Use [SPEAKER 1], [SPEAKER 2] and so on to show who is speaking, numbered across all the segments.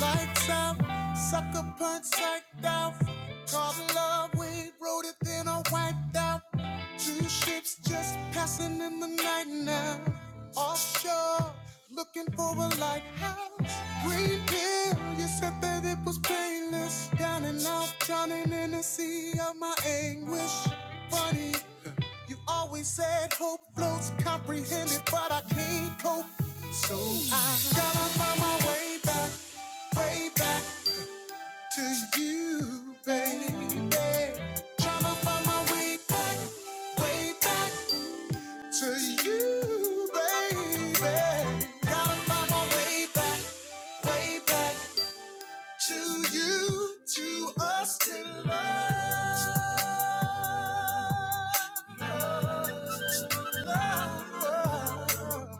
[SPEAKER 1] Lights out, sucker punch psyched out. Called it love, we wrote it, then I wiped out. Two ships just passing in the night now. Offshore, looking for a lighthouse. Green pill, you said that it was painless. Down and out, drowning in the sea of my anguish. Funny, you always said hope floats comprehended, but I can't cope. So I gotta find my way back. Way back to you, baby. Gotta find my way back, way back to you, baby. Gotta find my way back, way back to you, to us, to love. love.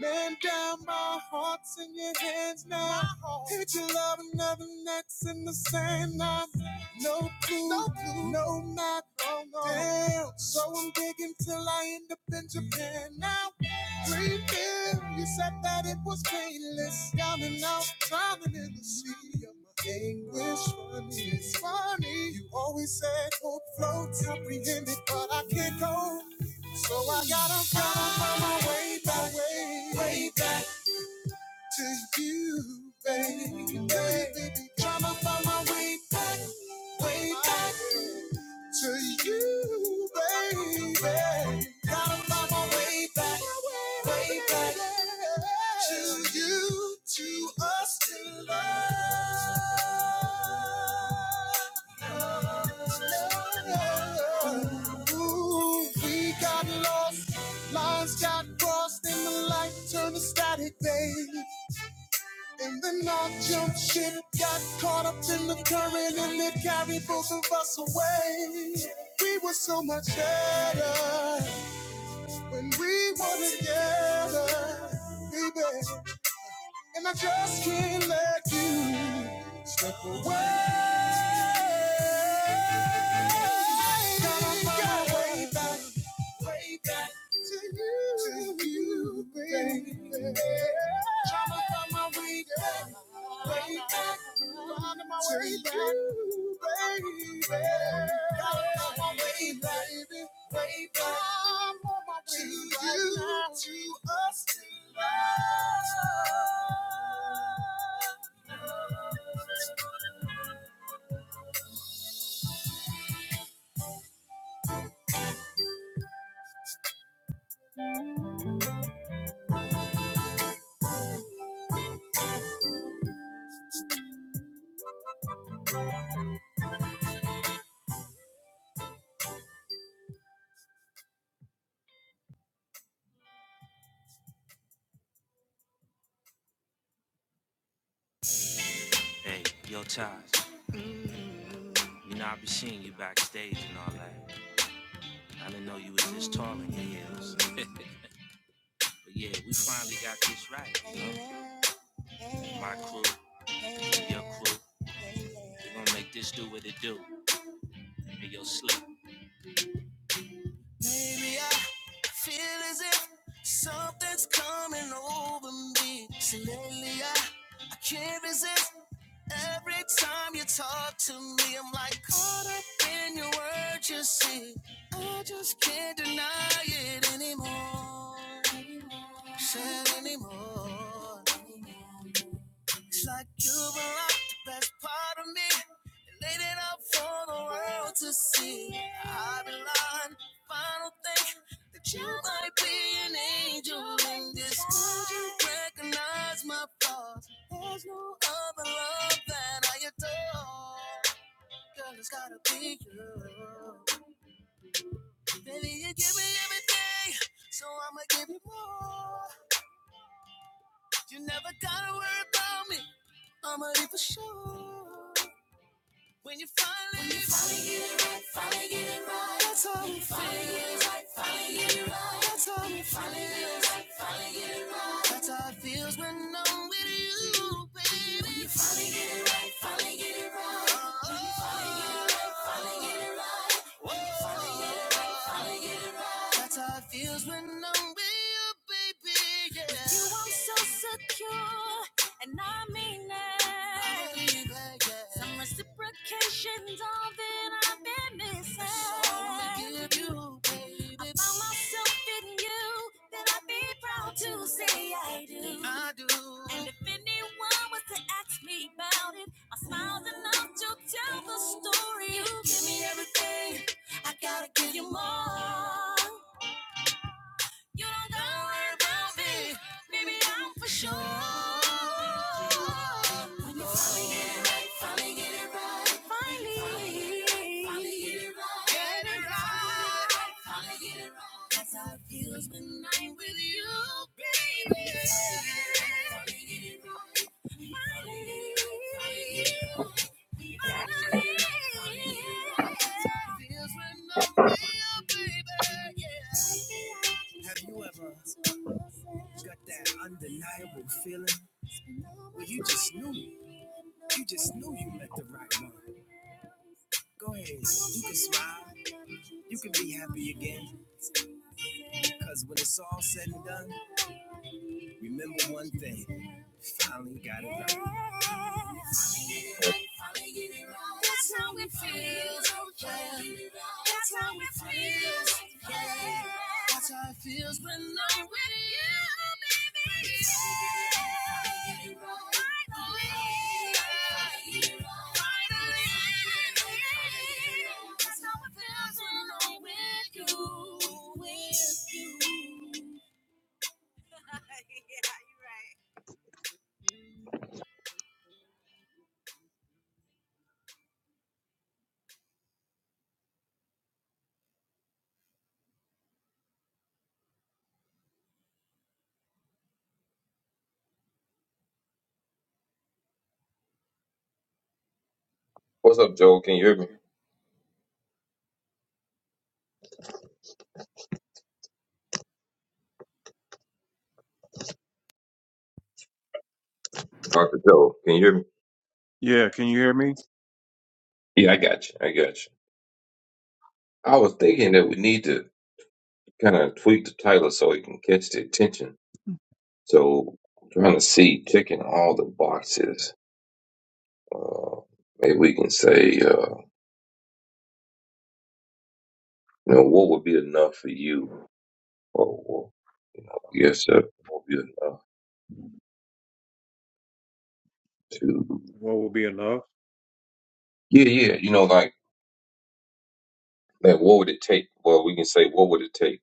[SPEAKER 1] Man down, my heart's in your hands now. My Hate your love another next in the same now. No clue, no, clue. no map. Oh, no. Damn. So I'm digging till I end up in Japan now. Free will, you said that it was painless. Down and out, drowning in the sea of my anguish. Funny, it's funny. You always said hope floats, apprehended, but I can't go. So I gotta find my way back, way, way back to you, baby. Trying to find my way back, way back to you, baby. Gotta find my way back, way back to you, to us in love. Ooh, we got lost, lines got crossed, and the light turned to static, babe. And then our jump ship got caught up in the current, and it carried both of us away. We were so much better when we were together, baby. And I just can't let you step away. Gotta find my way back, way back to you, to you, baby. Tryna find my way back, way back, finding my way back, to you, baby. Gotta find my way back, way back. I'm on my way to us. Have you ever? Got that undeniable feeling where you just knew, you just knew you met the right one. Go ahead, you can smile, you can be happy again. Cause when it's all said and done, remember one thing, you finally got it.
[SPEAKER 2] What's up, Joel? Can you hear me? Dr. Joel, can you hear me?
[SPEAKER 1] Yeah, can you hear me?
[SPEAKER 2] Yeah, I got you. I got you. I was thinking that we need to kind of tweak the title so it can catch the attention. So I'm trying to see, checking all the boxes. Uh, maybe we can say, uh, you know, what would be enough for you? Or, or I guess uh, what would be enough to,
[SPEAKER 1] What would be enough?
[SPEAKER 2] yeah, yeah, you know, like, like what would it take? Well, we can say, what would it take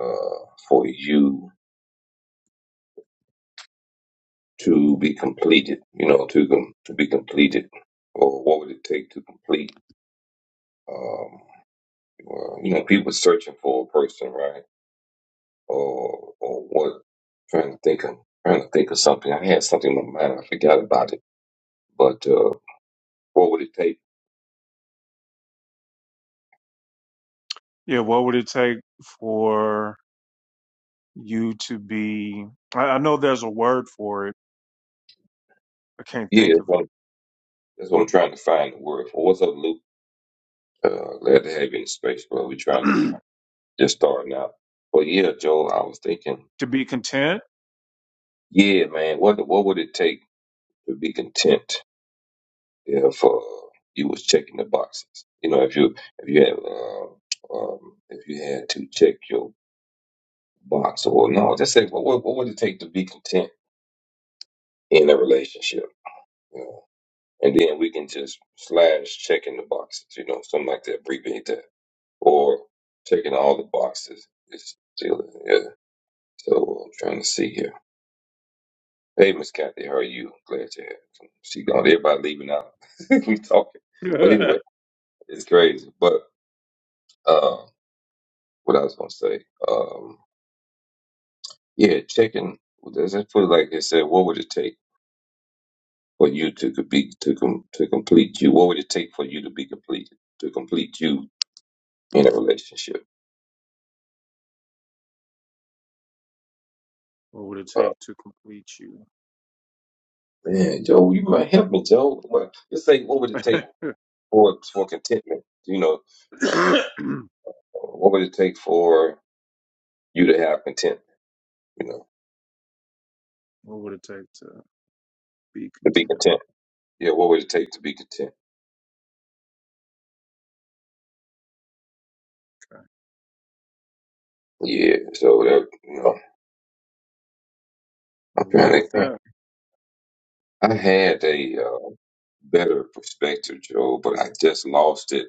[SPEAKER 2] uh, for you to be completed, you know, to com- to be completed, or what would it take to complete? Um, well, you know, people searching for a person, right? Or or what? Trying to think of trying to think of something. I had something in my mind. I forgot about it. But uh, what would it take?
[SPEAKER 1] Yeah, what would it take for you to be? I, I know there's a word for it. I can't
[SPEAKER 2] Yeah,
[SPEAKER 1] think
[SPEAKER 2] that's
[SPEAKER 1] of
[SPEAKER 2] what, I'm, that's what I'm trying to find the word for. What's up, Luke? Uh, glad to have you in the space, bro. We're trying to
[SPEAKER 1] it.
[SPEAKER 2] just starting out. But yeah, Joel, I was thinking,
[SPEAKER 1] to be content.
[SPEAKER 2] yeah, man, what what would it take to be content? yeah, for uh, you was checking the boxes. You know, if you if you had uh, um, if you had to check your box or no, just say what what, what would it take to be content in a relationship, you know? and then we can just slash checking the boxes, you know, something like that, abbreviate that, or checking all the boxes. It's still yeah. So uh, I'm trying to see here. Hey, Miss Kathy, how are you? Glad you had. some. She gone. Everybody leaving out. we talking, but anyway, it's crazy, but. uh, what I was gonna say. Um, yeah, checking. Does it put it like it said? What would it take for you to could be to com, to complete you? What would it take for you to be completed to complete you in a relationship?
[SPEAKER 1] What would it
[SPEAKER 2] Oh
[SPEAKER 1] take to complete you?
[SPEAKER 2] man, Joe, you might help me, Joe. What, let's say, what would it
[SPEAKER 1] what
[SPEAKER 2] take for for contentment? You know, uh, what would it take for you to have content? You know,
[SPEAKER 1] would it take to be
[SPEAKER 2] to be
[SPEAKER 1] content?
[SPEAKER 2] content. Yeah, what would it take to be content? Yeah, so that you know,
[SPEAKER 1] I'll Roll
[SPEAKER 2] apparently
[SPEAKER 1] with that.
[SPEAKER 2] I had a. uh, better perspective, Joe, but I just lost it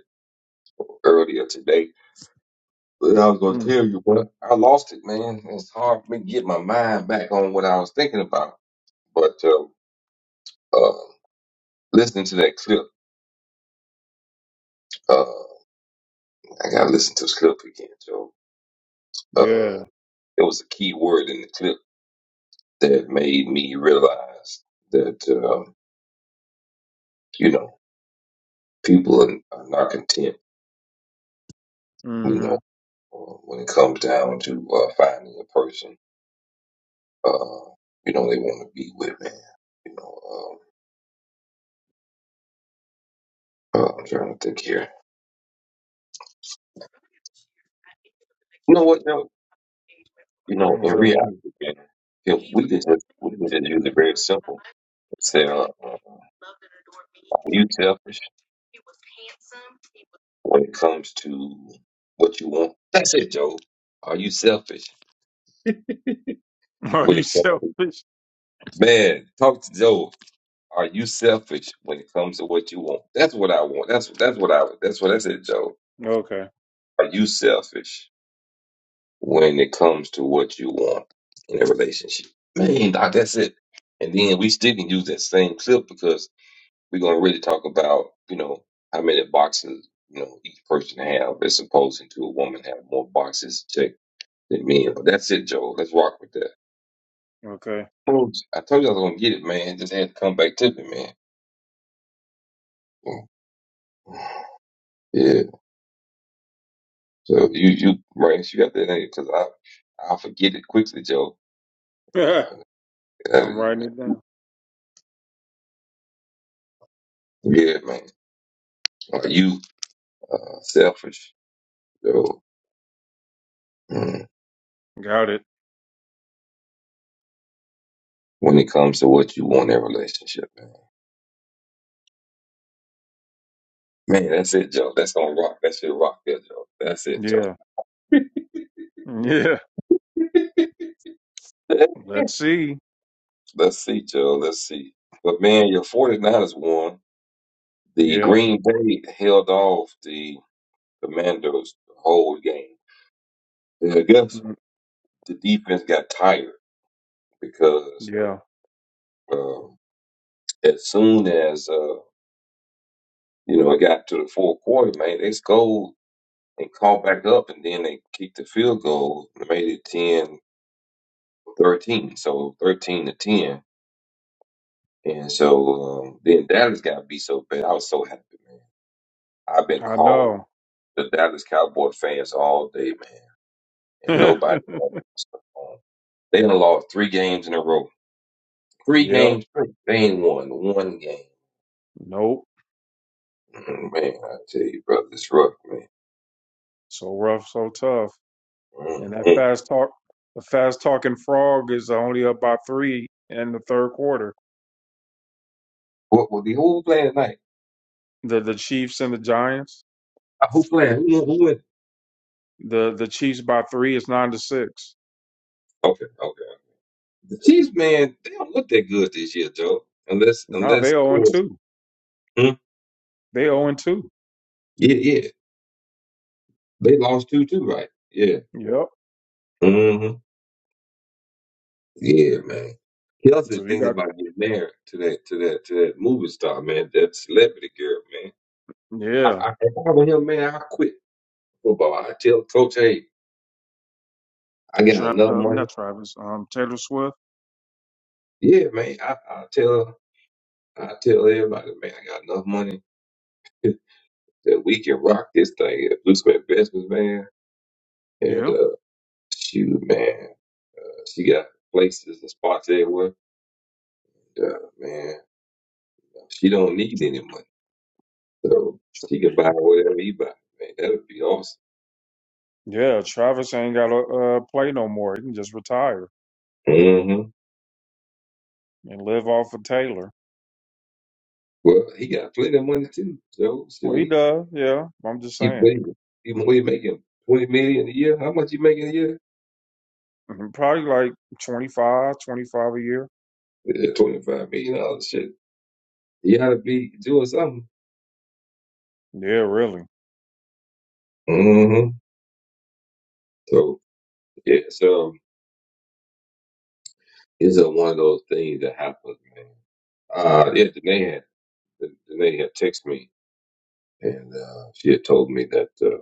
[SPEAKER 2] earlier today. But I was gonna
[SPEAKER 1] Mm.
[SPEAKER 2] tell you what I lost it, man. It's hard for me to get my mind back on what I was thinking about. But uh, uh, listening to that clip, uh, I gotta listen to the clip again, Joe. Uh,
[SPEAKER 1] Yeah.
[SPEAKER 2] it was a key word in the clip that made me realize that uh, you know people are, are not content, you
[SPEAKER 1] Mm-hmm.
[SPEAKER 2] know, uh, when it comes down to uh, finding a person uh, you know, they want to be with, man. You know, um, uh, I'm trying to think here. You know what? No, you know, in
[SPEAKER 1] What's up?
[SPEAKER 2] reality, man, you know, we can just we can just use it very simple. Say, uh, uh, are you selfish when it comes to what you want? That's it, Joe. Are you selfish
[SPEAKER 1] Are
[SPEAKER 2] when
[SPEAKER 1] you
[SPEAKER 2] it comes to
[SPEAKER 1] selfish?
[SPEAKER 2] man? Talk to Joe. Are you selfish when it comes to what you want? That's what I want. That's that's what I. That's what I said, Joe.
[SPEAKER 1] Okay.
[SPEAKER 2] Are you selfish? when it comes to what you want in a relationship. Man, doc, that's it. And then we still can use that same clip because we're gonna really talk about, you know, how many boxes, you know, each person have as opposed to a woman have more boxes checked than men. But that's it, Joe. Let's rock with that.
[SPEAKER 1] Okay.
[SPEAKER 2] Oh, I told you I was gonna get it, man. Just had to come back to me, man. Yeah. So you you Rance, you got that name because I I forget it quickly, Joe.
[SPEAKER 1] I'm writing it down.
[SPEAKER 2] Yeah, man. Are you uh, selfish? So mm,
[SPEAKER 1] Got it.
[SPEAKER 2] when it comes to what you want in a relationship, man, man, that's it, Joe. That's gonna rock. That shit rock there, Joe. That's it, Joe.
[SPEAKER 1] Yeah. Yeah. Let's see.
[SPEAKER 2] Let's see, Joe. Let's see. But man, your 49ers won. The
[SPEAKER 1] Yeah.
[SPEAKER 2] Green Bay held off the Commandos the whole game. And I guess
[SPEAKER 1] Mm,
[SPEAKER 2] the defense got tired because
[SPEAKER 1] Yeah.
[SPEAKER 2] um, as soon as uh, you know it got to the fourth quarter, man, they scored and caught back up, and then they kicked the field goal and made it 10-10 13. So 13 to 10. And so um, then Dallas got beat so bad. I was so happy, man. I've been
[SPEAKER 1] I
[SPEAKER 2] called
[SPEAKER 1] know.
[SPEAKER 2] the Dallas Cowboy fans all day, man. And nobody won. So, um, They done lost three games in a row. Three
[SPEAKER 1] yep.
[SPEAKER 2] games. straight. They ain't won one game.
[SPEAKER 1] Nope.
[SPEAKER 2] Mm, Man, I tell you, brother, it's rough, man.
[SPEAKER 1] So rough, so tough. And that
[SPEAKER 2] hmm
[SPEAKER 1] fast talk, the fast talking frog is only up by three in the third quarter.
[SPEAKER 2] What will the who playing tonight?
[SPEAKER 1] The the Chiefs and the Giants.
[SPEAKER 2] Uh, Who playing? Who, who win?
[SPEAKER 1] The the Chiefs by three is nine to six.
[SPEAKER 2] Okay, okay. The Chiefs, man, they don't look that good this year, Joe. Unless,
[SPEAKER 1] Now they
[SPEAKER 2] unless of
[SPEAKER 1] 0 and
[SPEAKER 2] course,
[SPEAKER 1] two.
[SPEAKER 2] Hmm?
[SPEAKER 1] They 0 and 2.
[SPEAKER 2] yeah, yeah. They lost two too, right? Yeah.
[SPEAKER 1] Yep.
[SPEAKER 2] Mm-hmm. Yeah, man. Kelsey
[SPEAKER 1] So you
[SPEAKER 2] thinks
[SPEAKER 1] got,
[SPEAKER 2] about getting married to that to that to that movie star, man, that celebrity girl, man.
[SPEAKER 1] yeah,
[SPEAKER 2] I, I if I were him, man, I quit football. I tell coach, hey, I got
[SPEAKER 1] Tra-
[SPEAKER 2] enough
[SPEAKER 1] uh,
[SPEAKER 2] money.
[SPEAKER 1] not Travis, um, Taylor Swift.
[SPEAKER 2] Yeah, man. I, I tell I tell everybody, man, I got enough money that we can rock this thing and do some investments, man. And
[SPEAKER 1] Yeah.
[SPEAKER 2] uh shoot, man. uh, She got places and spots everywhere. Uh, man, she don't need any money. So
[SPEAKER 1] Tr-
[SPEAKER 2] she could buy whatever he buy. Man, that would be awesome.
[SPEAKER 1] Yeah, Travis ain't got to uh, play no more. He can just retire
[SPEAKER 2] hmm
[SPEAKER 1] and live off of Taylor.
[SPEAKER 2] Well, he got plenty of money too, So, So
[SPEAKER 1] Well, he
[SPEAKER 2] he,
[SPEAKER 1] does. Yeah. I'm just
[SPEAKER 2] he
[SPEAKER 1] saying.
[SPEAKER 2] making, he, what he making? Twenty million a year? How much he making a year?
[SPEAKER 1] Mhm, Probably like twenty five, twenty five a year.
[SPEAKER 2] Yeah, Twenty-five million dollars. Shit, he ought to be doing something.
[SPEAKER 1] Yeah, really.
[SPEAKER 2] hmm So yeah, so it's a one of those things that happens, man. Uh, yeah, Danae had Danae had texted me, and uh, she had told me that uh,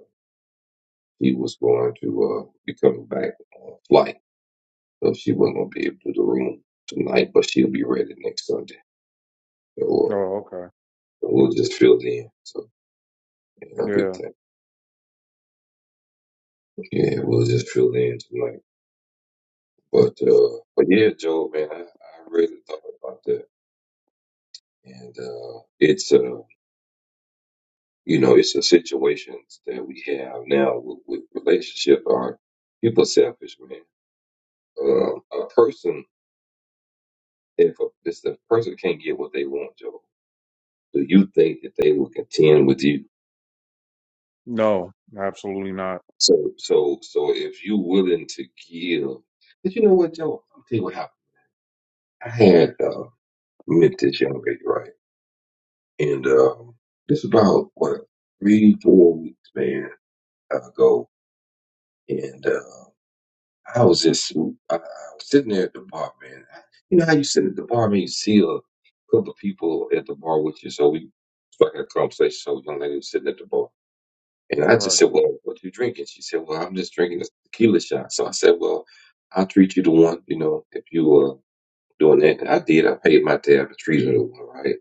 [SPEAKER 2] he was going to uh, be coming back on a flight. So she wasn't gonna be able to do the room tonight, but she'll be ready next Sunday. So uh,
[SPEAKER 1] Oh, okay.
[SPEAKER 2] we'll just fill in. So yeah, I picked
[SPEAKER 1] Yeah.
[SPEAKER 2] that. Yeah, we'll just fill in tonight. But uh, but yeah, Joe, man, I, I really thought about that, and uh, it's uh, you know, it's the situations that we have now with, with relationship are people selfish, man. Um, a person, if a, if the person can't get what they want, Joe, do you think that they will contend with you?
[SPEAKER 1] No, absolutely not.
[SPEAKER 2] So, so, so if you're willing to give, but you know what, Joe? I'll tell you what happened. I had uh, met this young lady, right? And uh, this about what three, four weeks, man, ago. And uh, I was just, I, I was sitting there at the bar, man. I, you know how you sit at the bar, man, you see a couple of people at the bar with you. So we, so I had a conversation. So young lady was sitting at the bar. And I just
[SPEAKER 1] Right.
[SPEAKER 2] said, Well, what you drinking? She said, Well, I'm just drinking a tequila shot. So I said, Well, I'll treat you to one, you know, if you were doing that. And I did. I paid my tab to treat her to one, right?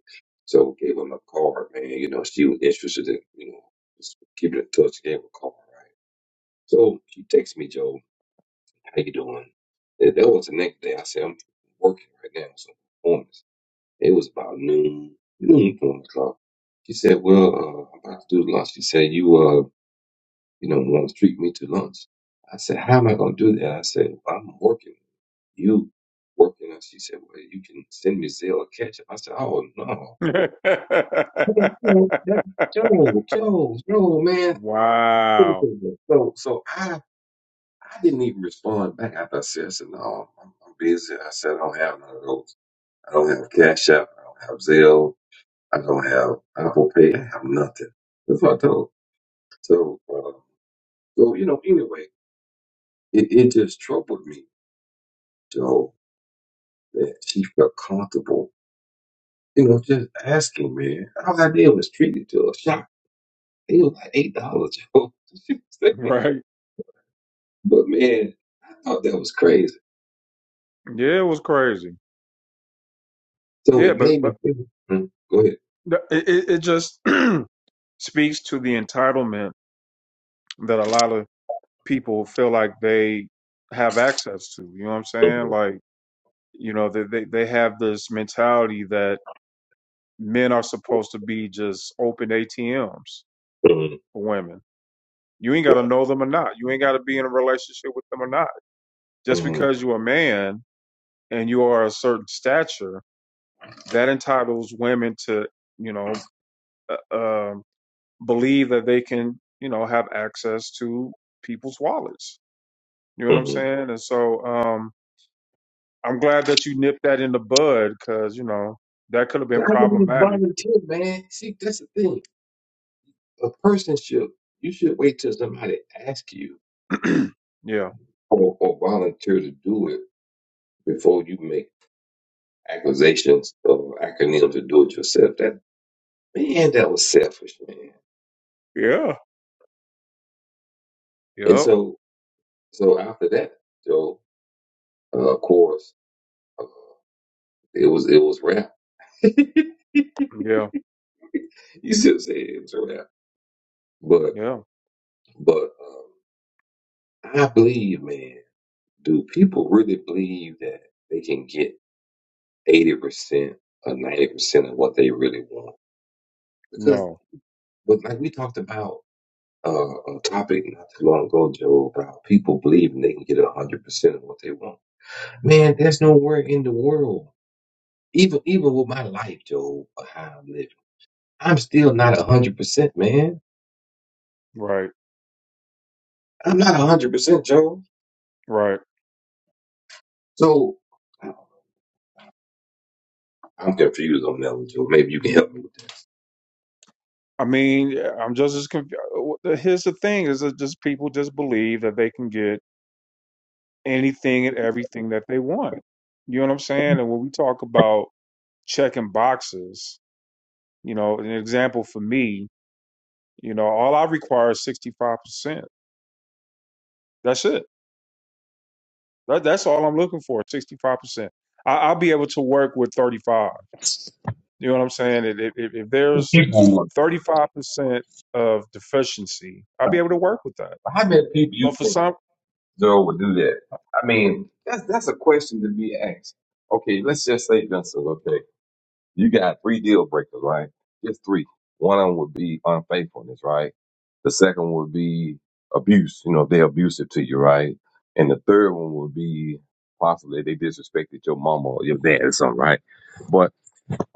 [SPEAKER 2] So gave her my card, man. You know, she was interested in, you know, just keeping in touch, gave her a call, right? So she texted me, Joe, how you doing? And that was the next day. I said, I'm working right now, so performance. It was about noon, noon, one o'clock. She said, Well, uh, I'm about to do lunch. She said, You uh, you know, want to treat me to lunch. I said, how am I going to do that? I said, well, I'm working. You working? And she said, well, you can send me Zelle or ketchup. I said, oh, no. Okay, well, that- Joe, Joe, Joe, man.
[SPEAKER 1] wow.
[SPEAKER 2] So, so I, I didn't even respond back after I said, I said, no, I'm, I'm busy. I said, I don't have none of those. I don't have Cash App. I don't have Zelle. I don't have Apple Pay. I have nothing. That's what I told. her. So, uh, so you know, anyway, it, it just troubled me, Joe that she felt comfortable, you know, just asking, man. All I did was treat it to a shot. It was like eight dollars. yo. She was saying.
[SPEAKER 1] Right.
[SPEAKER 2] but man, I thought that was crazy.
[SPEAKER 1] Yeah, it was crazy.
[SPEAKER 2] So
[SPEAKER 1] Yeah,
[SPEAKER 2] it
[SPEAKER 1] but
[SPEAKER 2] made
[SPEAKER 1] but
[SPEAKER 2] me think. Mm, go ahead.
[SPEAKER 1] The- It, it, it just speaks to the entitlement that a lot of people feel like they have access to. You know what I'm saying?
[SPEAKER 2] Mm-hmm.
[SPEAKER 1] Like, you know, they, they, they have this mentality that men are supposed to be just open ATMs for women. You ain't got to know them or not. You ain't got to be in a relationship with them or not. Just
[SPEAKER 2] Mm-hmm.
[SPEAKER 1] because you're a man and you are a certain stature, that entitles women to, you know, uh, um. believe that they can, you know, have access to people's wallets. You know what I'm
[SPEAKER 2] hmm
[SPEAKER 1] saying? And so um, I'm glad that you nipped that in the bud because, you know, that could have
[SPEAKER 2] But
[SPEAKER 1] been
[SPEAKER 2] I didn't even
[SPEAKER 1] problematic.
[SPEAKER 2] volunteer, man. See, that's the thing. A person should you should wait till somebody asks you
[SPEAKER 1] yeah.
[SPEAKER 2] or, or volunteer to do it before you make accusations or acronyms to do it yourself. That man, that was selfish, man.
[SPEAKER 1] Yeah.
[SPEAKER 2] And
[SPEAKER 1] Yep.
[SPEAKER 2] so, so after that, Joe, uh, of course, uh, it was it was rap. you
[SPEAKER 1] Yeah.
[SPEAKER 2] still say it was rap, but
[SPEAKER 1] Yeah.
[SPEAKER 2] but um, I believe, man, do people really believe that they can get eighty percent or ninety percent of what they really want? Because,
[SPEAKER 1] No.
[SPEAKER 2] but like we talked about uh, a topic not too long ago, Joe, about people believing they can get hundred percent of what they want. Man, there's nowhere in the world even even with my life, Joe, how I'm living. I'm still not a hundred percent, man.
[SPEAKER 1] Right.
[SPEAKER 2] I'm not a hundred percent, Joe.
[SPEAKER 1] Right.
[SPEAKER 2] So I- I'm confused on that one, Joe. Maybe you can help me with that.
[SPEAKER 1] I mean, I'm just as confused. Here's the thing is that just people just believe that they can get anything and everything that they want. You know what I'm saying? And when we talk about checking boxes, You know, an example for me, you know, all I require is 65%. That's it. That, that's all I'm looking for, 65%. I, will be able to work with 35. You know what I'm saying? If, if, if there's
[SPEAKER 2] People,
[SPEAKER 1] 35% of deficiency, I'll be able to work with that.
[SPEAKER 2] how many people you
[SPEAKER 1] But for
[SPEAKER 2] think
[SPEAKER 1] some,
[SPEAKER 2] Joe would do that? I mean, that's that's a question to be asked. Okay, let's just say Gunsel. Okay, You got three deal breakers, right? Just three. One of them would be unfaithfulness, right? The second one would be abuse, you know, they're abusive to you, right? And the third one would be possibly they disrespected your mama or your dad or something, right? But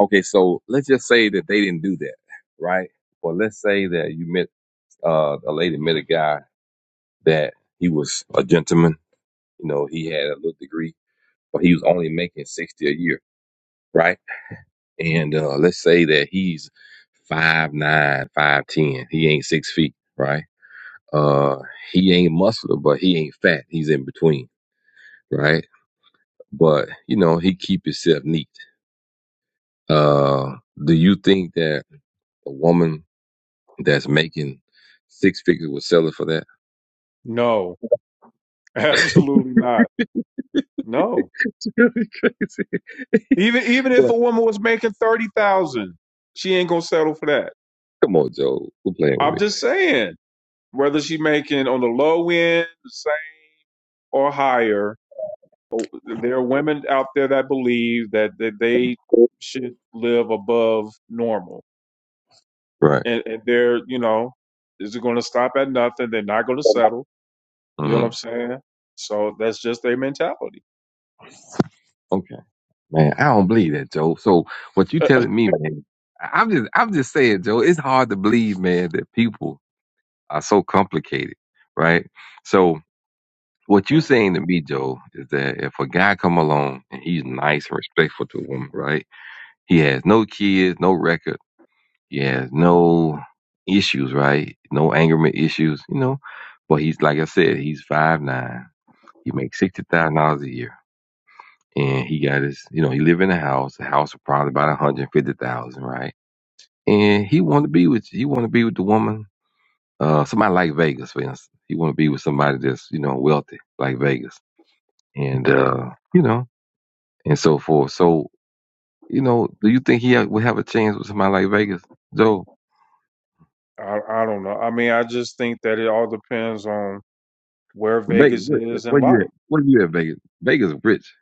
[SPEAKER 2] okay, so let's just say that they didn't do that, right? But let's say that you met uh, a lady met a guy that he was a gentleman, you know, he had a little degree, but he was only making sixty a year, right? and uh, let's say that he's five nine, five ten. He ain't six feet, right? Uh, he ain't muscular, but he ain't fat. He's in between, right? But you know, he keep himself neat. Uh, do you think that a woman that's making six figures would sell it for that?
[SPEAKER 1] no, absolutely not. No.
[SPEAKER 2] It's really crazy.
[SPEAKER 1] Even even if a woman was making 30,000, she ain't going to settle for that.
[SPEAKER 2] come on, Joe, quit playing
[SPEAKER 1] I'm
[SPEAKER 2] with
[SPEAKER 1] just saying, whether she making on the low end, the same or higher, Oh, There are women out there that believe that, that they
[SPEAKER 2] me,
[SPEAKER 1] should live above normal,
[SPEAKER 2] right?
[SPEAKER 1] and, and they're you know is going to stop at nothing. They're not going to settle. You know what I'm
[SPEAKER 2] Mhm.
[SPEAKER 1] saying? So that's just their mentality.
[SPEAKER 2] Man, I don't believe that, Joe. So what you telling me, man? I- I'm just, I'm just saying, Joe. It's hard to believe, man, that people are so complicated, right? So what you saying to me, Joe, is that if a guy come along and he's nice and respectful to a woman, right? He has no kids, no record, he has no issues, right? No angerment issues, you know. But he's like I said, he's five nine. He makes sixty thousand dollars a year. and he got his, you know, he lived in a house. The house was probably about one hundred fifty thousand, right? And he wanted to be with, he wanted to be with the woman, uh, somebody like Vegas, for instance. He wanted to be with somebody that's, you know, wealthy like Vegas, and uh, you know, and so forth. So, you know, do you think he ha- would have a chance with somebody like Vegas? Joe,
[SPEAKER 1] I, I don't know. I mean, I just think that it all depends on where
[SPEAKER 2] Vegas,
[SPEAKER 1] Vegas
[SPEAKER 2] where,
[SPEAKER 1] is in
[SPEAKER 2] where you
[SPEAKER 1] life.
[SPEAKER 2] at? Where you at, Vegas? Vegas rich.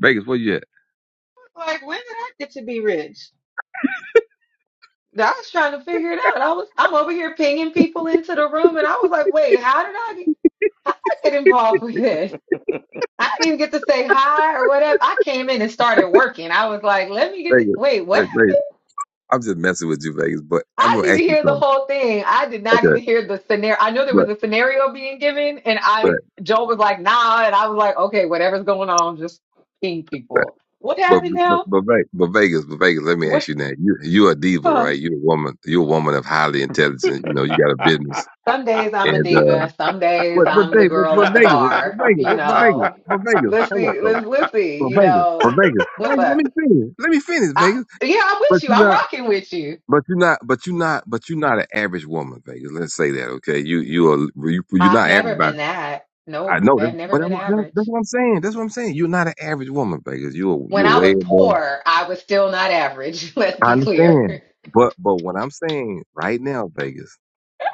[SPEAKER 2] Vegas, where you at?
[SPEAKER 3] Like, when did I get to be rich? I was trying to figure it out. I was I'm over here pinging people into the room, and I was like, wait, how did I get, how did I get involved with this? I didn't even get to say hi or whatever. I came in and started working. I was like, let me get the,
[SPEAKER 2] Vegas,
[SPEAKER 3] wait, what?
[SPEAKER 2] Ve- Vegas. I'm just messing with you, Vegas. But
[SPEAKER 3] I
[SPEAKER 2] I'm gonna
[SPEAKER 3] didn't even
[SPEAKER 2] ask you
[SPEAKER 3] hear the
[SPEAKER 2] something.
[SPEAKER 3] whole thing. I did not
[SPEAKER 2] Okay,
[SPEAKER 3] even hear the scenario. I know there
[SPEAKER 2] But,
[SPEAKER 3] was a scenario being given, and
[SPEAKER 2] but.
[SPEAKER 3] I Joe was like, nah, and I was like, okay, whatever's going on, just ping people. What
[SPEAKER 2] But
[SPEAKER 3] happened
[SPEAKER 2] but
[SPEAKER 3] now?
[SPEAKER 2] but, Ve- but Vegas, but Vegas. Let me
[SPEAKER 3] What?
[SPEAKER 2] ask you now. You you a diva,
[SPEAKER 3] huh?
[SPEAKER 2] right? You're a woman. You're a woman of highly intelligent. You know, you got a business.
[SPEAKER 3] Some days I'm a
[SPEAKER 2] And uh,
[SPEAKER 3] diva. Some days
[SPEAKER 2] what what
[SPEAKER 3] I'm the
[SPEAKER 2] they what
[SPEAKER 3] girl
[SPEAKER 2] what
[SPEAKER 3] at the
[SPEAKER 2] Vegas? What
[SPEAKER 3] bar.
[SPEAKER 2] Vegas?
[SPEAKER 3] You
[SPEAKER 2] What, what Vegas?
[SPEAKER 3] know,
[SPEAKER 2] What Vegas?
[SPEAKER 3] let's
[SPEAKER 2] Hold up
[SPEAKER 3] see,
[SPEAKER 2] though.
[SPEAKER 3] let's let's see.
[SPEAKER 2] But
[SPEAKER 3] You
[SPEAKER 2] Vegas, but
[SPEAKER 3] know,
[SPEAKER 2] Vegas,
[SPEAKER 3] what's
[SPEAKER 2] Vegas. Let me
[SPEAKER 3] up?
[SPEAKER 2] finish. Let me finish,
[SPEAKER 3] I
[SPEAKER 2] Vegas.
[SPEAKER 3] yeah, I'm
[SPEAKER 2] But
[SPEAKER 3] with you.
[SPEAKER 2] you're
[SPEAKER 3] I'm
[SPEAKER 2] not.
[SPEAKER 3] rocking with you.
[SPEAKER 2] But you're not. But you're not. But you're not an average woman, Vegas. Let's say that, okay? You you are you, you're
[SPEAKER 3] I've
[SPEAKER 2] not average
[SPEAKER 3] never
[SPEAKER 2] by.
[SPEAKER 3] been that.
[SPEAKER 2] I
[SPEAKER 3] Nope,
[SPEAKER 2] know that,
[SPEAKER 3] I've never
[SPEAKER 2] but that's,
[SPEAKER 3] been
[SPEAKER 2] what- that's
[SPEAKER 3] average.
[SPEAKER 2] what I'm saying. That's what I'm saying. You're not an average woman, Vegas. You're
[SPEAKER 3] When
[SPEAKER 2] you're
[SPEAKER 3] I
[SPEAKER 2] way
[SPEAKER 3] was
[SPEAKER 2] above.
[SPEAKER 3] poor, I was still not average. Let's
[SPEAKER 2] I
[SPEAKER 3] be clear.
[SPEAKER 2] understand, but but what I'm saying right now, Vegas,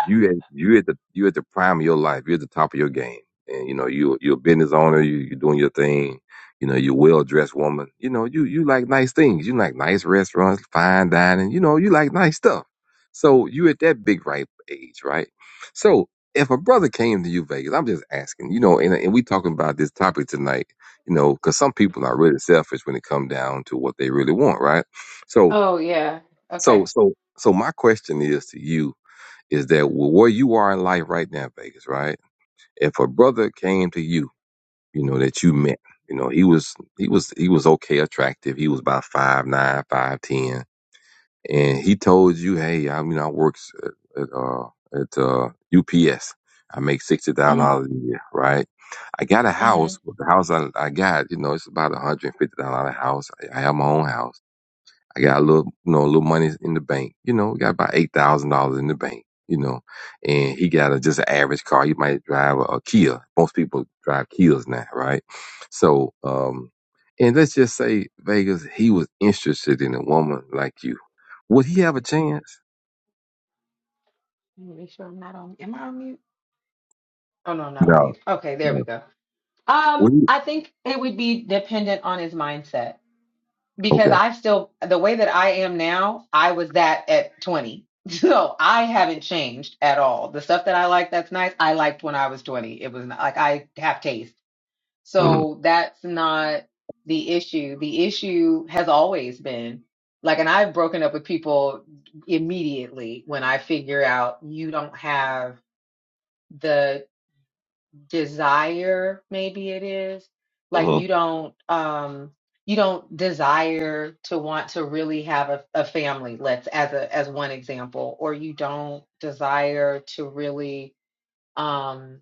[SPEAKER 2] you at you at the you at the prime of your life. You're at the top of your game, and you know you you're a business owner. You you're doing your thing. You know you're a well dressed woman. You know you you like nice things. You like nice restaurants, fine dining. You know you like nice stuff. So you at that big ripe age, right? So if a brother came to you, Vegas, I'm just asking. You know, and and we talking about this topic tonight. You know, because some people are really selfish when it come down to what they really want, right? So
[SPEAKER 3] Oh yeah.
[SPEAKER 2] so
[SPEAKER 3] Okay.
[SPEAKER 2] so so my question is to you is that w- where you are in life right now, Vegas, right? If a brother came to you, you know, that you met, you know, he was he was he was okay attractive. He was about five nine, five ten, and he told you, Hey, I mean I works at, at uh at uh UPS. I make sixty thousand
[SPEAKER 3] hmm
[SPEAKER 2] dollars a year, right? I got a
[SPEAKER 3] hmm
[SPEAKER 2] house, but the house I, I got, you know, it's about a hundred and fifty thousand dollar house. I I have my own house I got a little, you know, a little money in the bank. You know, got about eight thousand dollars in the bank. You know, and he got a just an average car. He might drive a, a Kia. Most people drive Kias now, right? So, um, and let's just say Vegas, he was interested in a woman like you. Would he have a chance?
[SPEAKER 3] Make sure I'm not on. Am I on mute? Oh no, I'm not on
[SPEAKER 2] No,
[SPEAKER 3] mute. Okay, there we
[SPEAKER 2] no.
[SPEAKER 3] go. Um,
[SPEAKER 2] Would he?
[SPEAKER 3] I think it would be dependent on his mindset because
[SPEAKER 2] Okay.
[SPEAKER 3] I still the way that I am now, I was that at 20. So I haven't changed at all. The stuff that I like that's nice, I liked when I was 20. It was not, like I have taste.
[SPEAKER 2] hmm
[SPEAKER 3] So that's not the issue. The issue has always been like and I've broken up with people immediately when I figure out you don't have the desire maybe it is like
[SPEAKER 2] hmm
[SPEAKER 3] you don't um you don't desire to want to really have a, a family let's as a as one example or you don't desire to really um,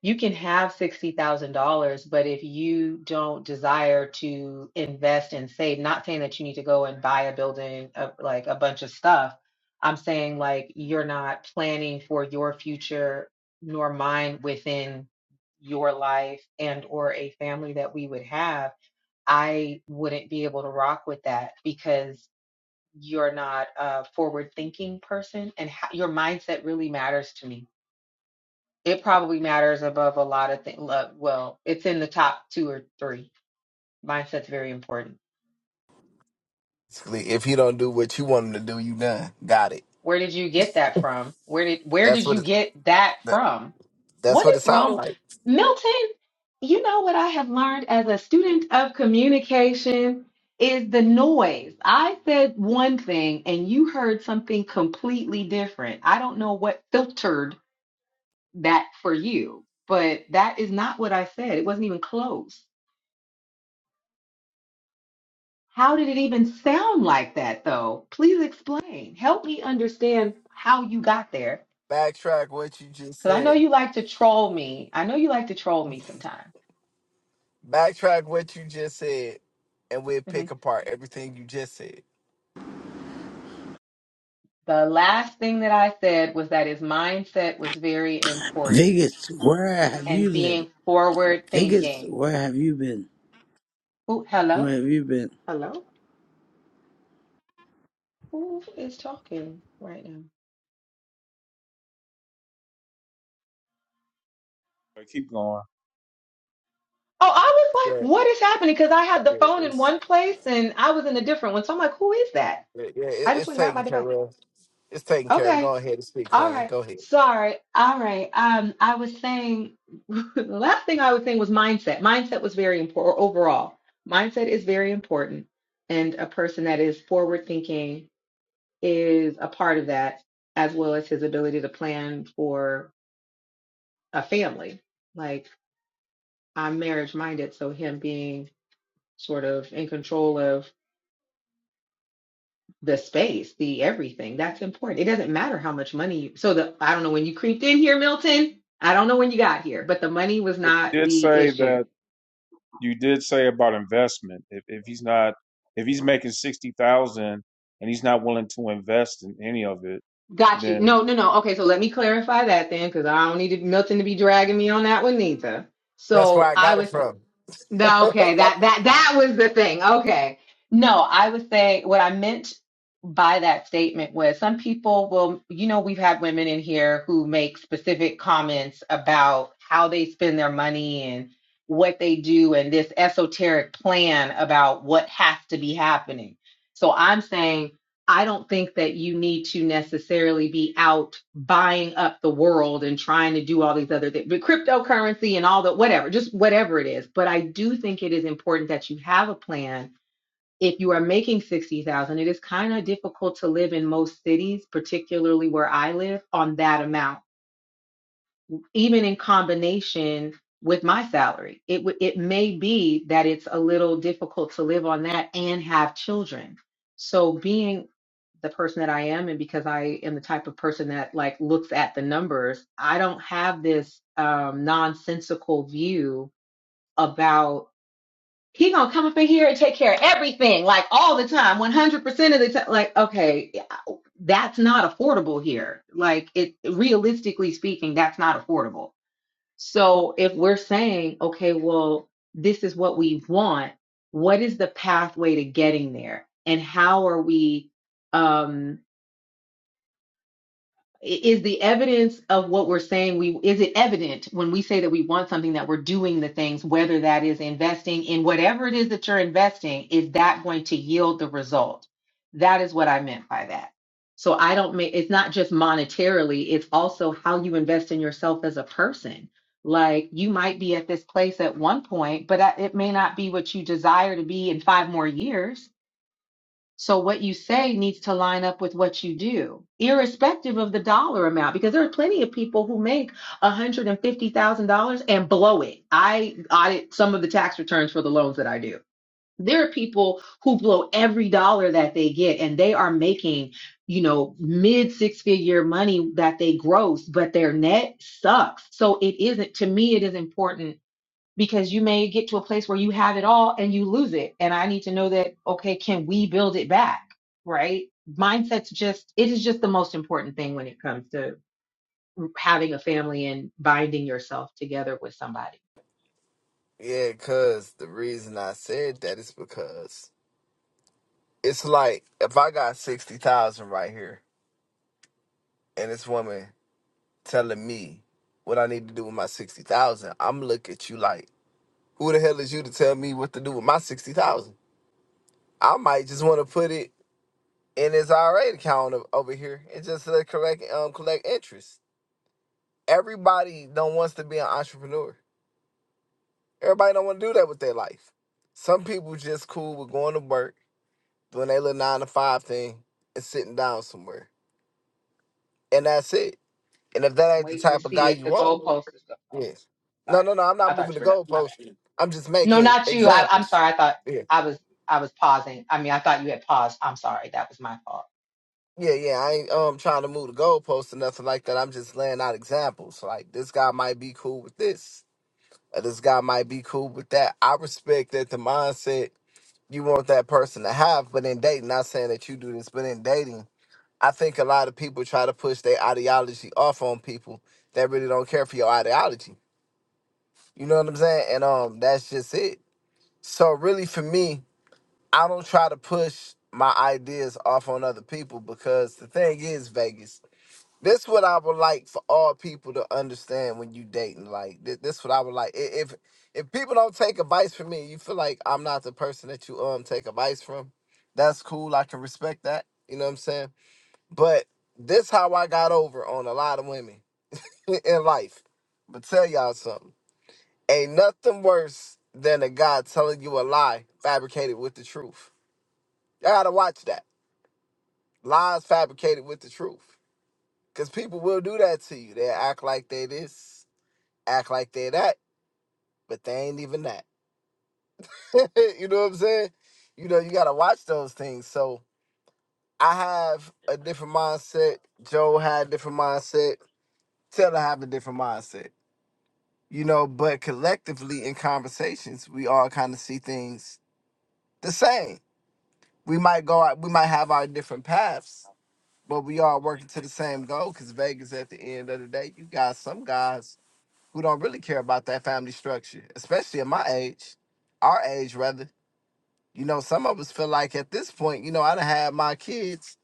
[SPEAKER 3] you can have $60,000, but if you don't desire to invest and save, not saying that you need to go and buy a building, uh, like a bunch of stuff. I'm saying like you're not planning for your future nor mine within your life and or a family that we would have. I wouldn't be able to rock with that because you're not a forward thinking person and ho- your mindset really matters to me it probably matters above a lot of things. Well, it's in the top two or three. Mindset's very important.
[SPEAKER 4] Basically, if he don't do what you want him to do, you done. Got it.
[SPEAKER 3] Where did you get that from? Where did where
[SPEAKER 4] That's
[SPEAKER 3] did
[SPEAKER 4] what
[SPEAKER 3] you
[SPEAKER 4] it,
[SPEAKER 3] get that
[SPEAKER 4] that,
[SPEAKER 3] from?
[SPEAKER 4] that's
[SPEAKER 3] What
[SPEAKER 4] what it
[SPEAKER 3] is
[SPEAKER 4] sounds
[SPEAKER 3] wrong?
[SPEAKER 4] like.
[SPEAKER 3] Milton, you know what I have learned as a student of communication is the noise. I said one thing and you heard something completely different. I don't know what filtered that for you, but that is not what I said. It wasn't even close How did it even sound like that, though? Please explain. Help me understand how you got there.
[SPEAKER 4] Backtrack what you just
[SPEAKER 3] Because I know
[SPEAKER 4] said.
[SPEAKER 3] you like to troll me. I know you like to troll me sometimes.
[SPEAKER 4] Backtrack what you just said, and we'll pick
[SPEAKER 3] Mhm.
[SPEAKER 4] apart everything you just said.
[SPEAKER 3] The last thing that I said was that his mindset was very important
[SPEAKER 5] Vegas, where have
[SPEAKER 3] and
[SPEAKER 5] you been?
[SPEAKER 3] being forward
[SPEAKER 5] Vegas,
[SPEAKER 3] thinking.
[SPEAKER 5] where have you been?
[SPEAKER 3] Ooh,
[SPEAKER 5] Where
[SPEAKER 3] hello?
[SPEAKER 5] have you been?
[SPEAKER 3] Hello? Who is talking right now?
[SPEAKER 1] But keep going.
[SPEAKER 3] Oh, I was
[SPEAKER 4] Yeah,
[SPEAKER 3] like, what is happening? Because I had the
[SPEAKER 4] yeah,
[SPEAKER 3] phone in
[SPEAKER 4] it's
[SPEAKER 3] one place and I was in a different one. So I'm like, who is that?
[SPEAKER 4] yeah, yeah, it,
[SPEAKER 3] I just
[SPEAKER 4] it's
[SPEAKER 3] went and got my
[SPEAKER 4] taken care
[SPEAKER 3] device.
[SPEAKER 4] of. It's taken care of.
[SPEAKER 3] Okay.
[SPEAKER 4] Go ahead and speak,
[SPEAKER 3] All
[SPEAKER 4] Queen.
[SPEAKER 3] right.
[SPEAKER 4] Go ahead.
[SPEAKER 3] Sorry. All right. Um, I was saying the last thing I was saying was mindset. Mindset was very important overall. Mindset is very important. And a person that is forward thinking is a part of that, as well as his ability to plan for a family. Like I'm marriage minded, so him being sort of in control of the space, the everything. That's important. It doesn't matter how much money you so the I don't know when you creeped in here, Milton. I don't know when you got here, but the money was
[SPEAKER 1] But you
[SPEAKER 3] not
[SPEAKER 1] did
[SPEAKER 3] the
[SPEAKER 1] say that.
[SPEAKER 3] issue.
[SPEAKER 1] you did say about investment. If if he's not if he's making sixty thousand and he's not willing to invest in any of it,
[SPEAKER 3] Got you.
[SPEAKER 1] then
[SPEAKER 3] No, no, no. Okay, so let me clarify that then, because I don't need Milton to be dragging me on that one neither.
[SPEAKER 4] That's where
[SPEAKER 3] So
[SPEAKER 4] I
[SPEAKER 3] I
[SPEAKER 4] got it
[SPEAKER 3] was
[SPEAKER 4] from.
[SPEAKER 3] No, okay, that that that was the thing. Okay. No, I was saying what I meant by that statement was some people will, you know, we've had women in here who make specific comments about how they spend their money and what they do and this esoteric plan about what has to be happening. So I'm saying I don't think that you need to necessarily be out buying up the world and trying to do all these other things, but cryptocurrency and all the whatever, just whatever it is. But I do think it is important that you have a plan. If you are making 60,000, it is kind of difficult to live in most cities, particularly where I live, on that amount even in combination with my salary. It would it may be that it's a little difficult to live on that and have children. So being the person that I am and because I am the type of person that like looks at the numbers, I don't have this um nonsensical view about he gonna come up in here and take care of everything like all the time 100% of the time like okay yeah, that's not affordable here like it realistically speaking that's not affordable so if we're saying, okay, well, this is what we want, what is the pathway to getting there? And how are we? um, is the evidence of what we're saying we is it evident when we say that we want something that we're doing the things whether that is investing in whatever it is that you're investing is that going to yield the result that is what i meant by that so i don't make it's not just monetarily it's also how you invest in yourself as a person like you might be at this place at one point but I- it may not be what you desire to be in five more years so what you say needs to line up with what you do, irrespective of the dollar amount, because there are plenty of people who make $150,000 and blow it. I audit some of the tax returns for the loans that I do. There are people who blow every dollar that they get and they are making, you know, mid six figure money that they gross, but their net sucks. So it isn't, to me, it is important because you may get to a place where you have it all and you lose it. And I need to know that, okay, can we build it back? Right? Mindset's just, it is just the most important thing when it comes to having a family and binding yourself together with somebody.
[SPEAKER 4] Yeah, cause the reason I said that is because it's like if I got sixty thousand right here, and this woman telling me what I need to do with my sixty thousand, I'm look at you like, who the hell is you to tell me what to do with my sixty thousand? I might just want to put it in his IRA account o- over here and just let collect um collect interest. Everybody don't wants to be an entrepreneur. Everybody don't want to do that with their life. Some people just cool with going to work, doing their little nine to five thing, and sitting down somewhere, and that's it. And if that
[SPEAKER 3] I'm
[SPEAKER 4] ain't the
[SPEAKER 3] waiting to
[SPEAKER 4] type of
[SPEAKER 3] see
[SPEAKER 4] guy
[SPEAKER 3] if
[SPEAKER 4] you
[SPEAKER 3] the
[SPEAKER 4] want,
[SPEAKER 3] goalpost is go Oh,
[SPEAKER 4] Yes. No,
[SPEAKER 3] sorry.
[SPEAKER 4] no, no. I'm
[SPEAKER 3] I
[SPEAKER 4] not moving
[SPEAKER 3] thought
[SPEAKER 4] the
[SPEAKER 3] you were done. My bad.
[SPEAKER 4] goalpost. I'm just
[SPEAKER 3] No,
[SPEAKER 4] making
[SPEAKER 3] not you. I, I'm
[SPEAKER 4] examples.
[SPEAKER 3] sorry. I thought
[SPEAKER 4] Yeah.
[SPEAKER 3] I was, I was pausing. I mean, I thought you had paused. I'm sorry. That was my fault.
[SPEAKER 4] Yeah, yeah. I ain't um trying to move the goalpost or nothing like that. I'm just laying out examples. Like this guy might be cool with this, or this guy might be cool with that. I respect that the mindset you want that person to have, but in dating, not saying that you do this, but in dating, I think a lot of people try to push their ideology off on people that really don't care for your ideology. You know what I'm saying? And um that's just it. So really for me, I don't try to push my ideas off on other people because the thing is, Vegas, this what I would like for all people to understand when you dating. Like this, this what I would like. I- If if people don't take advice from me, you feel like I'm not the person that you um take advice from. That's cool. I can respect that. You know what I'm saying? But this how I got over on a lot of women in life. But tell y'all something. Ain't nothing worse than a guy telling you a lie fabricated with the truth. Y'all gotta watch that. lies fabricated with the truth. Because people will do that to you. They act like they this, act like they that, but they ain't even that. you know what I'm saying? You know, you gotta watch those things. So I have a different mindset. Joe had a different mindset. Taylor have a different mindset. You know, but collectively in conversations, we all kind of see things the same. We might go out, we might have our different paths, but we all working to the same goal because Vegas at the end of the day, you got some guys who don't really care about that family structure, especially at my age, our age rather. You know, some of us feel like at this point, you know, I done had my kids.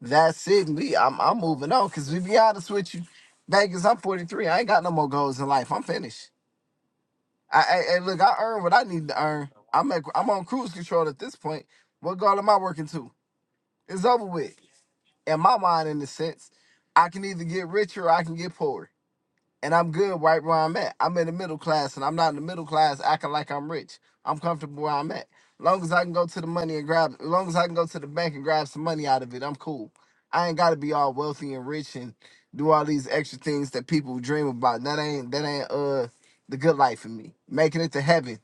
[SPEAKER 4] That's it. We, I'm, I'm moving on. Cause to be honest with you, Vegas, I'm 43. I ain't got no more goals in life. I'm finished. I, I, I- look, I earned what I need to earn. I'm, at, I'm on cruise control at this point. What goal am I working to? It's over with. In my mind, in the sense, I can either get richer or I can get poorer and I'm good right where I'm at. I'm in the middle class, and I'm not in the middle class acting like I'm rich. I'm comfortable where I'm at. Long as I can go to the money and grab, long as I can go to the bank and grab some money out of it, I'm cool. I ain't got to be all wealthy and rich and do all these extra things that people dream about. That ain't that ain't uh the good life for me. Making it to heaven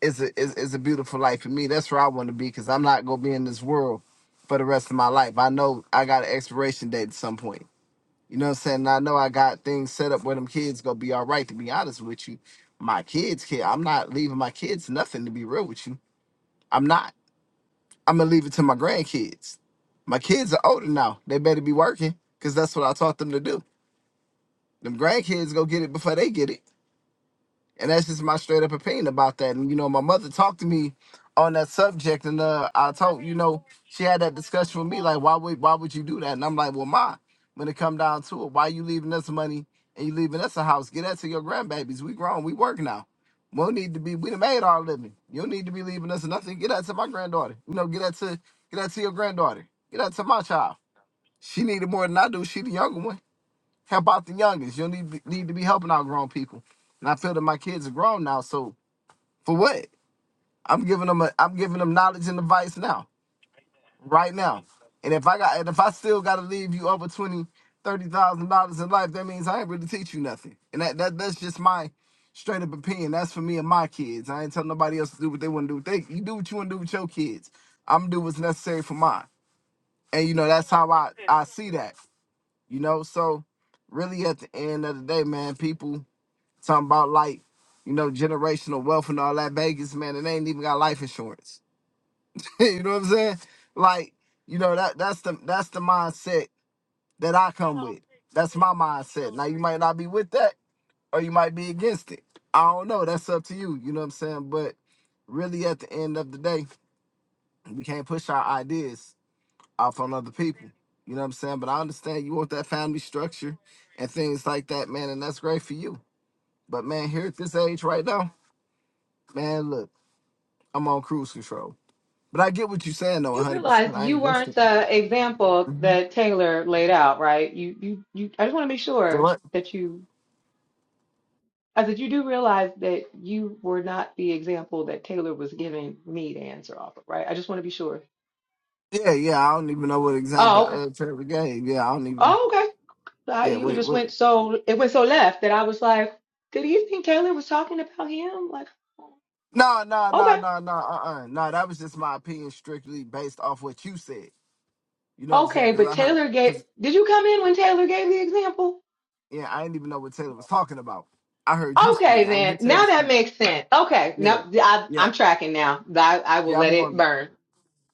[SPEAKER 4] is a is, is a beautiful life for me. That's where I want to be because I'm not gonna be in this world for the rest of my life. I know I got an expiration date at some point. You know what I'm saying? I know I got things set up where them kids gonna be all right. To be honest with you, my kids kid, I'm not leaving my kids nothing. To be real with you, I'm not. I'm gonna leave it to my grandkids. My kids are older now. They better be working because that's what I taught them to do. Them grandkids go get it before they get it. And that's just my straight up opinion about that. And you know, my mother talked to me on that subject, and uh, I told you know she had that discussion with me like, why would why would you do that? And I'm like, well, ma, when it come down to it, why you leaving us money and you leaving us a house? Get that to your grandbabies. We grown, we work now. We don't need to be. We done made our living. You don't need to be leaving us nothing. Get that to my granddaughter. You know, get that to get that to your granddaughter. Get that to my child. She needed more than I do. She the younger one help out the youngest. You need need to be helping out grown people. And I feel that my kids are grown now, so for what? I'm giving them a I'm giving them knowledge and advice now, right now. And if I got and if I still gotta leave you over twenty, thirty thousand dollars in life, that means I ain't really teach you nothing. And that, that that's just my straight up opinion. That's for me and my kids. I ain't telling nobody else to do what they want to do. They you do what you want to do with your kids. I'm gonna do what's necessary for mine. And you know, that's how I, I see that. You know, so really at the end of the day, man, people Talking about like, you know, generational wealth and all that Vegas, man, and they ain't even got life insurance. you know what I'm saying? Like, you know, that that's the that's the mindset that I come with. That's my mindset. Now you might not be with that or you might be against it. I don't know. That's up to you. You know what I'm saying? But really at the end of the day, we can't push our ideas off on other people. You know what I'm saying? But I understand you want that family structure and things like that, man, and that's great for you. But man, here at this age right now, man, look. I'm on cruise control. But I get what you're saying though,
[SPEAKER 3] You
[SPEAKER 4] 100. percent
[SPEAKER 3] realize
[SPEAKER 4] I
[SPEAKER 3] you
[SPEAKER 4] ain't against
[SPEAKER 3] weren't
[SPEAKER 4] it.
[SPEAKER 3] the example
[SPEAKER 4] hmm
[SPEAKER 3] that Taylor laid out, right? You, you, you. I just want to make
[SPEAKER 4] So
[SPEAKER 3] sure
[SPEAKER 4] what?
[SPEAKER 3] that you. I said you do realize that you were not the example that Taylor was giving me to answer off of, right? I just want to be sure.
[SPEAKER 4] Yeah, yeah. I don't even know what example
[SPEAKER 3] Oh, okay.
[SPEAKER 4] uh, Trevor gave. Yeah, I don't even.
[SPEAKER 3] Oh, okay. So I,
[SPEAKER 4] Yeah,
[SPEAKER 3] you
[SPEAKER 4] what? It,
[SPEAKER 3] just
[SPEAKER 4] what?
[SPEAKER 3] went so it went so left that I was like, did he think Taylor was talking about him? Like,
[SPEAKER 4] No, no, no,
[SPEAKER 3] okay,
[SPEAKER 4] no, no. Uh, uh no. That was just my opinion, strictly based off what you said. You know what I'm saying?
[SPEAKER 3] okay.
[SPEAKER 4] Because
[SPEAKER 3] But
[SPEAKER 4] I heard.
[SPEAKER 3] Taylor gave.
[SPEAKER 4] Because
[SPEAKER 3] Did you come in when Taylor gave the example?
[SPEAKER 4] yeah, I didn't even know what Taylor was talking about. I heard you
[SPEAKER 3] Okay,
[SPEAKER 4] speak. I didn't hear
[SPEAKER 3] then.
[SPEAKER 4] Taylor
[SPEAKER 3] Now that
[SPEAKER 4] speak.
[SPEAKER 3] makes sense. Okay. No,
[SPEAKER 4] Yeah,
[SPEAKER 3] I,
[SPEAKER 4] yeah,
[SPEAKER 3] I'm tracking now. I, I will
[SPEAKER 4] yeah. I'm
[SPEAKER 3] let it
[SPEAKER 4] going.
[SPEAKER 3] burn.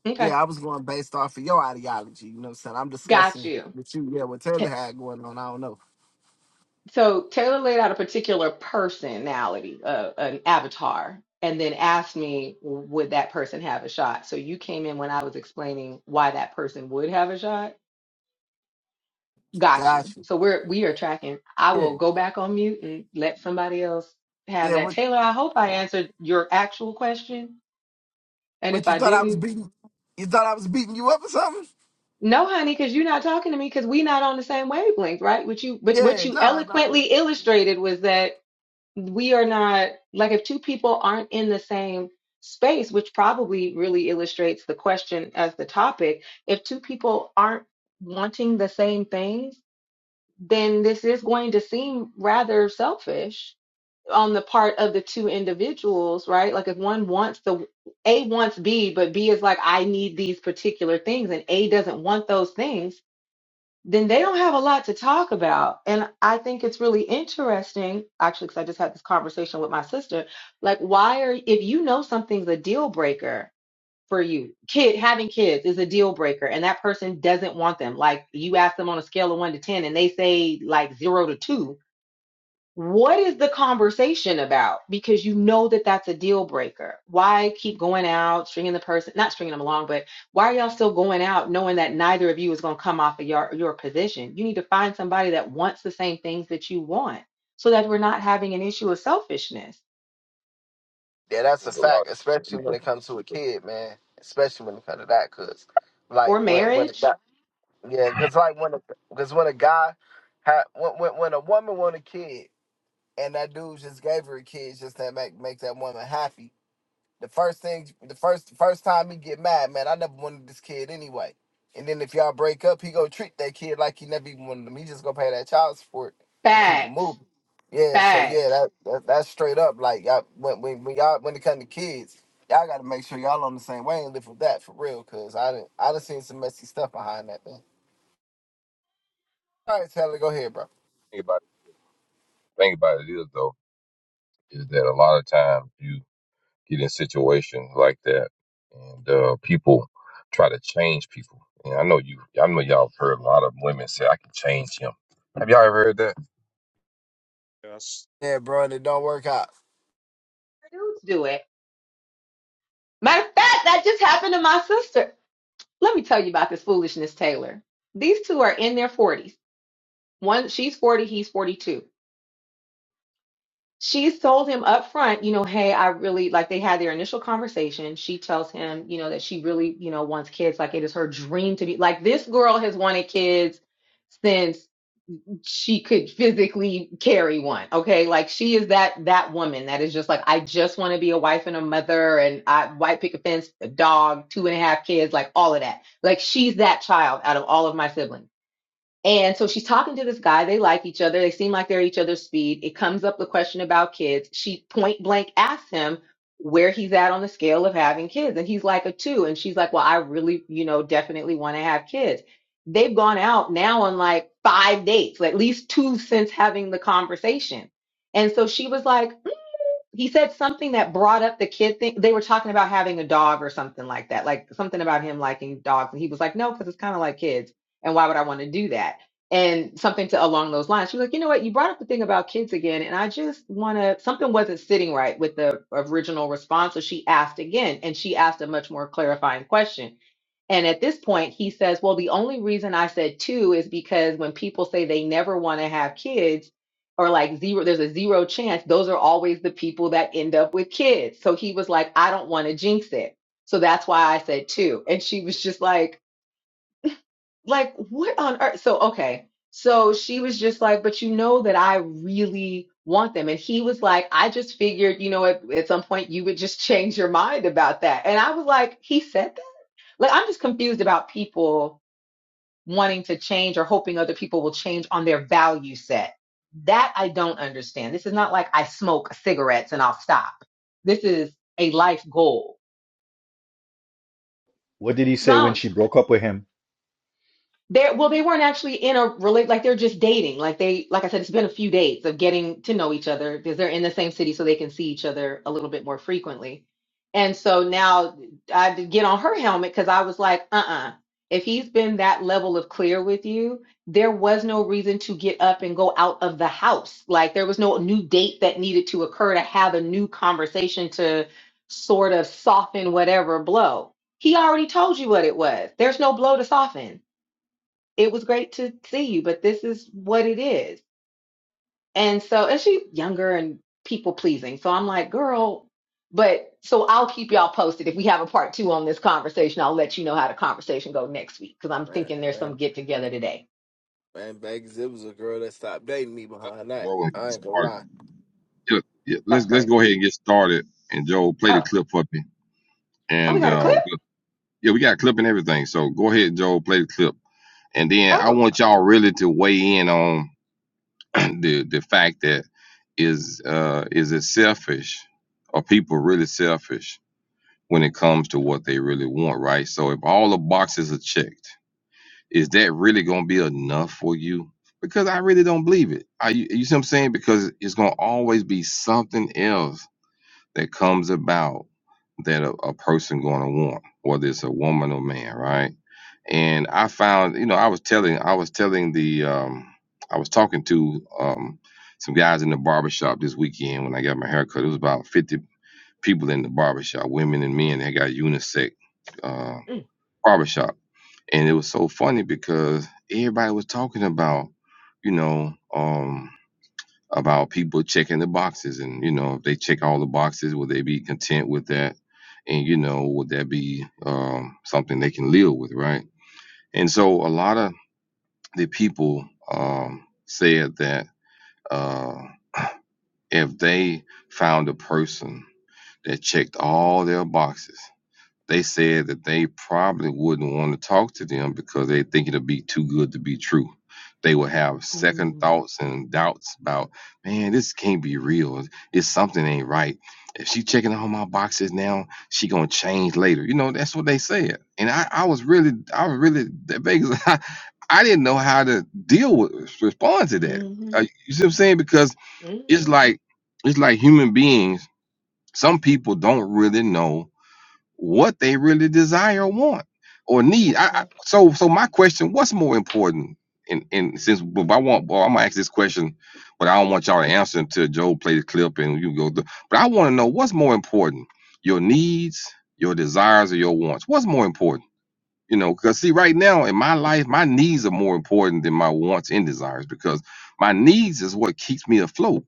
[SPEAKER 3] Okay.
[SPEAKER 4] Yeah, I was going based off of your ideology. You know what I'm saying? I'm
[SPEAKER 3] Got
[SPEAKER 4] discussing
[SPEAKER 3] you.
[SPEAKER 4] with you. Yeah, what
[SPEAKER 3] Ta
[SPEAKER 4] Taylor had going on. I don't know.
[SPEAKER 3] so Taylor laid out a particular personality, uh, an avatar, and then asked me, would that person have a shot? So you came in when I was explaining why that person would have a shot. Got you.
[SPEAKER 4] Gotcha.
[SPEAKER 3] So we're we are tracking. I
[SPEAKER 4] Yeah.
[SPEAKER 3] will go back on mute and let somebody else have
[SPEAKER 4] Yeah,
[SPEAKER 3] that.
[SPEAKER 4] what
[SPEAKER 3] Taylor, I hope I answered your actual question. And if
[SPEAKER 4] what you
[SPEAKER 3] I
[SPEAKER 4] thought I was
[SPEAKER 3] didn't,
[SPEAKER 4] beating you thought I was beating you up or something?
[SPEAKER 3] No, honey, because you're not talking to me because we're not on the same wavelength, right? What you but what
[SPEAKER 4] Yeah,
[SPEAKER 3] you
[SPEAKER 4] nah, nah.
[SPEAKER 3] eloquently illustrated was that we are not like if two people aren't in the same space, which probably really illustrates the question as the topic, if two people aren't wanting the same things, then this is going to seem rather selfish on the part of the two individuals, right? Like if one wants the A wants B, but B is like, I need these particular things, and A doesn't want those things then they don't have a lot to talk about. And I think it's really interesting, actually, because I just had this conversation with my sister. Like, why are, if you know something's a deal breaker for you, kid, having kids is a deal breaker, and that person doesn't want them. Like, you ask them on a scale of one to 10, and they say like zero to two what is the conversation about? Because you know that that's a deal breaker. Why keep going out, stringing the person, not stringing them along, but why are y'all still going out knowing that neither of you is going to come off of your, your position? You need to find somebody that wants the same things that you want so that we're not having an issue of selfishness
[SPEAKER 4] Yeah, that's a
[SPEAKER 2] There's a lot
[SPEAKER 4] fact,
[SPEAKER 2] of
[SPEAKER 4] especially when
[SPEAKER 2] people.
[SPEAKER 4] it comes to a kid, man. Especially when it comes to that, cause like
[SPEAKER 3] or
[SPEAKER 4] when when a guy,
[SPEAKER 3] marriage.
[SPEAKER 4] yeah, cause like when because when a guy ha, when, when when a woman want a kid and that dude just gave her a kid just to make make that woman happy, The first thing, the first first time he get mad, man, I never wanted this kid anyway. And then if y'all break up, he gonna treat that kid like he never even wanted him. He just gonna pay that child support and keep it
[SPEAKER 3] Facts,
[SPEAKER 4] moving. Yeah, so yeah,
[SPEAKER 3] facts.
[SPEAKER 4] that, that that's straight up. Like y'all, when, when when y'all when it come to kids, y'all gotta make sure y'all on the same way and live with that for real. Cause I didn't I done seen some messy stuff behind that thing. All right, Taylor, go ahead, bro.
[SPEAKER 2] Think about it. Think about it is though, is that a lot of times you get in situations like that, and uh, people try to change people. And I know you, I know y'all have heard a lot of women say, "I can change him." Have y'all ever heard that?
[SPEAKER 1] that's
[SPEAKER 4] Yeah, bro, and it don't work out.
[SPEAKER 3] Dudes do it. Matter of fact, that just happened to my sister. Let me tell you about this foolishness, Taylor. These two are in their 40s. One, she's 40, he's 42 she told him up front, you know, hey, I really like they had their initial conversation. She tells him, you know, that she really, you know, wants kids. Like it is her dream to be like this girl has wanted kids since she could physically carry one. Okay. Like she is that that woman that is just like, I just want to be a wife and a mother and I white picket fence, a dog, two and a half kids, like all of that. Like she's that child out of all of my siblings. And so she's talking to this guy. They like each other. They seem like they're each other's speed. It comes up the question about kids. She point blank asks him where he's at on the scale of having kids. And he's like a two. And she's like, well, I really, you know, definitely want to have kids. They've gone out now on like five dates, at least two since having the conversation. And so she was like, he said something that brought up the kid thing. They were talking about having a dog or something like that, like something about him liking dogs. And he was like, no, because it's kind of like kids. And why would I want to do that? And something to along those lines. She was like, you know what? You brought up the thing about kids again. And I just want to, something wasn't sitting right with the original response. So she asked again, and she asked a much more clarifying question and at this point, he says, Well, the only reason I said two is because when people say they never want to have kids, or like zero, there's a zero chance, those are always the people that end up with kids. So he was like, I don't want to jinx it. So that's why I said two. And she was just like, like, what on earth? So okay. So she was just like, but you know that I really want them. And he was like, I just figured, you know, at, at some point you would just change your mind about that. And I was like, he said that? Like, I'm just confused about people wanting to change or hoping other people will change on their value set. That I don't understand. This is not like I smoke cigarettes and I'll stop. This is a life goal.
[SPEAKER 6] What did he
[SPEAKER 3] So. I
[SPEAKER 6] say
[SPEAKER 3] don't
[SPEAKER 6] when she broke up with him?
[SPEAKER 3] They're well, they weren't actually in a relate like they're just dating. Like they like I said, it's been a few dates of getting to know each other because they're in the same city so they can see each other a little bit more frequently. And so now I had to get on her helmet because I was like, uh-uh. If he's been that level of clear with you, there was no reason to get up and go out of the house. Like there was no new date that needed to occur to have a new conversation to sort of soften whatever blow. He already told you what it was. There's no blow to soften it was great to see you, but this is what it is. And so, and she's younger and people pleasing. So I'm like, girl, but so I'll keep y'all posted. If we have a part two on this conversation, I'll let you know how the conversation go next week because I'm
[SPEAKER 4] Man,
[SPEAKER 3] thinking there's
[SPEAKER 4] man,
[SPEAKER 3] some get together today.
[SPEAKER 4] man, back it was a girl that stopped dating me behind that.
[SPEAKER 2] Joe, let's get
[SPEAKER 4] I ain't gonna
[SPEAKER 2] started.
[SPEAKER 4] lie.
[SPEAKER 2] yeah, yeah,
[SPEAKER 3] That's
[SPEAKER 2] let's let's go
[SPEAKER 3] crazy.
[SPEAKER 2] ahead and get started. And Joe, play the
[SPEAKER 3] Oh,
[SPEAKER 2] clip for me.
[SPEAKER 3] oh, we
[SPEAKER 2] And
[SPEAKER 3] got a
[SPEAKER 2] uh,
[SPEAKER 3] clip?
[SPEAKER 2] we- yeah, we got a clip and everything. So go ahead, Joe, play the clip. And then I
[SPEAKER 3] Oh,
[SPEAKER 2] want y'all really to weigh in on the the fact that is uh is it selfish? Are people really selfish? when it comes to what they really want, right? So if all the boxes are checked, is that really going to be enough for you? Because I really don't believe it. I, you you see what I'm saying? Because it's going to always be something else that comes about that a, a person going to want, whether it's a woman or man, right? And I found, you know, I was telling, I was telling the, um, I was talking to um, some guys in the barbershop this weekend when I got my haircut. It was about 50 people in the barbershop, women and men that got unisex uh,
[SPEAKER 3] mm,
[SPEAKER 2] barbershop. And it was so funny because everybody was talking about, you know, um, about people checking the boxes and, you know, if they check all the boxes, will they be content with that? And, you know, would that be um, something they can live with, right? And so a lot of the people um, said that uh, if they found a person that checked all their boxes, they said that they probably wouldn't want to talk to them because they think it'll be too good to be true. They will have second
[SPEAKER 3] mm,
[SPEAKER 2] thoughts and doubts about, man, this can't be real. It's something ain't right. If she checking all my boxes now, she gonna change later. You know, that's what they said. And I, I was really, I was really that Vegas. I, I didn't know how to deal with respond to that.
[SPEAKER 3] mm-hmm,
[SPEAKER 2] Uh, you see what I'm saying? Because
[SPEAKER 3] hmm
[SPEAKER 2] it's like it's like human beings. Some people don't really know what they really desire want or need. I, I
[SPEAKER 3] mm
[SPEAKER 2] so so my question, what's more important? And and since but I want well, I'm gonna ask this question, but I don't want y'all to answer until Joe play the clip and you go through. But I want to know what's more important, your needs, your desires, or your wants. What's more important? You know, because see, right now in my life, my needs are more important than my wants and desires because my needs is what keeps me afloat.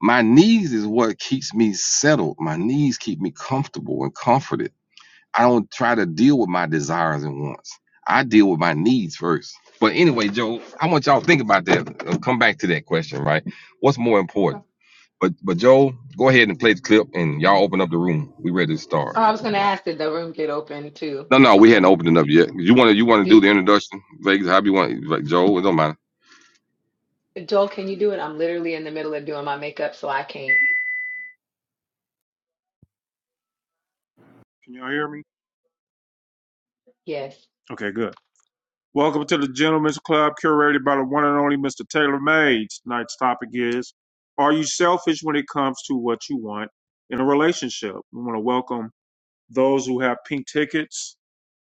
[SPEAKER 2] My needs is what keeps me settled. My needs keep me comfortable and comforted I don't try to deal with my desires and wants. I deal with my needs first. But anyway, Joe, I want y'all to think about that. Uh, Come back to that question, right? What's more important?
[SPEAKER 3] Okay.
[SPEAKER 2] But but Joe, go ahead and play the clip, and y'all open up the room. We ready to start.
[SPEAKER 3] Oh, I was going to ask, did the room get open too?
[SPEAKER 2] No, no, we hadn't
[SPEAKER 3] Okay.
[SPEAKER 2] opened it up yet. You want to you want to do
[SPEAKER 3] Do,
[SPEAKER 2] the introduction, Vegas? How you want, like, Joe? It don't matter.
[SPEAKER 3] Joel, can you do it? I'm literally in the middle of doing my makeup, so I can't.
[SPEAKER 1] can y'all hear me?
[SPEAKER 3] Yes.
[SPEAKER 1] Okay, good. Welcome to the Gentlemen's Club, curated by the one and only Mr. Taylor May. Tonight's topic is Are you selfish when it comes to what you want in a relationship? We want to welcome those who have pink tickets.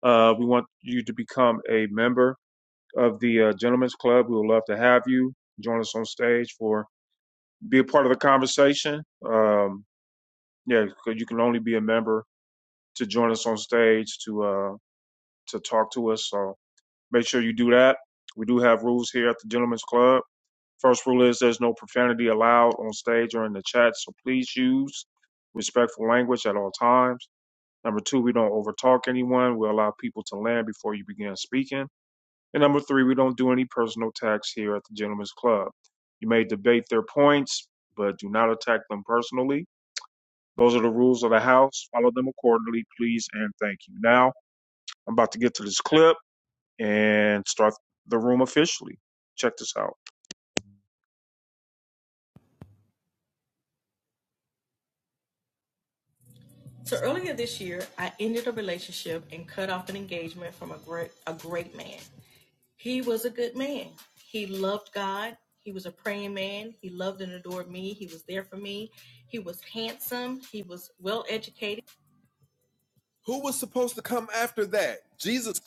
[SPEAKER 1] Uh, we want you to become a member of the uh, Gentlemen's Club. We would love to have you join us on stage for be a part of the conversation. Um, yeah, 'cause you can only be a member to join us on stage to uh, to talk to us. So make sure you do that. We do have rules here at the Gentlemen's Club. First rule is there's no profanity allowed on stage or in the chat, so please use respectful language at all times. Number two, we don't overtalk anyone. We allow people to land before you begin speaking. And number three, we don't do any personal attacks here at the Gentlemen's Club. You may debate their points, but do not attack them personally. Those are the rules of the house. Follow them accordingly, please and thank you. Now, I'm about to get to this clip and start the room officially. Check this out. Who was supposed to come after that? Jesus.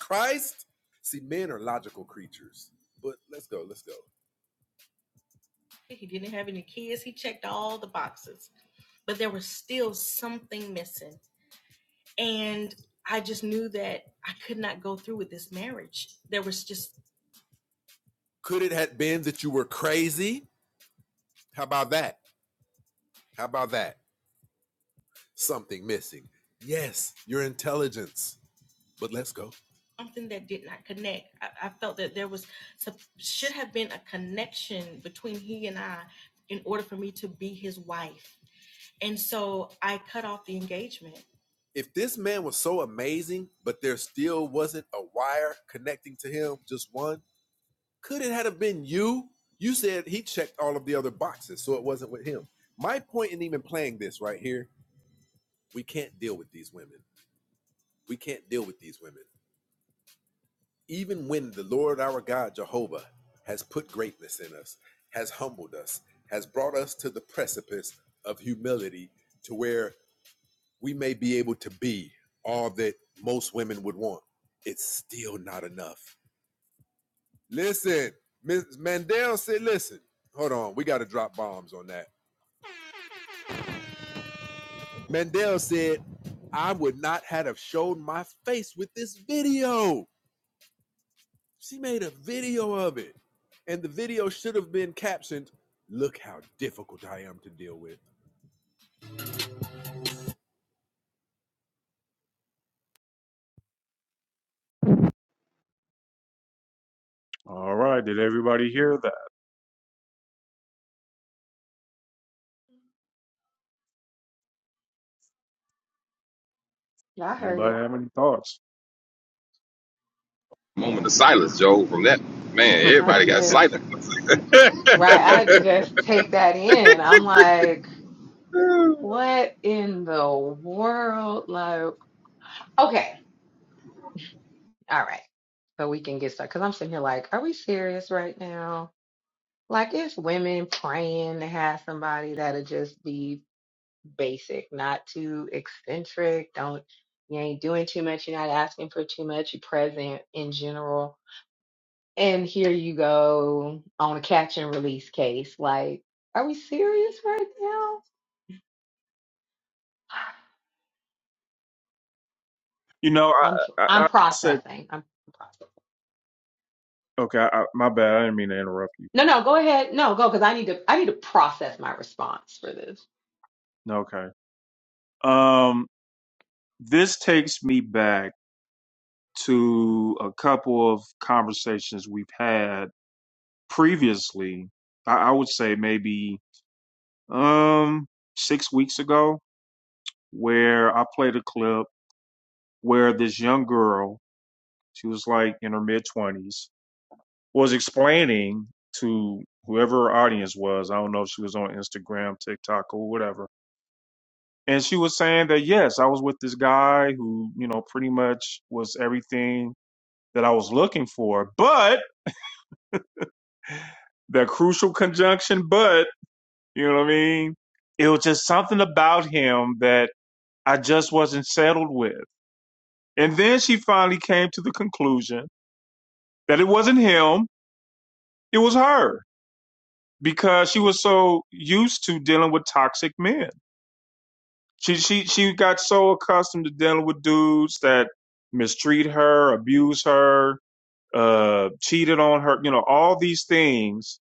[SPEAKER 1] All right. Did everybody hear that?
[SPEAKER 3] Yeah, I heard
[SPEAKER 1] Anybody
[SPEAKER 3] it.
[SPEAKER 1] have any thoughts?
[SPEAKER 2] Moment of silence, Joe. From that man,
[SPEAKER 3] Oh, I
[SPEAKER 2] everybody got
[SPEAKER 3] just,
[SPEAKER 2] silent.
[SPEAKER 3] right. I had to just take that in. I'm like, what in the world? Like, okay. All right. So we can get started. Cause I'm sitting here like, are we serious right now? Like, it's women praying to have somebody that'll just be basic, not too eccentric. Don't, you ain't doing too much. You're not asking for too much. You're present in general. And here you go on a catch and release case. Like, are we serious right now?
[SPEAKER 1] you know, I,
[SPEAKER 3] I'm tr-
[SPEAKER 1] I, I
[SPEAKER 3] I'm
[SPEAKER 1] said,
[SPEAKER 3] processing. I'm processing.
[SPEAKER 1] okay, I- my bad. I didn't mean to interrupt you.
[SPEAKER 3] No, no, go ahead. No, go because I need to I need to process my response for this.
[SPEAKER 1] Okay. Um, this takes me back to a couple of conversations we've had previously. I, I would say maybe um six weeks ago where I played a clip where this young girl, she was like in her mid twenties, was explaining to whoever her audience was. I don't know if she was on Instagram, TikTok, or whatever. And she was saying that yes, I was with this guy who, you know, pretty much was everything that I was looking for. But the crucial conjunction, but, you know what I mean? It was just something about him that I just wasn't settled with And then she finally came to the conclusion that it wasn't him, it was her because she was so used to dealing with toxic men. She she she got so accustomed to dealing with dudes that mistreat her, abuse her, uh cheated on her, you know, all these things.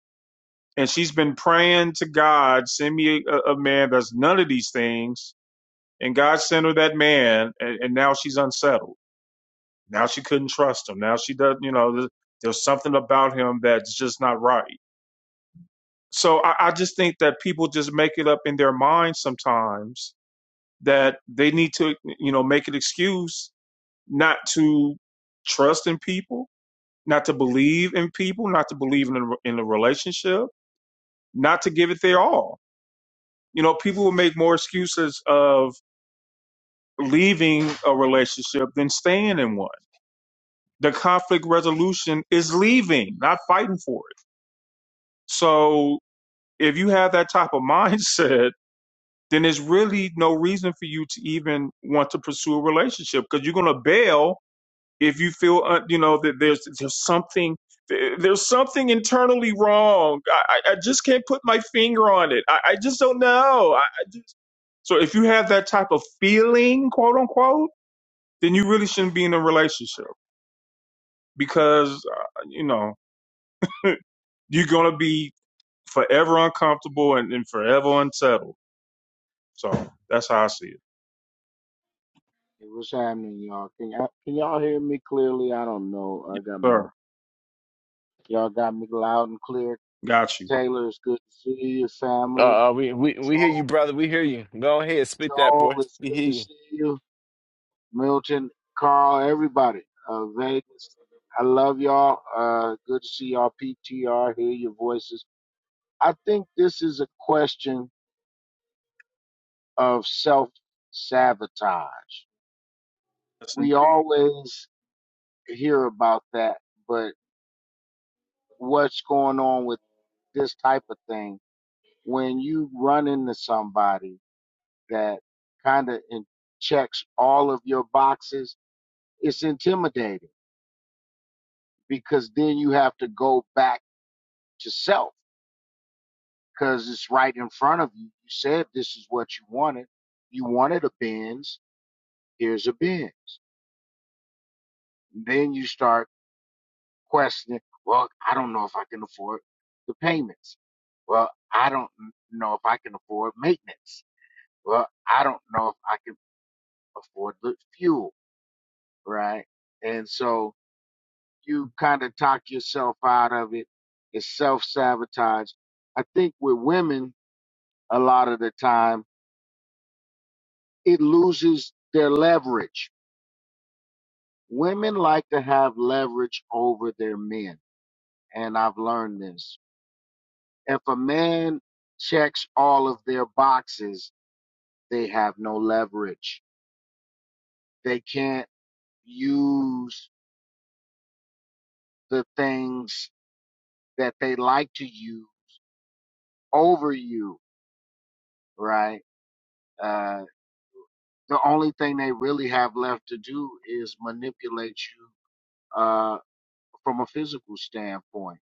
[SPEAKER 1] And she's been praying to God, send me a, a man that's none of these things. And God sent her that man, and, and now she's unsettled Now she couldn't trust him. Now she doesn't, you know, there's, there's something about him that's just not right. So I, I just think that people just make it up in their mind sometimes that they need to, you know, make an excuse not to trust in people, not to believe in people, not to believe in a, in a relationship, not to give it their all. You know, people will make more excuses of leaving a relationship than staying in one. The conflict resolution is leaving, not fighting for it So if you have that type of mindset, then there's really no reason for you to even want to pursue a relationship because you're going to bail if you feel uh, you know that there's there's something there- there's something internally wrong. I, I I just can't put my finger on it. I, I just don't know. I, I just, so if you have that type of feeling, quote unquote, then you really shouldn't be in a relationship because uh, you know you're going to be forever uncomfortable and, and forever unsettled. So that's how I see it.
[SPEAKER 7] Hey, what's happening, y'all? Can y'all, can y'all hear me clearly? I don't know. I
[SPEAKER 1] Yes,
[SPEAKER 7] got my
[SPEAKER 1] sir.
[SPEAKER 7] y'all got me loud and clear.
[SPEAKER 1] Got you.
[SPEAKER 7] Taylor, it's good to see you, family.
[SPEAKER 4] Uh, uh, we,
[SPEAKER 7] Uh,
[SPEAKER 4] we we hear you,
[SPEAKER 7] Joel,
[SPEAKER 4] brother. We hear you. Go ahead, spit that,
[SPEAKER 7] Joel,
[SPEAKER 4] boy.
[SPEAKER 7] it's
[SPEAKER 4] We
[SPEAKER 7] good
[SPEAKER 4] hear
[SPEAKER 7] to
[SPEAKER 4] you.
[SPEAKER 7] see you. Milton, Carl, everybody. Uh, Vegas, I love y'all. Uh, good to see y'all. PTR, hear your voices. I think this is a question of self sabotage.
[SPEAKER 1] Yes, indeed.
[SPEAKER 7] We always hear about that, but what's going on with this type of thing, when you run into somebody that kind of checks all of your boxes, it's intimidating because then you have to go back to self because it's right in front of you. You said this is what you wanted. You wanted a Benz. Here's a Benz. And Then you start questioning, well, I don't know if I can afford the payments. Well, I don't know if I can afford maintenance. Well, I don't know if I can Afford the fuel, right? And so you kind of talk yourself out of it. It's self sabotage. I think with women, a lot of the time, it loses their leverage. Women like to have leverage over their men. And I've learned this. If a man checks all of their boxes, they have no leverage. They can't use the things that they like to use over you right? Uh, the only thing they really have left to do is manipulate you uh, from a physical standpoint.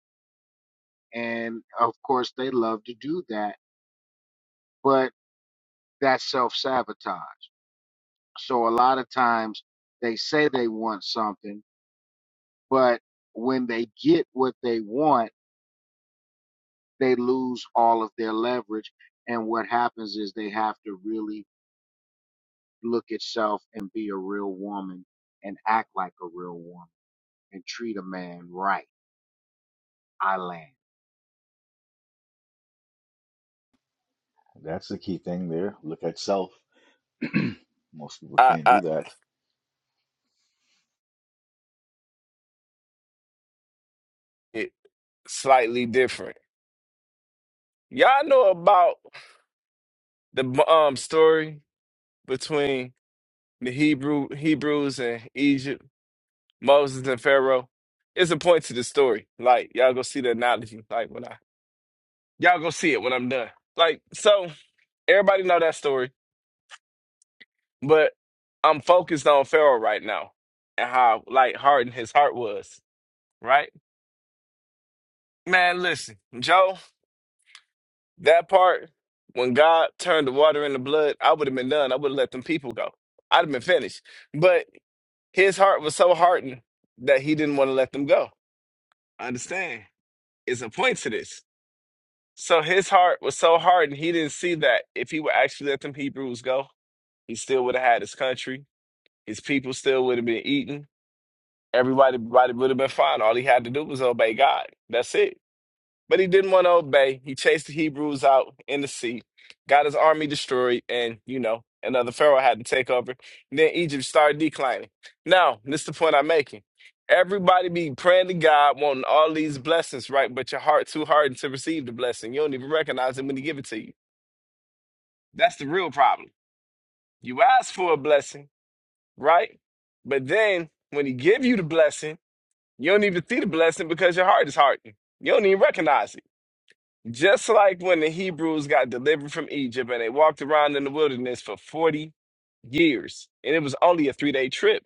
[SPEAKER 7] And of course, they love to do that, but that's self sabotage. So a lot of times they say they want something, but when they get what they want, they lose all of their leverage. And what happens is they have to really look at self and be a real woman and act like a real woman and treat a man right I land.
[SPEAKER 6] That's the key thing there. Look at self. Most people
[SPEAKER 4] I,
[SPEAKER 6] can't
[SPEAKER 4] I,
[SPEAKER 6] do that.
[SPEAKER 4] it slightly different. Y'all know about the um story between the Hebrew Hebrews and Egypt, Moses and Pharaoh. It's a point to the story. Like y'all go see the analogy. Like when I y'all go see it when I'm done. Like so, everybody know that story, but I'm focused on Pharaoh right now and how like hardened his heart was. Right, man. Listen, Joe. That part, when God turned the water into blood, I would have been done. I would have let them people go. I'd have been finished. But his heart was so hardened that he didn't want to let them go. Understand? It's a point to this. So his heart was so hardened, he didn't see that if he would actually let them Hebrews go, he still would have had his country. His people still would have been eaten. Everybody, everybody would have been fine. All he had to do was obey God. That's it. But he didn't want to obey. He chased the Hebrews out in the sea, got his army destroyed, and you know, another Pharaoh had to take over. And then Egypt started declining. Now, this is the point I'm making. Everybody be praying to God, wanting all these blessings, right? But your heart too hardened to receive the blessing. You don't even recognize it when he give it to you. That's the real problem. You ask for a blessing, right? But then when he give you the blessing, you don't even see the blessing because your heart is hardened. You don't even recognize it. Just like when the Hebrews got delivered from Egypt and they walked around in the wilderness for 40 years, and it was only a three day trip.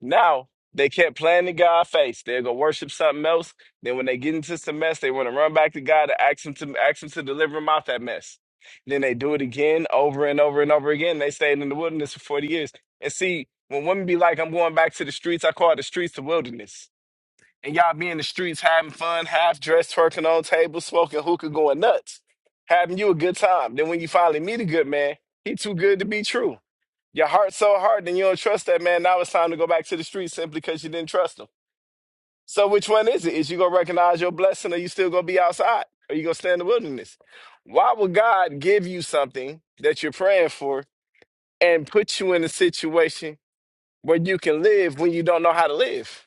[SPEAKER 4] Now they kept playing to God face. They'll go worship something else. Then when they get into some mess, they want to run back to God to ask him to ask him to deliver them out that mess. Then they do it again over and over and over again. They stayed in the wilderness for 40 years. And see, when women be like, I'm going back to the streets, I call the streets the wilderness and y'all be in the streets having fun, half dressed, twerking on tables, smoking hookah, going nuts, having you a good time. Then when you finally meet a good man, he too good to be true. Your heart's so hard, then you don't trust that man. Now it's time to go back to the streets simply because you didn't trust him. So which one is it? Is you gonna recognize your blessing, or you still gonna be outside, or you gonna stay in the wilderness? Why would God give you something that you're praying for and put you in a situation where you can live when you don't know how to live?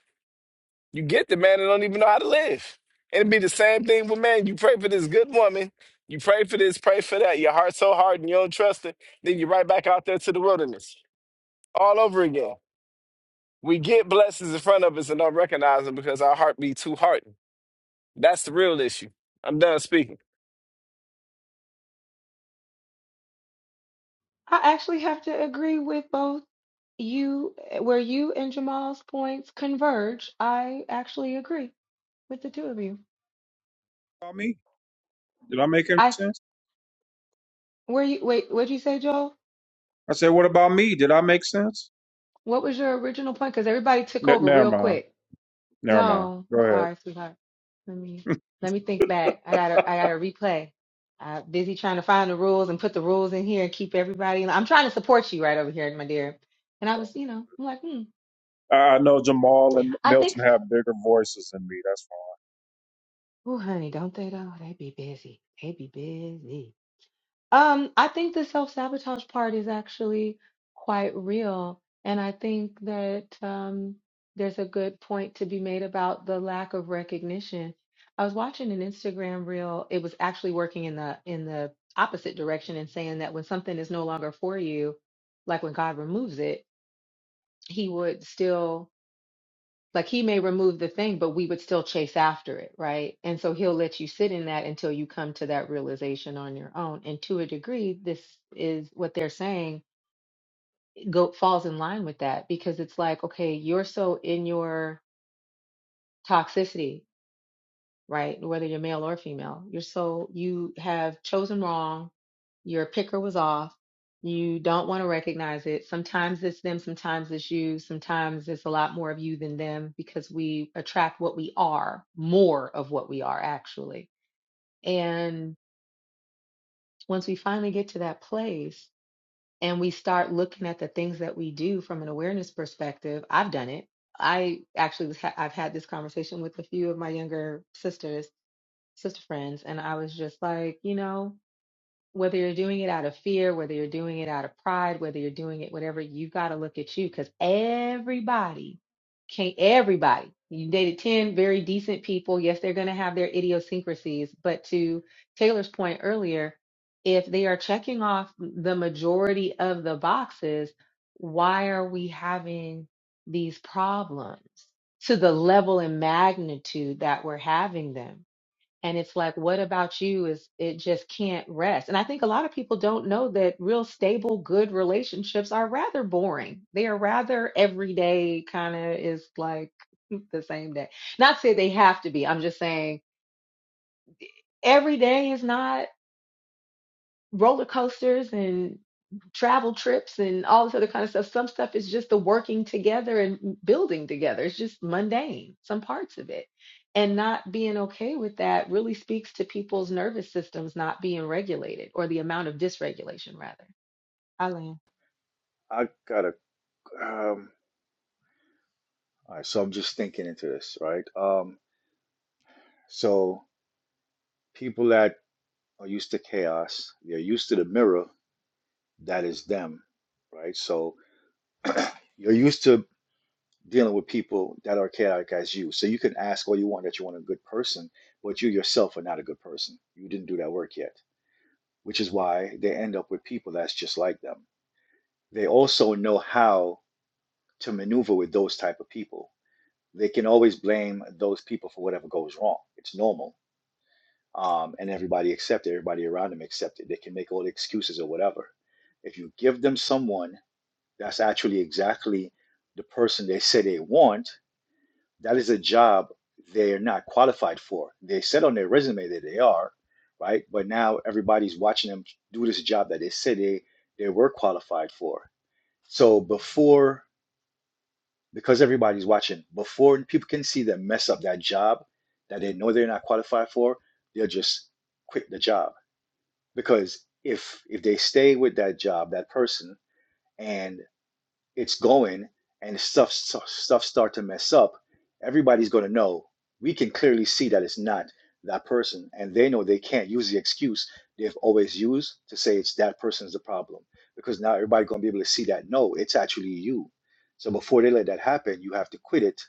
[SPEAKER 4] You get the man that don't even know how to live. And It'd be the same thing with man. You pray for this good woman, you pray for this, pray for that. Your heart's so hard and you don't trust it, then you're right back out there to the wilderness all over again. We get blessings in front of us and don't recognize them because our heart be too hardened. That's the real issue. I'm done speaking.
[SPEAKER 3] I actually have to agree with both you eh, where you and Jamal's points converge. I actually agree with the two of you.
[SPEAKER 1] About me? Did I make any
[SPEAKER 3] I s-
[SPEAKER 1] sense?
[SPEAKER 3] where you wait, what'd you say, Joel?
[SPEAKER 1] I said, what about me? Did I make sense?
[SPEAKER 3] What was your original point? Because everybody took
[SPEAKER 1] N-
[SPEAKER 3] over
[SPEAKER 1] never
[SPEAKER 3] real
[SPEAKER 1] mind.
[SPEAKER 3] quick.
[SPEAKER 1] Never mind.
[SPEAKER 3] No,
[SPEAKER 1] Go
[SPEAKER 3] I'm
[SPEAKER 1] ahead.
[SPEAKER 3] sorry, sweetheart. Let me let me think back. I gotta I gotta replay. I'm busy trying to find the rules and put the rules in here and keep everybody. I'm trying to support you right over here, my dear. And I was, you know, I'm like, hmm.
[SPEAKER 1] I I know Jamal and
[SPEAKER 3] I think,
[SPEAKER 1] Milton have bigger voices than me. That's fine.
[SPEAKER 3] oh, honey, don't they though? They be busy. They be busy. Um, I think the self-sabotage part is actually quite real, and I think that um, there's a good point to be made about the lack of recognition. I was watching an Instagram reel. It was actually working in the in the opposite direction and saying that when something is no longer for you, like when God removes it, He would still like he may remove the thing, but we would still chase after it, right? And so he'll let you sit in that until you come to that realization on your own. And to a degree, this is what they're saying go falls in line with that because it's like, okay, you're so in your toxicity right? Whether you're male or female, you're so you have chosen wrong. Your picker was off. You don't want to recognize it. Sometimes it's them, sometimes it's you, sometimes it's a lot more of you than them because we attract what we are, more of what we are actually. And once we finally get to that place and we start looking at the things that we do from an awareness perspective, I've done it. I actually was ha- I've had this conversation with a few of my younger sisters sister friends and I was just like, you know, whether you're doing it out of fear, whether you're doing it out of pride, whether you're doing it whatever, you got to look at you cuz everybody can't everybody. You dated 10 very decent people. Yes, they're going to have their idiosyncrasies, but to Taylor's point earlier, if they are checking off the majority of the boxes, why are we having these problems to the level and magnitude that we're having them? And it's like, what about you? Is it just can't rest? And I think a lot of people don't know that real stable, good relationships are rather boring. They are rather everyday, kind of is like the same day. Not to say they have to be. I'm just saying every day is not roller coasters and travel trips and all this other kind of stuff. Some stuff is just the working together and building together. It's just mundane, some parts of it. And not being okay with that really speaks to people's nervous systems not being regulated or the amount of dysregulation, rather. Eileen.
[SPEAKER 6] I gotta. Um, all right, so I'm just thinking into this, right? Um, so people that are used to chaos, they're used to the mirror that is them, right? So you're used to dealing with people that are chaotic as you. So you can ask all you want that you want a good person, but you yourself are not a good person. You didn't do that work yet, which is why they end up with people that's just like them they also know how to maneuver with those type of people. They can always blame those people for whatever goes wrong. It's normal. Um, and everybody accept it, everybody around them accept it. They can make all the excuses or whatever. If you give them someone that's actually exactly the person they say they want, that is a job they're not qualified for. They said on their resume that they are, right? But now everybody's watching them do this job that they said they, they were qualified for. So before because everybody's watching before people can see them mess up that job that they know they're not qualified for they'll just quit the job because if if they stay with that job that person and it's going and stuff stuff start to mess up, everybody's going to know. We can clearly see that it's not that person, and they know they can't use the excuse they've always used to say it's that person's the problem because now everybody's going to be able to see that no, it's actually you. So before they let that happen, you have to quit it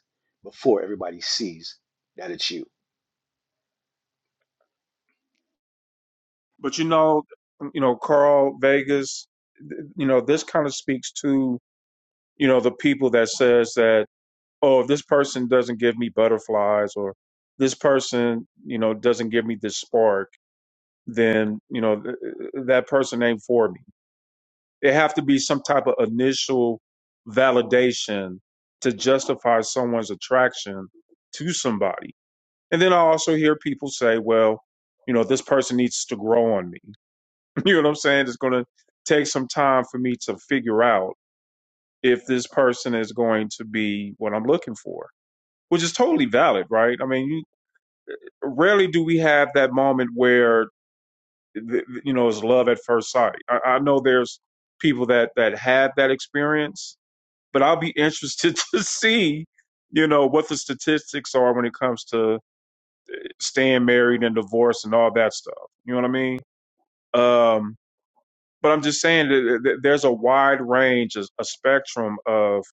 [SPEAKER 6] before everybody sees that it's you.
[SPEAKER 1] But you know, you know, Carl Vegas. th- You know, this kind of speaks to you know the people that says that oh, if this person doesn't give me butterflies or this person you know doesn't give me this spark then you know th- that person ain't for me. It have to be some type of initial validation to justify someone's attraction to somebody. And then I also hear people say, well, you know, this person needs to grow on me. You know what I'm saying? It's going to take some time for me to figure out if this person is going to be what I'm looking for, which is totally valid, right? I mean, you, rarely do we have that moment where th- th- you know is love at first sight I, I know there's people that that had that experience but i'll be interested to see you know what the statistics are when it comes to staying married and divorce and all that stuff you know what i mean um but i'm just saying that that there's a wide range a, a spectrum of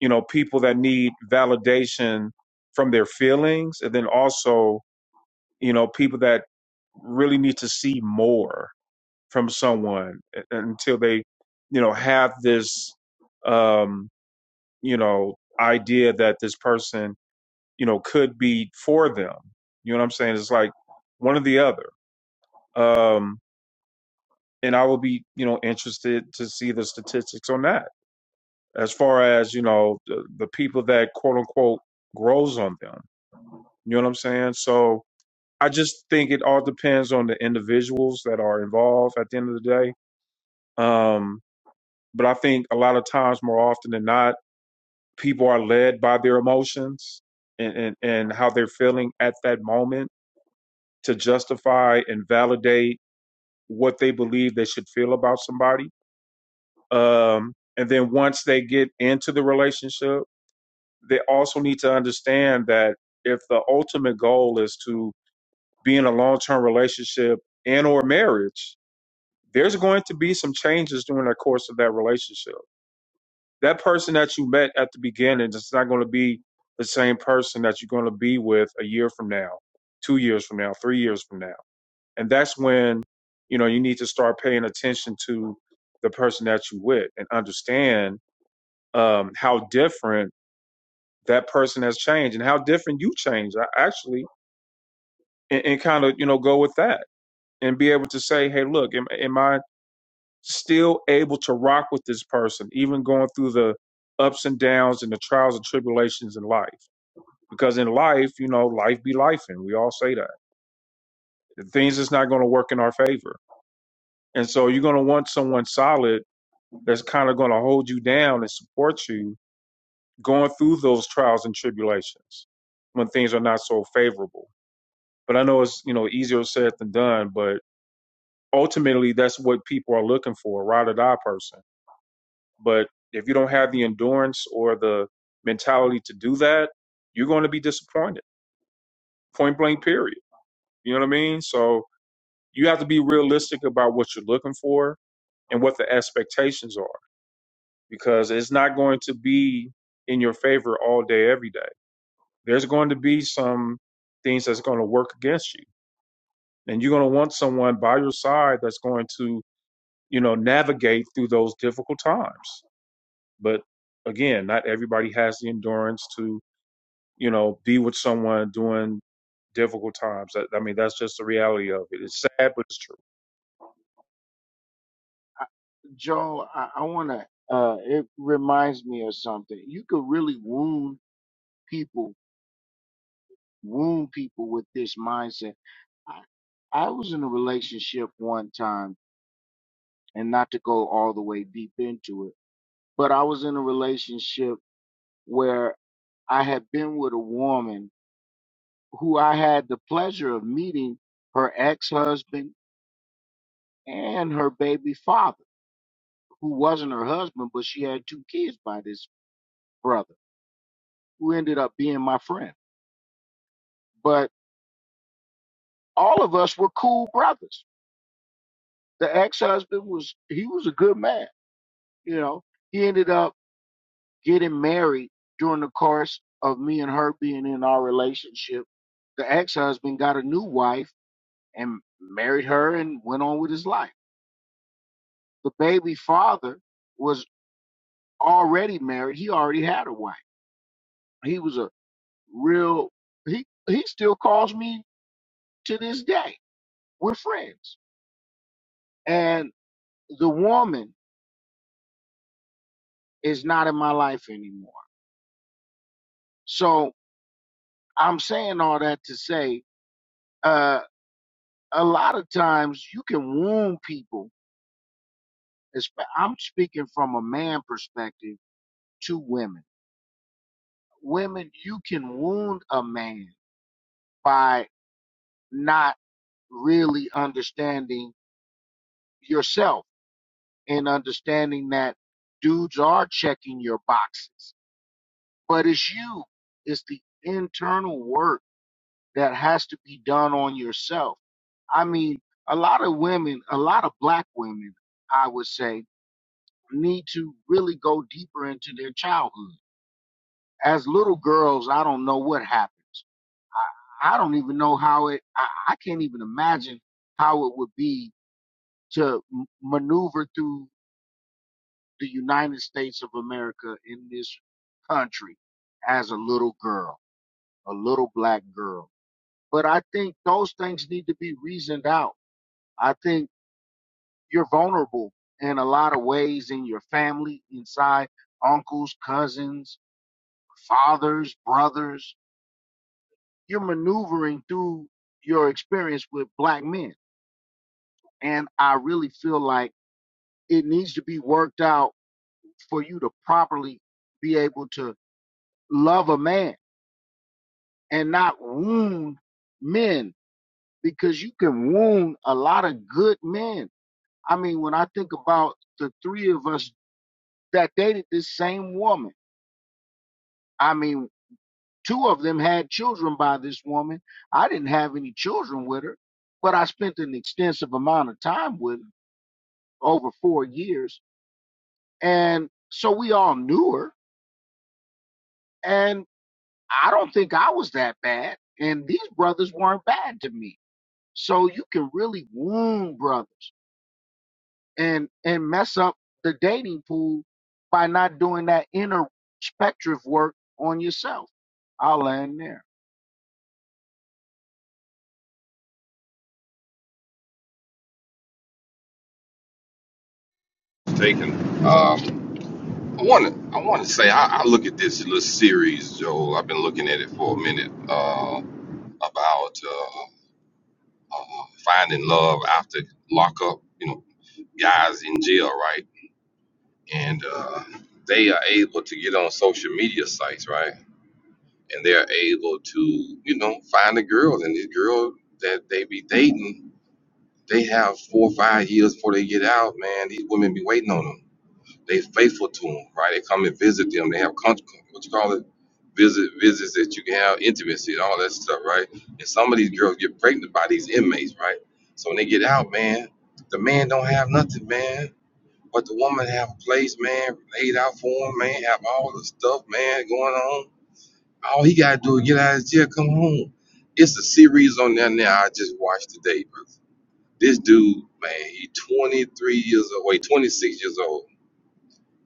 [SPEAKER 1] you know people that need validation from their feelings and then also you know people that really need to see more from someone until they, you know, have this, um, you know, idea that this person, you know, could be for them. You know what I'm saying? It's like one or the other. Um, and I will be, you know, interested to see the statistics on that as far as, you know, the, the people that quote unquote grows on them. You know what I'm saying? So I just think it all depends on the individuals that are involved at the end of the day. Um, But I think a lot of times, more often than not, people are led by their emotions and, and, and how they're feeling at that moment to justify and validate what they believe they should feel about somebody. Um, and then once they get into the relationship, they also need to understand that if the ultimate goal is to be in a long-term relationship and or marriage, there's going to be some changes during the course of that relationship that person that you met at the beginning is not going to be the same person that you're going to be with a year from now, two years from now, three years from now. And that's when, you know, you need to start paying attention to the person that you are with and understand um, how different that person has changed and how different you changed, a- actually, and, and kind of, you know, go with that and be able to say, hey, look, am, am I still able to rock with this person, even going through the ups and downs and the trials and tribulations in life. Because in life, you know, life be life, and we all say that And things is not going to work in our favor. And so you're going to want someone solid that's kind of going to hold you down and support you going through those trials and tribulations when things are not so favorable. But I know it's, you know, easier said than done, but ultimately that's what people are looking for, a ride or die person But if you don't have the endurance or the mentality to do that, you're going to be disappointed. Point blank, period. You know what I mean? So you have to be realistic about what you're looking for and what the expectations are because it's not going to be in your favor all day, every day. There's going to be some things that's going to work against you. And you're going to want someone by your side that's going to, you know, navigate through those difficult times. But again, not everybody has the endurance to you know, be with someone during difficult times. That, I mean, that's just the reality of it. It's sad, but it's true.
[SPEAKER 7] Joe, I, I want to, uh, it reminds me of something. You could really wound people, wound people with this mindset. I, I was in a relationship one time, and not to go all the way deep into it, but I was in a relationship where I had been with a woman who I had the pleasure of meeting her ex husband and her baby father, who wasn't her husband, but she had two kids by this brother who ended up being my friend. But all of us were cool brothers. The ex-husband was he was a good man, you know. He ended up getting married during the course of me and her being in our relationship. The ex-husband got a new wife and married her and went on with his life. The baby father was already married. He already had a wife. He was a real he he still calls me to this day. We're friends. And the woman is not in my life anymore. So I'm saying all that to say, uh, a lot of times you can wound people. espe- I'm speaking from a man perspective to women. Women, you can wound a man by not really understanding yourself and understanding that dudes are checking your boxes. But it's you, it's the internal work that has to be done on yourself I mean, a lot of women, a lot of black women, I would say, need to really go deeper into their childhood. As little girls, I don't know what happens. I don't even know how it, I, I can't even imagine how it would be to m- maneuver through the United States of America in this country as a little girl, a little black girl. But I think those things need to be reasoned out. I think you're vulnerable in a lot of ways in your family, inside uncles, cousins, fathers, brothers. You're maneuvering through your experience with black men. And I really feel like it needs to be worked out for you to properly be able to love a man and not wound men because you can wound a lot of good men. I mean, when I think about the three of us that dated this same woman, I mean, Two of them had children by this woman. I didn't have any children with her, but I spent an extensive amount of time with her over four years. And so we all knew her. And I don't think I was that bad. And these brothers weren't bad to me. So you can really wound brothers and and mess up the dating pool by not doing that introspective work on yourself. I'll land there.
[SPEAKER 2] Taken. Um, I want to. I want to say I, I look at this little series, Joel. I've been looking at it for a minute uh, about uh, uh, finding love after lockup. You know, guys in jail, right? And uh, they are able to get on social media sites, right? And they're able to, you know, find a girl. And this girl that they be dating, they have four or five years before they get out. Man, these women be waiting on them They faithful to them, right? They come and visit them. They have con- what you call it, visit visits that you can have intimacy and all that stuff, right? And some of these girls get pregnant by these inmates, right? So when they get out, man, the man don't have nothing, man. But the woman have a place, man, laid out for him, man, have all the stuff, man, going on. All he gotta do is get out of his jail, come home. It's a series on there now I just watched today, bro. This dude, man, he 23 years old, wait, 26 years old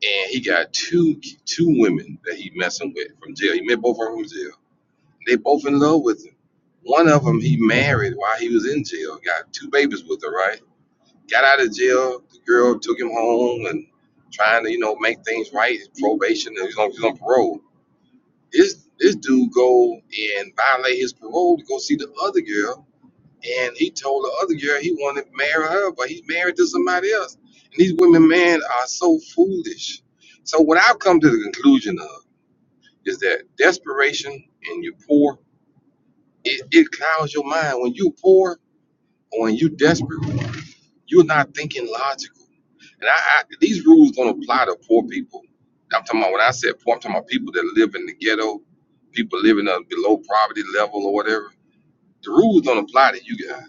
[SPEAKER 2] and he got two two women that he messing with from jail. He met both of them from jail. They both in love with him. One of them he married while he was in jail. Got two babies with her, right? Got out of jail. The girl took him home and trying to you know make things right. Probation. and He's on he's on parole. This this dude go and violate his parole to go see the other girl and he told the other girl he wanted to marry her, but he's married to somebody else. And these women, man, are so foolish. So what I've come to the conclusion of is that desperation and you're poor, it, it clouds your mind. When you're poor or when you're desperate, you're not thinking logical. And I, I these rules don't apply to poor people. I'm talking about when I said poor, I'm talking about people that live in the ghetto, people living uh, below poverty level or whatever. The rules don't apply to you guys.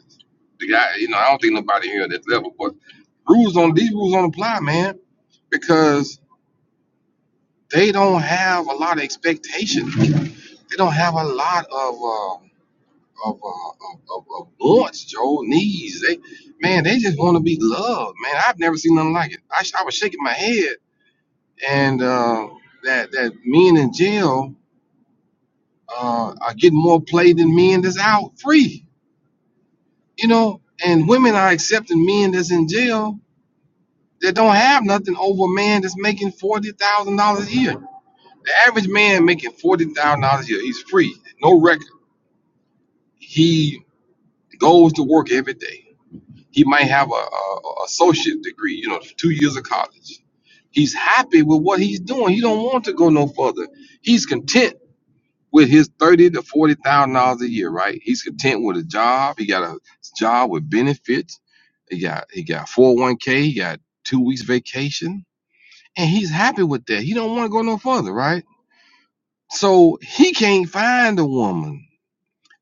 [SPEAKER 2] The guy, you know, I don't think nobody here at that level, but rules on these rules don't apply, man, because they don't have a lot of expectations. They don't have a lot of um of, uh, of, of, of wants, Joe, needs. They man, they just want to be loved, man. I've never seen nothing like it. I, sh- I was shaking my head, and uh, that that men in jail uh, are getting more play than men that's out free, you know, and women are accepting men that's in jail that don't have nothing over a man that's making forty thousand dollars a year. The average man making forty thousand dollars a year, he's free, no record. He goes to work every day. He might have a, a, a associate degree, you know, two years of college. He's happy with what he's doing. He don't want to go no further. He's content with his thirty to forty thousand dollars a year, right? He's content with a job. He got a job with benefits. He got he got four hundred one k. He got two weeks vacation and he's happy with that. He don't want to go no further, right? So he can't find a woman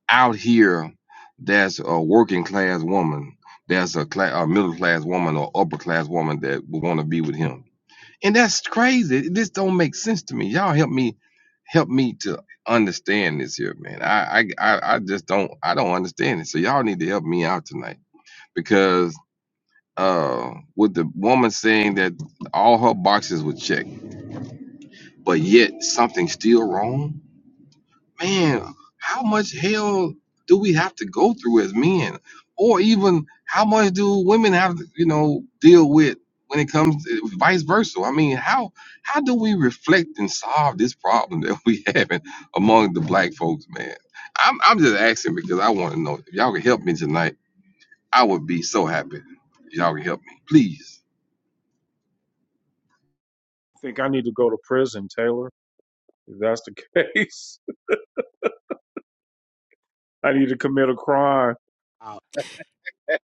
[SPEAKER 2] out here that's a working class woman, that's a, cla- a middle class woman or upper class woman that would want to be with him. And that's crazy. This don't make sense to me. Y'all help me, help me to understand this here, man. I I I just don't I don't understand it. So y'all need to help me out tonight because uh with the woman saying that all her boxes were checked but yet something's still wrong. Man, how much hell do we have to go through as men? Or even how much do women have to, you know, deal with when it comes to vice versa? I mean, how how do we reflect and solve this problem that we having among the black folks, man? I'm I'm just asking because I want to know. If y'all can help me tonight, I would be so happy. If y'all can help me. Please.
[SPEAKER 1] I think I need to go to prison, Taylor. If that's the case, I need to commit a crime.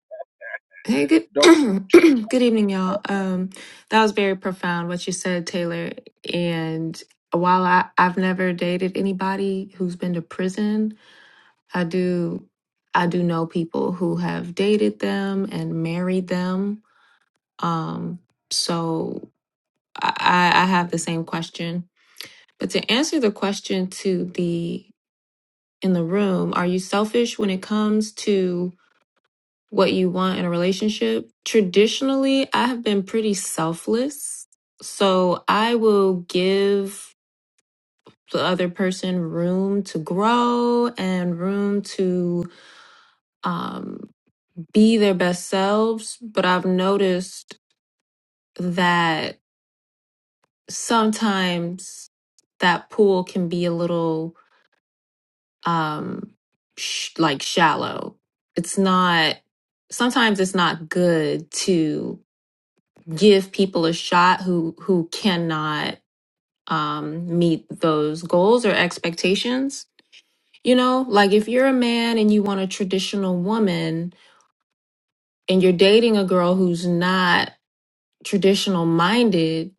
[SPEAKER 8] Hey, good
[SPEAKER 7] Don't do too
[SPEAKER 8] good evening,
[SPEAKER 7] much.
[SPEAKER 8] y'all.
[SPEAKER 7] Don't
[SPEAKER 8] Um, that was very profound what you said, Taylor. And while I, I've never dated anybody who's been to prison, I do I do know people who have dated them and married them. Um, so I, I I have the same question. But to answer the question to the in the room, are you selfish when it comes to what you want in a relationship. Traditionally, I have been pretty selfless. So I will give the other person room to grow and room to um, be their best selves. But I've noticed that sometimes that pool can be a little um, sh- like shallow. It's not, sometimes it's not good to. give people a shot who who cannot um meet those goals or expectations you know like if you're a man and you want a traditional woman and you're dating a girl who's not traditional minded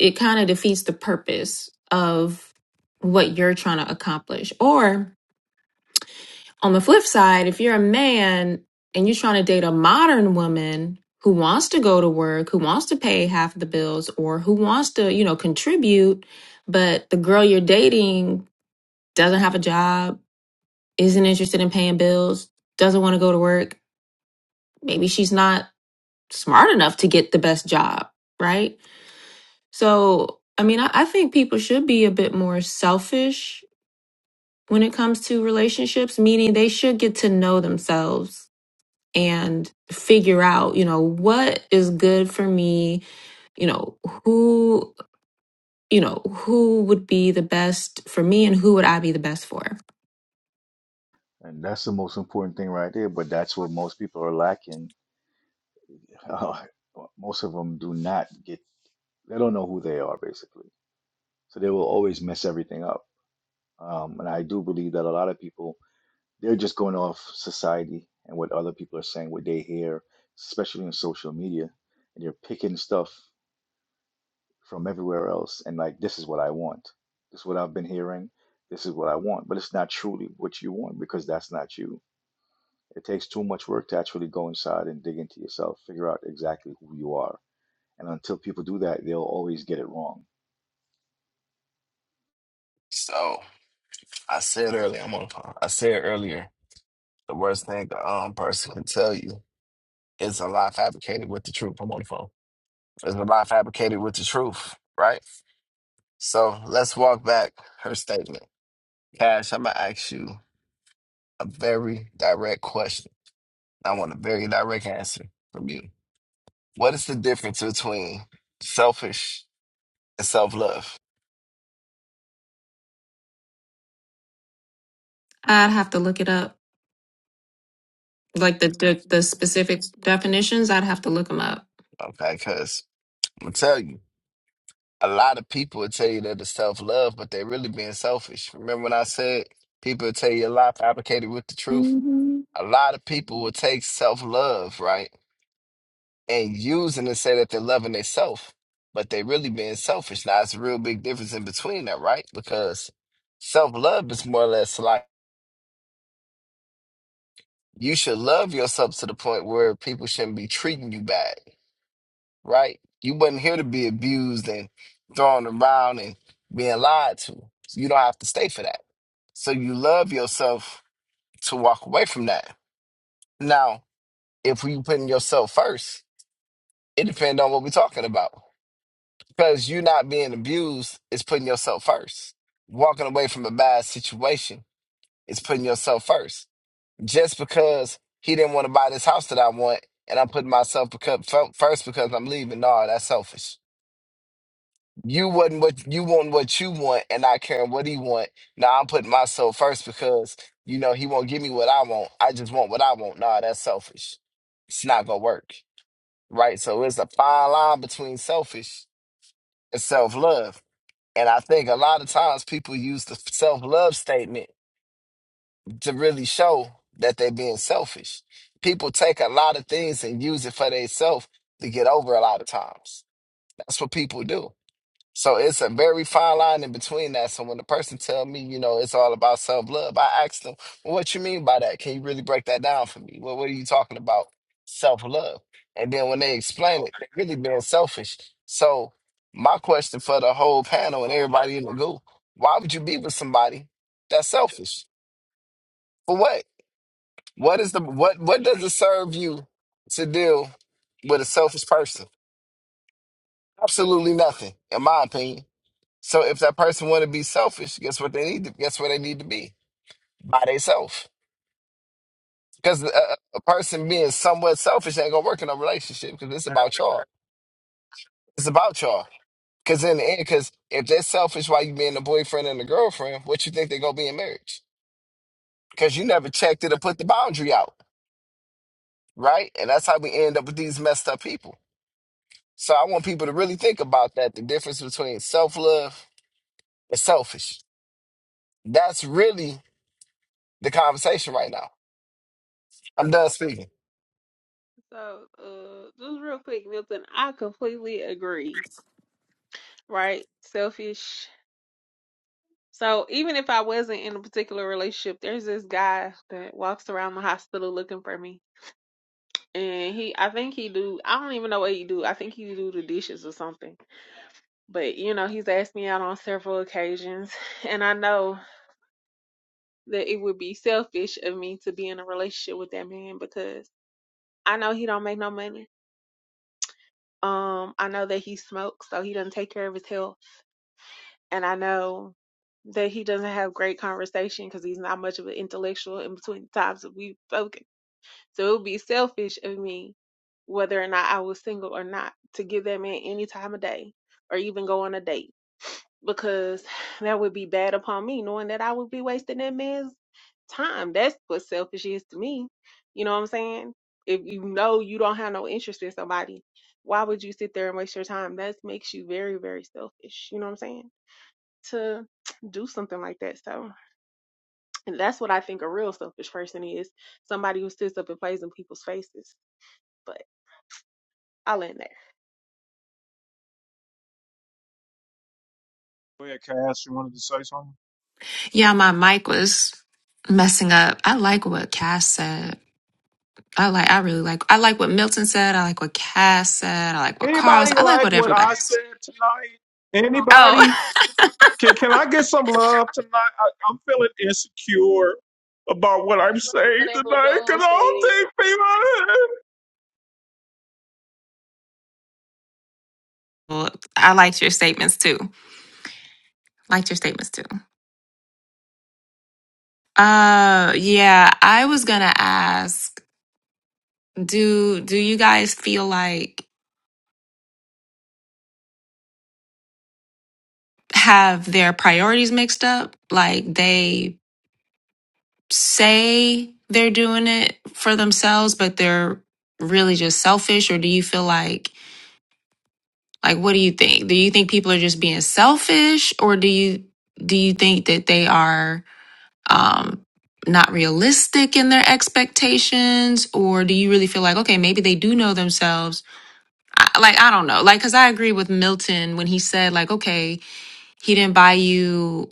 [SPEAKER 8] it kind of defeats the purpose of what you're trying to accomplish or On the flip side, if you're a man and you're trying to date a modern woman who wants to go to work, who wants to pay half the bills, or who wants to, you know, contribute, but the girl you're dating doesn't have a job, isn't interested in paying bills, doesn't want to go to work, maybe she's not smart enough to get the best job, right? So, I mean, I, I think people should be a bit more selfish when it comes to relationships, meaning they should get to know themselves and figure out, you know, what is good for me, you know, who, you know, who would be the best for me and who would I be the best for.
[SPEAKER 6] And that's the most important thing right there. But that's what most people are lacking. most of them do not get, they don't know who they are, basically. So they will always mess everything up. Um, and I do believe that a lot of people, they're just going off society and what other people are saying, what they hear, especially in social media. And they're picking stuff from everywhere else and like, this is what I want. This is what I've been hearing. This is what I want. But it's not truly what you want because that's not you. It takes too much work to actually go inside and dig into yourself, figure out exactly who you are. And until people do that, they'll always get it wrong.
[SPEAKER 4] So I said earlier, I'm on. I said earlier, the worst thing a um, person can tell you is a lie fabricated with the truth. I'm on the phone. It's a lie fabricated with the truth, right? So let's walk back her statement. Cash, I'm gonna ask you a very direct question. I want a very direct answer from you. What is the difference between selfish and self love?
[SPEAKER 8] I'd have to look it up. Like the the, the specific definitions, I'd have to look them up.
[SPEAKER 4] Okay, because I'm gonna tell you, a lot of people will tell you that it's self love, but they're really being selfish. Remember when I said people will tell you a lie fabricated with the truth?
[SPEAKER 8] Mhm.
[SPEAKER 4] A lot of people will take self love, right? and using to say that they're loving themselves, but they really being selfish. Now it's a real big difference in between that, right? Because self love is more or less like you should love yourself to the point where people shouldn't be treating you bad, right? You wasn't here to be abused and thrown around and being lied to. So you don't have to stay for that. So you love yourself to walk away from that. Now, if you putting yourself first, it depends on what we're talking about Because you not being abused is putting yourself first. Walking away from a bad situation is putting yourself first. Just because he didn't want to buy this house that I want, and I'm putting myself becau- fir- first because I'm leaving. No, that's selfish. You wasn't what you want what you want, and not caring what he want. Now I'm putting myself first because you know he won't give me what I want. I just want what I want. No, that's selfish. It's not gonna work, right? So it's a fine line between selfish and self love And I think a lot of times people use the self love statement to really show that they're being selfish. People take a lot of things and use it for themselves to get over a lot of times. That's what people do so it's a very fine line in between that. So when the person tell me, you know, it's all about self love, I ask them, well, "What you mean by that? Can you really break that down for me? Well, what what are you talking about, self love?" And then when they explain it, they're really being selfish. So my question for the whole panel and everybody in the group: Why would you be with somebody that's selfish? For what? What is the what? What does it serve you to deal with a selfish person? Absolutely nothing, in my opinion. So if that person want to be selfish, guess what they need? To, guess where they need to be by themselves. Because a, a person being somewhat selfish ain't gonna work in a relationship. Because it's about y'all. It's about y'all. Because in the end, because if they're selfish while you being a boyfriend and a girlfriend, what you think they gonna be in marriage? Because you never checked it or put the boundary out, right? And that's how we end up with these messed up people. So I want people to really think about that. The difference between self love and selfish. That's really the conversation right now. I'm done speaking.
[SPEAKER 9] So, uh, just real quick, Milton, I completely agree, right? Selfish. So, even if I wasn't in a particular relationship, there's this guy that walks around the hospital looking for me. And he, I think he do, I don't even know what he do. I think he do the dishes or something. But, you know, he's asked me out on several occasions. And I know that it would be selfish of me to be in a relationship with that man because I know he don't make no money. Um, I know that he smokes, so he doesn't take care of his health. and I know that he doesn't have great conversation because he's not much of an intellectual in between the times that we've spoken. So it would be selfish of me, whether or not I was single or not, to give that man any time of day or even go on a date because that would be bad upon me, knowing that I would be wasting that man's time. That's what selfish is to me. You know what I'm saying? If you know you don't have no interest in somebody, why would you sit there and waste your time? That makes you very, very selfish. You know what I'm saying? to do something like that. So, and that's what I think a real selfish person is somebody who sits up and plays in people's faces. But I'll end there.
[SPEAKER 1] Go ahead, Cass. You wanted to say something?
[SPEAKER 8] Yeah, my mic was messing up. I like what Cass said. I like I really like I like what Milton said. I like what Cass said. I like what Carl
[SPEAKER 1] Anybody
[SPEAKER 8] said. I like
[SPEAKER 1] like
[SPEAKER 8] what
[SPEAKER 1] what
[SPEAKER 8] everybody
[SPEAKER 1] I said tonight? Anybody?
[SPEAKER 8] Oh,
[SPEAKER 1] Can can I get some love tonight? I, I'm feeling insecure about what I'm
[SPEAKER 9] We love
[SPEAKER 1] saying
[SPEAKER 9] whatever
[SPEAKER 1] tonight because
[SPEAKER 9] Joel said,
[SPEAKER 1] I don't think
[SPEAKER 8] well, I liked your statements too. Liked your statements too. Uh, yeah, I was gonna ask, do do you guys feel like have their priorities mixed up? Like they say they're doing it for themselves, but they're really just selfish, or do you feel like like what do you think? Do you think people are just being selfish, or do you do you think that they are um not realistic in their expectations, or do you really feel like okay, maybe they do know themselves? I, like I don't know, like because I agree with Milton when he said like, okay, he didn't buy you.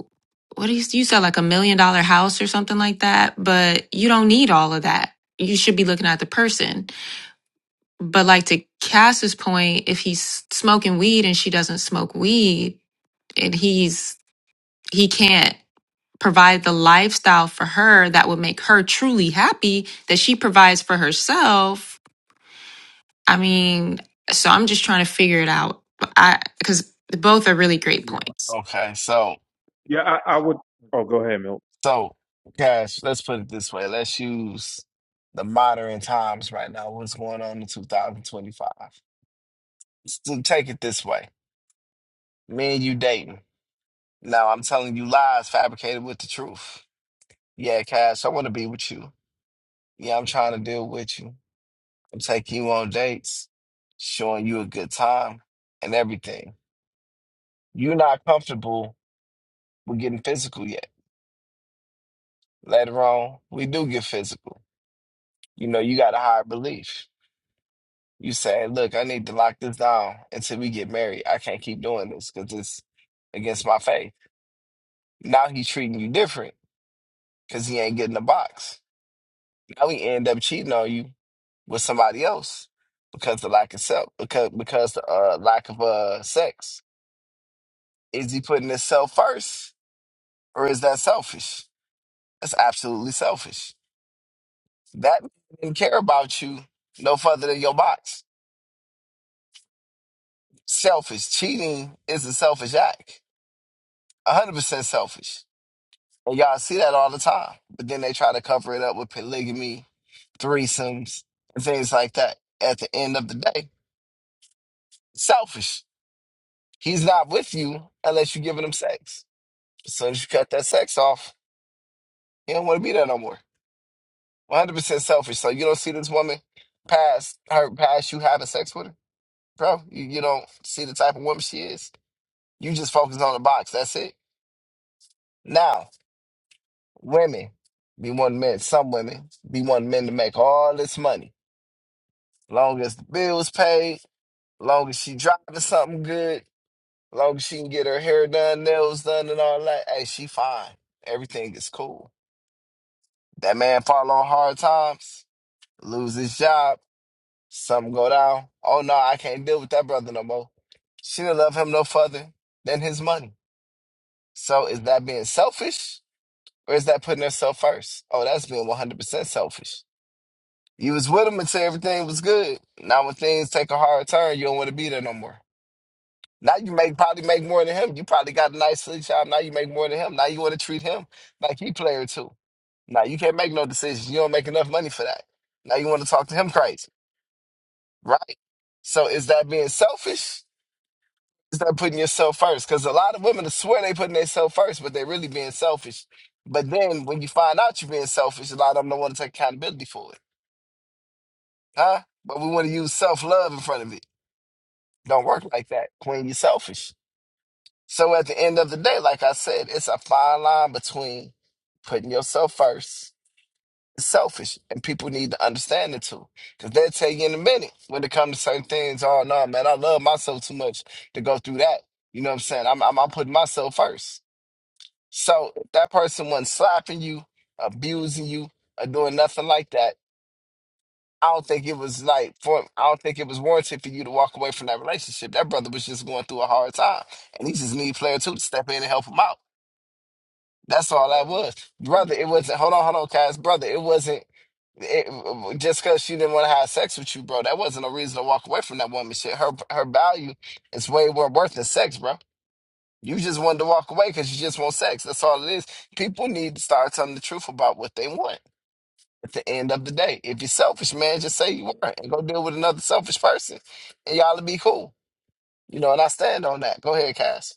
[SPEAKER 8] What do you, you said like a million dollar house or something like that, but you don't need all of that. You should be looking at the person. But like to Cass's point, if he's smoking weed and she doesn't smoke weed, and he's he can't provide the lifestyle for her that would make her truly happy that she provides for herself I mean, so I'm just trying to figure it out. But I because both are really great
[SPEAKER 1] people. Yeah,
[SPEAKER 8] points.
[SPEAKER 4] Okay, so
[SPEAKER 1] yeah. I, I would. Oh, go ahead, Milt.
[SPEAKER 4] so Cash, let's put it this way. Let's use the modern times right now. What's going on in 2025? So take it this way. Me and you dating. Now I'm telling you lies fabricated with the truth. Yeah, Cash, I want to be with you. Yeah, I'm trying to deal with you. I'm taking you on dates, showing you a good time and everything. You're not comfortable with getting physical yet. Later on, we do get physical. You know, you got a higher belief. You saying, look, I need to lock this down until we get married. I can't keep doing this because it's against my faith. Now he's treating you different because he ain't getting the box. Now he end up cheating on you with somebody else because the lack of self, because because the uh, lack of uh, sex. Is he putting himself first, or is that selfish? That's absolutely selfish. That man didn't care about you no further than your box. Selfish cheating is a selfish act. 100% selfish And y'all see that all the time. But then they try to cover it up with polygamy, threesomes, and things like that. At the end of the day, selfish. He's not with you unless you're giving him sex. As soon as you cut that sex off, he don't want to be there no more. 100% selfish. So you don't see this woman past her past you having sex with her, bro. You, you don't see the type of woman she is. You just focus on the box. That's it. Now, women be wanting men. Some women be wanting men to make all this money Long as the bills paid, long as she driving something good, long as she can get her hair done, nails done, and all that. Hey, she fine. Everything is cool. That man fall on hard times, lose his job, something go down. Oh no, I can't deal with that brother no more. She didn't love him no further than his money. So is that being selfish or is that putting herself first? Oh, that's being 100% selfish. You was with him until everything was good. Now when things take a hard turn, you don't want to be there no more. Now you make probably make more than him. You probably got a nice six job. Now you make more than him. Now you want to treat him like he player too. Now you can't make no decisions. You don't make enough money for that. Now you want to talk to him crazy, right? So is that being selfish? Is that putting yourself first? Because a lot of women swear they putting themselves first, but they really being selfish. But then when you find out you're being selfish, a lot of them don't want to take accountability for it, huh? But we want to use self love in front of it. Don't work like that, Queen. You're selfish. So at the end of the day, like I said, it's a fine line between putting yourself first. It's selfish, and people need to understand it too, because they'll tell you in a minute when it comes to certain things. Oh no, man, I love myself too much to go through that. You know what I'm saying? I'm I'm, I'm putting myself first. So if that person wasn't slapping you, abusing you, or doing nothing like that. I don't think it was like for. I don't think it was warranted for you to walk away from that relationship. That brother was just going through a hard time, and he just need a player too to step in and help him out That's all I
[SPEAKER 9] but
[SPEAKER 4] was.
[SPEAKER 9] mm,
[SPEAKER 4] Brother, it wasn't, hold on, hold on, Cass. Brother, it wasn't, it, just because she didn't want to have sex with you, bro, that wasn't a reason to walk away from that woman shit. Her her value is way more worth than sex, bro. You just wanted to walk away because you just want sex. That's all it is. People need to start telling the truth about what they want at the end of the day. If you're selfish, man, just say you are and go deal with another selfish person and y'all will be cool. You know, and I stand on that. Go ahead, Cass.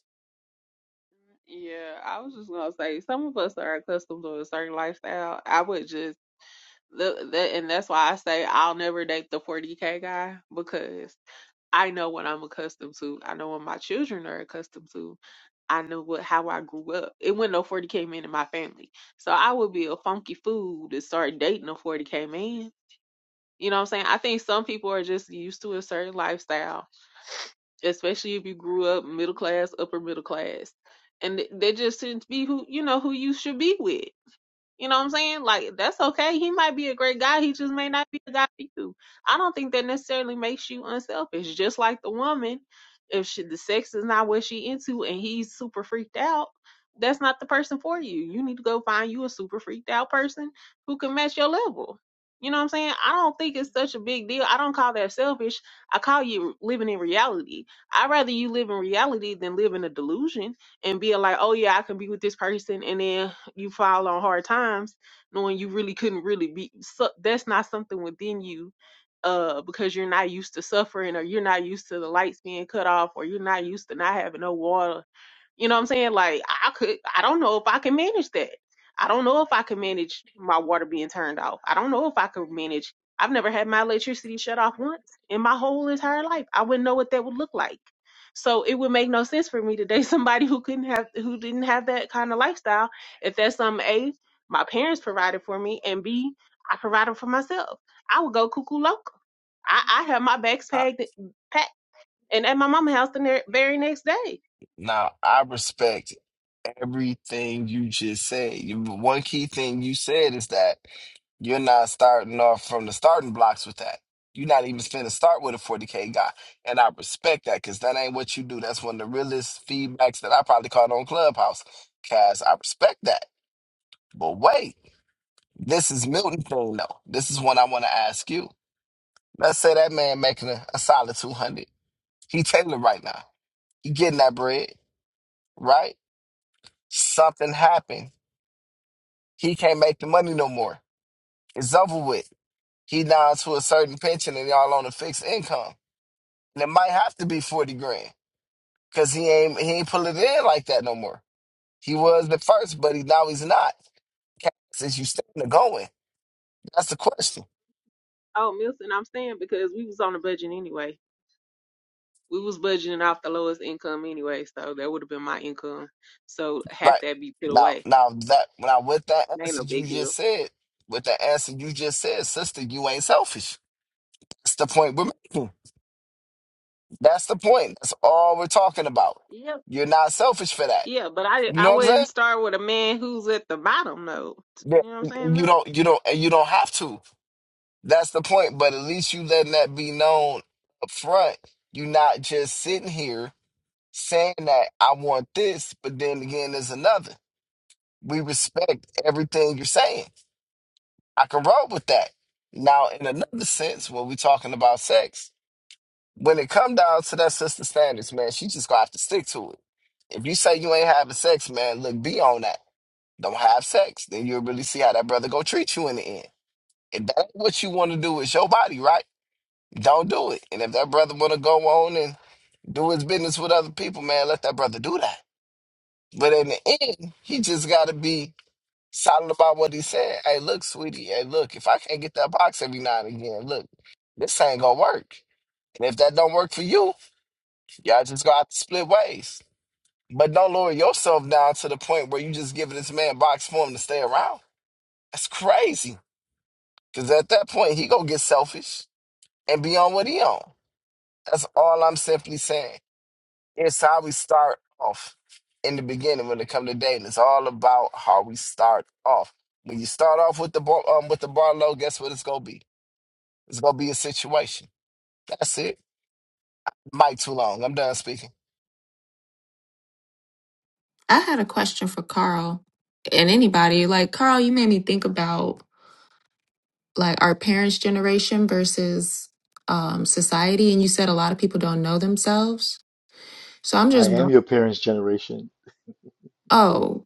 [SPEAKER 9] yeah, I was just gonna say some of us are accustomed to a certain lifestyle. I would just look that, and that's why I say I'll never date the 40k guy because. I know what I'm accustomed to. I know what my children are accustomed to. I know what how I grew up. It wasn't no 40k man in my family. So I would be a funky fool to start dating a 40k man. You know what I'm saying? I think some people are just used to a certain lifestyle, especially if you grew up middle class, upper middle class. And th- they just tend to be who you know who you should be with. You know what I'm saying? Like that's okay. He might be a great guy. He just may not be a guy for you. I don't think that necessarily makes you unselfish. Just like the woman, if she, the sex is not what she into and he's super freaked out, that's not the person for you. You need to go find you a super freaked out person who can match your level. You know what I'm saying? I don't think it's such a big deal. I don't call that selfish. I call you living in reality. I'd rather you live in reality than live in a delusion and be like, oh yeah, I can be with this person, and then you fall on hard times knowing you really couldn't really be so that's not something within you uh because you're not used to suffering or you're not used to the lights being cut off or you're not used to not having no water you know what I'm saying? Like I could I don't know if I can manage that. I don't know if I can manage my water being turned off. I don't know if I could manage I've never had my electricity shut off once in my whole entire life. I wouldn't know what that would look like. So it would make no sense for me to date somebody who couldn't have who didn't have that kind of lifestyle if that's something A, my parents provided for me and B, I provided for myself. I would go cuckoo loco. I, I have my bags
[SPEAKER 4] I,
[SPEAKER 9] packed packed and at my mama's house the ne- very next day
[SPEAKER 4] now, I respect everything you just said. You- One key thing you said is that you're not starting off from the starting blocks with that. You're not even finna start with a 40K guy. And I respect that because that ain't what you do. That's one of the realest feedbacks that I probably caught on Clubhouse. Cause I respect that. But wait, this is Milton thing though. This is one I want to ask you. Let's say that man making a, a solid 200. He tailored right now. He getting that bread, right? Something happened. He can't make the money no more It's over with. He down to a certain pension and y'all on a fixed income. And it might have to be 40 grand. Cause he ain't he ain't pulling it in like that no more. He was the first, but he now he's not. Since you staying or going. That's the question.
[SPEAKER 9] Oh, Milton, I'm staying because we was on a budget anyway. We was budgeting off the lowest income anyway, so that would have been my income. So half
[SPEAKER 4] Right.
[SPEAKER 9] that be put
[SPEAKER 4] Now
[SPEAKER 9] away.
[SPEAKER 4] now that now with that
[SPEAKER 9] It ain't
[SPEAKER 4] answer
[SPEAKER 9] no
[SPEAKER 4] you
[SPEAKER 9] big
[SPEAKER 4] just
[SPEAKER 9] deal.
[SPEAKER 4] said, with that answer you just said, sister, you ain't selfish. That's the point we're making. That's the point. That's all we're talking about.
[SPEAKER 9] Yep.
[SPEAKER 4] You're not selfish for that.
[SPEAKER 9] Yeah, but I
[SPEAKER 4] You
[SPEAKER 9] I
[SPEAKER 4] know what I'm saying?
[SPEAKER 9] wouldn't start with a man who's at the bottom though. You know what I'm
[SPEAKER 4] Yeah.
[SPEAKER 9] saying,
[SPEAKER 4] You
[SPEAKER 9] Milton?
[SPEAKER 4] don't you don't and you don't have to. That's the point. But at least you letting that be known up front. you not just sitting here saying that I want this, but then again, there's another. We respect everything you're saying. I can roll with that. Now, in another sense, when we're talking about sex, when it come down to that sister standards, man, she just gonna have to stick to it. If you say you ain't having sex, man, look, be on that. Don't have sex. Then you'll really see how that brother go treat you in the end. If that's what you want to do, is your body, right? Don't do it. And if that brother want to go on and do his business with other people, man, let that brother do that. But in the end, he just got to be solid about what he said. Hey, look, sweetie. Hey, look, if I can't get that box every now and again, look, this ain't going to work. And if that don't work for you, y'all just going to have to split ways. But don't lower yourself down to the point where you just giving this man box for him to stay around. That's crazy. Because at that point, he going to get selfish and be on what he on. That's all I'm simply saying. It's how we start off in the beginning when it comes to dating. It's all about how we start off. When you start off with the bar, um, with the bar low, guess what it's gonna be? It's gonna be a situation. That's it. Mic too long. I'm done speaking.
[SPEAKER 8] I had a question for Carl and anybody. Like Carl, you made me think about like our parents' generation versus um, society, and you said a lot of people don't know themselves. So I'm
[SPEAKER 6] I
[SPEAKER 8] just
[SPEAKER 6] am
[SPEAKER 8] wo-
[SPEAKER 6] your parents' generation.
[SPEAKER 8] oh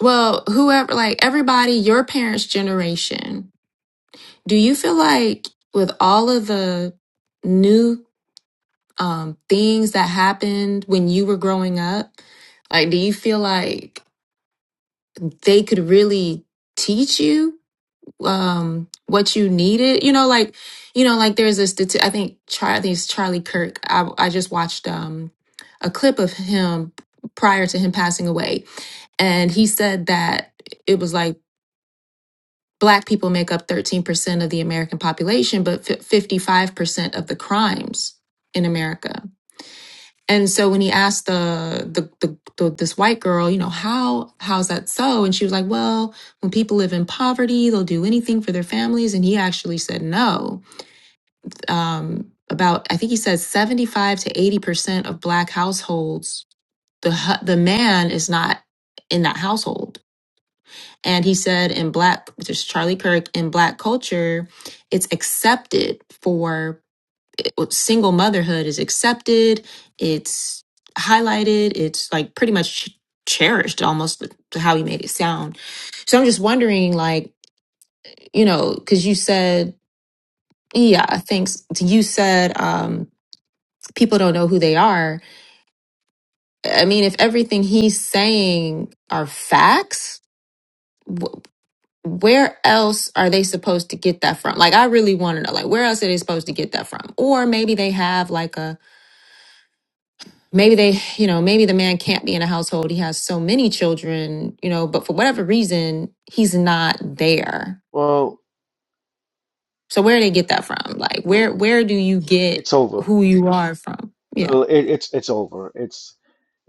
[SPEAKER 8] well, whoever like everybody, your parents' generation. Do you feel like with all of the new um, things that happened when you were growing up? Like, do you feel like they could really teach you um, what you needed? You know, like, you know, like there's this. stati- I think Char- I think it's Charlie Kirk. I I just watched um, a clip of him prior to him passing away, and he said that it was like black people make up 13% of the American population, but fif- 55% of the crimes in America And so when he asked the, the the the this white girl, you know, how how's that so? And she was like, well, when people live in poverty, they'll do anything for their families. And he actually said no. Um, about I think he said seventy five to eighty percent of black households, the hu- the man is not in that household. And he said in black, which is Charlie Kirk, in black culture, it's accepted for well, single motherhood is accepted, it's highlighted, it's like pretty much ch- cherished almost to how you made it sound. So I'm just wondering, like, you know, because you said, yeah, thanks. You said um, people don't know who they are. I mean, if everything he's saying are facts, wh- where else are they supposed to get that from? Like, I really want to know, like, where else are they supposed to get that from? Or maybe they have like a maybe they you know maybe the man can't be in a household he has so many children you know but for whatever reason he's not there
[SPEAKER 6] Well,
[SPEAKER 8] so where do they get that from like
[SPEAKER 6] well
[SPEAKER 8] where where do you get
[SPEAKER 6] It's over.
[SPEAKER 8] who you are from yeah
[SPEAKER 6] Uh, It, it's it's over. It's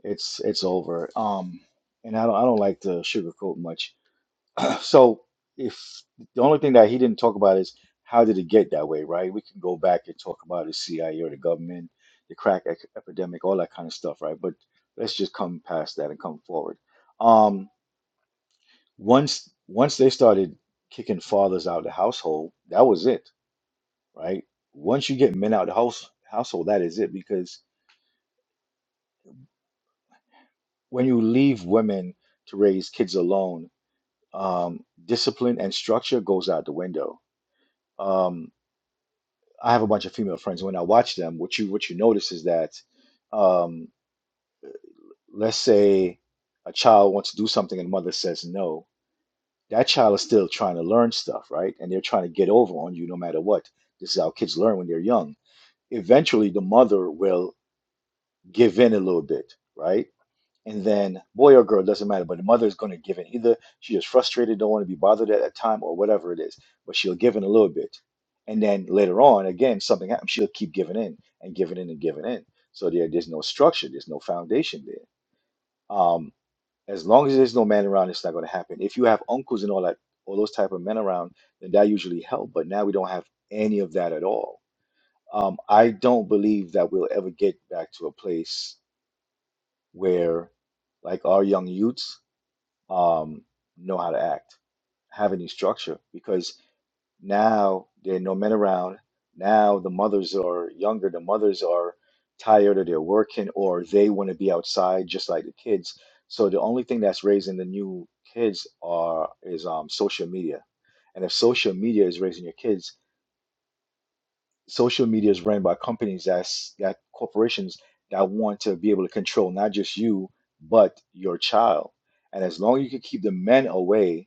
[SPEAKER 6] it's it's over. Um, and I don't I don't like to sugarcoat much. So if the only thing that he didn't talk about is how did it get that way, right? We can go back and talk about the CIA or the government, the crack ec- epidemic, all that kind of stuff, right? But let's just come past that and come forward. Um, once once they started kicking fathers out of the household, that was it, right? Once you get men out of the house household, that is it because when you leave women to raise kids alone, um, discipline and structure goes out the window. Um, I have a bunch of female friends. When I watch them, what you what you notice is that, um, let's say a child wants to do something and mother says no, that child is still trying to learn stuff, right? And they're trying to get over on you no matter what. This is how kids learn when they're young. Eventually, the mother will give in a little bit, right? And then, boy or girl, doesn't matter, but the mother is going to give in. Either she is frustrated, don't want to be bothered at that time, or whatever it is, but she'll give in a little bit. And then later on, again, something happens, she'll keep giving in and giving in and giving in. So there, there's no structure, there's no foundation there. Um, as long as there's no man around, it's not going to happen. If you have uncles and all that, all those type of men around, then that usually help. But now we don't have any of that at all. Um, I don't believe that we'll ever get back to a place where, like our young youths, um, know how to act, have any structure, because now there are no men around. Now the mothers are younger, the mothers are tired or they're working or they want to be outside just like the kids. So the only thing that's raising the new kids are is um, social media. And if social media is raising your kids, social media is run by companies that's that corporations that want to be able to control not just you but your child and as long as you can keep the men away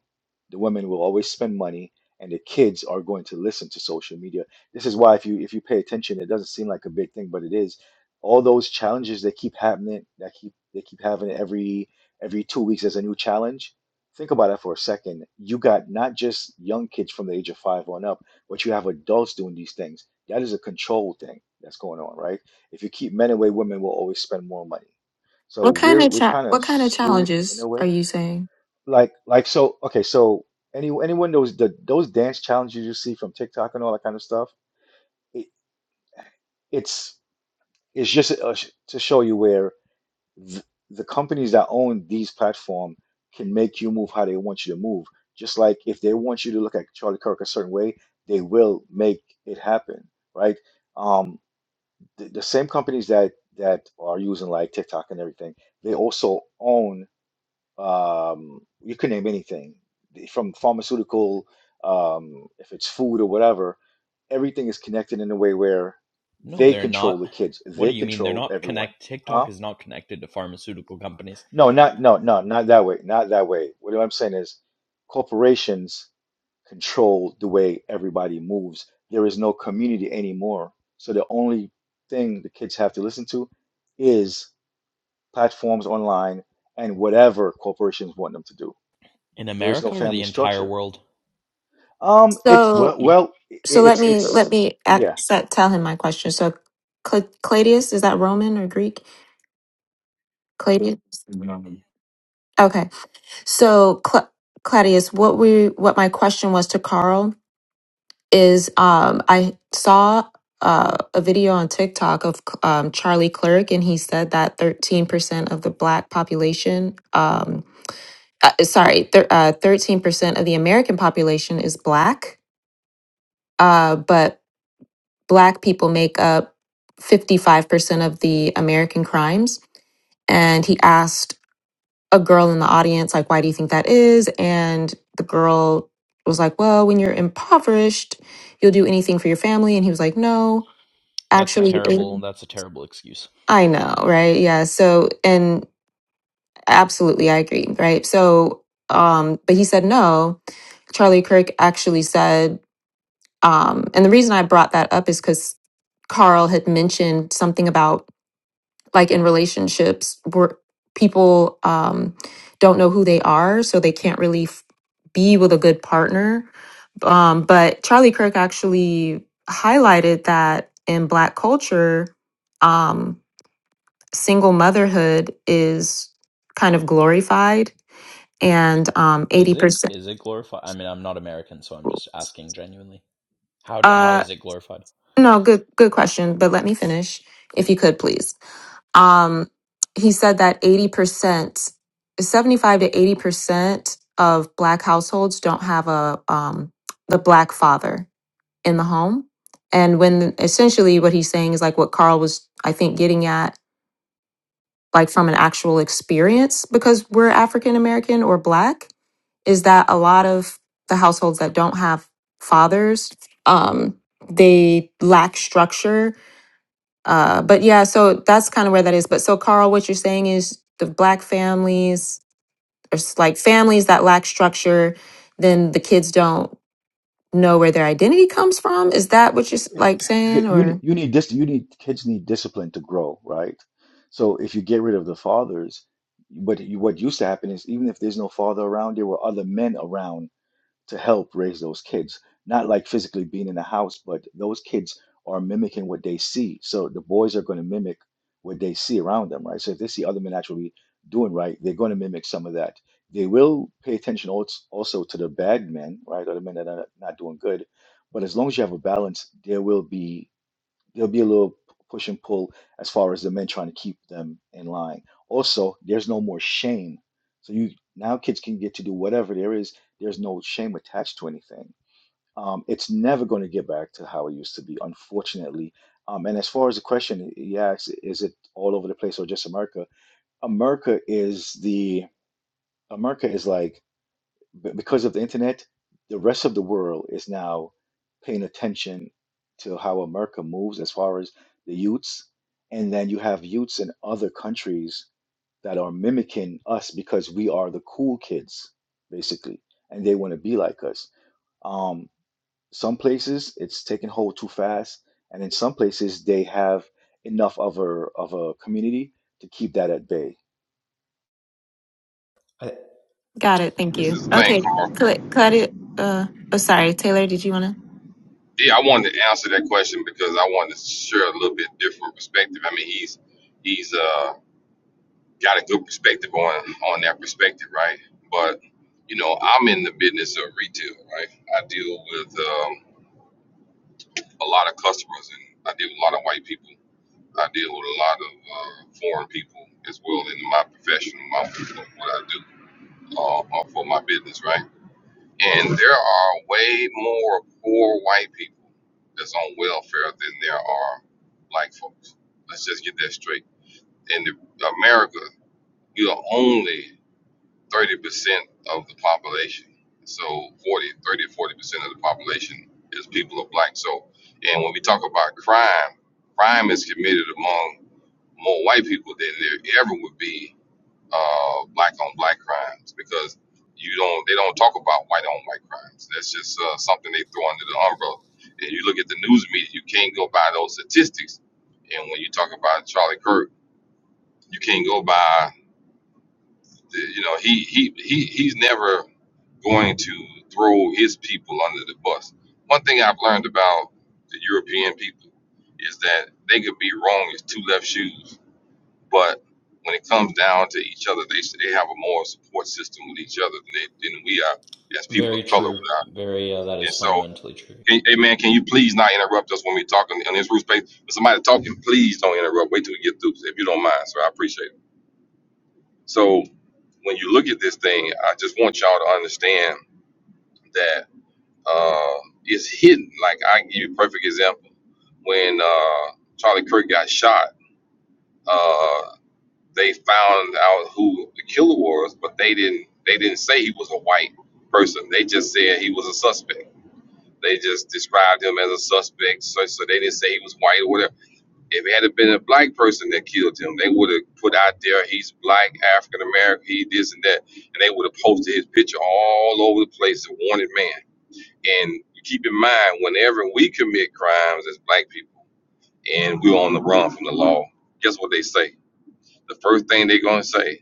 [SPEAKER 6] the women will always spend money and the kids are going to listen to social media this is why if you if you pay attention it doesn't seem like a big thing but it is all those challenges that keep happening that keep they keep having every every two weeks as a new challenge think about that for a second you got not just young kids from the age of five on up but you have adults doing these things that is a control thing that's going on, right? If you keep men away, women will always spend more money. So
[SPEAKER 8] what kind
[SPEAKER 6] we're
[SPEAKER 8] of
[SPEAKER 6] we're
[SPEAKER 8] cha-
[SPEAKER 6] kind
[SPEAKER 8] what
[SPEAKER 6] of
[SPEAKER 8] kind of
[SPEAKER 6] screwed in
[SPEAKER 8] challenges
[SPEAKER 6] a
[SPEAKER 8] are
[SPEAKER 6] way.
[SPEAKER 8] you saying
[SPEAKER 6] Like like so okay, so any anyone those the those dance challenges you see from TikTok and all that kind of stuff, it, it's it's just uh, sh- to show you where th the companies that own these platforms can make you move how they want you to move. Just like if they want you to look at Charlie Kirk a certain way, they will make it happen, right? Um, the, the same companies that that are using like TikTok and everything, they also own um, you can name anything from pharmaceutical, um, if it's food or whatever, everything is connected in a way where
[SPEAKER 10] No,
[SPEAKER 6] they
[SPEAKER 10] they're
[SPEAKER 6] control
[SPEAKER 10] not.
[SPEAKER 6] the kids,
[SPEAKER 10] What
[SPEAKER 6] they
[SPEAKER 10] do you mean they're
[SPEAKER 6] control
[SPEAKER 10] not
[SPEAKER 6] everyone.
[SPEAKER 10] connected.
[SPEAKER 6] Huh?
[SPEAKER 10] TikTok is not connected to pharmaceutical companies
[SPEAKER 6] No, not no, no, not that way, not that way. What I'm saying is corporations control the way everybody moves. There is no community anymore. So the only thing the kids have to listen to is platforms online, and whatever corporations want them to do.
[SPEAKER 10] in
[SPEAKER 6] There is no
[SPEAKER 10] America or
[SPEAKER 6] family
[SPEAKER 10] the entire
[SPEAKER 6] structure.
[SPEAKER 10] world.
[SPEAKER 6] Um, it's
[SPEAKER 8] so
[SPEAKER 6] well, well, it,
[SPEAKER 8] so let
[SPEAKER 6] it's
[SPEAKER 8] me let
[SPEAKER 6] it's
[SPEAKER 8] me ac-
[SPEAKER 6] yeah.
[SPEAKER 8] set, tell him my question so Cl- cladius is that roman or greek cladius okay so Cl- cladius what we what my question was to carl is um, I saw uh, a video on TikTok of um, Charlie Clerk, and he said that 13% of the Black population, um, uh, sorry, thir- uh, 13% of the American population is Black, uh, but Black people make up 55% of the American crimes. And he asked a girl in the audience, like, why do you think that is? And the girl was like, well, when you're impoverished, you'll do anything for your family. And he was like, no
[SPEAKER 10] That's a
[SPEAKER 8] actually it-
[SPEAKER 10] terrible. That's a terrible excuse.
[SPEAKER 8] i know right yeah so and absolutely i agree right so um but he said no charlie kirk actually said um and the reason i brought that up is because carl had mentioned something about like in relationships where people um don't know who they are so they can't really f- be with a good partner um but charlie kirk actually highlighted that in black culture um, single motherhood is kind of glorified and um
[SPEAKER 10] Is it?
[SPEAKER 8] 80%
[SPEAKER 10] Is it glorified? I mean, I'm not American, so I'm just asking genuinely. How do? How
[SPEAKER 8] uh
[SPEAKER 10] is it glorified?
[SPEAKER 8] no good good question but let me finish if you could please um he said that 80% 75 to 80% of black households don't have a um the black father in the home and when essentially what he's saying is like what Carl was I think getting at like from an actual experience because we're African American or black is that a lot of the households that don't have fathers um they lack structure uh but yeah so that's kind of where that is but so carl what you're saying is the black families or s- like families that lack structure then the kids don't know where their identity comes from is that what you're s- like saying
[SPEAKER 6] that You need
[SPEAKER 8] or
[SPEAKER 6] you need this. You need kids need discipline to grow, right? So if you get rid of the fathers, but you, what used to happen is even if there's no father around, there were other men around to help raise those kids. Not like physically being in the house, but those kids are mimicking what they see. So the boys are going to mimic what they see around them, right? So if they see other men actually doing right, they're going to mimic some of that. They will pay attention als- also to the bad men, right? Or the men that are not doing good. But as long as you have a balance, there will be there'll be a little push and pull as far as the men trying to keep them in line. Also, there's no more shame. So you now kids can get to do whatever there is. There's no shame attached to anything. Um, it's never going to get back to how it used to be, unfortunately. Um, and as far as the question he asks, is it all over the place or just America? America is the America is like b- because of the internet, the rest of the world is now paying attention to how America moves as far as the youths. And then you have youths in other countries that are mimicking us because we are the cool kids, basically, and they want to be like us. Um, some places it's taking hold too fast, and in some places they have enough of a of a community to keep that at bay.
[SPEAKER 8] Got it. Thank
[SPEAKER 2] This
[SPEAKER 8] you.
[SPEAKER 2] is a thing.
[SPEAKER 8] Okay.
[SPEAKER 2] called
[SPEAKER 8] Cla- Claudia, uh, oh, sorry. Taylor, did you want to?
[SPEAKER 2] Yeah, I wanted to answer that question because I wanted to share a little bit different perspective. I mean, he's he's uh got a good perspective on on that perspective, right? But you know, I'm in the business of retail, right? I deal with um, a lot of customers, and I deal with a lot of white people. I deal with a lot of uh, foreign people as well in my profession, my what I do uh, uh, for my business, right? And there are way more poor white people that's on welfare than there are black folks. Let's just get that straight. In the- America, you are only 30% of the population. So forty, thirty, forty percent of the population is people of black. So, and when we talk about crime, crime is committed among more white people than there ever would be uh, black on black crimes because you don't they don't talk about white on white crimes. That's just uh, something they throw under the umbrella. And you look at the news media, you can't go by those statistics. And when you talk about Charlie Kirk, you can't go by the, you know he he he he's never going to throw his people under the bus. One thing I've learned about the European people is that they could be wrong as two left shoes but when it comes down to each other, they they have a more support system with each other than they, than we are as people
[SPEAKER 10] Very
[SPEAKER 2] of color. We
[SPEAKER 10] true.
[SPEAKER 2] are.
[SPEAKER 10] Very. Uh, that
[SPEAKER 2] And
[SPEAKER 10] is
[SPEAKER 2] so,
[SPEAKER 10] fundamentally true.
[SPEAKER 2] can, hey man, can you please not interrupt us when we're talking in this roof space? When somebody's talking, please don't interrupt. Wait till we get through, if you don't mind, sir. I appreciate it. So when you look at this thing, I just want y'all to understand that uh, it's hidden. Like I can give you a perfect example when uh, Charlie Kirk got shot. uh, they found out who the killer was, but they didn't they didn't say he was a white person. They just said he was a suspect. They just described him as a suspect, so, so they didn't say he was white or whatever. If it had been a black person that killed him, they would have put out there he's black, African American, he this and that, and they would have posted his picture all over the place, a wanted man. And keep in mind, whenever we commit crimes as black people and we're on the run from the law, guess what they say? The first thing they're gonna say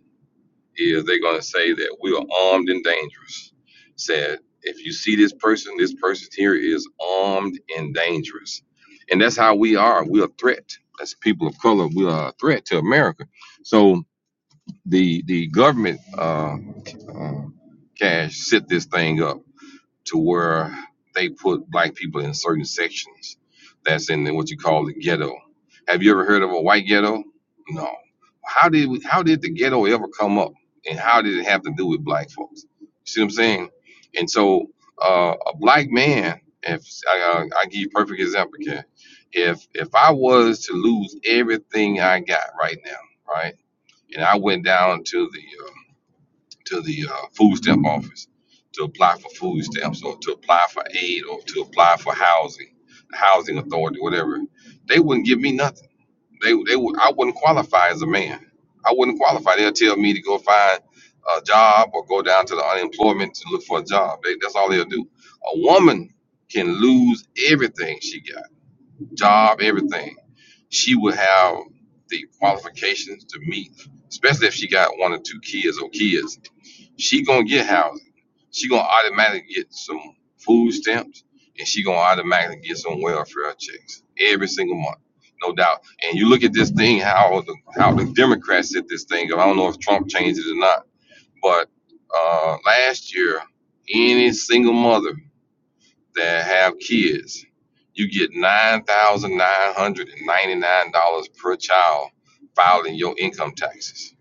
[SPEAKER 2] is they're going to say that we are armed and dangerous. Said, if you see this person, this person here is armed and dangerous. And that's how we are. We are a threat. As people of color, we are a threat to America. So the the government uh, uh, cash set this thing up to where they put black people in certain sections that's in the, what you call the ghetto. Have you ever heard of a white ghetto? No. How did we, how did the ghetto ever come up, and how did it have to do with black folks? You see what I'm saying? And so uh, a black man, if I, I, I give you a perfect example, Ken. if if I was to lose everything I got right now, right, and I went down to the uh, to the uh, food stamp office to apply for food stamps or to apply for aid or to apply for housing, the housing authority, whatever. They wouldn't give me nothing. They they would I wouldn't qualify as a man. I wouldn't qualify. They'll tell me to go find a job or go down to the unemployment to look for a job. They, that's all they'll do. A woman can lose everything she got job, everything. She would have the qualifications to meet, especially if she got one or two kids or kids. She gonna get housing. She gonna automatically get some food stamps, and she gonna automatically get some welfare checks every single month, no doubt. And you look at this thing, how the how the Democrats did this thing. I don't know if Trump changed it or not, but uh, last year, any single mother that have kids, you get nine thousand nine hundred and ninety nine dollars per child filed in your income taxes.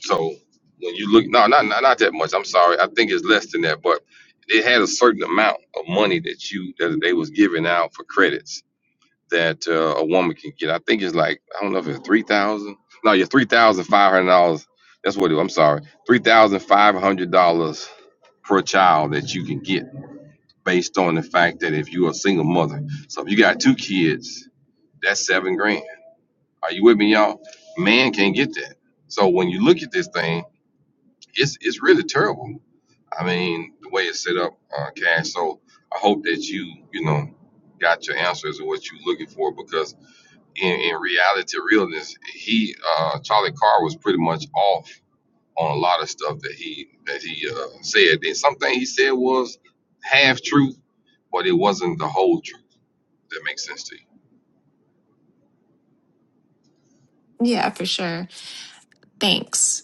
[SPEAKER 2] So when you look, no, not, not not that much. I'm sorry, I think it's less than that, but it had a certain amount of money that you that they was giving out for credits that uh, a woman can get. I think it's like I don't know if it's three thousand. No, you're three thousand five hundred dollars. That's what it. I'm sorry, three thousand five hundred dollars per child that you can get based on the fact that if you're a single mother, so if you got two kids, that's seven grand. Are you with me, y'all? Man can't get that. So when you look at this thing, it's it's really terrible. I mean, the way it's set up, uh, cash. So I hope that you you know got your answers and what you're looking for because in, in reality, realness, he uh, Charlie Carr was pretty much off on a lot of stuff that he that he uh, said. And something he said was half truth, but it wasn't the whole truth. That makes sense to you.
[SPEAKER 8] Yeah, for sure. Thanks.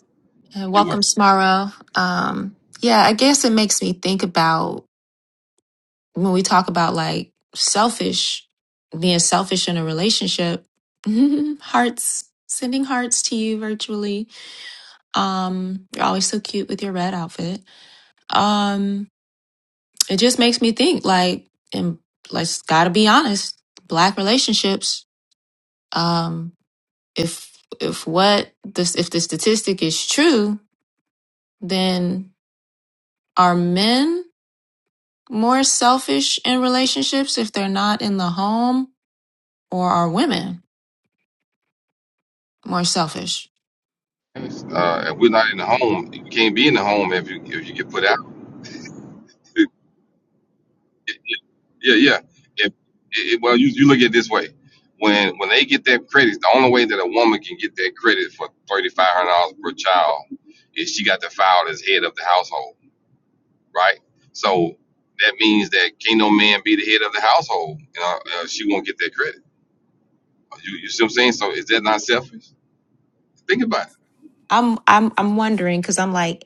[SPEAKER 8] Uh,
[SPEAKER 2] You
[SPEAKER 8] welcome,
[SPEAKER 2] work.
[SPEAKER 8] Smaro. Um, yeah, I guess it makes me think about when we talk about like selfish, being selfish in a relationship, hearts, sending hearts to you virtually. Um, you're always so cute with your red outfit. Um, it just makes me think like, and let's gotta be honest, black relationships, um, if if what this if the statistic is true, then are men more selfish in relationships if they're not in the home, or are women more selfish?
[SPEAKER 2] And it's, uh, and we're
[SPEAKER 6] Uh,
[SPEAKER 2] not in the home. You can't be in the home if you if you get put out. yeah, yeah. If it, well, you you look at it this way. When when they get that credit, the only way that a woman can get that credit for thirty five hundred dollars per child is she got to file as head of the household, right? So that means that can't no man be the head of the household. You know, uh, she won't get that credit. You, you see what I'm saying? So is that not selfish? Think about
[SPEAKER 8] I'm I'm I'm wondering because I'm like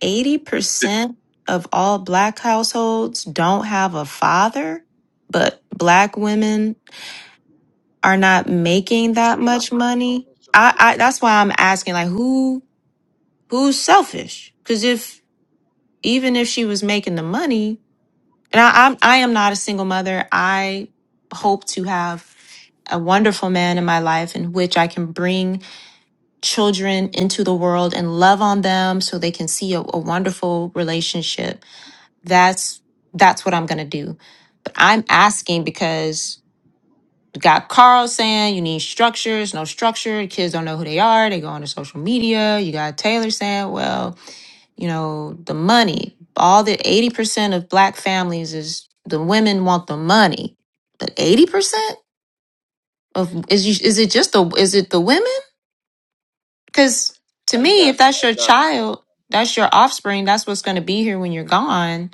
[SPEAKER 2] it.
[SPEAKER 8] 80% of all black households don't have a father, but black women are not making that
[SPEAKER 7] Listen, can I
[SPEAKER 8] much
[SPEAKER 7] get in on
[SPEAKER 8] money.
[SPEAKER 7] this a
[SPEAKER 8] I,
[SPEAKER 7] little
[SPEAKER 8] I
[SPEAKER 7] bit?
[SPEAKER 8] that's why I'm asking like who who's selfish? Because if even if she was making the money, and I, I'm I am not a single mother. I hope to have a wonderful man in my life in which I can bring children into the world and love on them so they can see a, a wonderful relationship that's that's what i'm going to do but i'm asking because you got carl saying you need structures no structure kids don't know who they are they go on to social media you got taylor saying well you know the money all the 80% of black families is the women want the money but 80% of is you, is it just the is it the women Because to
[SPEAKER 7] I
[SPEAKER 8] me,
[SPEAKER 7] got,
[SPEAKER 8] if that's
[SPEAKER 7] I
[SPEAKER 8] your
[SPEAKER 7] got it.
[SPEAKER 8] child, that's your offspring, that's what's going to be here when you're gone,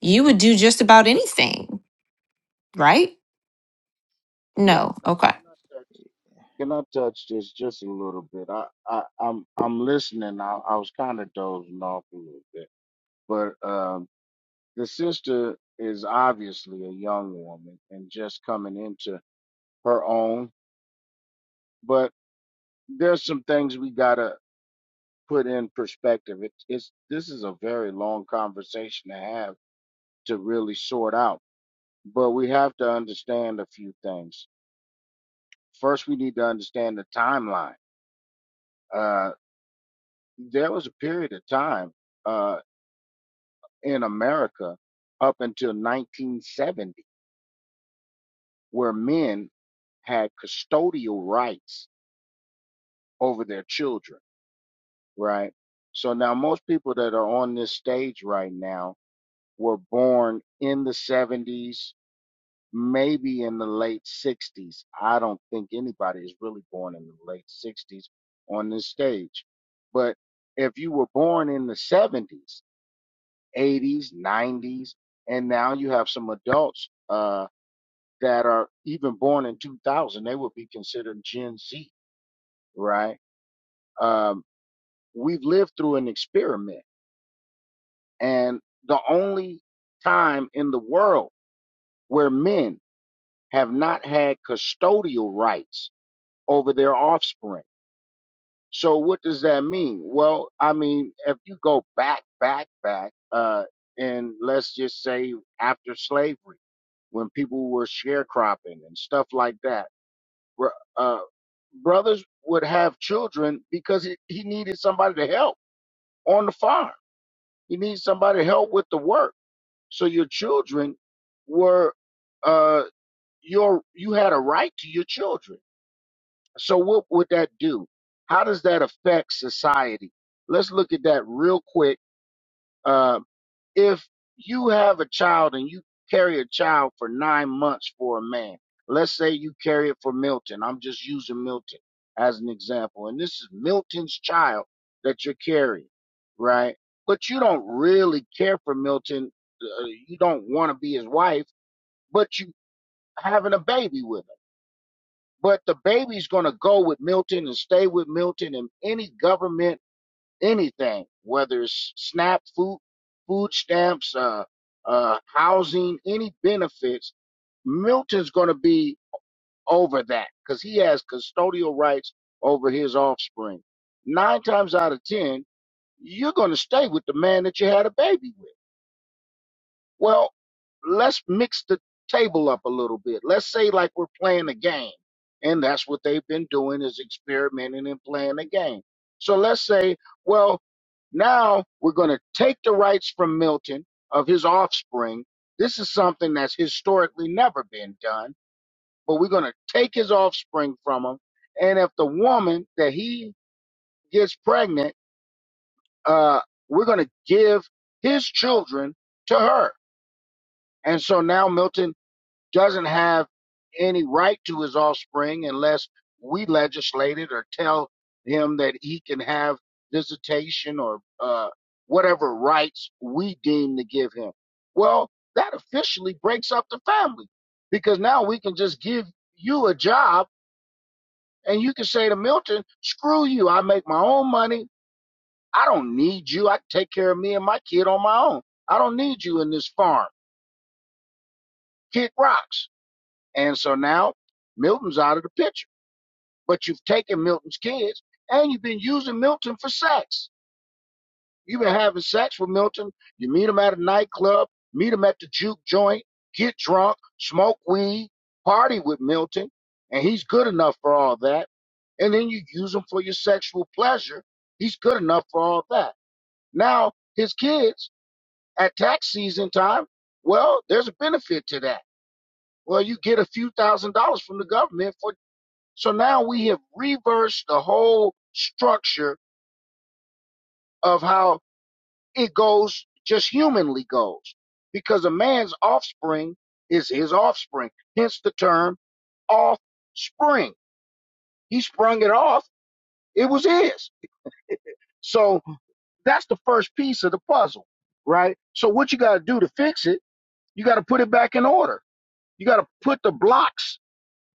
[SPEAKER 8] you would do just about anything, right?
[SPEAKER 7] Can,
[SPEAKER 8] No. Okay.
[SPEAKER 7] can I touch? Can I touch this just a little bit? I, I, I'm, I'm listening. I, I was kind of dozing off a little bit, but um, the sister is obviously a young woman and just coming into her own. But there's some things we gotta put in perspective. It, it's this is a very long conversation to have to really sort out, but we have to understand a few things first we need to understand the timeline. Uh, there was a period of time uh, in America up until 1970 where men had custodial rights over their children, right? So now most people that are on this stage right now were born in the 70s, maybe in the late 60s. I don't think anybody is really born in the late 60s on this stage. But if you were born in the 70s, 80s, 90s, and now you have some adults uh, that are even born in 2000, they would be considered Gen Z, right? Um, we've lived through an experiment, and the only time in the world where men have not had custodial rights over their offspring. So what does that mean? Well, I mean, if you go back, back, back, uh, and let's just say after slavery, when people were sharecropping and stuff like that, br- uh, brothers would have children because he, he needed somebody to help on the farm. He needed somebody to help with the work. So your children were, uh, your, you had a right to your children So what would that do? How does that affect society? Let's look at that real quick. Uh, if you have a child and you carry a child for nine months for a man, let's say you carry it for Milton. I'm just using Milton as an example. And this is Milton's child that you're carrying, right? But you don't really care for Milton. Uh, you don't want to be his wife, but you having a baby with him but the baby's going to go with Milton and stay with Milton and any government, anything, whether it's SNAP, food, food stamps, uh, uh, housing, any benefits, Milton's going to be over that because he has custodial rights over his offspring. Nine times out of ten, you're going to stay with the man that you had a baby with. Well, let's mix the table up a little bit. Let's say like we're playing a game, and that's what they've been doing is experimenting and playing a game. So let's say, well, now we're going to take the rights from Milton of his offspring. This is something that's historically never been done, but we're going to take his offspring from him. And if the woman that he gets pregnant, uh, we're going to give his children to her. And so now Milton doesn't have any right to his offspring unless we legislate it or tell him that he can have visitation or uh, whatever rights we deem to give him. Well, that officially breaks up the family because now we can just give you a job and you can say to Milton, screw you. I make my own money. I don't need you. I can take care of me and my kid on my own. I don't need you in this farm. Kick rocks. And so now Milton's out of the picture. but you've taken Milton's kids and you've been using Milton for sex. You've been having sex with Milton. You meet him at a nightclub, meet him at the juke joint, get drunk, smoke weed, party with Milton, and he's good enough for all that. And then you use him for your sexual pleasure. He's good enough for all that. Now, his kids at tax season time, well, there's a benefit to that. Well, you get a few thousand dollars from the government for so now we have reversed the whole structure of how it goes, just humanly goes, because a man's offspring is his offspring, hence the term offspring. He sprung it off, it was his. So that's the first piece of the puzzle, right? So what you got to do to fix it, you got to put it back in order. You got to put the blocks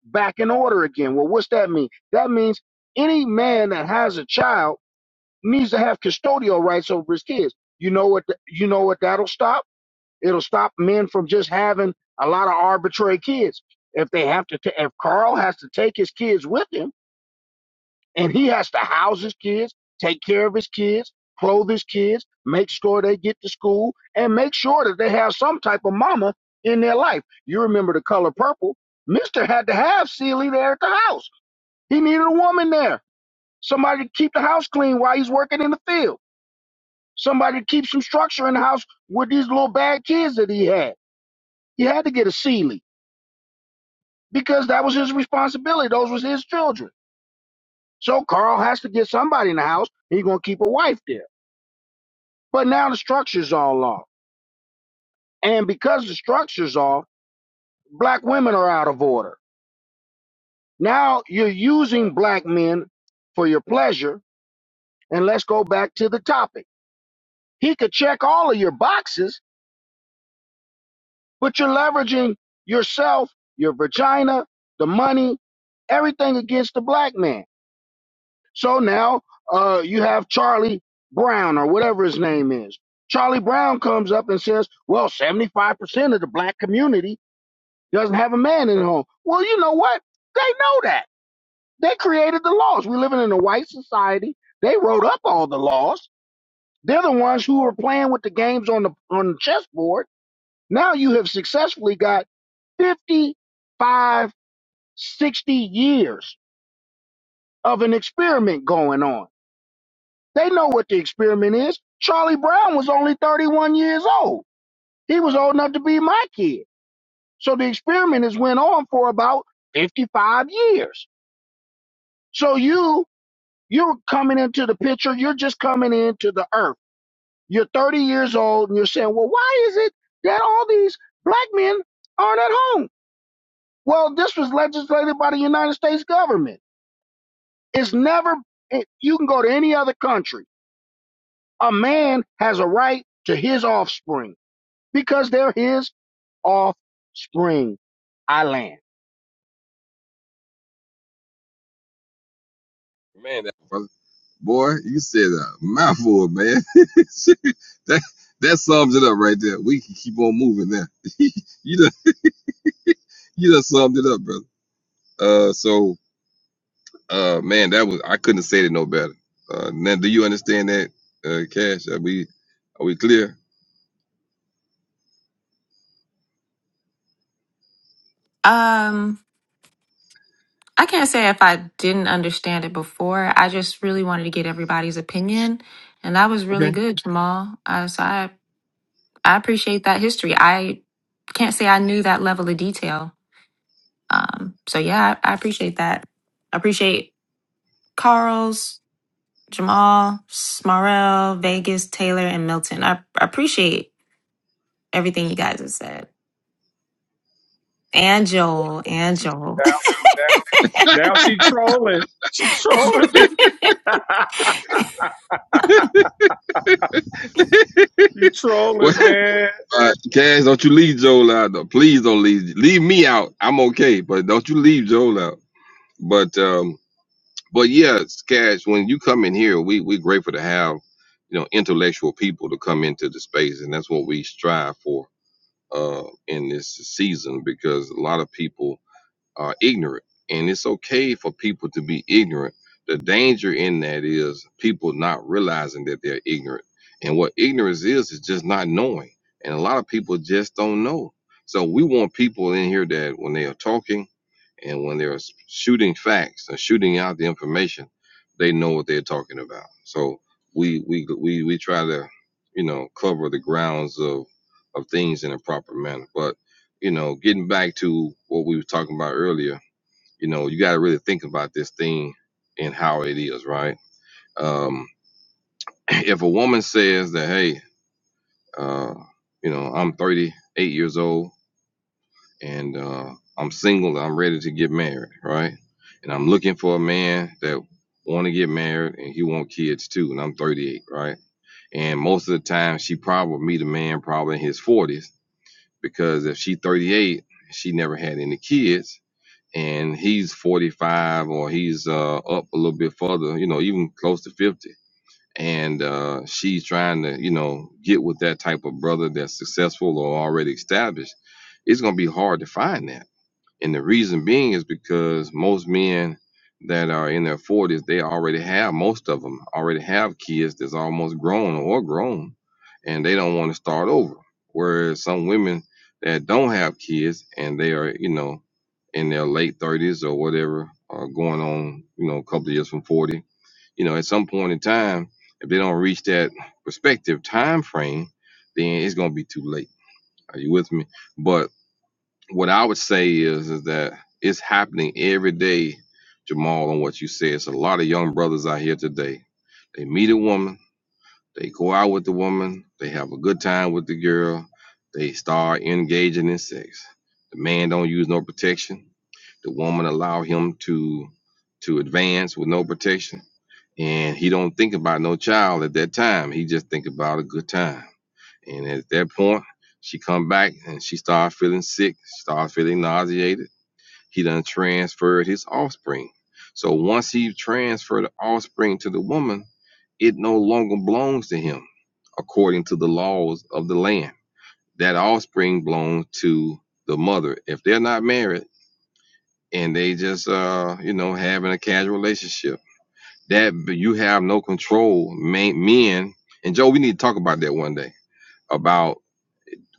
[SPEAKER 7] back in order again. Well, what's that mean? That means any man that has a child needs to have custodial rights over his kids. You know what? th- You know what that'll stop? It'll stop men from just having a lot of arbitrary kids. If they have to, ta- if Carl has to take his kids with him, and he has to house his kids, take care of his kids, clothe his kids, make sure they get to school, and make sure that they have some type of mama in their life. You remember the color purple? Mister had to have Celie there at the house. He needed a woman there, somebody to keep the house clean while he's working in the field somebody to keep some structure in the house with these little bad kids that he had. He had to get a Sealy because that was his responsibility. Those was his children. So Carl has to get somebody in the house. He's gonna keep a wife there. But now the structure's all off, and because the structure's off, black women are out of order. Now you're using black men for your pleasure. And let's go back to the topic. He could check all of your boxes, but you're leveraging yourself, your vagina, the money, everything against the black man. So now uh, you have Charlie Brown or whatever his name is. Charlie Brown comes up and says, well, 75% of the black community doesn't have a man in the home. Well, you know what? They know that. They created the laws. We're living in a white society. They wrote up all the laws. They're the ones who are playing with the games on the on the chessboard now you have successfully got 55, 60 years of an experiment going on. They know what the experiment is. Charlie Brown was only 31 years old. He was old enough to be my kid. So the experiment has went on for about 55 years. So you, you're coming into the picture. You're just coming into the earth. You're 30 years old and you're saying, well, why is it that all these black men aren't at home? Well, this was legislated by the United States government. It's never, it, you can go to any other country. A man has a right to his offspring because they're his offspring. I land.
[SPEAKER 2] Man, that Boy, you said a mouthful, man. that that sums it up right there. We can keep on moving now. you done you done summed it up, brother. Uh, so uh, man, that was I couldn't say it no better. Uh, now do you understand that, uh, Cash? Are we are we clear?
[SPEAKER 8] Um, I can't say if I didn't understand it before. I just really wanted to get everybody's opinion. And that was really
[SPEAKER 2] Okay.
[SPEAKER 8] good, Jamal. Uh, so I, I appreciate that history. I can't say I knew that level of detail. Um, so yeah, I, I appreciate that. I appreciate Carl's Jamal, Smarrell, Vegas, Taylor, and Milton. I, I appreciate everything you guys have said. And Joel, and
[SPEAKER 1] She's
[SPEAKER 8] Joel.
[SPEAKER 1] down. She's down. Now she trolling. She trolling me. she
[SPEAKER 2] Well,
[SPEAKER 1] trolling, man.
[SPEAKER 2] uh, Cash, don't you leave Joel out. Though. Please don't leave leave me out. I'm okay, but don't you leave Joel out. But um. But yeah, Cash, when you come in here, we we're grateful to have you know intellectual people to come into the space, and that's what we strive for uh, in this season because a lot of people are ignorant, and it's okay for people to be ignorant. The danger in that is people not realizing that they're ignorant, and what ignorance is is just not knowing, and a lot of people just don't know. So we want people in here that when they are talking. And when they're shooting facts and shooting out the information, they know what they're talking about. So we we we we try to, you know, cover the grounds of of things in a proper manner. But you know, getting back to what we were talking about earlier, you know, you got to really think about this thing and how it is, right? Um, if a woman says that, hey, uh, you know, I'm 38 years old and uh, I'm single. I'm ready to get married, right? And I'm looking for a man that want to get married and he want kids too. And I'm 38, right? And most of the time, she probably meet a man probably in his 40s because if she 38, she never had any kids, and he's 45 or he's uh, up a little bit further, you know, even close to 50. And uh, she's trying to, you know, get with that type of brother that's successful or already established. It's gonna be hard to find that and the reason being is because most men that are in their 40s, they already have, most of them already have kids that's almost grown or grown, and they don't want to start over. Whereas some women that don't have kids and they are, you know, in their late 30s or whatever, or going on, you know, a couple of years from 40, you know, at some point in time, if they don't reach that respective time frame, then it's going to be too late. Are you with me? But what I would say is is that it's happening every day, Jamal, on what you said. It's a lot of young brothers out here today. They meet a woman, they go out with the woman, they have a good time with the girl, they start engaging in sex. The man don't use no protection. The woman allow him to to advance with no protection. And he don't think about no child at that time. He just think about a good time. And at that point, she come back and she started feeling sick, started feeling nauseated. He done transferred his offspring. So once he transferred the offspring to the woman, it no longer belongs to him according to the laws of the land. That offspring belongs to the mother. If they're not married and they just uh, you know, having a casual relationship, that you have no control. Men and Joe, we need to talk about that one day. About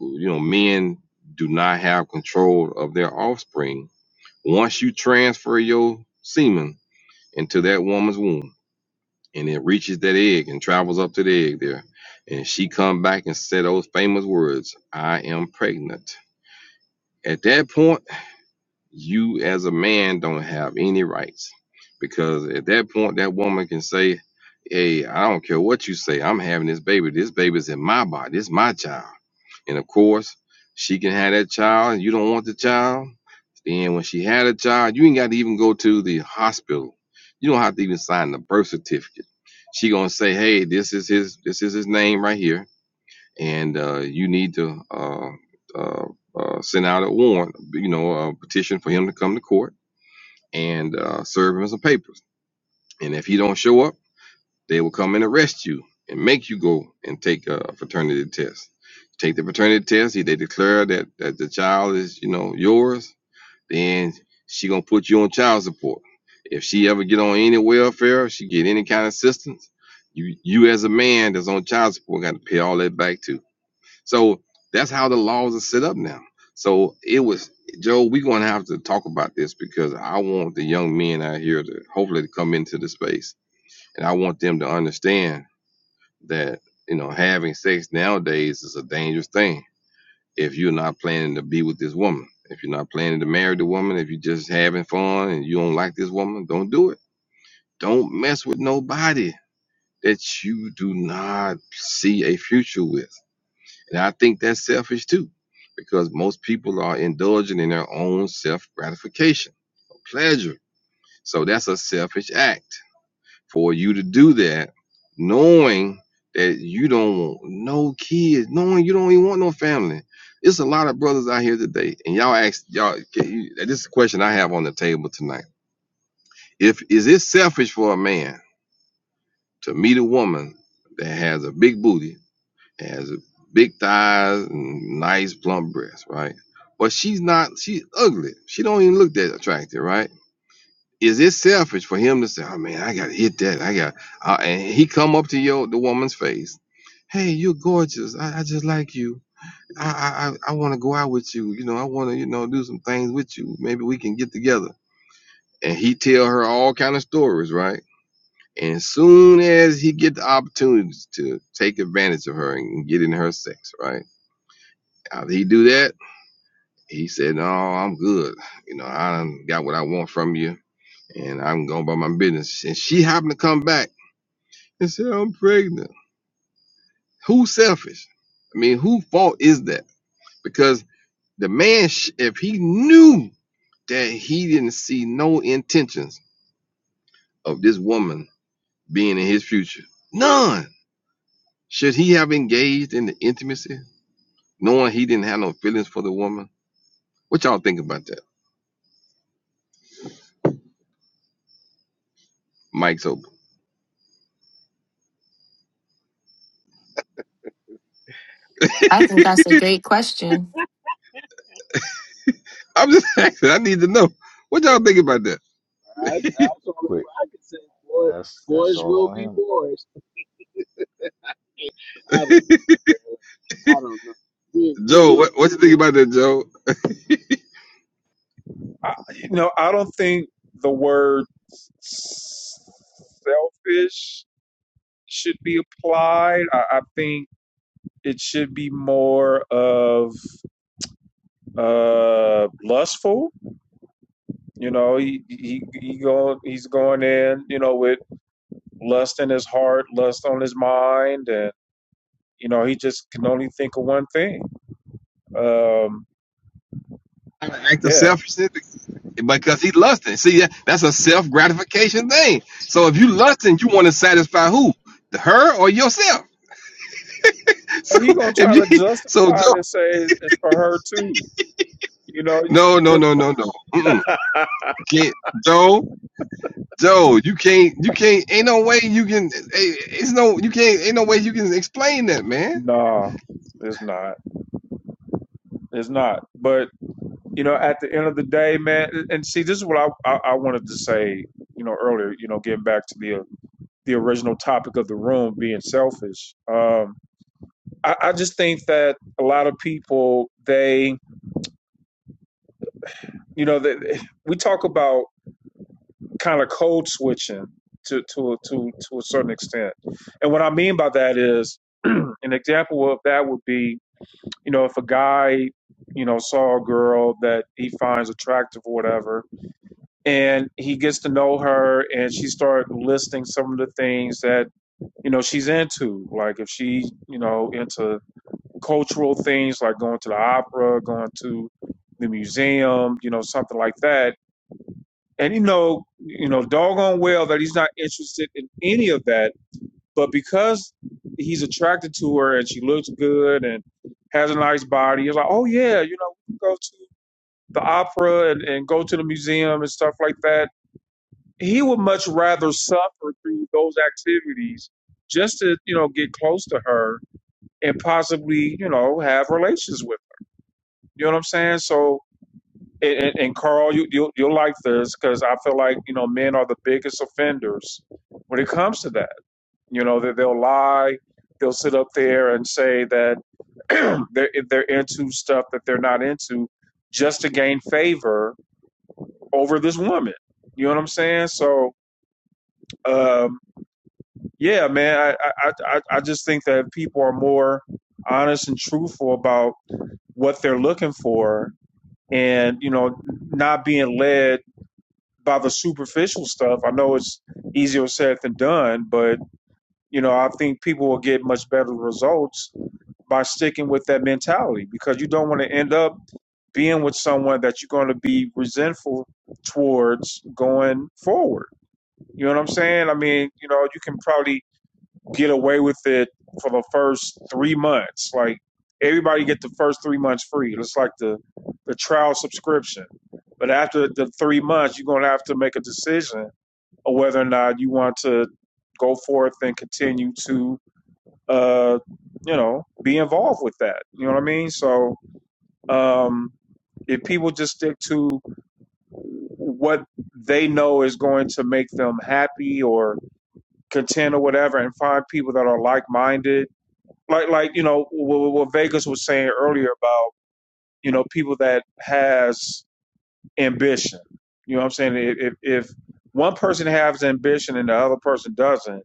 [SPEAKER 2] you know, men do not have control of their offspring. Once you transfer your semen into that woman's womb and it reaches that egg and travels up to the egg there, and she come back and say those famous words, I am pregnant. At that point, you as a man don't have any rights. Because at that point that woman can say, Hey, I don't care what you say, I'm having this baby. This baby's in my body, it's my child and of course, she can have that child and you don't want the child. Then when she had a child, you ain't got to even go to the hospital. You don't have to even sign the birth certificate. She gonna say, "Hey, this is his. This is his name right here, and uh, you need to uh, uh, uh, send out a warrant, you know, a petition for him to come to court and uh, serve him some papers. And if he don't show up, they will come and arrest you and make you go and take a fraternity test. Take the fraternity test. If they declare that, that the child is, you know, yours, then she gonna put you on child support. If she ever get on any welfare, she get any kind of assistance, you you as a man that's on child support got to pay all that back too. So that's how the laws are set up now. So it was Joe, we're gonna have to talk about this because I want the young men out here to hopefully to come into the space and I want them to understand that you know having sex nowadays is a dangerous thing if you're not planning to be with this woman if you're not planning to marry the woman if you're just having fun and you don't like this woman don't do it don't mess with nobody that you do not see a future with and i think that's selfish too because most people are indulging in their own self gratification pleasure so that's a selfish act for you to do that, knowing that you don't want no kids, knowing you don't even want no family. It's a lot of brothers out here today, and y'all ask y'all. Can you, this is a question I have on the table tonight. If is it selfish for a man to meet a woman that has a big booty, that has a big thighs, and nice plump breasts, right? But she's not. She's ugly. She don't even look that attractive, right? Is it selfish for him to say, "Oh man, I gotta hit that. I got," uh, and he come up to your the woman's face, "Hey, you're gorgeous. I, I just like you. I I I want to go out with you. You know, I want to you know do some things with you. Maybe we can get together." And he tell her all kind of stories, right? And soon as he get the opportunity to take advantage of her and get in her sex, right? After he do that, he said, "No, I'm good. You know, I done got what I want from you." and I'm going about my business. And she happened to come back. and said, I'm pregnant. Who's selfish? I mean, who fault is that? Because the man, sh- if he knew that he didn't see no intentions of this woman being in his future, none, should he have engaged in the intimacy, knowing he didn't have no feelings for the woman? What y'all think about that? Mike's open.
[SPEAKER 8] I
[SPEAKER 7] Wow.
[SPEAKER 8] think that's a great question.
[SPEAKER 2] I'm just asking. I need to know. What y'all think about that,
[SPEAKER 7] I, that's all
[SPEAKER 6] quick,
[SPEAKER 7] I can say. Boy,
[SPEAKER 6] that's that's
[SPEAKER 7] boys
[SPEAKER 6] all
[SPEAKER 7] will
[SPEAKER 6] on
[SPEAKER 7] be
[SPEAKER 6] him.
[SPEAKER 7] boys. I don't know. man. I don't know. You, you
[SPEAKER 2] Joe?
[SPEAKER 7] know.
[SPEAKER 2] What, what you think about that, Joe?
[SPEAKER 1] I, you know, I don't think the word selfish should be applied. I, I think it should be more of uh lustful You know, he he he go he's going in, you know, with lust in his heart, lust on his mind, and you know, he just can only think of one thing. Um,
[SPEAKER 2] An act of
[SPEAKER 1] yeah.
[SPEAKER 2] self because he lusting. See, that- that's a self gratification thing. So if you lusting, you want to satisfy who? The- Her or yourself?
[SPEAKER 1] Well,
[SPEAKER 2] So
[SPEAKER 1] he gonna try to
[SPEAKER 2] if you, so
[SPEAKER 1] justify it
[SPEAKER 2] Joe,
[SPEAKER 1] and say it's for her too. You know,
[SPEAKER 2] no,
[SPEAKER 1] you-
[SPEAKER 2] no, no, no, no, Mm-mm. can't Joe, Joe, you can't, you can't, ain't no way you can, eh, it's no, you can't, ain't no way you can explain that, man.
[SPEAKER 1] no, it's not. It's not. But you know, at the end of the day, man, and see, this is what I I, I wanted to say, you know, earlier. You know, getting back to the the original topic of the room being selfish. Um, I, I just think that a lot of people they you know that we talk about kind of code switching to to to to a certain extent, and what I mean by that is an example of that would be you know if a guy you know saw a girl that he finds attractive or whatever and he gets to know her and she started listing some of the things that you know she's into like if she you know into cultural things like going to the opera, going to the museum, you know, something like that. And you know, you know, doggone well that he's not interested in any of that. But because he's attracted to her and she looks good and has a nice body, he's like, oh yeah, you know, we can go to the opera and, and go to the museum and stuff like that. He would much rather suffer through those activities just to, you know, get close to her and possibly, you know, have relations with. You know what I'm saying? So, and, and and Carl, you you you'll like this because I feel like you know men are the biggest offenders when it comes to that. You know that they'll lie, they'll sit up there and say that they're they're into stuff that they're not into just to gain favor over this woman. You know what I'm saying? So, um, yeah, man, I, I I I I just think that people are more honest and truthful about what they're looking for, and you know, not being led by the superficial stuff. I know it's easier said than done, but you know, I think people will get much better results by sticking with that mentality because you don't want to end up being with someone that you're going to be resentful towards going forward. You know what I'm saying? I mean, you know, you can probably get away with it for the first 3 months. Like everybody get the first 3 months free. It's like the the trial subscription. But after the 3 months, you're going to have to make a decision or whether or not you want to go forth and continue to uh you know be involved with that you know what i mean so um if people just stick to what they know is going to make them happy or content or whatever and find people that are like-minded like like you know what, what vegas was saying earlier about you know people that has ambition you know what i'm saying if if if one person has ambition and the other person doesn't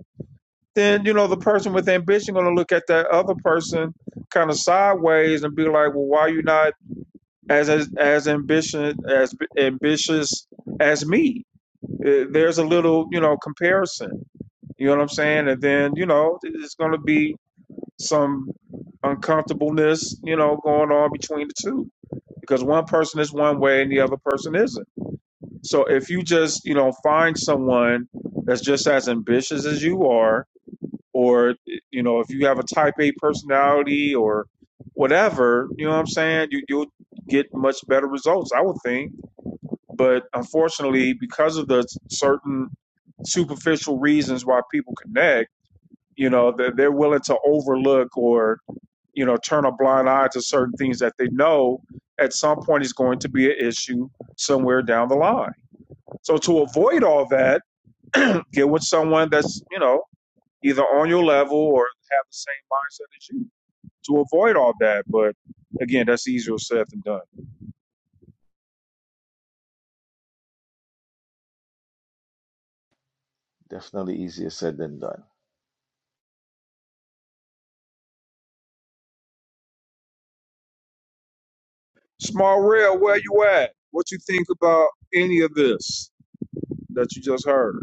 [SPEAKER 1] then you know the person with ambition going to look at that other person kind of sideways and be like, "Well, why are you not as as, as ambitious as ambitious as me?" Uh, There's a little you know comparison. You know what I'm saying? And then you know it's going to be some uncomfortableness you know going on between the two because one person is one way and the other person isn't. So if you just you know find someone that's just as ambitious as you are or you know if you have a type a personality or whatever you know what i'm saying you, you'll get much better results i would think but unfortunately because of the certain superficial reasons why people connect you know they're, they're willing to overlook or you know turn a blind eye to certain things that they know at some point is going to be an issue somewhere down the line so to avoid all that get with someone that's you know either on your level or have the same mindset as you to avoid all that. But again, that's easier said than done.
[SPEAKER 6] Definitely easier said than done.
[SPEAKER 1] Small rail, where you at? What you think about any of this that you just heard?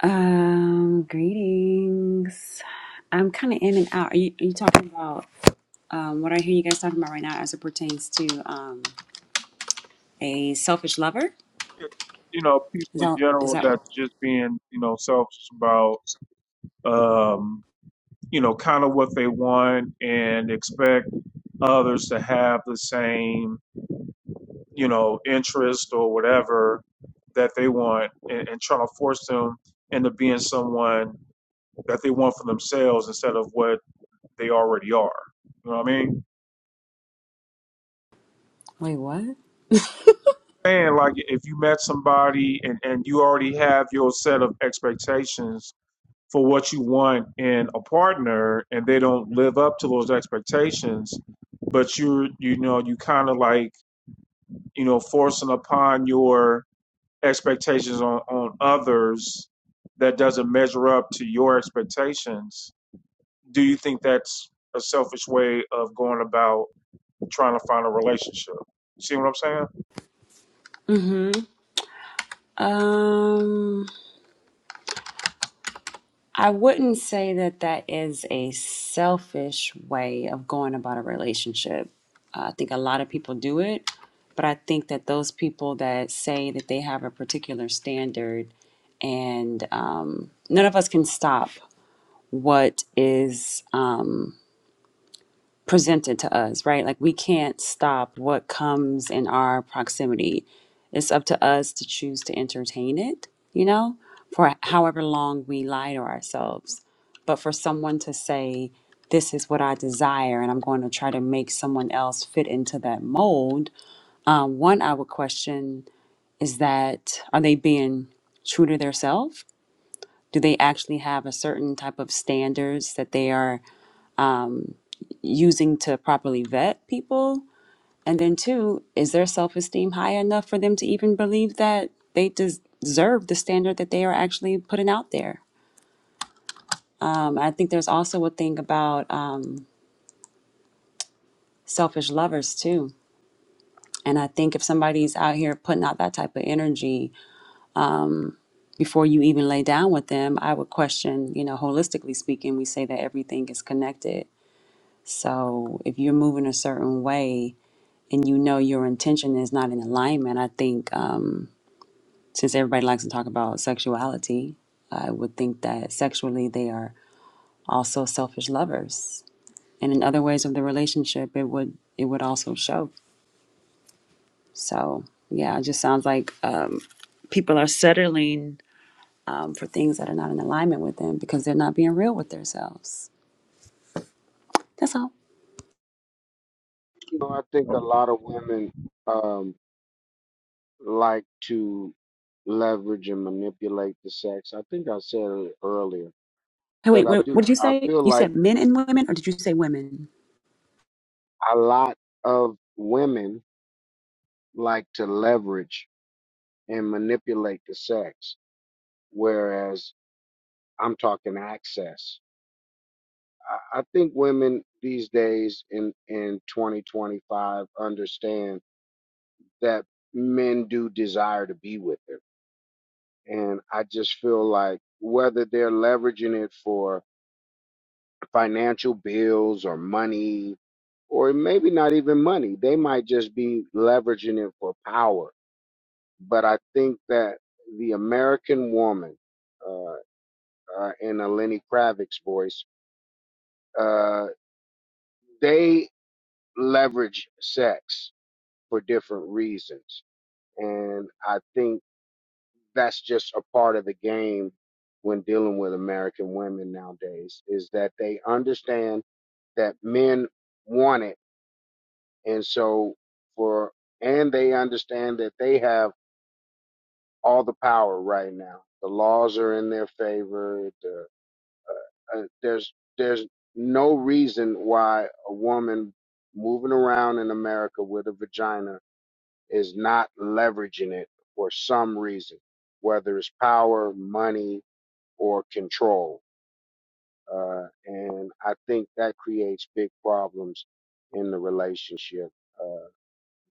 [SPEAKER 11] Um, greetings. I'm kind of in and out. Are you, are you talking about um, what I hear you guys talking about right now as it pertains to um, a selfish lover?
[SPEAKER 1] You know,
[SPEAKER 11] Is
[SPEAKER 1] people in
[SPEAKER 11] that, is
[SPEAKER 1] general
[SPEAKER 11] that what?
[SPEAKER 1] that just being, you know, selfish about, um, you know, kind of what they want and expect others to have the same, you know, interest or whatever that they want and, and trying to force them into being someone that they want for themselves instead of what they already are. You know what I mean?
[SPEAKER 11] Wait, what?
[SPEAKER 1] And like if you met somebody and, and you already have your set of expectations for what you want in a partner and they don't live up to those expectations, but you're you know, you kinda like, you know, forcing upon your expectations on, on others that doesn't measure up to your expectations, do you think that's a selfish way of going about trying to find a relationship. You see what I'm saying?
[SPEAKER 11] Mm-hmm. Um, I wouldn't say that that is a selfish way of going about a relationship. Uh, I think a lot of people do it, but I think that those people that say that they have a particular standard and um, none of us can stop. what is um, presented to us, right? Like we can't stop what comes in our proximity. It's up to us to choose to entertain it, you know, for however long we lie to ourselves. But for someone to say, this is what I desire, and I'm going to try to make someone else fit into that mold. Um, one, I would question is that are they being true to themselves? Do they actually have a certain type of standards that they are using to properly vet people? And then, two, is their self esteem high enough for them to even believe that they des- deserve the standard that they are actually putting out there? Um, I think there's also a thing about um, selfish lovers, too. And I think if somebody's out here putting out that type of energy before you even lay down with them, I would question, you know, holistically speaking, we say that everything is connected. So if you're moving a certain way and you know your intention is not in alignment, I think. Um, since everybody likes to talk about sexuality, I would think that sexually they are also selfish lovers. And in other ways of the relationship, it would it would also show. So yeah, it just sounds like um, people are settling um, for things that are not in alignment with them because they're not being real with themselves. That's all.
[SPEAKER 7] You know. I think a lot of women. um, like to leverage and manipulate the sex. I think I said it earlier,
[SPEAKER 11] Hey,
[SPEAKER 7] but
[SPEAKER 11] wait,
[SPEAKER 7] I
[SPEAKER 11] wait,
[SPEAKER 7] do,
[SPEAKER 11] what did you
[SPEAKER 7] I
[SPEAKER 11] say?
[SPEAKER 7] feel
[SPEAKER 11] You
[SPEAKER 7] like
[SPEAKER 11] said men and women, or did you say women?
[SPEAKER 7] a lot of women like to leverage and manipulate the sex, whereas I'm talking access. I I think women these days in, in 2025 understand that men do desire to be with them. And I just feel like whether they're leveraging it for financial bills or money, or maybe not even money. They might just be leveraging it for power. But I think that the American woman, uh, uh, in a Lenny Kravitz's voice, uh, they leverage sex for different reasons. And I think that's just a part of the game when dealing with American women nowadays is that they understand that men want it And so for and they understand that they have all the power right now. The laws are in their favor. The, uh, there's there's no reason why a woman moving around in America with a vagina is not leveraging it for some reason, whether it's power, money, or control. Uh, and I think that creates big problems in the relationship uh,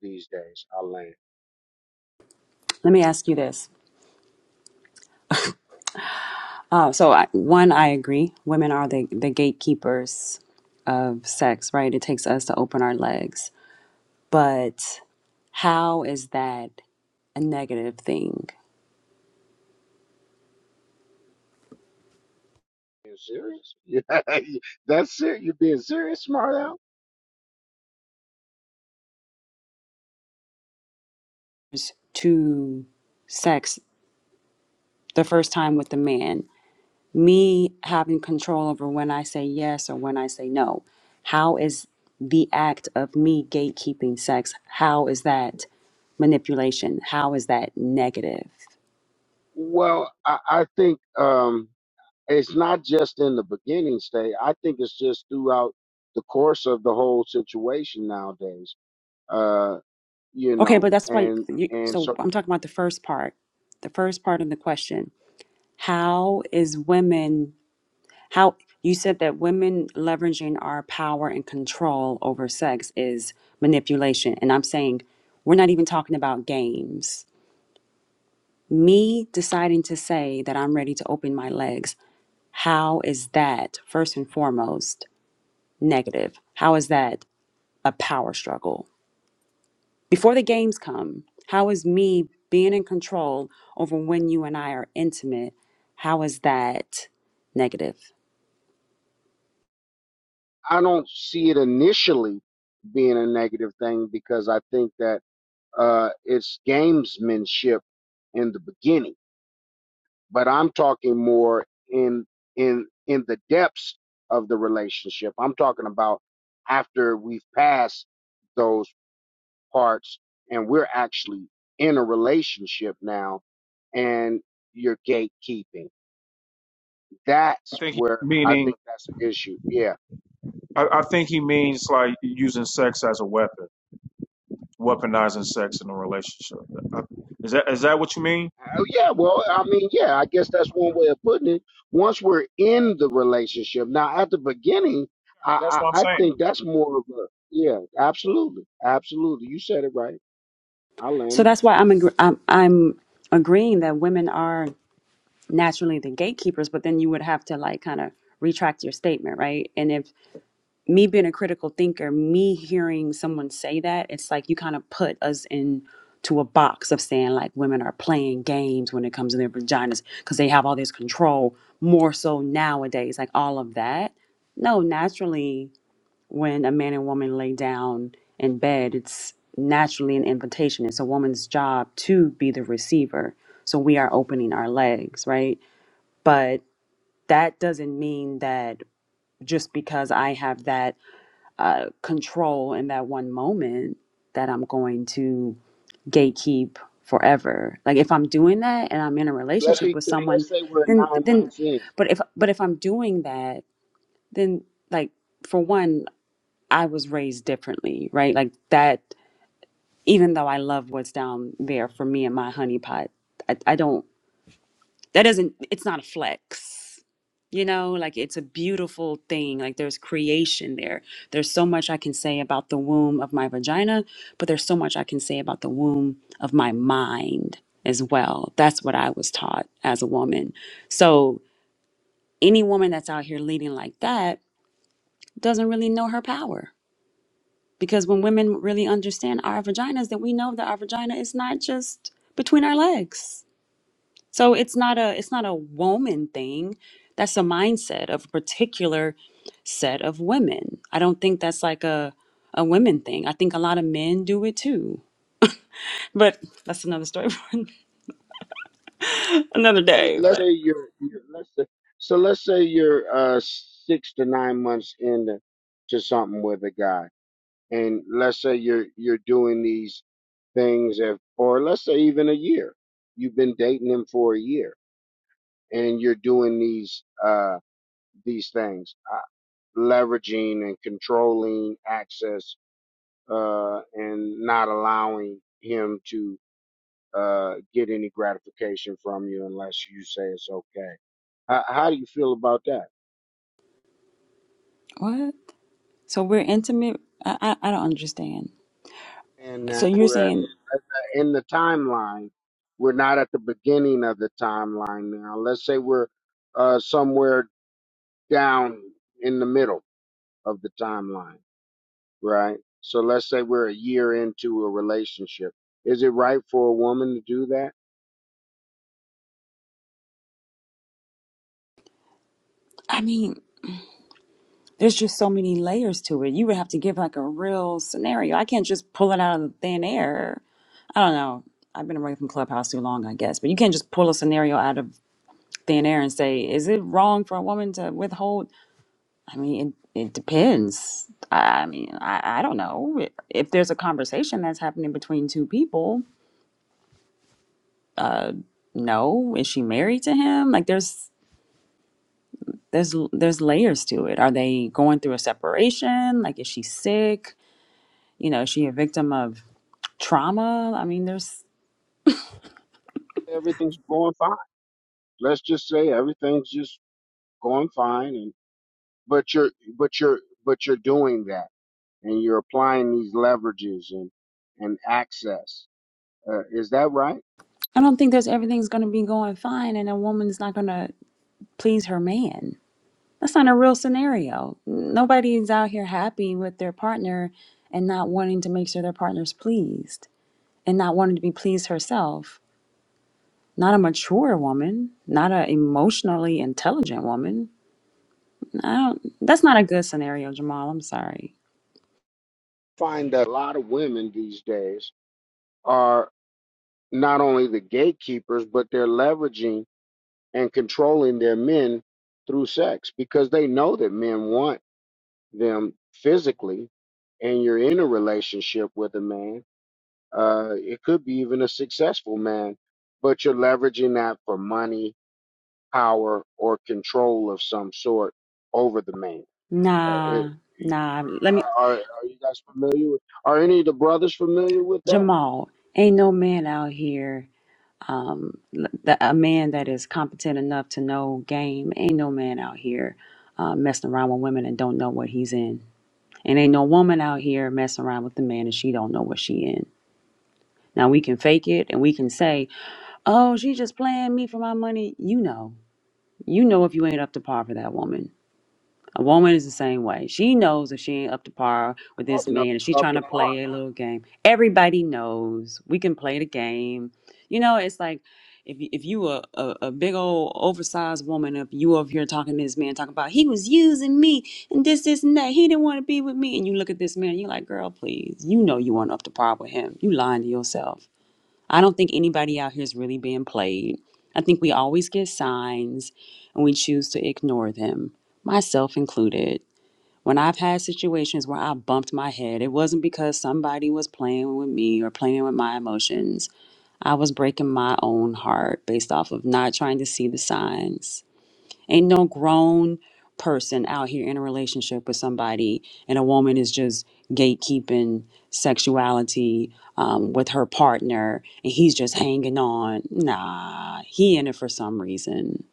[SPEAKER 7] these days. I land.
[SPEAKER 11] Let me ask you this. Uh, so I, one, I agree. Women are the, the gatekeepers of sex, right? It takes us to open our legs. But how is that a negative thing
[SPEAKER 7] being serious? Yeah, That's it. You're being serious, smart Mario?
[SPEAKER 11] to sex the first time with the man? Me having control over when I say yes or when I say no. How is the act of me gatekeeping sex? How is that manipulation? How is that negative?
[SPEAKER 7] Well, I, I think um, it's not just in the beginning state. I think it's just throughout the course of the whole situation nowadays. Uh, you
[SPEAKER 11] Okay,
[SPEAKER 7] know,
[SPEAKER 11] but that's why
[SPEAKER 7] and
[SPEAKER 11] you,
[SPEAKER 7] and
[SPEAKER 11] so
[SPEAKER 7] so
[SPEAKER 11] I'm talking about the first part. The first part of the question. How is women how you said that women leveraging our power and control over sex is manipulation and I'm saying we're not even talking about games. Me deciding to say that I'm ready to open my legs, how is that first and foremost negative? How is that a power struggle? Before the games come, how is me being in control over when you and I are intimate? How is that negative?
[SPEAKER 7] I don't see it initially being a negative thing because I think that uh, it's gamesmanship in the beginning but I'm talking more in in in the depths of the relationship. I'm talking about after we've passed those parts and we're actually in a relationship now and you're gatekeeping. That's where I think that's an issue. Yeah.
[SPEAKER 1] It's like,
[SPEAKER 7] Oh yeah, well, I mean, yeah, I guess that's one way of putting it. Once we're in the relationship, now at the beginning, I I, I think that's more of a yeah, absolutely, absolutely. You said it right. I
[SPEAKER 11] So
[SPEAKER 7] land. there.
[SPEAKER 11] that's why I'm agr I'm, I'm agreeing that women are naturally the gatekeepers, but then you would have to like kind of retract your statement, right? And if me being a critical thinker, me hearing someone say that, it's like you kind of put us in to a box of saying like women are playing games when it comes to their vaginas because they have all this control more so nowadays, like all of that. No, naturally, when a man and woman lay down in bed, it's naturally an invitation. It's a woman's job to be the receiver. So we are opening our legs, right? But that doesn't mean that just because I have that uh, control in that one moment that I'm going to gatekeep forever. Like if I'm doing that and I'm in a
[SPEAKER 7] Let's
[SPEAKER 11] relationship
[SPEAKER 7] see.
[SPEAKER 11] with
[SPEAKER 7] To,
[SPEAKER 11] someone,
[SPEAKER 7] let's say we're
[SPEAKER 11] then
[SPEAKER 7] nine
[SPEAKER 11] then
[SPEAKER 7] months in.
[SPEAKER 11] but if but if I'm doing that, then like for one, I was raised differently, right? Like that even though I love what's down there for me and my honeypot, I, I don't that doesn't it's not a flex you know like it's a beautiful thing like there's creation there there's so much i can say about the womb of my vagina but there's so much i can say about the womb of my mind as well that's what i was taught as a woman so any woman that's out here leading like that doesn't really know her power because when women really understand our vaginas then we know that our vagina is not just between our legs so it's not a it's not a woman thing. That's a mindset of a particular set of women. I don't think that's like a a women thing. I think a lot of men do it too. But that's another story for another
[SPEAKER 7] Say-
[SPEAKER 11] day.
[SPEAKER 7] Let's
[SPEAKER 11] But
[SPEAKER 7] say you're, you're let's say, so let's say you're uh six to nine months into to something with a guy, and let's say you're you're doing these things, if, or let's say even a year. You've been dating him for a year and you're doing these uh these things uh, leveraging and controlling access uh and not allowing him to uh get any gratification from you unless you say it's okay how, how do you feel about that
[SPEAKER 11] what? So we're intimate. I I, I don't understand.
[SPEAKER 7] and
[SPEAKER 11] So
[SPEAKER 7] uh,
[SPEAKER 11] you're
[SPEAKER 7] we're at,
[SPEAKER 11] saying?
[SPEAKER 7] at the, in the timeline we're not at the beginning of the timeline now let's say we're uh somewhere down in the middle of the timeline right? So let's say we're a year into a relationship. Is it right for a woman to do that?
[SPEAKER 11] I mean, there's just so many layers to it. You would have to give like a real scenario. I can't just pull it out of thin air. I don't know. I've been away from Clubhouse too long, I guess. But you can't just pull a scenario out of thin air and say, is it wrong for a woman to withhold? I mean, it, it depends. I I mean, I, I don't know. If there's a conversation that's happening between two people, no. Is she married to him? Like, there's there's there's layers to it. Are they going through a separation? Like, is she sick? You know, is she a victim of trauma? I mean, there's
[SPEAKER 7] Everything's going fine. Let's just say everything's just going fine and but you're but you're but you're doing that and you're applying these leverages and and access. Uh, is that right?
[SPEAKER 11] I don't think there's everything's gonna be going fine, and a woman's not gonna please her man That's not a real scenario. Nobody's out here happy with their partner and not wanting to make sure their partner's pleased and not wanting to be pleased herself. Not a mature woman, not an emotionally intelligent woman. I don't, that's not a good scenario, Jamal. I'm sorry.
[SPEAKER 7] Find that a lot of women these days are not only the gatekeepers but they're leveraging and controlling their men through sex because they know that men want them physically and you're in a relationship with a man, uh, it could be even a successful man, but you're leveraging that for money, power, or control of some sort over the man. Uh,
[SPEAKER 11] Nah,
[SPEAKER 7] it- it-
[SPEAKER 11] nah. Let me,
[SPEAKER 7] are, are you guys familiar with? Are any of the brothers familiar with that?
[SPEAKER 11] Jamal, ain't no man out here, um, l- the, a man that is competent enough to know game, ain't no man out here uh, messing around with women and don't know what he's in. And ain't no woman out here messing around with the man and she don't know what she in. Now we can fake it and we can say, "Oh, she just playing me for my money." You know, you know if you ain't up to par for that woman. A woman is the same way. She knows if she ain't up to par with this
[SPEAKER 7] Talking up
[SPEAKER 11] man, if she's
[SPEAKER 7] up
[SPEAKER 11] trying
[SPEAKER 7] to
[SPEAKER 11] to
[SPEAKER 7] par.
[SPEAKER 11] play a
[SPEAKER 7] I
[SPEAKER 11] little game. Everybody knows we can play the game. You know, it's like if you- if you a, a a big old oversized woman, if you over here talking to this man, talking about he was using me and this this and that, he didn't want to be with me, and you look at this man, you're like, girl, please, you know you weren't up to par with him. You lying to yourself. I don't think anybody out here is really being played. I think we always get signs and we choose to ignore them, myself included. When I've had situations where I bumped my head, it wasn't because somebody was playing with me or playing with my emotions. I was breaking my own heart based off of not trying to see the signs. Ain't no grown person out here in a relationship with somebody, and a woman is just gatekeeping sexuality um, with her partner, and he's just hanging on. Nah, he in it for some reason.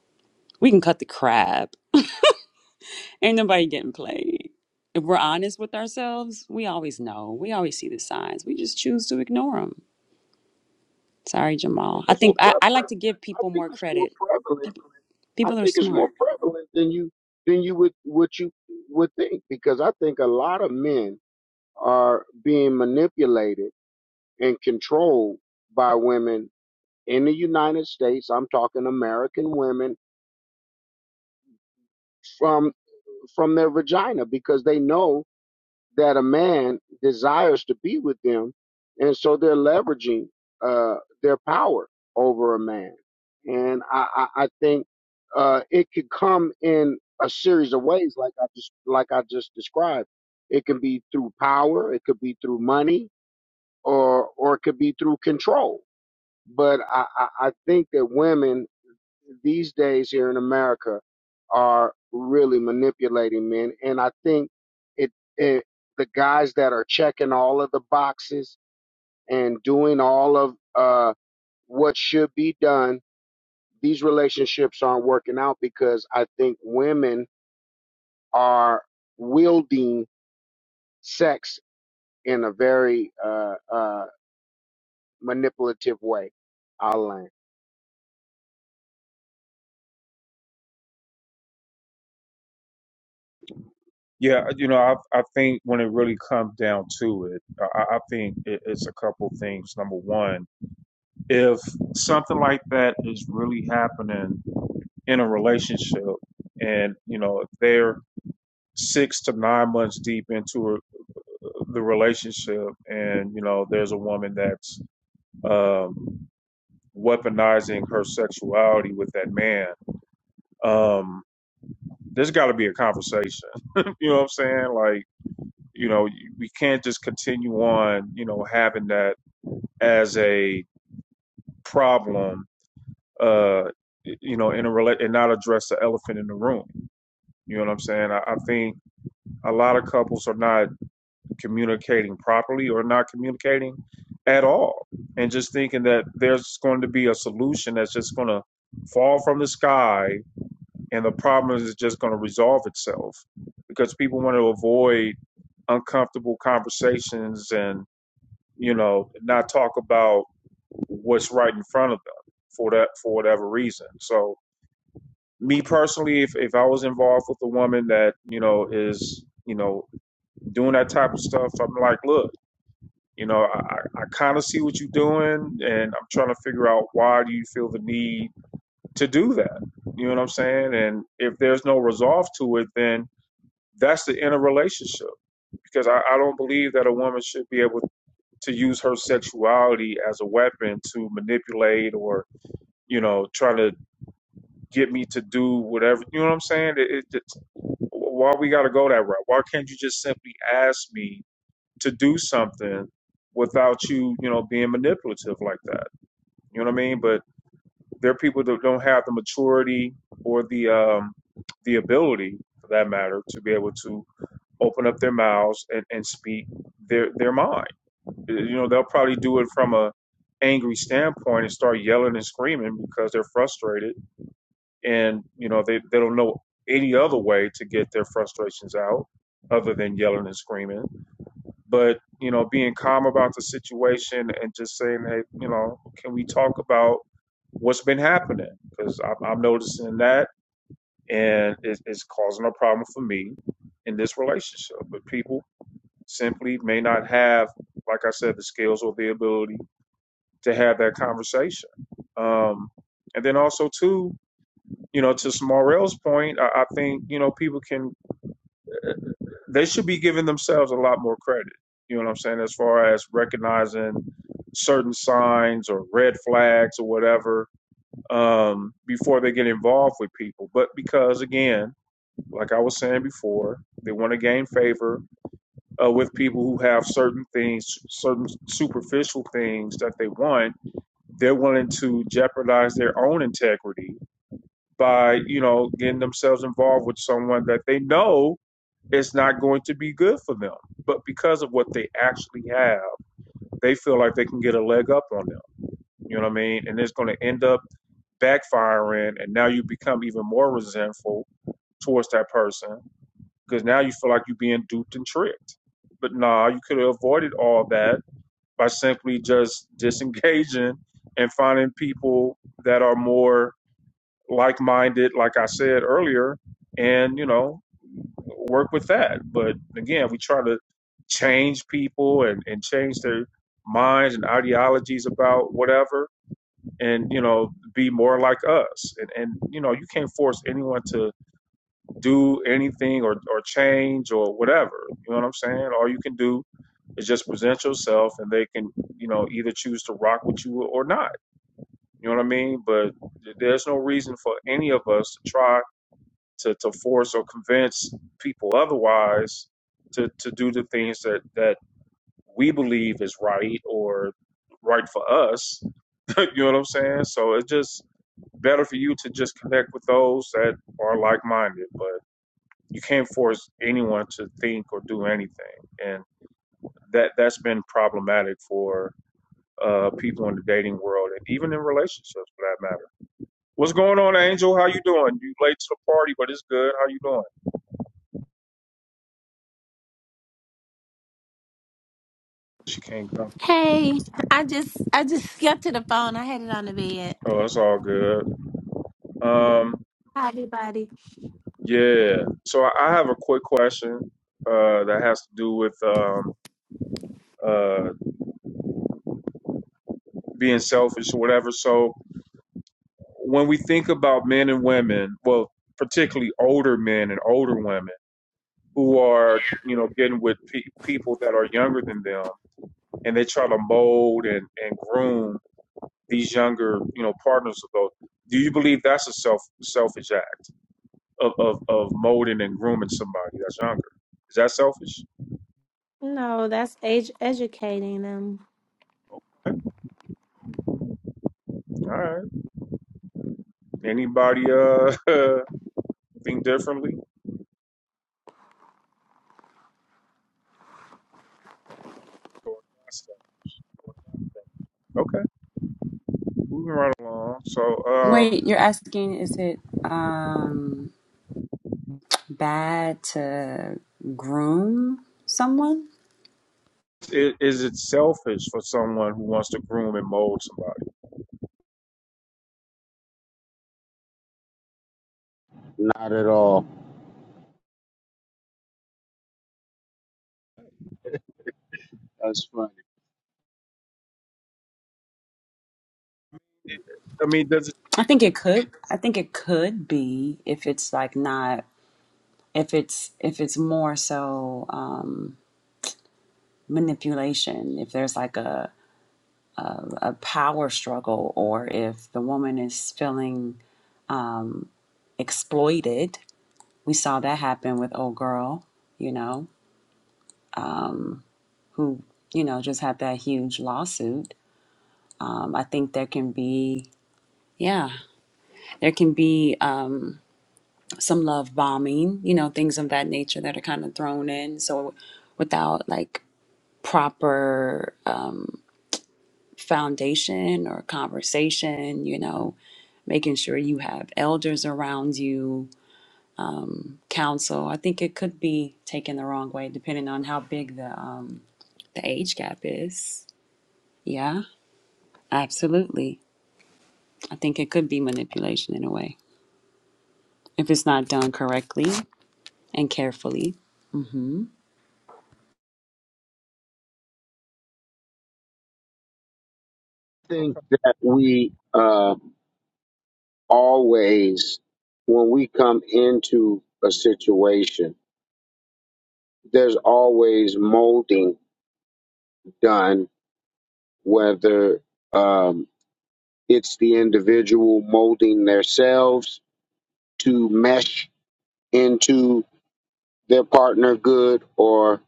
[SPEAKER 11] We can cut the crap. Ain't nobody getting played. If we're honest with ourselves, we always know. We always see the signs. We just choose to ignore them. Sorry, Jamal.
[SPEAKER 7] think
[SPEAKER 11] I
[SPEAKER 7] it's more
[SPEAKER 11] think I, I like
[SPEAKER 7] prevalent.
[SPEAKER 11] to give
[SPEAKER 7] I
[SPEAKER 11] people
[SPEAKER 7] think
[SPEAKER 11] more
[SPEAKER 7] it's more
[SPEAKER 11] credit.
[SPEAKER 7] prevalent. I
[SPEAKER 11] People are
[SPEAKER 7] think it's
[SPEAKER 11] smart.
[SPEAKER 7] more prevalent than you than you would what you would think because I think a lot of men are being manipulated and controlled by women in the United States. I'm talking American women from from their vagina because they know that a man desires to be with them, and so they're leveraging uh, their power over a man. And I, I, I think uh, it could come in a series of ways, like I just like I just described. It can be through power. It could be through money or or it could be through control. But I, I, I think that women these days here in America are really manipulating men, and I think it, it the guys that are checking all of the boxes and doing all of uh, what should be done. These relationships aren't working out because I think women are wielding sex in a very uh, uh, manipulative way. I'll land.
[SPEAKER 1] yeah, you know, I, I think when it really comes down to it, I, I think it, it's a couple things. Number one. if something like that is really happening in a relationship and you know if they're six to nine months deep into a, the relationship and you know there's a woman that's um, weaponizing her sexuality with that man um, there's got to be a conversation you know what i'm saying like you know we can't just continue on you know having that as a problem uh you know in a rela- and not address the elephant in the room You know what I'm saying? I, I think a lot of couples are not communicating properly or not communicating at all and just thinking that there's going to be a solution that's just going to fall from the sky and the problem is just going to resolve itself because people want to avoid uncomfortable conversations and you know not talk about what's right in front of them for that for whatever reason so me personally if, if i was involved with a woman that you know is you know doing that type of stuff, I'm like, look, you know, I, I kind of see what you're doing, and I'm trying to figure out why do you feel the need to do that. You know what I'm saying? And if there's no resolve to it, then that's the inner relationship. Because I, I don't believe that a woman should be able to use her sexuality as a weapon to manipulate or, you know, try to get me to do whatever. You know what I'm saying? It, it, it's- why we got to go that route? Why can't you just simply ask me to do something without you, you know, being manipulative like that. You know what I mean? But there are people that don't have the maturity or the um, the ability, for that matter, to be able to open up their mouths and, and speak their their mind. You know, they'll probably do it from a angry standpoint and start yelling and screaming because they're frustrated and you know they, they don't know any other way to get their frustrations out other than yelling and screaming but you know being calm about the situation and just saying hey you know can we talk about what's been happening because I'm, I'm noticing that and it's, it's causing a problem for me in this relationship but people simply may not have like i said the skills or the ability to have that conversation um and then also too, you know, to Smarell's point, I, I think, you know, people can they should be giving themselves a lot more credit. You know what I'm saying? As far as recognizing certain signs or red flags or whatever um, before they get involved with people. But because, again, like I was saying before, they want to gain favor uh, with people who have certain things, certain superficial things that they want. They're willing to jeopardize their own integrity by, you know, getting themselves involved with someone that they know is not going to be good for them. But because of what they actually have, they feel like they can get a leg up on them. You know what I mean? And it's going to end up backfiring, and now you become even more resentful towards that person because now you feel like you're being duped and tricked. But nah, you could have avoided all that by simply just disengaging and finding people that are more like-minded, like I said earlier, and you know, work with that. But again, we try to change people and, and change their minds and ideologies about whatever and you know be more like us and, and you know you can't force anyone to do anything or, or change or whatever you know what i'm saying all you can do is just present yourself and they can you know either choose to rock with you or not you know what i mean but there's no reason for any of us to try to, to force or convince people otherwise to, to do the things that that we believe is right or right for us you know what i'm saying so it just better for you to just connect with those that are like-minded but you can't force anyone to think or do anything and that that's been problematic for uh people in the dating world and even in relationships for that matter what's going on angel how you doing you late to the party but it's good how you doing she can't come
[SPEAKER 12] Hey, I just I just got to the phone. I had it on the bed.
[SPEAKER 1] oh it's all good um
[SPEAKER 12] Hi, everybody.
[SPEAKER 1] yeah so i have a quick question uh that has to do with um uh being selfish or whatever so when we think about men and women, well, particularly older men and older women who are, you know, getting with pe- people that are younger than them and they try to mold and, and groom these younger, you know, partners of those. Do you believe that's a self selfish act of, of, of molding and grooming somebody that's younger? Is that selfish?
[SPEAKER 12] No, that's age educating them.
[SPEAKER 1] All right. Anybody uh think differently? Okay, moving right along. So, um,
[SPEAKER 11] Wait, you're asking, is it um bad to groom someone.
[SPEAKER 1] i- is it selfish for someone who wants to groom and mold somebody?
[SPEAKER 7] Not at all. That's funny.
[SPEAKER 1] It- I mean, does it?
[SPEAKER 11] I think it could. I think it could be if it's like not if it's if it's more so um, manipulation. If there's like a, a a power struggle, or if the woman is feeling um, exploited. We saw that happen with old girl, you know, um, who you know just had that huge lawsuit. Um, I think there can be yeah. There can be um, some love bombing, you know, things of that nature that are kind of thrown in. So without like proper uh, foundation or conversation, you know, making sure you have elders around you, counsel. I think it could be taken the wrong way depending on how big the um, the age gap is. Yeah, absolutely. I think it could be manipulation in a way if it's not done correctly and carefully. Mm-hmm.
[SPEAKER 7] I think
[SPEAKER 1] Okay.
[SPEAKER 7] that we uh, always, when we come into a situation, there's always molding done, whether um, it's the individual molding themselves to mesh into their partner good or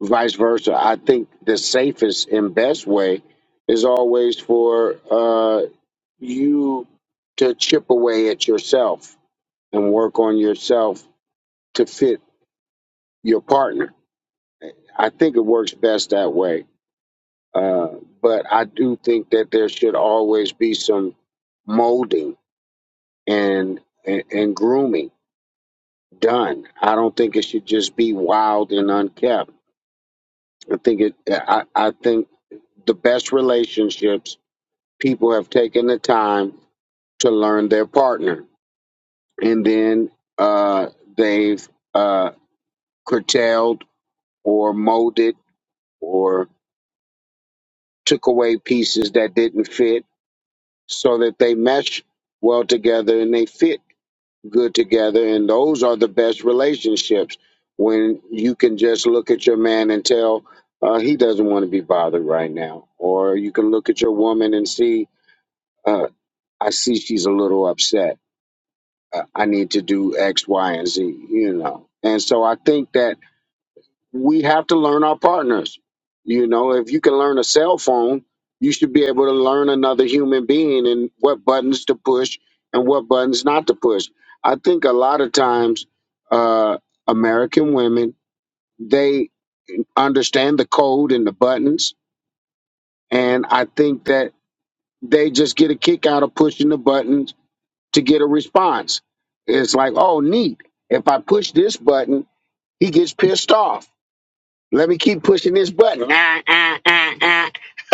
[SPEAKER 7] vice versa. I think the safest and best way is always for uh, you to chip away at yourself and work on yourself to fit your partner. I think it works best that way. Uh, but I do think that there should always be some molding and, and and grooming done. I don't think it should just be wild and unkept. I think it. I, I think the best relationships people have taken the time to learn their partner, and then uh, they've uh, curtailed or molded or took away pieces that didn't fit so that they mesh well together and they fit good together. And those are the best relationships when you can just look at your man and tell uh, he doesn't want to be bothered right now. Or you can look at your woman and see, uh, I see she's a little upset. Uh, I need to do X, Y, and Z, you know. And so I think that we have to learn our partners. You know, if you can learn a cell phone, you should be able to learn another human being and what buttons to push and what buttons not to push. I think a lot of times, uh, American women, they understand the code and the buttons. And I think that they just get a kick out of pushing the buttons to get a response. It's like, oh, neat. If I push this button, he gets pissed off. Let me keep pushing this button.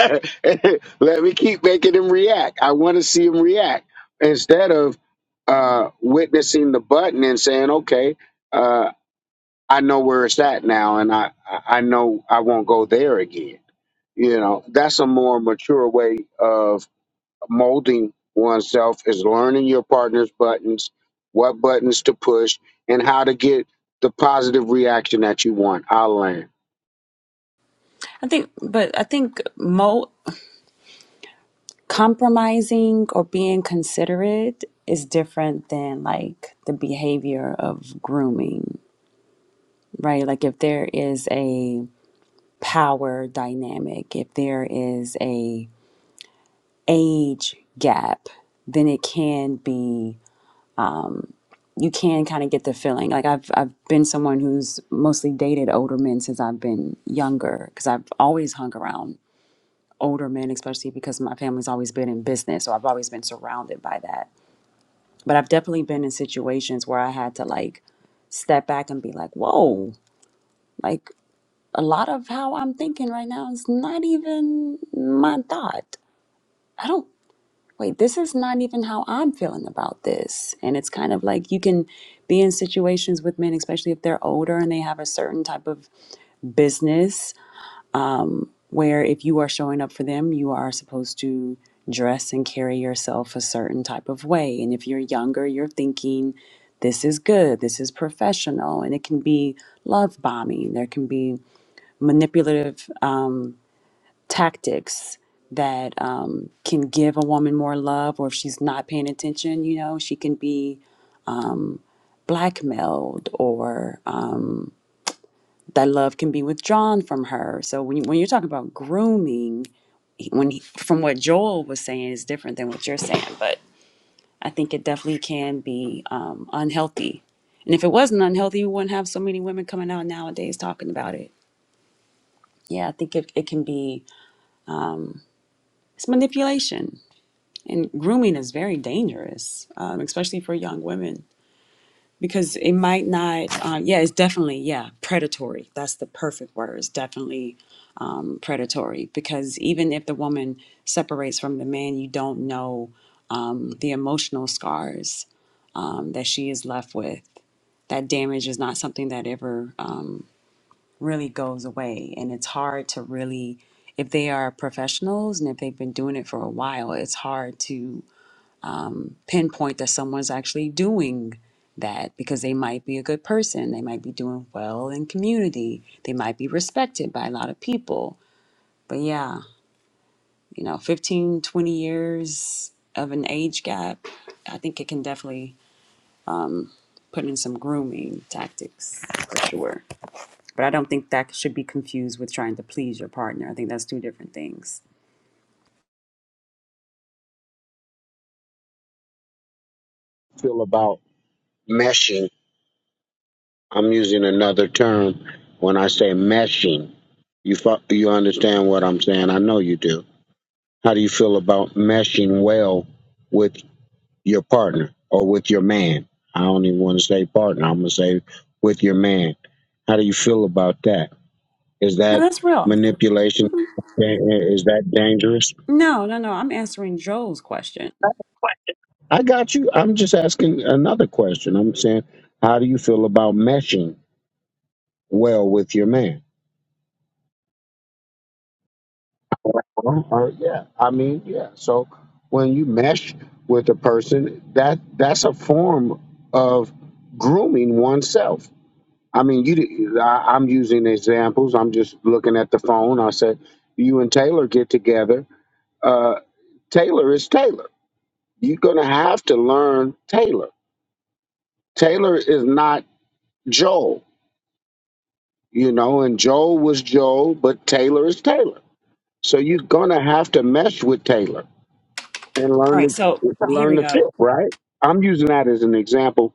[SPEAKER 7] Let me keep making him react. I want to see him react instead of uh, witnessing the button and saying, "Okay, uh, I know where it's at now, and I I know I won't go there again." You know, that's a more mature way of molding oneself is learning your partner's buttons, what buttons to push, and how to get the positive reaction that you want. I learned
[SPEAKER 11] I think, but I think mo compromising or being considerate is different than like the behavior of grooming, right? Like if there is a power dynamic, if there is a age gap, then it can be you can kind of get the feeling. Like I've I've been someone who's mostly dated older men since I've been younger because I've always hung around older men, especially because my family's always been in business. So I've always been surrounded by that. But I've definitely been in situations where I had to like step back and be like, whoa, like a lot of how I'm thinking right now is not even my thought. I don't, wait, this is not even how I'm feeling about this. And it's kind of like you can be in situations with men, especially if they're older and they have a certain type of business where if you are showing up for them, you are supposed to dress and carry yourself a certain type of way. And if you're younger, you're thinking, this is good, this is professional. And it can be love bombing, there can be manipulative um, tactics that um, can give a woman more love, or if she's not paying attention, you know, she can be blackmailed or um, that love can be withdrawn from her. So when, you, when you're talking about grooming, when he, from what Joel was saying is different than what you're saying, but I think it definitely can be um, unhealthy. And if it wasn't unhealthy, you wouldn't have so many women coming out nowadays talking about it. Yeah, I think it, it can be it's manipulation and grooming is very dangerous, um, especially for young women because it might not. Uh, yeah, it's definitely yeah predatory. That's the perfect word. It's definitely um, predatory because even if the woman separates from the man, you don't know um, the emotional scars um, that she is left with. That damage is not something that ever um, really goes away. And it's hard to really, if they are professionals and if they've been doing it for a while, it's hard to pinpoint that someone's actually doing that because they might be a good person. They might be doing well in community. They might be respected by a lot of people. But yeah, you know 15, 20 years of an age gap i think it can definitely put in some grooming tactics for sure but i don't think that should be confused with trying to please your partner i think that's two different things
[SPEAKER 7] feel about meshing I'm using another term when I say meshing. You fu- you understand what I'm saying? I know you do. How do you feel about meshing well with your partner or with your man? I don't even want to say partner. I'm gonna say with your man. How do you feel about that? Is
[SPEAKER 11] No,
[SPEAKER 7] that
[SPEAKER 11] that's real.
[SPEAKER 7] manipulation? Is that dangerous?
[SPEAKER 11] no no no i'm answering joel's question
[SPEAKER 7] I got you. I'm just asking another question. I'm saying, how do you feel about meshing well with your man? Well, uh, yeah, I mean, yeah. So when you mesh with a person, that that's a form of grooming oneself. I mean, you. di- I, am using examples. I'm just looking at the phone. I said, you and Taylor get together. Uh, Taylor is Taylor. You're gonna have to learn Taylor. Taylor is not Joel, you know, and Joel was Joel, but Taylor is Taylor. So you're gonna have to mesh with Taylor and
[SPEAKER 11] all
[SPEAKER 7] learn to
[SPEAKER 11] right so here
[SPEAKER 7] learn
[SPEAKER 11] we
[SPEAKER 7] to
[SPEAKER 11] go
[SPEAKER 7] flip, right? I'm using that as an example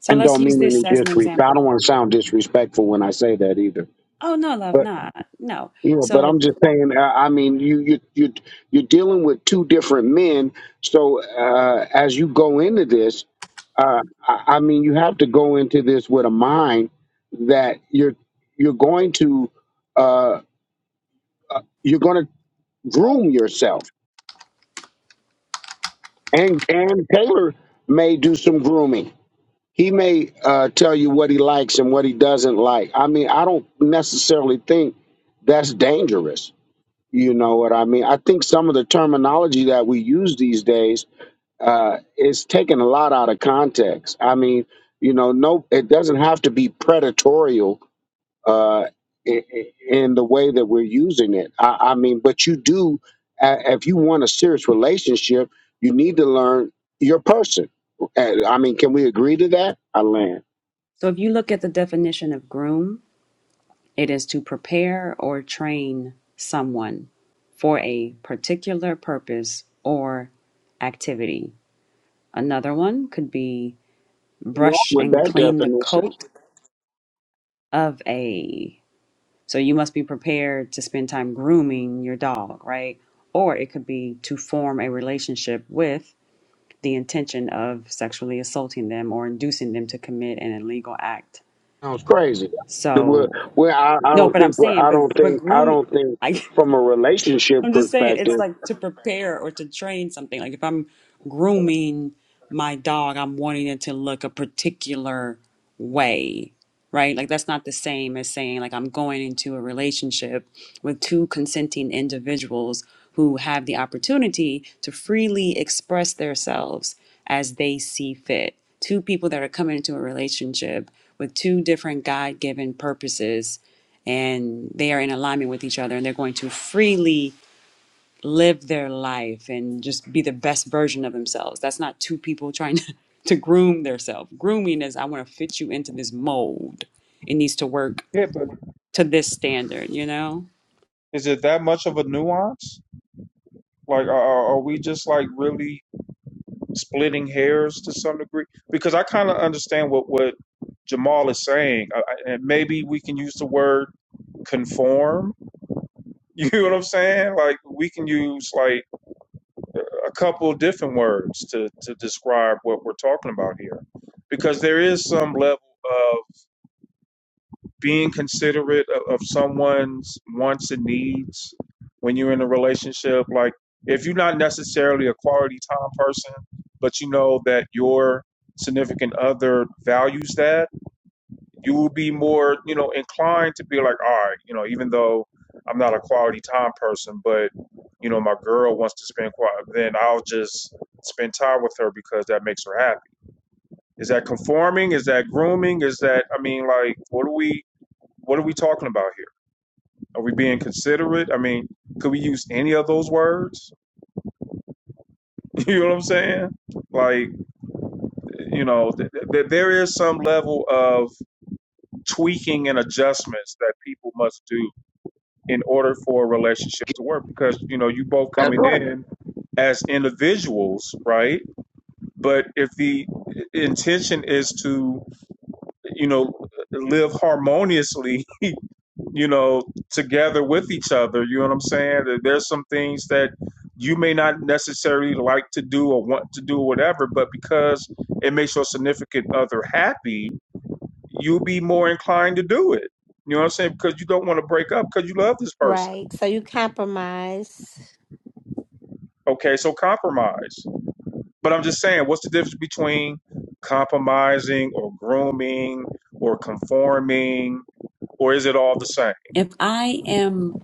[SPEAKER 11] so
[SPEAKER 7] and
[SPEAKER 11] let's
[SPEAKER 7] don't
[SPEAKER 11] use
[SPEAKER 7] mean
[SPEAKER 11] this
[SPEAKER 7] any
[SPEAKER 11] as an
[SPEAKER 7] disrespect. I don't
[SPEAKER 11] example
[SPEAKER 7] want to sound disrespectful when I say that either.
[SPEAKER 11] oh no love
[SPEAKER 7] But
[SPEAKER 11] not no
[SPEAKER 7] you know, but I'm
[SPEAKER 11] so
[SPEAKER 7] just saying. uh, I mean, you you you you're dealing with two different men. So uh, as you go into this, uh, I, I mean, you have to go into this with a mind that you're you're going to uh, you're going to groom yourself, and and Taylor may do some grooming He may uh, tell you what he likes and what he doesn't like. I mean, I don't necessarily think that's dangerous. You know what I mean? I think some of the terminology that we use these days uh, is taken a lot out of context. I mean, you know, no, it doesn't have to be predatorial uh, i- i- in the way that we're using it. I, I mean, but you do, uh, if you want a serious relationship, you need to learn your person. Uh, I mean, can we agree to that? I land.
[SPEAKER 11] so if you look at the definition of groom It is to prepare or train someone for a particular purpose or activity. Another one could be
[SPEAKER 7] wrong
[SPEAKER 11] brush
[SPEAKER 7] with
[SPEAKER 11] and
[SPEAKER 7] that
[SPEAKER 11] clean the
[SPEAKER 7] definition.
[SPEAKER 11] coat of a. So you must be prepared to spend time grooming your dog, right? Or it could be to form a relationship with the intention of sexually assaulting them or inducing them to commit an illegal act.
[SPEAKER 7] Sounds crazy. The word-
[SPEAKER 11] So,
[SPEAKER 7] Where I, I
[SPEAKER 11] no,
[SPEAKER 7] don't
[SPEAKER 11] but I'm
[SPEAKER 7] think where
[SPEAKER 11] saying,
[SPEAKER 7] I
[SPEAKER 11] but,
[SPEAKER 7] don't
[SPEAKER 11] but
[SPEAKER 7] think I
[SPEAKER 11] groom,
[SPEAKER 7] don't think
[SPEAKER 11] I.
[SPEAKER 7] from a relationship
[SPEAKER 11] I'm just saying it's
[SPEAKER 7] perspective.
[SPEAKER 11] like to prepare or to train something. Like if I'm grooming my dog, I'm wanting it to look a particular way, right? Like that's not the same as saying like I'm going into a relationship with two consenting individuals who have the opportunity to freely express themselves as they see fit. Two people that are coming into a relationship with two different God-given purposes and they are in alignment with each other and they're going to freely live their life and just be the best version of themselves. That's not two people trying to, to groom themselves. Grooming is I want to fit you into this mold. It needs to work
[SPEAKER 1] Yeah, but
[SPEAKER 11] to this standard, you know?
[SPEAKER 1] is it that much of a nuance? Like, are, are are we just like really splitting hairs to some degree? Because I kind of understand what what Jamal is saying, I, I- and maybe we can use the word conform. You know what I'm saying? Like, we can use like a couple of different words to to describe what we're talking about here, because there is some level being considerate of, of someone's wants and needs when you're in a relationship. Like, if you're not necessarily a quality time person, but you know that your significant other values that, you will be more, you know, inclined to be like, all right, you know, even though I'm not a quality time person, but, you know, my girl wants to spend quality, then I'll just spend time with her because that makes her happy. Is that conforming? Is that grooming? Is that, I mean, like, what are we, what are we talking about are we being considerate? I mean, could we use any of those words? You know what I'm saying? Like, you know, th- th- there is some level of tweaking and adjustments that people must do in order for a relationship to work because, you know, you both
[SPEAKER 7] That's
[SPEAKER 1] coming
[SPEAKER 7] right.
[SPEAKER 1] in as individuals, right? But if the intention is to, you may not, you know what I'm saying? Because, you,
[SPEAKER 12] Right. So you compromise.
[SPEAKER 1] okay, so compromise. And I'm just the difference between compromising or grooming or conforming, or is it all the same?
[SPEAKER 11] If I am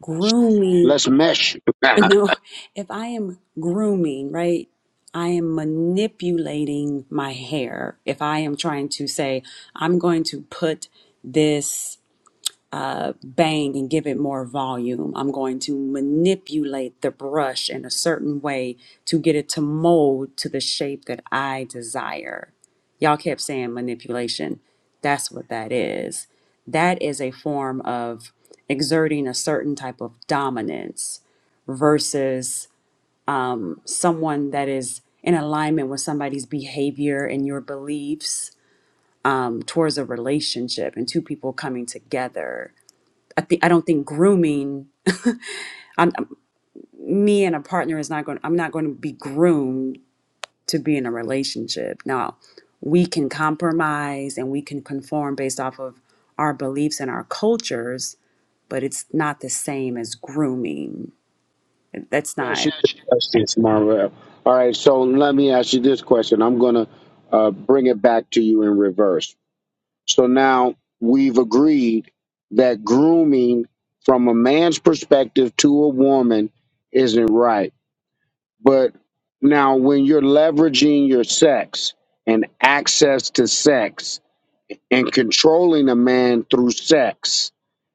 [SPEAKER 11] grooming,
[SPEAKER 7] Let's mesh. Let
[SPEAKER 11] no, if I am grooming, right? I am manipulating my hair. If I am trying to say, I'm going to put this uh, bang and give it more volume. I'm going to manipulate the brush in a certain way to get it to mold to the shape that I desire. Y'all kept saying manipulation. That's what that is. That is a form of exerting a certain type of dominance versus someone that is in alignment with somebody's behavior and your beliefs um, towards a relationship and two people coming together. I think I don't think grooming. I'm, me and a partner is not going. I'm not going to be groomed to be in a relationship. Now, we can compromise and we can conform based off of our beliefs and our cultures, but it's not the same as grooming. That's
[SPEAKER 7] me ask
[SPEAKER 11] not.
[SPEAKER 7] you this question, Marvell. All right. So let me ask you this question. I'm gonna uh, bring it back to you in reverse. So now we've agreed that grooming from a man's perspective to a woman isn't right But now, when you're leveraging your sex and access to sex and controlling a man through sex,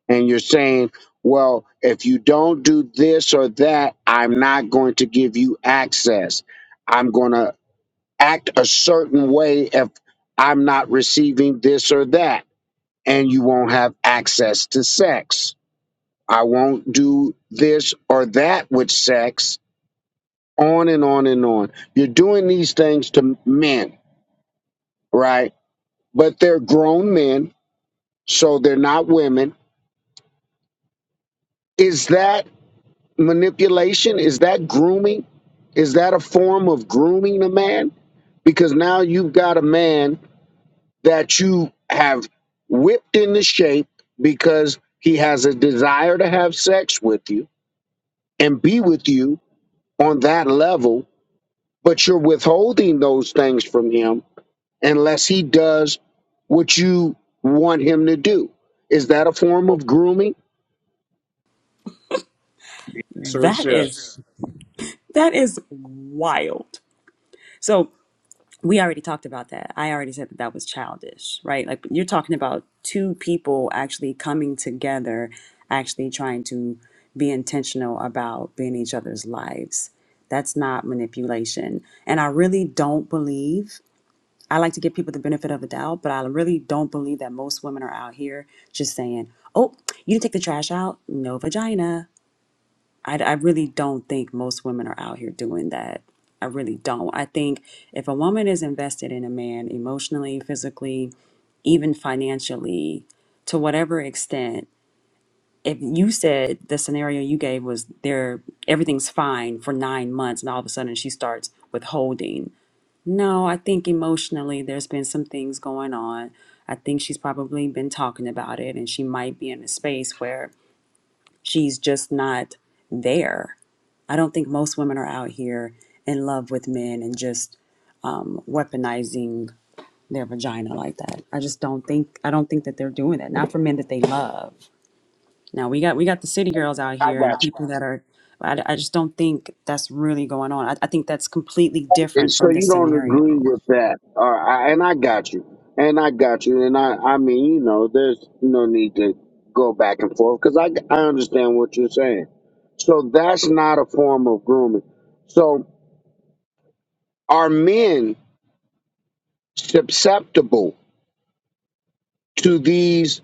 [SPEAKER 7] and you're saying, well, if you don't do this or that, I'm not going to give you access. I'm going to act a certain way if I'm not receiving this or that, and you won't have access to sex. I won't do this or that with sex on and on and on. You're doing these things to men, right? But they're grown men, so they're not women. Is that manipulation? Is that grooming? Is that a form of grooming a man? Because now you've got a man that you have whipped into shape because he has a desire to have sex with you and be with you on that level, but you're withholding those things from him unless he does what you want him to do. Is that a form of grooming?
[SPEAKER 1] Sir, it's
[SPEAKER 11] That is
[SPEAKER 1] Yes.
[SPEAKER 11] that is wild. So. we already talked about that. I already said that that was childish, right? Like you're talking about two people actually coming together, actually trying to be intentional about being each other's lives. That's not manipulation. And I really don't believe, I like to give people the benefit of the doubt, but I really don't believe that most women are out here just saying, oh, you didn't take the trash out, no vagina. I, I really don't think most women are out here doing that. I really don't. I think if a woman is invested in a man emotionally, physically, even financially, to whatever extent, if you said the scenario you gave was there, everything's fine for nine months, and all of a sudden she starts withholding. No, I think emotionally there's been some things going on. I think she's probably been talking about it, and she might be in a space where She's just not there. I don't think most women are out here in love with men and just um, weaponizing their vagina like that. I just don't think I don't think that they're doing that. Not for men that they love. Now we got we got the city girls out
[SPEAKER 7] I
[SPEAKER 11] here and
[SPEAKER 7] got you.
[SPEAKER 11] people that are. I, I just don't think that's really going on. I, I think that's completely
[SPEAKER 7] And
[SPEAKER 11] different
[SPEAKER 7] so
[SPEAKER 11] from
[SPEAKER 7] you
[SPEAKER 11] this
[SPEAKER 7] don't agree
[SPEAKER 11] scenario.
[SPEAKER 7] with that. All right, and I got you. And I got you. And I, I mean, you know, there's no need to go back and forth because I, I understand what you're saying. So that's not a form of grooming. So are men susceptible to these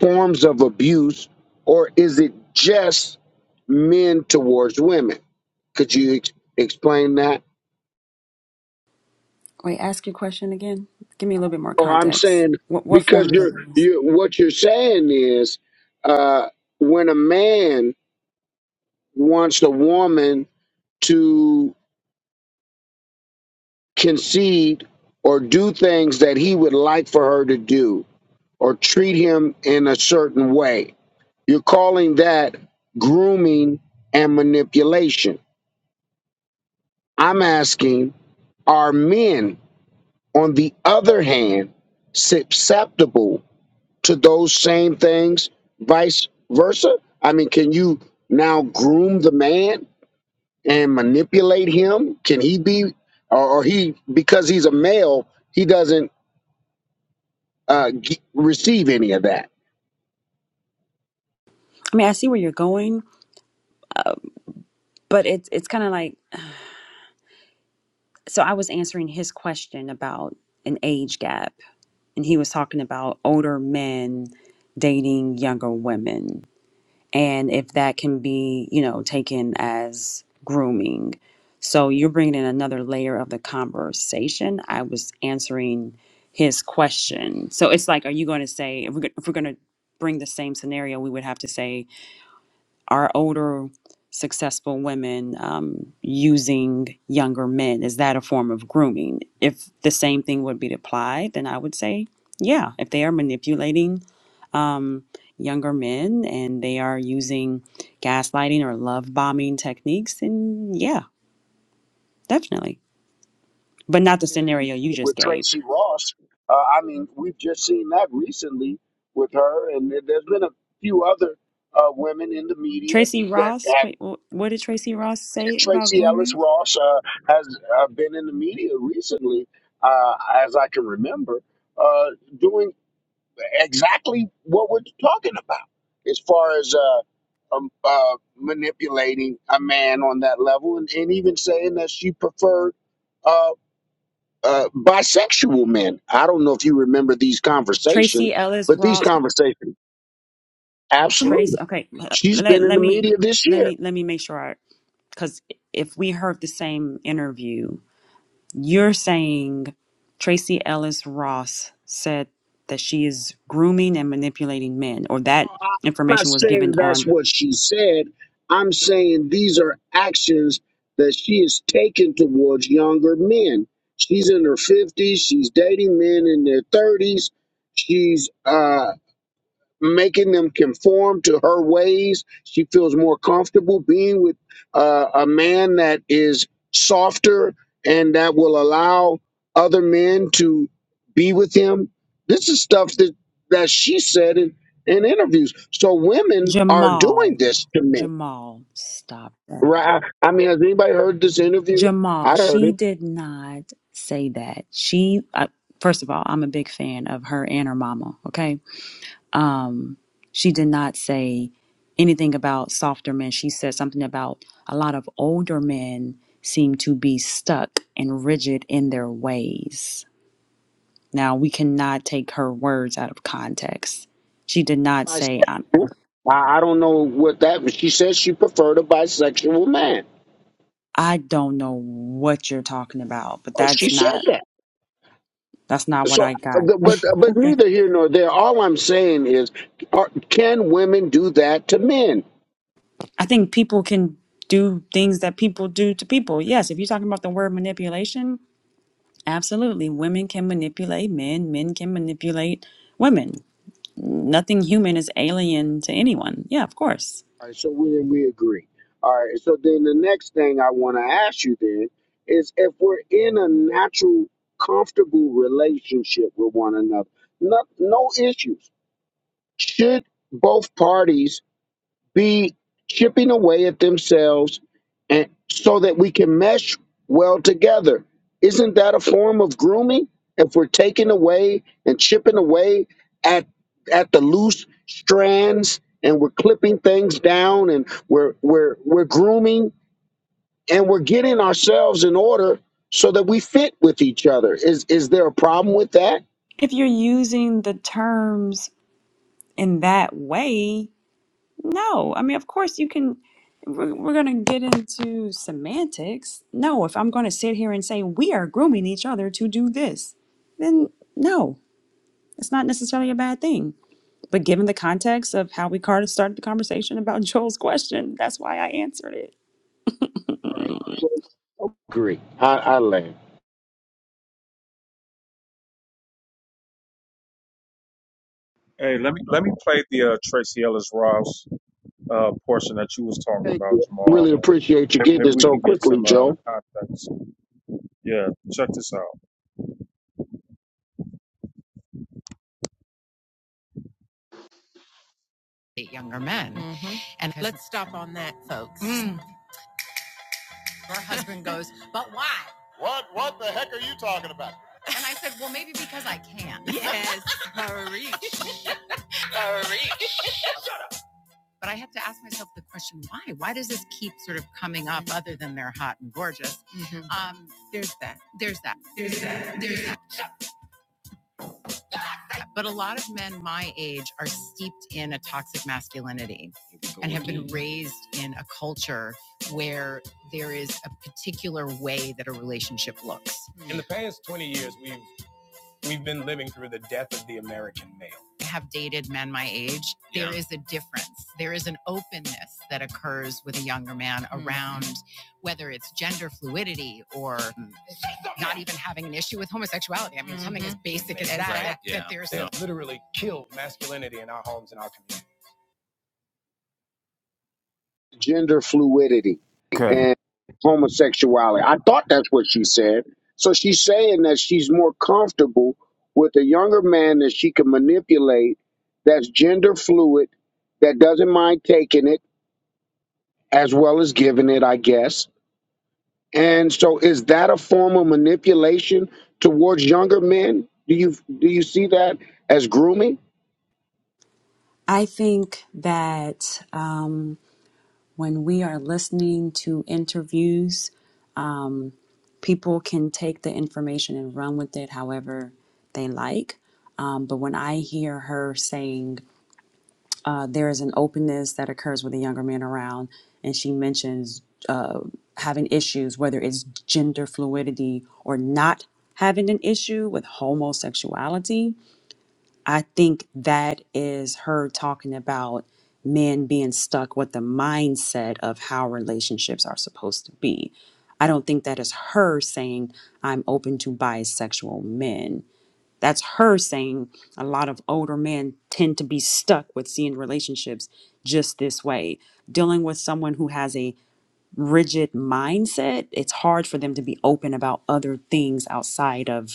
[SPEAKER 7] forms of abuse or is it just men towards women? Could you ex- explain that?
[SPEAKER 11] Wait, ask your question again. Give me a little bit more
[SPEAKER 7] Or I'm
[SPEAKER 11] context.
[SPEAKER 7] saying
[SPEAKER 11] What what
[SPEAKER 7] because
[SPEAKER 11] form of
[SPEAKER 7] you're
[SPEAKER 11] abuse?
[SPEAKER 7] you what you're saying is uh, when a man wants a woman to concede or do things that he would like for her to do or treat him in a certain way, you're calling that grooming and manipulation. I'm asking, are men on the other hand susceptible? to those same things, vice versa? I mean, can you now groom the man and manipulate him? Can he be, or, or he, because he's a male, he doesn't uh, g- receive any of that?
[SPEAKER 11] I mean, I see where you're going, but it's it's kind of like so I was answering his question about an age gap, and he was talking about older men dating younger women, and if that can be, you know, taken as grooming. So you're bringing in another layer of the conversation. I was answering his question. So it's like, are you going to say if we're, go- if we're going to bring the same scenario, we would have to say are older successful women um, using younger men is that a form of grooming if the same thing would be applied then i would say yeah if they are manipulating um, younger men and they are using gaslighting or love bombing techniques then yeah definitely but not the
[SPEAKER 7] And then
[SPEAKER 11] scenario you just
[SPEAKER 7] With
[SPEAKER 11] gave
[SPEAKER 7] Tracy Ross, uh, I mean, we've just seen that recently with her, and there- there's been a few other uh, women in the media
[SPEAKER 11] tracy
[SPEAKER 7] that
[SPEAKER 11] ross
[SPEAKER 7] have
[SPEAKER 11] tra- wh- what did tracy ross
[SPEAKER 7] And
[SPEAKER 11] say about
[SPEAKER 7] Tracy Ellis
[SPEAKER 11] grooming
[SPEAKER 7] Ross uh, has uh, been in the media recently, uh, as I can remember, uh, doing exactly what we're talking about as far as uh, um, uh, manipulating a man on that level and, and even saying that she preferred uh, uh, bisexual men. I don't know if you remember these conversations,
[SPEAKER 11] tracy ellis
[SPEAKER 7] but these
[SPEAKER 11] ross
[SPEAKER 7] conversations,
[SPEAKER 11] Trace,
[SPEAKER 7] absolutely.
[SPEAKER 11] okay,
[SPEAKER 7] She's been
[SPEAKER 11] let,
[SPEAKER 7] in
[SPEAKER 11] let
[SPEAKER 7] the
[SPEAKER 11] me
[SPEAKER 7] media this
[SPEAKER 11] let
[SPEAKER 7] year
[SPEAKER 11] me let me make sure I because if we heard the same interview, you're saying Tracy Ellis Ross said that she is grooming and manipulating men, or that
[SPEAKER 7] I'm not
[SPEAKER 11] information was given
[SPEAKER 7] saying that's
[SPEAKER 11] on
[SPEAKER 7] what she said. I'm saying these are actions that she is taking towards younger men. She's in her 50s. She's dating men in their 30s. She's uh, making them conform to her ways. She feels more comfortable being with uh, a man that is softer and that will allow other men to be with him. This is stuff that, that she said in, in interviews. So women are doing
[SPEAKER 11] Jamal.
[SPEAKER 7] this to men,
[SPEAKER 11] Jamal, stop that.
[SPEAKER 7] right? I mean, has anybody heard this interview?
[SPEAKER 11] Jamal,
[SPEAKER 7] I heard
[SPEAKER 11] she
[SPEAKER 7] it.
[SPEAKER 11] did not say that. She, I, first of all, I'm a big fan of her and her mama. Okay, Um, she did not say anything about softer men. She said something about a lot of older men seem to be stuck and rigid in their ways. Now, we cannot take her words out of context. She did not say, I,
[SPEAKER 7] Bisexual. I, I don't know what that. was. She said she preferred a bisexual man.
[SPEAKER 11] I don't know what you're talking about, but
[SPEAKER 7] Oh, She
[SPEAKER 11] that's
[SPEAKER 7] said
[SPEAKER 11] not.
[SPEAKER 7] that.
[SPEAKER 11] That's not what
[SPEAKER 7] So,
[SPEAKER 11] I got.
[SPEAKER 7] but but
[SPEAKER 11] Okay.
[SPEAKER 7] neither here nor there. All I'm saying is, are, can women do that to men?
[SPEAKER 11] I think people can do things that people do to people. Yes, if you're talking about the word manipulation, Absolutely. Women can manipulate men, men can manipulate women. Nothing human is alien to anyone. Yeah, of course.
[SPEAKER 7] All right. So we we agree. All right. So then the next thing I want to ask you then is if we're in a natural, comfortable relationship with one another, no, no issues. Should both parties be chipping away at themselves and so that we can mesh well together. Isn't that a form of grooming? If we're taking away and chipping away at at the loose strands and we're clipping things down and we're we're we're grooming and we're getting ourselves in order so that we fit with each other. Is is there a problem with that?
[SPEAKER 11] If you're using the terms in that way, no. I mean, of course, you can. We're, we're going to get into semantics. No, if I'm going to sit here and say we are grooming each other to do this, then no, it's not necessarily a bad thing. But given the context of how we kind of started the conversation about Joel's question, that's why I answered it.
[SPEAKER 7] All right. Agree. I, I land.
[SPEAKER 1] Hey, let me let me play the uh, Tracy Ellis Ross uh, portion that you was talking
[SPEAKER 7] Thank
[SPEAKER 1] about,
[SPEAKER 7] you. Really
[SPEAKER 1] Jamal, and
[SPEAKER 7] appreciate you getting
[SPEAKER 1] maybe
[SPEAKER 7] it
[SPEAKER 1] we
[SPEAKER 7] so
[SPEAKER 1] can get
[SPEAKER 7] quickly,
[SPEAKER 1] some uh,
[SPEAKER 7] Joe.
[SPEAKER 1] context. Yeah, check this out. Keep sort of of coming up. Other than they're are hot and gorgeous, Mhm. Um, there's there is that. that But a a a a a lot of men my age are steeped in in In toxic masculinity, raised in a culture where there is a particular way that a relationship looks. In the past twenty years, we. We've been living through the death of the American male. I have dated men my age. There is a difference. There is an openness that accounts, whether it's gender fluidity or not even having an issue with homosexuality. Basic. I mean,
[SPEAKER 7] gender fluidity and homosexuality. I thought that's what she said. So she's saying that she's more comfortable with a younger man that she can manipulate that's gender fluid, that doesn't mind taking it as well as giving it, I guess. And so is that a form of manipulation towards younger men? Do you do you see that as grooming?
[SPEAKER 11] I think that um, when we are listening to interviews, um, people can take the information and run with it however they like. Um, but when I hear her saying uh, there is an openness that occurs with a younger man around, and she mentions uh, having issues, whether it's gender fluidity or not having an issue with homosexuality, I think that is her talking about men being stuck with the mindset of how relationships are supposed to be. I don't think that is her saying, I'm open to bisexual men. That's her saying a lot of older men tend to be stuck with seeing relationships just this way. Dealing with someone who has a rigid mindset, it's hard for them to be open about other things outside of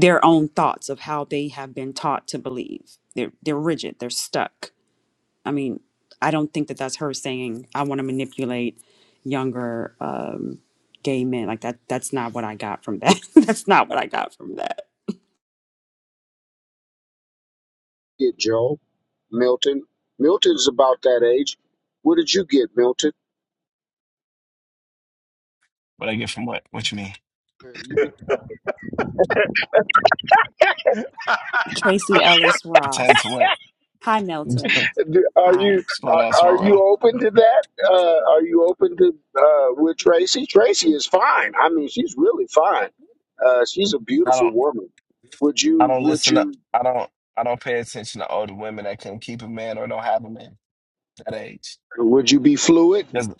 [SPEAKER 11] their own thoughts of how they have been taught to believe. They're they're rigid. They're stuck. I mean, I don't think that that's her saying I want to manipulate younger um, gay men. Like that. That's not what I got from that. that's not what I got from that.
[SPEAKER 7] Get Joe, Milton. Milton's about that age. What did you get, Milton?
[SPEAKER 4] What I get from what? What you mean?
[SPEAKER 7] You did
[SPEAKER 11] Tracy Ellis
[SPEAKER 4] Turning to
[SPEAKER 11] Ross.
[SPEAKER 4] what?
[SPEAKER 11] Hi, Milton.
[SPEAKER 7] Do- Are
[SPEAKER 11] Hi.
[SPEAKER 7] you
[SPEAKER 4] What's going
[SPEAKER 7] are,
[SPEAKER 4] on,
[SPEAKER 7] are you
[SPEAKER 4] Swarrell?
[SPEAKER 7] open to that? Uh, are you open to uh, with Tracy? Tracy is fine. I mean, she's really fine. Uh, she's a
[SPEAKER 4] I
[SPEAKER 7] beautiful
[SPEAKER 4] don't.
[SPEAKER 7] woman. Would
[SPEAKER 4] I
[SPEAKER 7] you
[SPEAKER 4] don't
[SPEAKER 7] would
[SPEAKER 4] listen up.
[SPEAKER 7] you
[SPEAKER 4] I don't. I don't pay attention to older women that can keep a man or don't have a man that age.
[SPEAKER 7] would you be fluid?
[SPEAKER 4] Because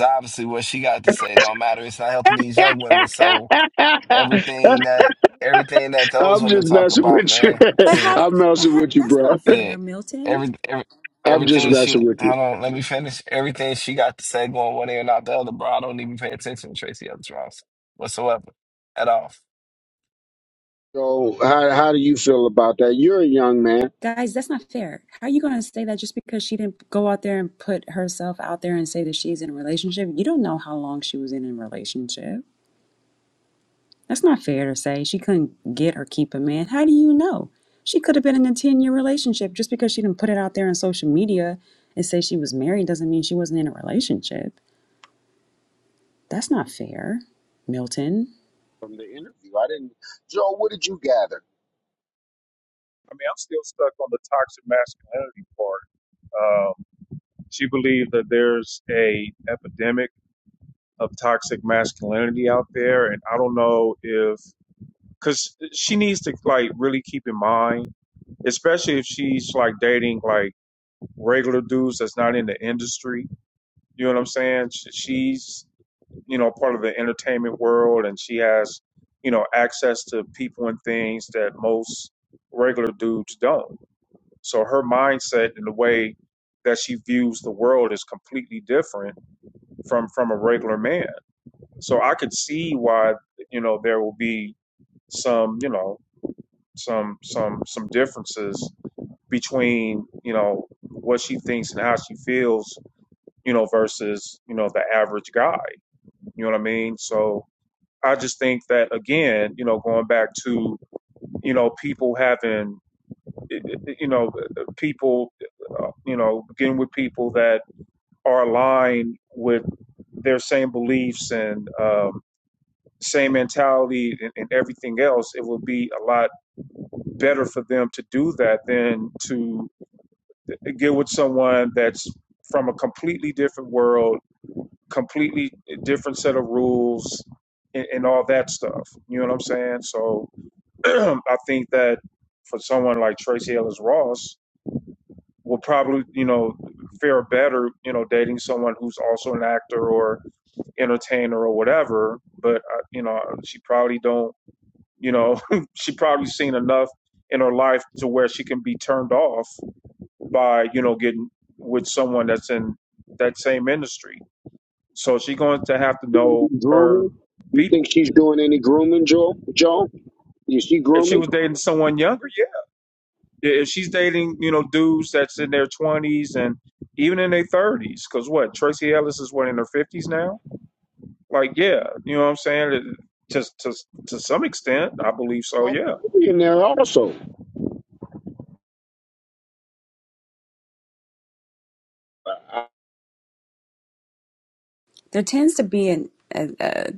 [SPEAKER 4] obviously what she got to say don't matter. It's not helping these
[SPEAKER 7] I'm
[SPEAKER 4] young women. So everything that everything that those women
[SPEAKER 7] just
[SPEAKER 4] talk
[SPEAKER 7] messing
[SPEAKER 4] about,
[SPEAKER 7] with you.
[SPEAKER 4] man.
[SPEAKER 11] But
[SPEAKER 4] Yeah,
[SPEAKER 11] how? do-
[SPEAKER 7] I'm
[SPEAKER 11] But
[SPEAKER 7] messing
[SPEAKER 11] how,
[SPEAKER 7] with you,
[SPEAKER 11] that's
[SPEAKER 7] bro.
[SPEAKER 11] not
[SPEAKER 4] yeah.
[SPEAKER 11] fair, Milton.
[SPEAKER 4] Every, every
[SPEAKER 7] I'm just
[SPEAKER 4] everything she
[SPEAKER 7] messing with you.
[SPEAKER 4] hold on, let me finish. Everything she got to say going one ear and out the other, bro. I don't even pay attention to Tracy Ellis Ross whatsoever at all.
[SPEAKER 7] So, how how do you feel about that? You're a young man
[SPEAKER 11] Guys, that's not fair. How are you going to say that just because she didn't go out there and put herself out there and say that she's in a relationship? You don't know how long she was in a relationship. That's not fair to say she couldn't get or keep a man. How do you know? She could have been in a 10 year relationship. Just because she didn't put it out there on social media and say she was married doesn't mean she wasn't in a relationship. That's not fair, Milton.
[SPEAKER 7] from the interview. I didn't. Joe, what did you gather?
[SPEAKER 1] I'm still stuck on the toxic masculinity part. Um, she believes that there's a epidemic of toxic masculinity out there, and I don't know if because she needs to like really keep in mind, especially if she's like dating like regular dudes that's not in the industry. You know what I'm saying? She's, you know, part of the entertainment world and she has, you know, access to people and things that most regular dudes don't. So her mindset and the way that she views the world is completely different from from a regular man. So I could see why, you know, there will be some, you know, some some some differences between, you know, what she thinks and how she feels you know, versus, you know, the average guy. You know what I mean? So I just think that, again, you know, going back to, you know, people having, you know, uh, uh, people, uh, you know, getting with people that are aligned with their same beliefs and um, same mentality and, and everything else, it would be a lot better for them to do that than to get with someone that's from a completely different world, completely different set of rules, and, and all that stuff. You know what I'm saying? So I think that for someone like Tracee Ellis Ross will probably, you know, fare better, you know, dating someone who's also an actor or entertainer or whatever. But uh, you know, she probably don't, you know, she probably seen enough in her life to where she can be turned off by, you know, getting with someone that's in that same industry. So she's going to have to know her
[SPEAKER 7] Grooming? You think
[SPEAKER 1] people.
[SPEAKER 7] she's doing any grooming, Joe? Joe? Is she
[SPEAKER 1] If she
[SPEAKER 7] grooming?
[SPEAKER 1] was dating someone younger If she's dating, you know, dudes that's in their 20s and even in their 30s, because what, Tracy Ellis is what, in her 50s now? Like, yeah, you know what I'm saying? To some extent, I believe so, yeah.
[SPEAKER 7] Millionaire also.
[SPEAKER 11] There tends to be an a, a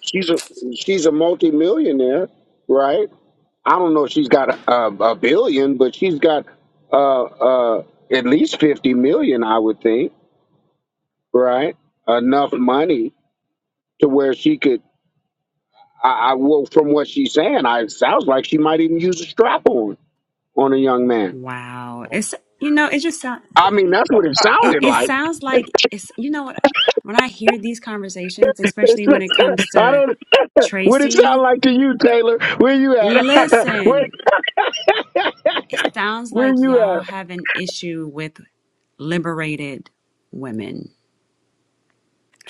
[SPEAKER 7] She's a she's a multimillionaire, right? I don't know if she's got a, a billion, but she's got uh, uh, at least fifty million, I would think, right? Enough money to where she could. I, I well, from what she's saying, I it sounds like she might even use a strap on on a young man.
[SPEAKER 11] wow. It's you know it just sounds
[SPEAKER 7] I mean, that's what it
[SPEAKER 11] it,
[SPEAKER 7] sounded
[SPEAKER 11] it
[SPEAKER 7] like.
[SPEAKER 11] sounds like it's you know what when I hear these conversations, especially when it comes
[SPEAKER 7] I
[SPEAKER 11] to
[SPEAKER 7] don't. What it sound
[SPEAKER 11] Tracy.
[SPEAKER 7] like to you, Taylor? Where you at? where
[SPEAKER 11] Listen, it sounds
[SPEAKER 7] where
[SPEAKER 11] like
[SPEAKER 7] you
[SPEAKER 11] y'all
[SPEAKER 7] at?
[SPEAKER 11] have an issue with. liberated women,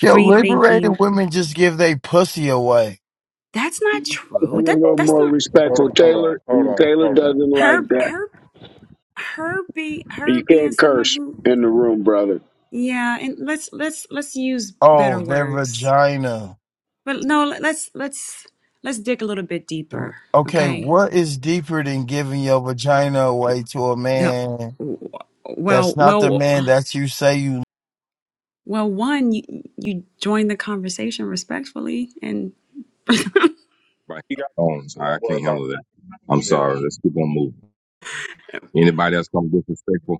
[SPEAKER 13] Yo, liberated
[SPEAKER 11] thinking.
[SPEAKER 13] women just give they pussy away.
[SPEAKER 11] That's not
[SPEAKER 1] Bro,
[SPEAKER 11] true.
[SPEAKER 7] Be a
[SPEAKER 11] That
[SPEAKER 1] bro,
[SPEAKER 7] little
[SPEAKER 11] that's
[SPEAKER 1] bro.
[SPEAKER 7] more
[SPEAKER 11] not
[SPEAKER 1] Hold
[SPEAKER 7] respectful,
[SPEAKER 1] on, hold on,
[SPEAKER 7] Taylor.
[SPEAKER 1] hold
[SPEAKER 7] You-
[SPEAKER 1] on,
[SPEAKER 7] Taylor
[SPEAKER 1] hold on.
[SPEAKER 7] doesn't like
[SPEAKER 11] her
[SPEAKER 7] that.
[SPEAKER 11] her her be her
[SPEAKER 7] You
[SPEAKER 11] being
[SPEAKER 7] can't
[SPEAKER 11] someone
[SPEAKER 7] curse
[SPEAKER 11] who
[SPEAKER 7] in the room, brother.
[SPEAKER 11] yeah, and let's let's let's use
[SPEAKER 13] Oh,
[SPEAKER 11] better
[SPEAKER 13] their
[SPEAKER 11] words.
[SPEAKER 13] vagina.
[SPEAKER 11] But no, let's let's let's dig a little bit
[SPEAKER 13] The-
[SPEAKER 11] deeper,
[SPEAKER 13] Okay,
[SPEAKER 11] okay?
[SPEAKER 13] what is deeper than giving your vagina away to a
[SPEAKER 11] The
[SPEAKER 13] man
[SPEAKER 11] well,
[SPEAKER 13] that's not the
[SPEAKER 11] well,
[SPEAKER 13] man that you say you
[SPEAKER 11] well, one, you, you join the conversation respectfully and
[SPEAKER 2] Right.
[SPEAKER 1] You got
[SPEAKER 2] Oh,
[SPEAKER 1] that, so
[SPEAKER 2] I
[SPEAKER 1] don't worry
[SPEAKER 2] can't
[SPEAKER 1] about
[SPEAKER 2] handle that. I'm
[SPEAKER 1] it. Yeah.
[SPEAKER 2] sorry. Let's keep on moving. Anybody that's gonna be disrespectful,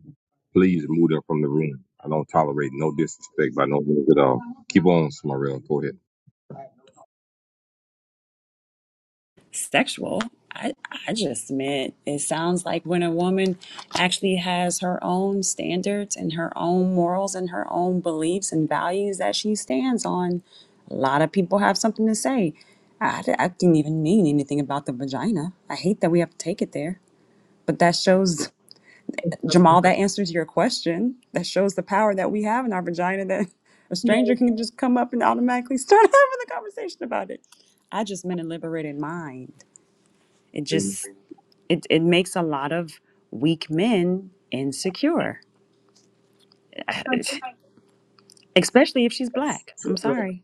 [SPEAKER 2] please move them from the room. I don't tolerate no disrespect by no means at all. Keep on, Smarell. Go ahead.
[SPEAKER 11] sexual. I, I just meant it sounds like when a woman actually has her own standards and her own morals and her own beliefs and values that she stands on, a lot of people have something to say. I, I didn't even mean anything about the vagina. I hate that we have to take it there. But that shows, Jamal, that answers your question. That shows the power that we have in our vagina that a stranger can just come up and automatically start having the conversation about it. I just meant a liberated mind. It just it, it makes a lot of weak men insecure, especially if she's black. I'm sorry.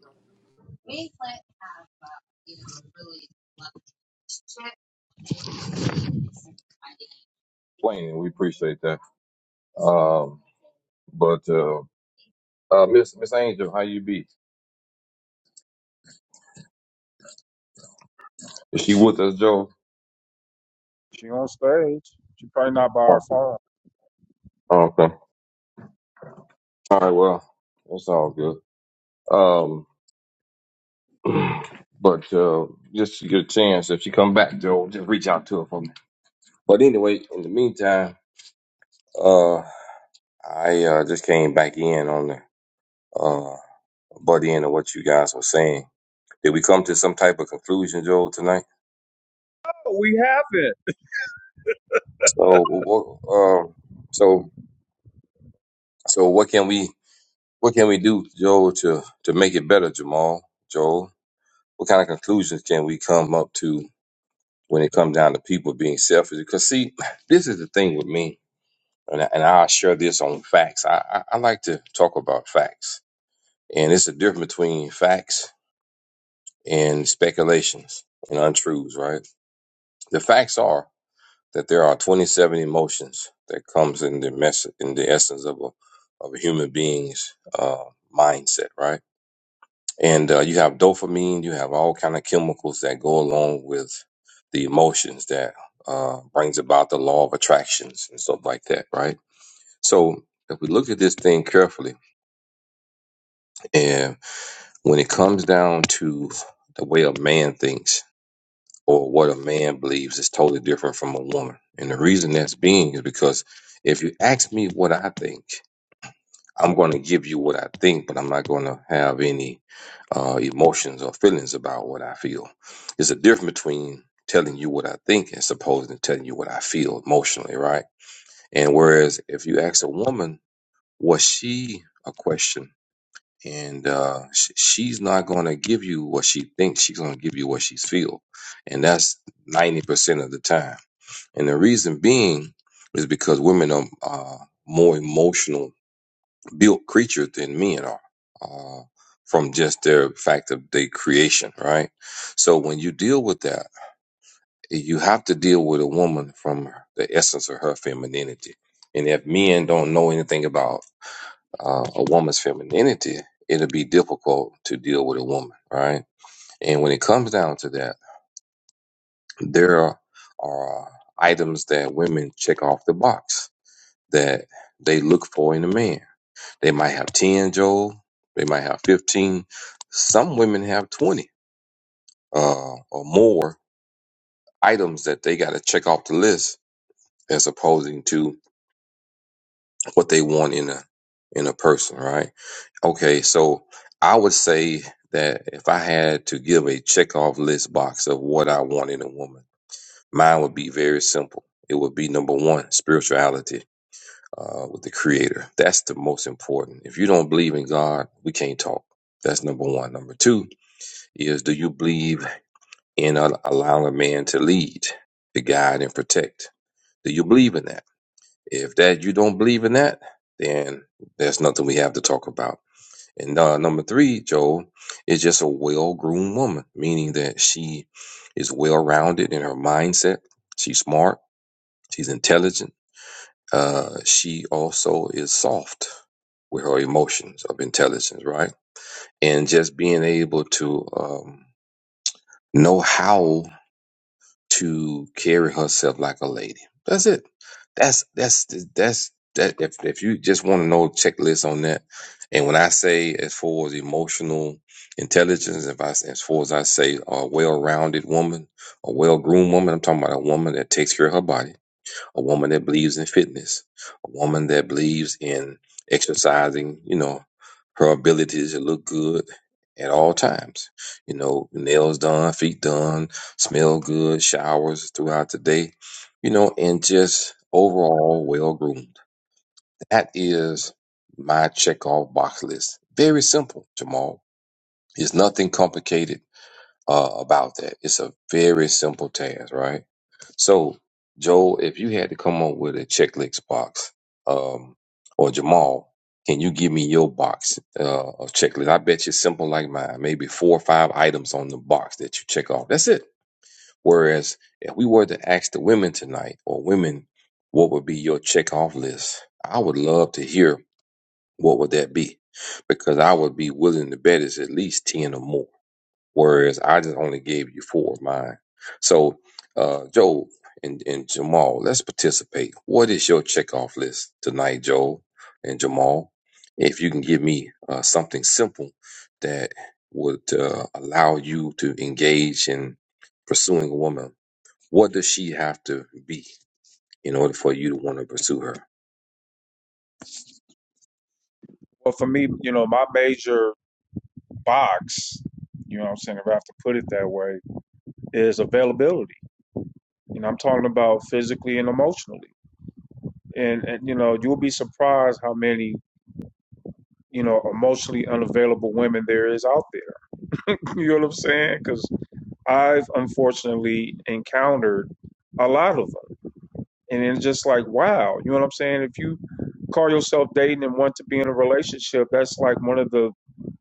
[SPEAKER 2] Plain, and we appreciate that. Um, but uh, uh, Miss Miss Angel, how you be? Is she with us, Joe?
[SPEAKER 1] She on stage. She probably not by her
[SPEAKER 2] Okay.
[SPEAKER 1] phone.
[SPEAKER 2] Okay. All right. Well, that's all good. Um, but uh, just to get a chance, if she come back, Joe, just reach out to her for me. But anyway, in the meantime, uh, I uh, just came back in on the. uh. butt in to what you guys were saying. Did we come to some type of conclusion, Joel, tonight?
[SPEAKER 1] We haven't.
[SPEAKER 2] So, wh- wh- uh, so, so, what can we, what can we do, Joel, to to make it better, Jamal, Joel? What kind of conclusions can we come up to when it comes down to people being selfish? Because see, this is the thing with me, and I, and I'll share this on facts. I, I I like to talk about facts, and it's the difference between facts and speculations and untruths, right? The facts are. that there are 27 emotions that comes in the mess in the essence of a of a human being's uh, mindset, right? And uh, you have dopamine, you have all kind of chemicals that go along with the emotions that uh, brings about the law of attractions and stuff like that, right? So if we look at this thing carefully, and when it comes down to the way a man thinks, or what a man believes is totally different from a woman. And the reason that's being is because if you ask me what I think, I'm going to give you what I think, but I'm not going to have any uh, emotions or feelings about what I feel. There's a difference between telling you what I think and supposing to telling you what I feel emotionally, right? And whereas if you ask a woman, was she a question? and uh, sh- she's not going to give you what she thinks. She's going to give you what she feels, and that's ninety percent of the time. And the reason being is because women are uh, more emotional built creatures than men are, uh, from just their fact of their creation, right? So when you deal with that, you have to deal with a woman from the essence of her femininity. And if men don't know anything about uh, a woman's femininity, it'll be difficult to deal with a woman, right? And when it comes down to that, there are items that women check off the box that they look for in a man. They might have 10, Joel. They might have 15. Some women have 20 uh, or more items that they got to check off the list as opposing to what they want in a in a person, right? Okay, so I would say that if I had to give a checkoff list box of what I want in a woman, mine would be very simple. It would be number one, spirituality uh, with the Creator. That's the most important. If you don't believe in God, we can't talk. That's number one. Number two is do you believe in a- allowing a man to lead, to guide, and protect? Do you believe in that? If that you don't believe in that, then there's nothing we have to talk about. And uh, number three, Joel, is just a well groomed woman, meaning that she is well rounded in her mindset. She's smart. She's intelligent. Uh, she also is soft with her emotions of intelligence, right? And just being able to um, know how to carry herself like a lady. That's it. That's that's that's that. If if you just want to know a checklist on that, and when I say as far as emotional intelligence, if I as far as I say a well-rounded woman, a well-groomed woman, I'm talking about a woman that takes care of her body a woman that believes in fitness, a woman that believes in exercising, you know, her ability to look good at all times. You know, nails done, feet done, smell good, showers throughout the day, you know, and just overall well groomed. That is my check off box list. Very simple, Jamal. There's nothing complicated uh, about that. It's a very simple task, right? So, Joel, if you had to come up with a checklist box, um, or Jamal, can you give me your box uh, of checklist? I bet you simple like mine, maybe four or five items on the box that you check off. That's it. Whereas if we were to ask the women tonight or women, what would be your check off list? I would love to hear what would that be because I would be willing to bet it's at least 10 or more whereas I just only gave you four of mine. So, uh, Joe and, and Jamal, let's participate. What is your checkoff list tonight, Joe and Jamal? If you can give me uh, something simple that would uh, allow you to engage in pursuing a woman, what does she have to be in order for you to want to pursue her?
[SPEAKER 1] Well, for me, you know, my major box, you know what I'm saying, if I have to put it that way, is availability. You know, I'm talking about physically and emotionally. and, and you know you'll be surprised how many you know emotionally unavailable women there is out there you know what i'm saying because i've unfortunately encountered a lot of them and it's just like wow you know what i'm saying if you call yourself dating and want to be in a relationship that's like one of the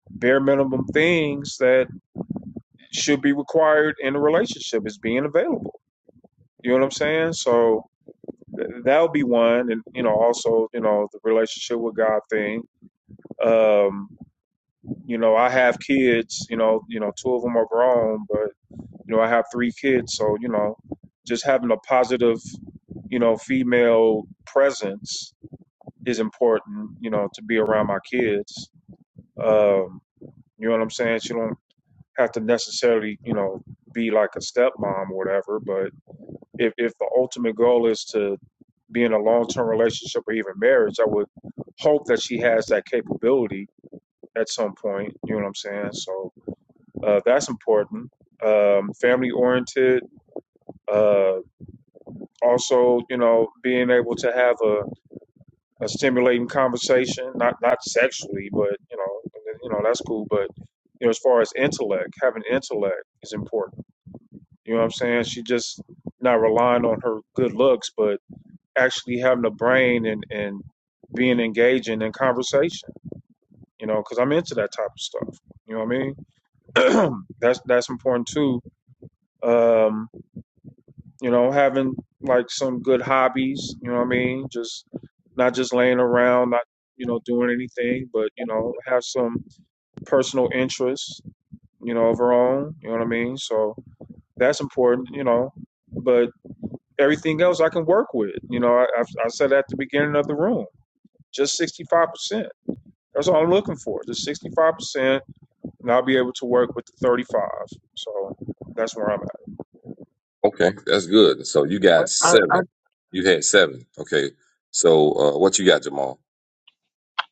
[SPEAKER 1] bare minimum things that should be required in a relationship is being available you know what i'm saying so th- that'll be one and you know also you know the relationship with god thing um you know, I have kids, you know, you know, two of them are grown, but you know, I have three kids, so you know, just having a positive, you know, female presence is important, you know, to be around my kids. Um, you know what I'm saying? She don't have to necessarily, you know, be like a stepmom or whatever, but if if the ultimate goal is to be in a long-term relationship or even marriage, I would hope that she has that capability at some point, you know what I'm saying? So Uh, that's important. Um, family oriented. Uh, also, you know, being able to have a, a stimulating conversation, not not sexually, but you know, you know that's cool. But you know, as far as intellect, having intellect is important. You know what I'm saying? She just not relying on her good looks, but actually having a brain and and being engaging in conversation. You know, because I'm into that type of stuff. You know what I mean? that's that's important too. Um, you know, having like some good hobbies, you know what I mean? Just not just laying around, not, you know, doing anything, but, you know, have some personal interests, you know, of her own, you know what I mean? So that's important, you know, but everything else I can work with, you know, I, i said at the beginning of the room, just 65%. That's all I'm looking for, just 65%, and I'll be able to work with the 35. So that's where I'm
[SPEAKER 2] Okay, that's good. So you got
[SPEAKER 7] I, I,
[SPEAKER 2] seven. You had seven. Okay. So uh, what you got, Jamal?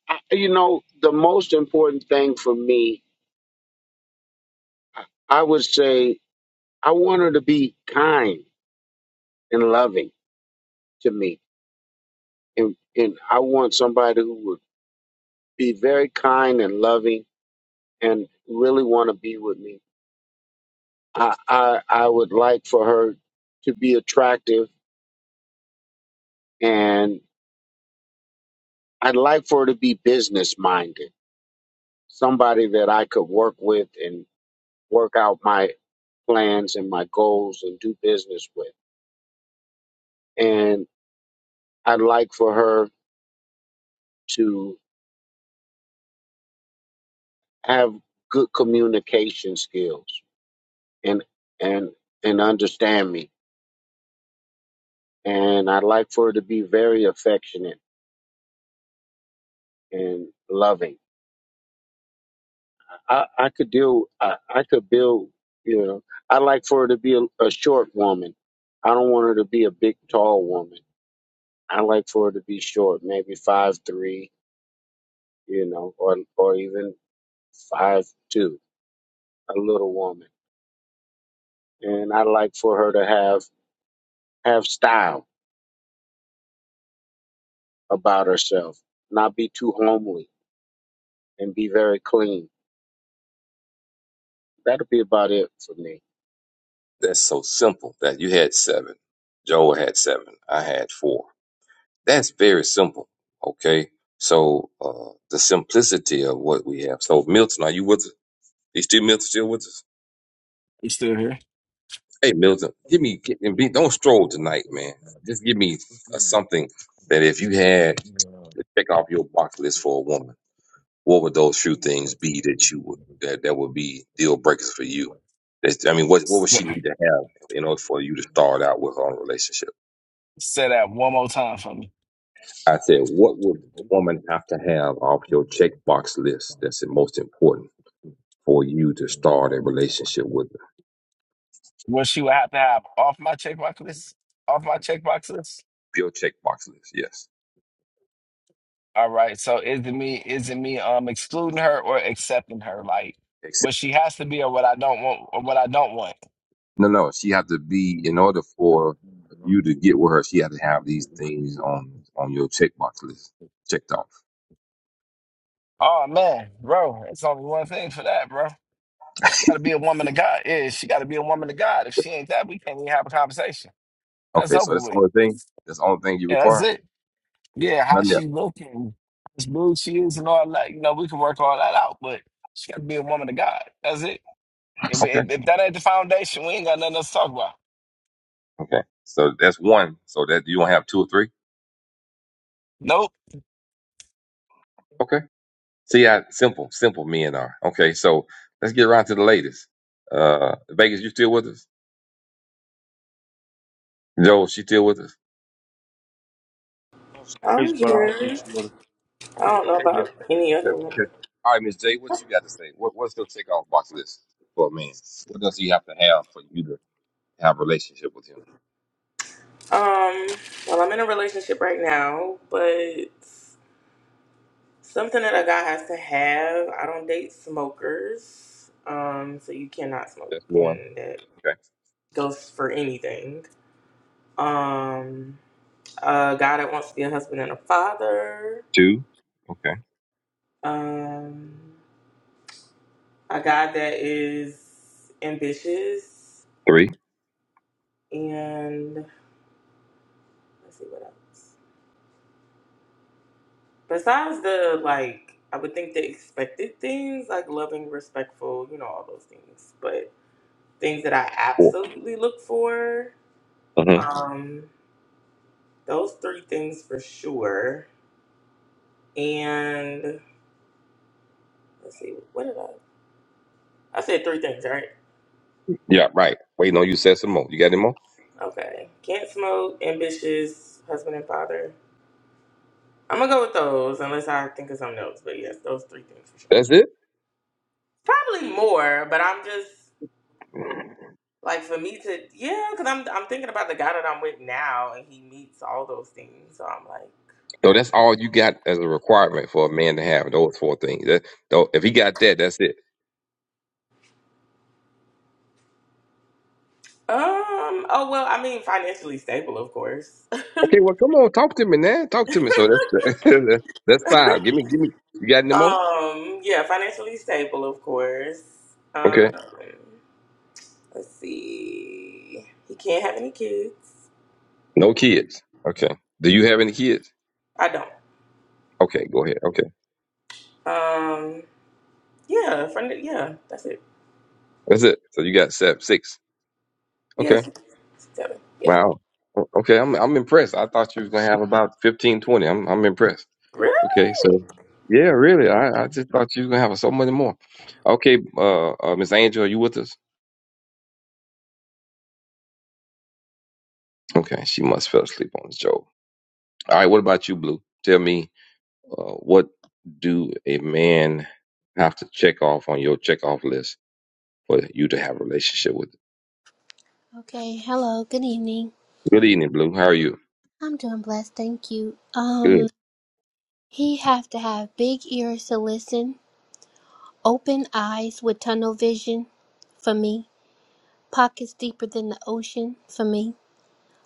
[SPEAKER 7] I, you know, the most important thing for me, I would say, I want her to be kind and loving to me, and and I want somebody who would be very kind and loving and really want to be with me. I, I I would like for her to be attractive and I'd like for her to be business minded, somebody that I could work with and work out my plans and my goals and do business with. And I'd like for her to have good communication skills and and and understand me. And I'd like for her to be very affectionate and loving I, I could do I, I could build you know I like for her to be a, a short woman. I don't want her to be a big tall woman. I like for her to be short, maybe five three, you know, or or even five two, a little woman. And I like for her to have have style about herself, not be too homely and be very clean. That'll be about it for me.
[SPEAKER 2] That's so simple that you had seven. Joel had seven. I had four. That's very simple. Okay. So uh, the simplicity of what we have. So Milton, are you with us? Is still Milton still with us?
[SPEAKER 4] You still here?
[SPEAKER 2] Hey Milton, give me get, and be, don't stroll tonight, man. Just give me uh something that if you had to check off your box list for a woman, what would those few things be that you would that, that would be deal breakers for you? That's, I mean, what what would she need to have in order for you to start out with her own relationship?
[SPEAKER 4] Say that one more time for me.
[SPEAKER 2] I said, what would a woman have to have off your checkbox list that's the most important for you to start a relationship with her?
[SPEAKER 4] What you have to have off my checkbox list? Off my checkbox list?
[SPEAKER 2] Your checkbox list, yes.
[SPEAKER 4] All right. So is it me? Is it me? Um, excluding her or accepting her? Like
[SPEAKER 2] Except,
[SPEAKER 4] what she has to be, or what I don't want, or what I don't want.
[SPEAKER 2] no, no, she had to be, in order for you to get with her, she had to have these things on on your checkbox list checked off.
[SPEAKER 4] Oh man, bro, it's only one thing for that, bro. She got to be a woman of God. Yeah, she got to be a woman of God. If she ain't that, we can't even have a conversation. That's
[SPEAKER 2] Okay, so
[SPEAKER 4] over
[SPEAKER 2] that's the
[SPEAKER 4] with.
[SPEAKER 2] only thing? That's the only thing you
[SPEAKER 4] Yeah, that's
[SPEAKER 2] require?
[SPEAKER 4] it. Yeah, how
[SPEAKER 2] Nothing
[SPEAKER 4] she
[SPEAKER 2] else.
[SPEAKER 4] looking, how smooth she is, and all that. You know, we can work all that out, but she got to be a woman of God. That's it. If,
[SPEAKER 2] Okay,
[SPEAKER 4] if, if that ain't the foundation, we ain't got nothing else to talk about.
[SPEAKER 2] okay. So that's one. So that you don't have two or three?
[SPEAKER 4] Nope,
[SPEAKER 2] Okay. See how simple, simple men are. Okay, so let's get around to the ladies. Uh, Vegas, you still with us? Joel, she still with us?
[SPEAKER 1] at.
[SPEAKER 14] I'm
[SPEAKER 1] But I don't think
[SPEAKER 14] here.
[SPEAKER 1] she would have.
[SPEAKER 14] I
[SPEAKER 2] Okay,
[SPEAKER 14] don't know
[SPEAKER 2] okay, Miss.
[SPEAKER 14] about any
[SPEAKER 2] Okay,
[SPEAKER 14] other woman.
[SPEAKER 2] okay. All right, Miss J, what you got to say? What what's your takeoff box list for a man? What does he have to have for you to have a relationship with him?
[SPEAKER 14] Um, well, I'm in a relationship right now, but something that a guy has to have. I don't date smokers. Um, so you cannot smoke,
[SPEAKER 2] That's one.
[SPEAKER 14] and that
[SPEAKER 2] Okay.
[SPEAKER 14] goes for anything. Um, a guy that wants to be a husband and a father.
[SPEAKER 2] Two. Okay.
[SPEAKER 14] Um, a guy that is ambitious,
[SPEAKER 2] Three.
[SPEAKER 14] and let's see what else. Besides the like, I would think the expected things like loving, respectful, you know, all those things. But things that I
[SPEAKER 2] Four.
[SPEAKER 14] absolutely look for,
[SPEAKER 2] Mm-hmm.
[SPEAKER 14] um, those three things for sure. And let's see, what did I? I said three things, right?
[SPEAKER 2] Yeah, right. Wait, no, you said some more. You got any more?
[SPEAKER 14] Okay. Can't smoke, ambitious, husband and father. I'm gonna go with those unless I think of something else. But yes, those three things for sure.
[SPEAKER 2] That's it.
[SPEAKER 14] Probably more, but I'm just Like for me to, yeah, because I'm I'm thinking about the guy that I'm with now, and he meets all those things. So I'm like,
[SPEAKER 2] So that's all you got as a requirement for a man to have those four things. That, though, if he got that, that's it.
[SPEAKER 14] um, oh well, I mean, financially stable, of course.
[SPEAKER 2] Okay, well, come on, talk to me now. Talk to me. So that's that's five. Give me, give me. You got any more?
[SPEAKER 14] Um, yeah, financially stable, of course. Um,
[SPEAKER 2] Okay,
[SPEAKER 14] let's see, he can't have any kids.
[SPEAKER 2] no kids. Okay, do you have any kids?
[SPEAKER 14] I don't.
[SPEAKER 2] Okay, go ahead. Okay,
[SPEAKER 14] Um, yeah, friend, yeah, that's it.
[SPEAKER 2] that's it. So you got seven, six. Okay,
[SPEAKER 14] Yes, seven. Yeah,
[SPEAKER 2] wow. O- Okay, I'm I'm impressed. I thought you was gonna have about 1520 I'm I'm impressed. Okay, so yeah, really, I I just thought you was gonna have so many more. Okay, uh, uh Miss Angel, are you with us? Okay, she must fell asleep on the job. All right, what about you, Blue? Tell me Uh, what do a man have to check off on your check off list for you to have a relationship with?
[SPEAKER 15] Okay, hello, good evening.
[SPEAKER 2] Good evening, Blue. How are you?
[SPEAKER 15] I'm doing blessed, thank you.
[SPEAKER 2] Good.
[SPEAKER 15] Um, he have to have big ears to listen, open eyes with tunnel vision for me, pockets deeper than the ocean for me,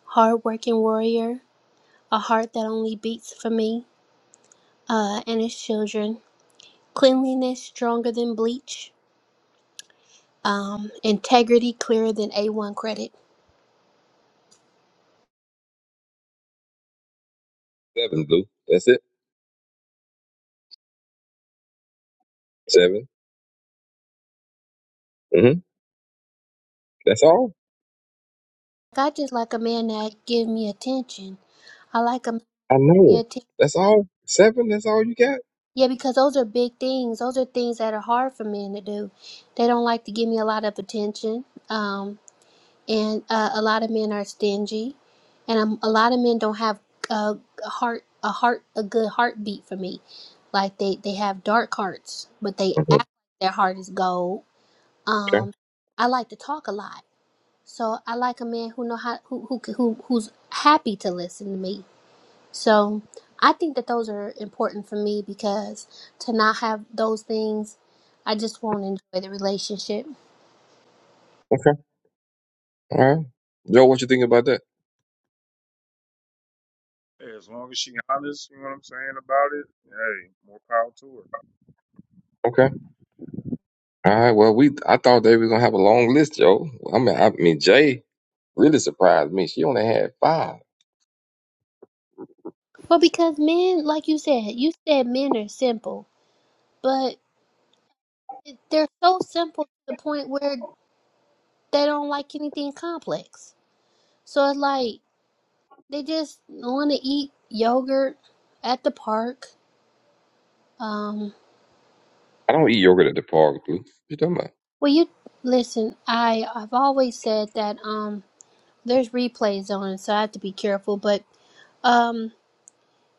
[SPEAKER 15] hard-working warrior, a heart that only beats for me, uh, and his children, cleanliness stronger than bleach, um, integrity clearer than A1 credit.
[SPEAKER 2] Seven, Blue. That's it. 7 Mm-hmm. That's all.
[SPEAKER 15] I just like a man that give me attention. I like a man that
[SPEAKER 2] I
[SPEAKER 15] give me
[SPEAKER 2] know.
[SPEAKER 15] attention.
[SPEAKER 2] That's all. Seven. That's all you got.
[SPEAKER 15] Yeah, because those are big things. Those are things that are hard for men to do. They don't like to give me a lot of attention. Um, and uh, a lot of men are stingy, and um, a lot of men don't have a, a heart, a heart, a good heartbeat for me. Like they they have dark hearts, but they
[SPEAKER 2] hmm
[SPEAKER 15] act like their heart is gold.
[SPEAKER 2] Okay.
[SPEAKER 15] Um, I like to talk a lot, so I like a man who know how who who who who's happy to listen to me so I think that those are important for me because to not have those things, I just won't enjoy the relationship.
[SPEAKER 2] Okay. All right. Joe, what you think about that?
[SPEAKER 1] as long as she honest, you know what I'm saying about it. Hey, more power to her.
[SPEAKER 2] Okay. All right. Well, we I thought they were gonna have a long list, Joe. I mean, I mean, Jay really surprised me. She only had five. I
[SPEAKER 15] Well, because men, like you said, you said men are simple, but they're so simple to the point where they don't like anything complex. So it's like they just want to eat yogurt at the park. Um,
[SPEAKER 2] don't eat yogurt at the park, Blue. You talking about?
[SPEAKER 15] well, you listen. I I've always said that um, there's replays on, so I have to be careful, but. um,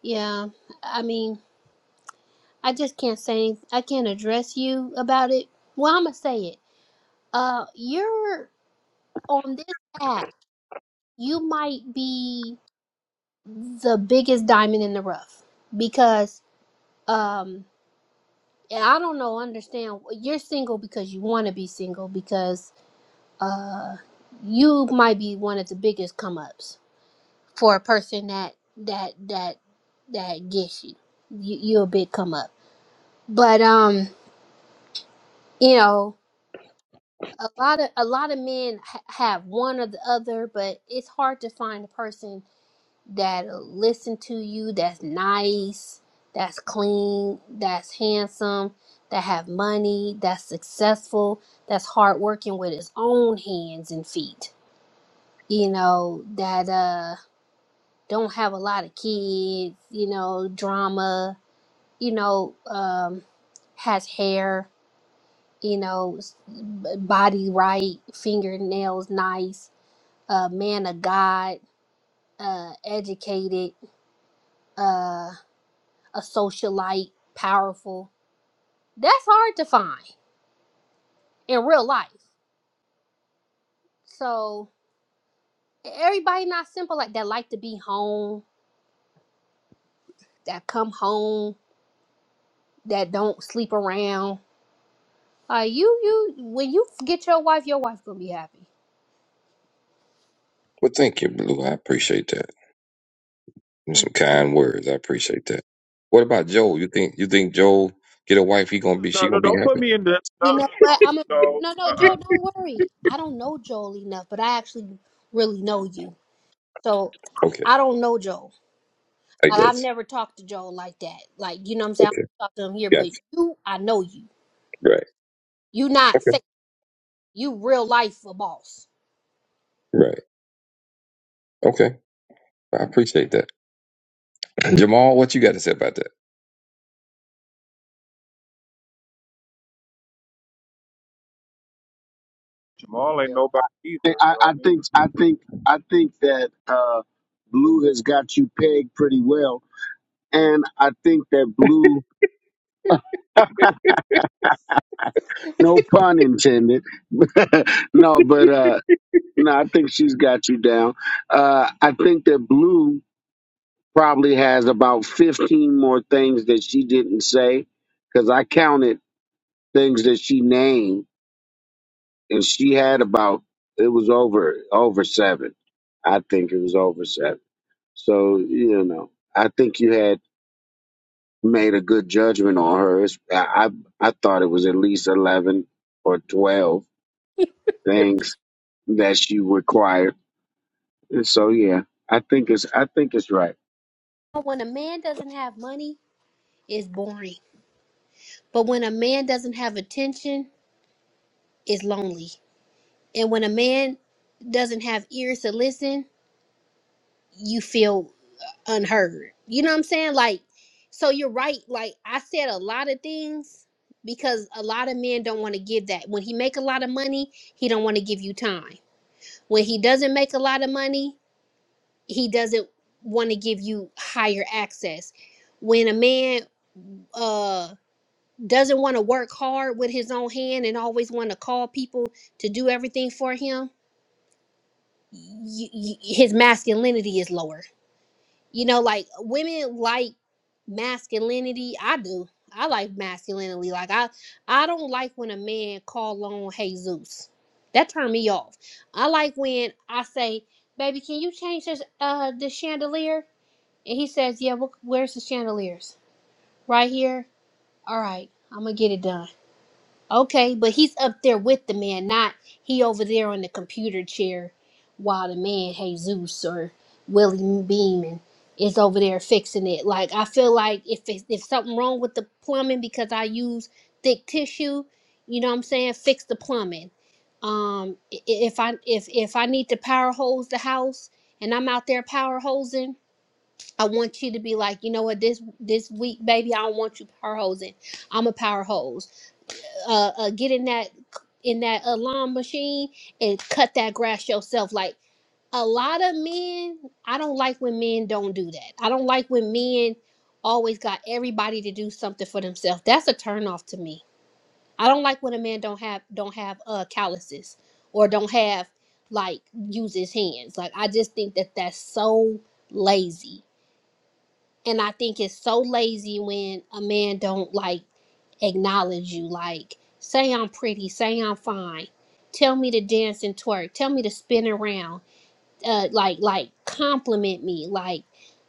[SPEAKER 15] Yeah, I mean, I just can't say I can't address you about it. Well, I'm gonna say it. Uh, you're on this app. You might be the biggest diamond in the rough because um, and I don't know. Understand? You're single because you want to be single because uh, you might be one of the biggest come ups for a person that that that that gets you. You you a big come up, but um, you know. a lot of a lot of men ha- have one or the other, but it's hard to find a person that'll listen to you, that's nice, that's clean, that's handsome, that have money, that's successful, that's hardworking with his own hands and feet. You know that uh don't have a lot of kids. You know drama. You know um has hair. You know s- b- body right, fingernails nice a man of God, uh, educated, uh, a socialite, powerful. That's hard to find in real life. So everybody not simple like that. Like to be home, that come home, that don't sleep around. Like you you when you get your wife, your wife gonna be happy.
[SPEAKER 2] Well, thank you, Blue. I appreciate that. And some
[SPEAKER 15] Mhm.
[SPEAKER 2] kind words. I appreciate that. What about Joe? You think you think Joe get a wife? He gonna be she
[SPEAKER 1] No,
[SPEAKER 2] gonna
[SPEAKER 1] no,
[SPEAKER 2] be
[SPEAKER 1] don't put
[SPEAKER 2] happy?
[SPEAKER 1] me in this. No,
[SPEAKER 15] You know what?
[SPEAKER 1] no,
[SPEAKER 15] I'm a,
[SPEAKER 1] no.
[SPEAKER 15] no, no, Joe.
[SPEAKER 1] Uh-uh.
[SPEAKER 15] Don't worry. I don't know Joel enough, but I actually really know you. So
[SPEAKER 2] Okay,
[SPEAKER 15] I I don't know Joel.
[SPEAKER 2] I
[SPEAKER 15] But I've
[SPEAKER 2] guess.
[SPEAKER 15] never talked to Joel like that. Like, you know what I'm saying? I
[SPEAKER 2] Okay,
[SPEAKER 15] don't talk to him here,
[SPEAKER 2] gotcha.
[SPEAKER 15] but you, I know you.
[SPEAKER 2] Right.
[SPEAKER 15] You not
[SPEAKER 2] Okay.
[SPEAKER 15] fake. You real life a boss.
[SPEAKER 2] Right. Okay. I appreciate that. Jamal, what you got to say about that?
[SPEAKER 1] Jamal ain't nobody either.
[SPEAKER 7] I,
[SPEAKER 1] You know what
[SPEAKER 7] I
[SPEAKER 1] I mean? You
[SPEAKER 7] think I think I think that uh, Blue has got you pegged pretty well, and I think that Blue, no pun intended, no, but uh, no, I think she's got you down. Uh, I think that Blue probably has about fifteen more things that she didn't say because I counted things that she named, and she had about it was over over seven. I think it was over seven. So you know, I think you had. made a good judgment on her. I I I thought it was at least eleven or twelve things that she required. And so yeah, I think it's I think it's right.
[SPEAKER 15] But when a man doesn't have money, it's boring. But when a man doesn't have attention, it's lonely. And when a man doesn't have ears to listen, you feel unheard. You know what I'm saying? Like, so you're right. Like I said a lot of things because a lot of men don't want to give that. When he make a lot of money, he don't want to give you time when he doesn't make a lot of money, he doesn't want to give you higher access. When a man uh doesn't want to work hard with his own hand and always want to call people to do everything for him, y y his masculinity is lower. You know, like women like masculinity. I do. I like masculinity. Like I I don't like when a man call on Jesus. That turned me off. I like when I say, "Baby, can you change this uh the chandelier?" And he says, "Yeah, wh- where's the chandeliers? Right here. All right, I'm gonna get it done." Okay, but he's up there with the man, not he over there on the computer chair while the man Jesus or Willie Beeman is over there fixing it. Like I feel like if it's, if something wrong with the plumbing because I use thick tissue, you know what I'm saying? Fix the plumbing. Um, i- i- if I if if I need to power hose the house and I'm out there power hosing, I want you to be like, you know what, this this week, baby, I don't want you power hosing. I'm a power hose uh, uh get in that in that uh, lawn machine and cut that grass yourself like a lot of men i don't like when men don't do that i don't like when men always got everybody to do something for themselves that's a turn off to me i don't like when a man don't have don't have uh calluses or don't have like use his hands like i just think that that's so lazy and I think it's so lazy when a man don't like acknowledge you. Like, say I'm pretty, say I'm fine, tell me to dance and twerk, tell me to spin around, uh, like like compliment me. Like,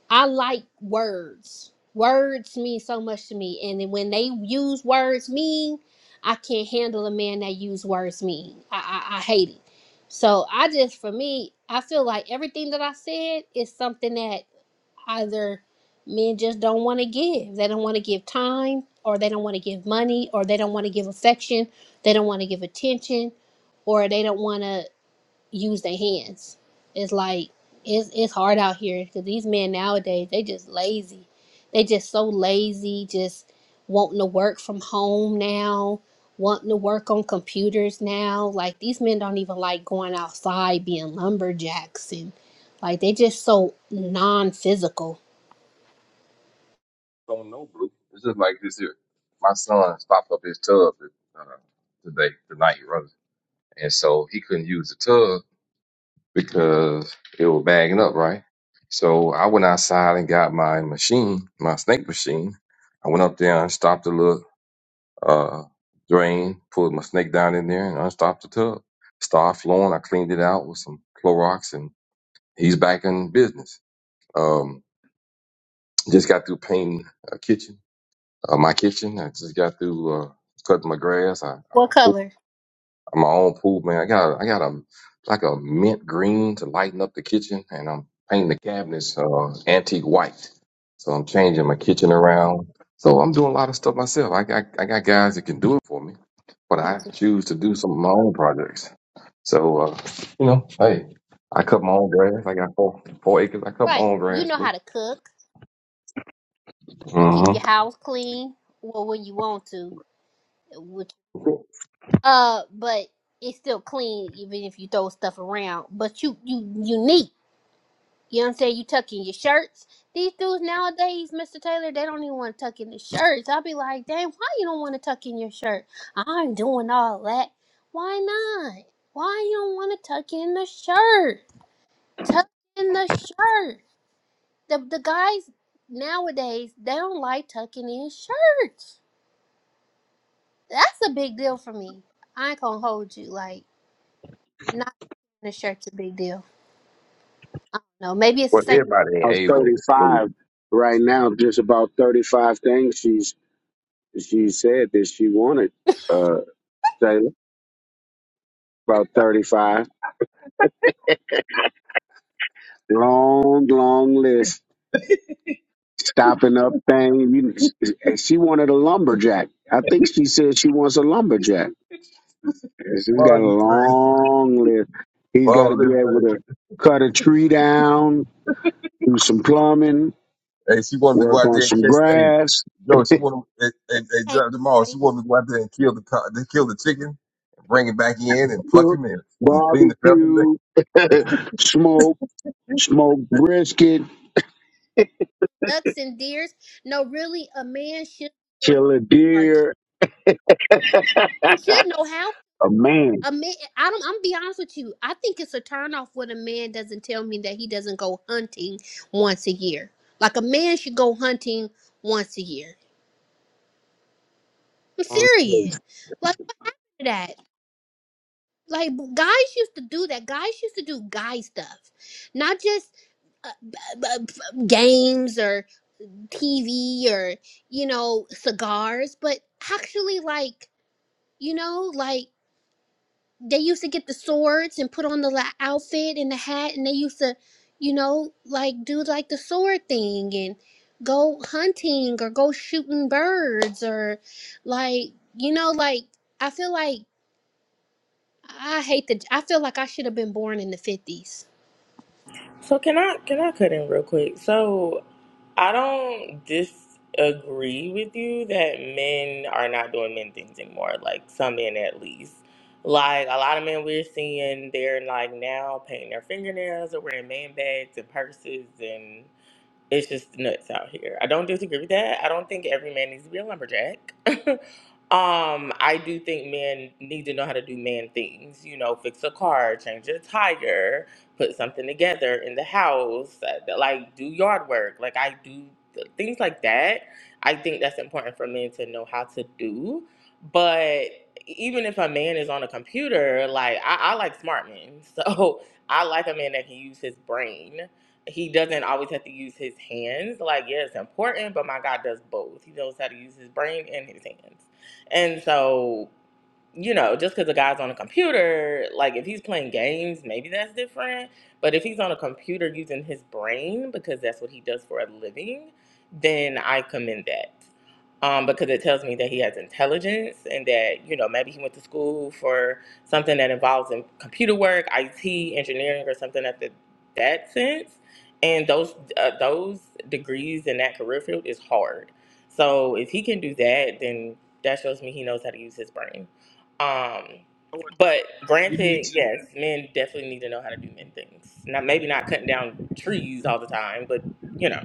[SPEAKER 15] I like words. Words mean so much to me, and then when they use words mean, I can't handle a man that use words mean. I I, I hate it. So I just for me, I feel like everything that I said is something that either men just don't want to give. They don't want to give time, or they don't want to give money, or they don't want to give affection, they don't want to give attention, or they don't want to use their hands. It's like it's it's hard out here because these men nowadays they just lazy. They just so lazy, just wanting to work from home now, wanting to work on computers now. Like these men don't even like going outside being lumberjacks and like they just so non-physical
[SPEAKER 2] don't know, Blue. It's just like this here. My son stopped up his tub uh, today, tonight, rather. And so he couldn't use the tub because it was bagging up, right? So I went outside and got my machine, my snake machine. I went up there and stopped the little uh, drain, pulled my snake down in there and unstopped the tub. Started flowing. I cleaned it out with some Clorox and he's back in business. Um, just got through painting a kitchen Uh, my kitchen. I just got through uh, cutting my grass. I, I'm
[SPEAKER 15] What
[SPEAKER 2] a pool.
[SPEAKER 15] color?
[SPEAKER 2] I'm my own pool man. I got I got a like a mint green to lighten up the kitchen, and I'm painting the cabinets uh, antique white. So I'm changing my kitchen around. So I'm doing a lot of stuff myself. I got I got guys that can do it for me, but I choose to do some of my own projects. So uh, you know, hey, I cut my own grass. I got four four acres. I cut my
[SPEAKER 15] Right.
[SPEAKER 2] own
[SPEAKER 15] You
[SPEAKER 2] grass.
[SPEAKER 15] know how to cook. You keep your
[SPEAKER 2] Mm-hmm.
[SPEAKER 15] house clean. Well, when you want to, which uh, but it's still clean even if you throw stuff around. But you you unique. You know what I'm saying? You tuck in your shirts. These dudes nowadays, Mr. Taylor, they don't even want to tuck in the shirts. I'll be like, dang, why you don't want to tuck in your shirt? I'm doing all that. Why not? Why you don't want to tuck in the shirt? Tuck in the shirt. the the guys nowadays they don't like tucking in shirts. That's a big deal for me. I ain't gonna hold you like not in a shirt's a big deal. No, maybe it's the
[SPEAKER 2] But
[SPEAKER 15] same
[SPEAKER 2] everybody ain't
[SPEAKER 7] Or thirty
[SPEAKER 2] able.
[SPEAKER 7] five right now, just about thirty five things she's she said that she wanted. Uh, Taylor about thirty five. Long long list. Stopping up thing. You, she wanted a lumberjack. I think she said she wants a lumberjack Yes, He's got a long list. He's got
[SPEAKER 2] Well,
[SPEAKER 7] to be
[SPEAKER 2] listen.
[SPEAKER 7] able to cut a tree down, do some plumbing,
[SPEAKER 2] Hey, she wanted to go
[SPEAKER 7] work
[SPEAKER 2] out
[SPEAKER 7] on
[SPEAKER 2] there and
[SPEAKER 7] some
[SPEAKER 2] catch. Hey,
[SPEAKER 7] grass,
[SPEAKER 2] Joe, she wanted. Hey, hey, hey
[SPEAKER 15] thing,
[SPEAKER 2] John Jamal, she
[SPEAKER 15] right?
[SPEAKER 2] wanted to go out there and kill the co- to kill the chicken, and bring it back in and pluck
[SPEAKER 7] cook,
[SPEAKER 2] him in and clean the feathers.
[SPEAKER 7] barbecue, smoke, smoke brisket,
[SPEAKER 15] Ducks and deers. No, really, a man should want
[SPEAKER 7] kill a
[SPEAKER 15] to market.
[SPEAKER 7] deer. a
[SPEAKER 15] He should know how.
[SPEAKER 7] man
[SPEAKER 15] A man, I don't. I'm gonna be honest with you. I think it's a turnoff when a man doesn't tell me that he doesn't go hunting once a year. Like a man should go hunting once a year. I'm
[SPEAKER 7] on
[SPEAKER 15] serious.
[SPEAKER 7] this.
[SPEAKER 15] Like that. like guys used to do that. Guys used to do guy stuff, not just uh, b- b- b- games or TV or you know cigars, but actually like you know like they used to get the swords and put on the la- outfit and the hat, and they used to you know like do like the sword thing and go hunting or go shooting birds or like you know like I feel like. I hate the. I feel like I should have been born in the fifties.
[SPEAKER 14] So can I can I cut in real quick? So I don't disagree with you that men are not doing men things anymore. Like some men at least. Like a lot of men we're seeing, they're like now painting their fingernails or wearing man bags and purses and it's just nuts out here. I don't disagree with that. I don't think every man needs to be a lumberjack. um, I do think men need to know how to do man things. You know, fix a car, change a tire, put something together in the house, uh, like do yard work. Like I do th- things like that. I think that's important for men to know how to do. But e, even if a man is on a computer, like I, I like smart men, so I like a man that can use his brain he doesn't always have to use his hands. Like, yeah, it's important, but my God does both. He knows how to use his brain and his hands. And so you know, just because a guy's on a computer, like if he's playing games, maybe that's different. But if he's on a computer using his brain, because that's what he does for a living, then I commend that. Um, because it tells me that he has intelligence and that, you know, maybe he went to school for something that involves in computer work, IT, engineering, or something at the, that sense. And those uh, those degrees in that career field is hard. So if he can do that, then that shows me he knows how to use his brain um,
[SPEAKER 1] know what?
[SPEAKER 14] but
[SPEAKER 1] We need
[SPEAKER 14] granted,
[SPEAKER 1] to.
[SPEAKER 14] yes, men definitely need to know how to do men things. Not maybe not cutting down trees all the time, but you know.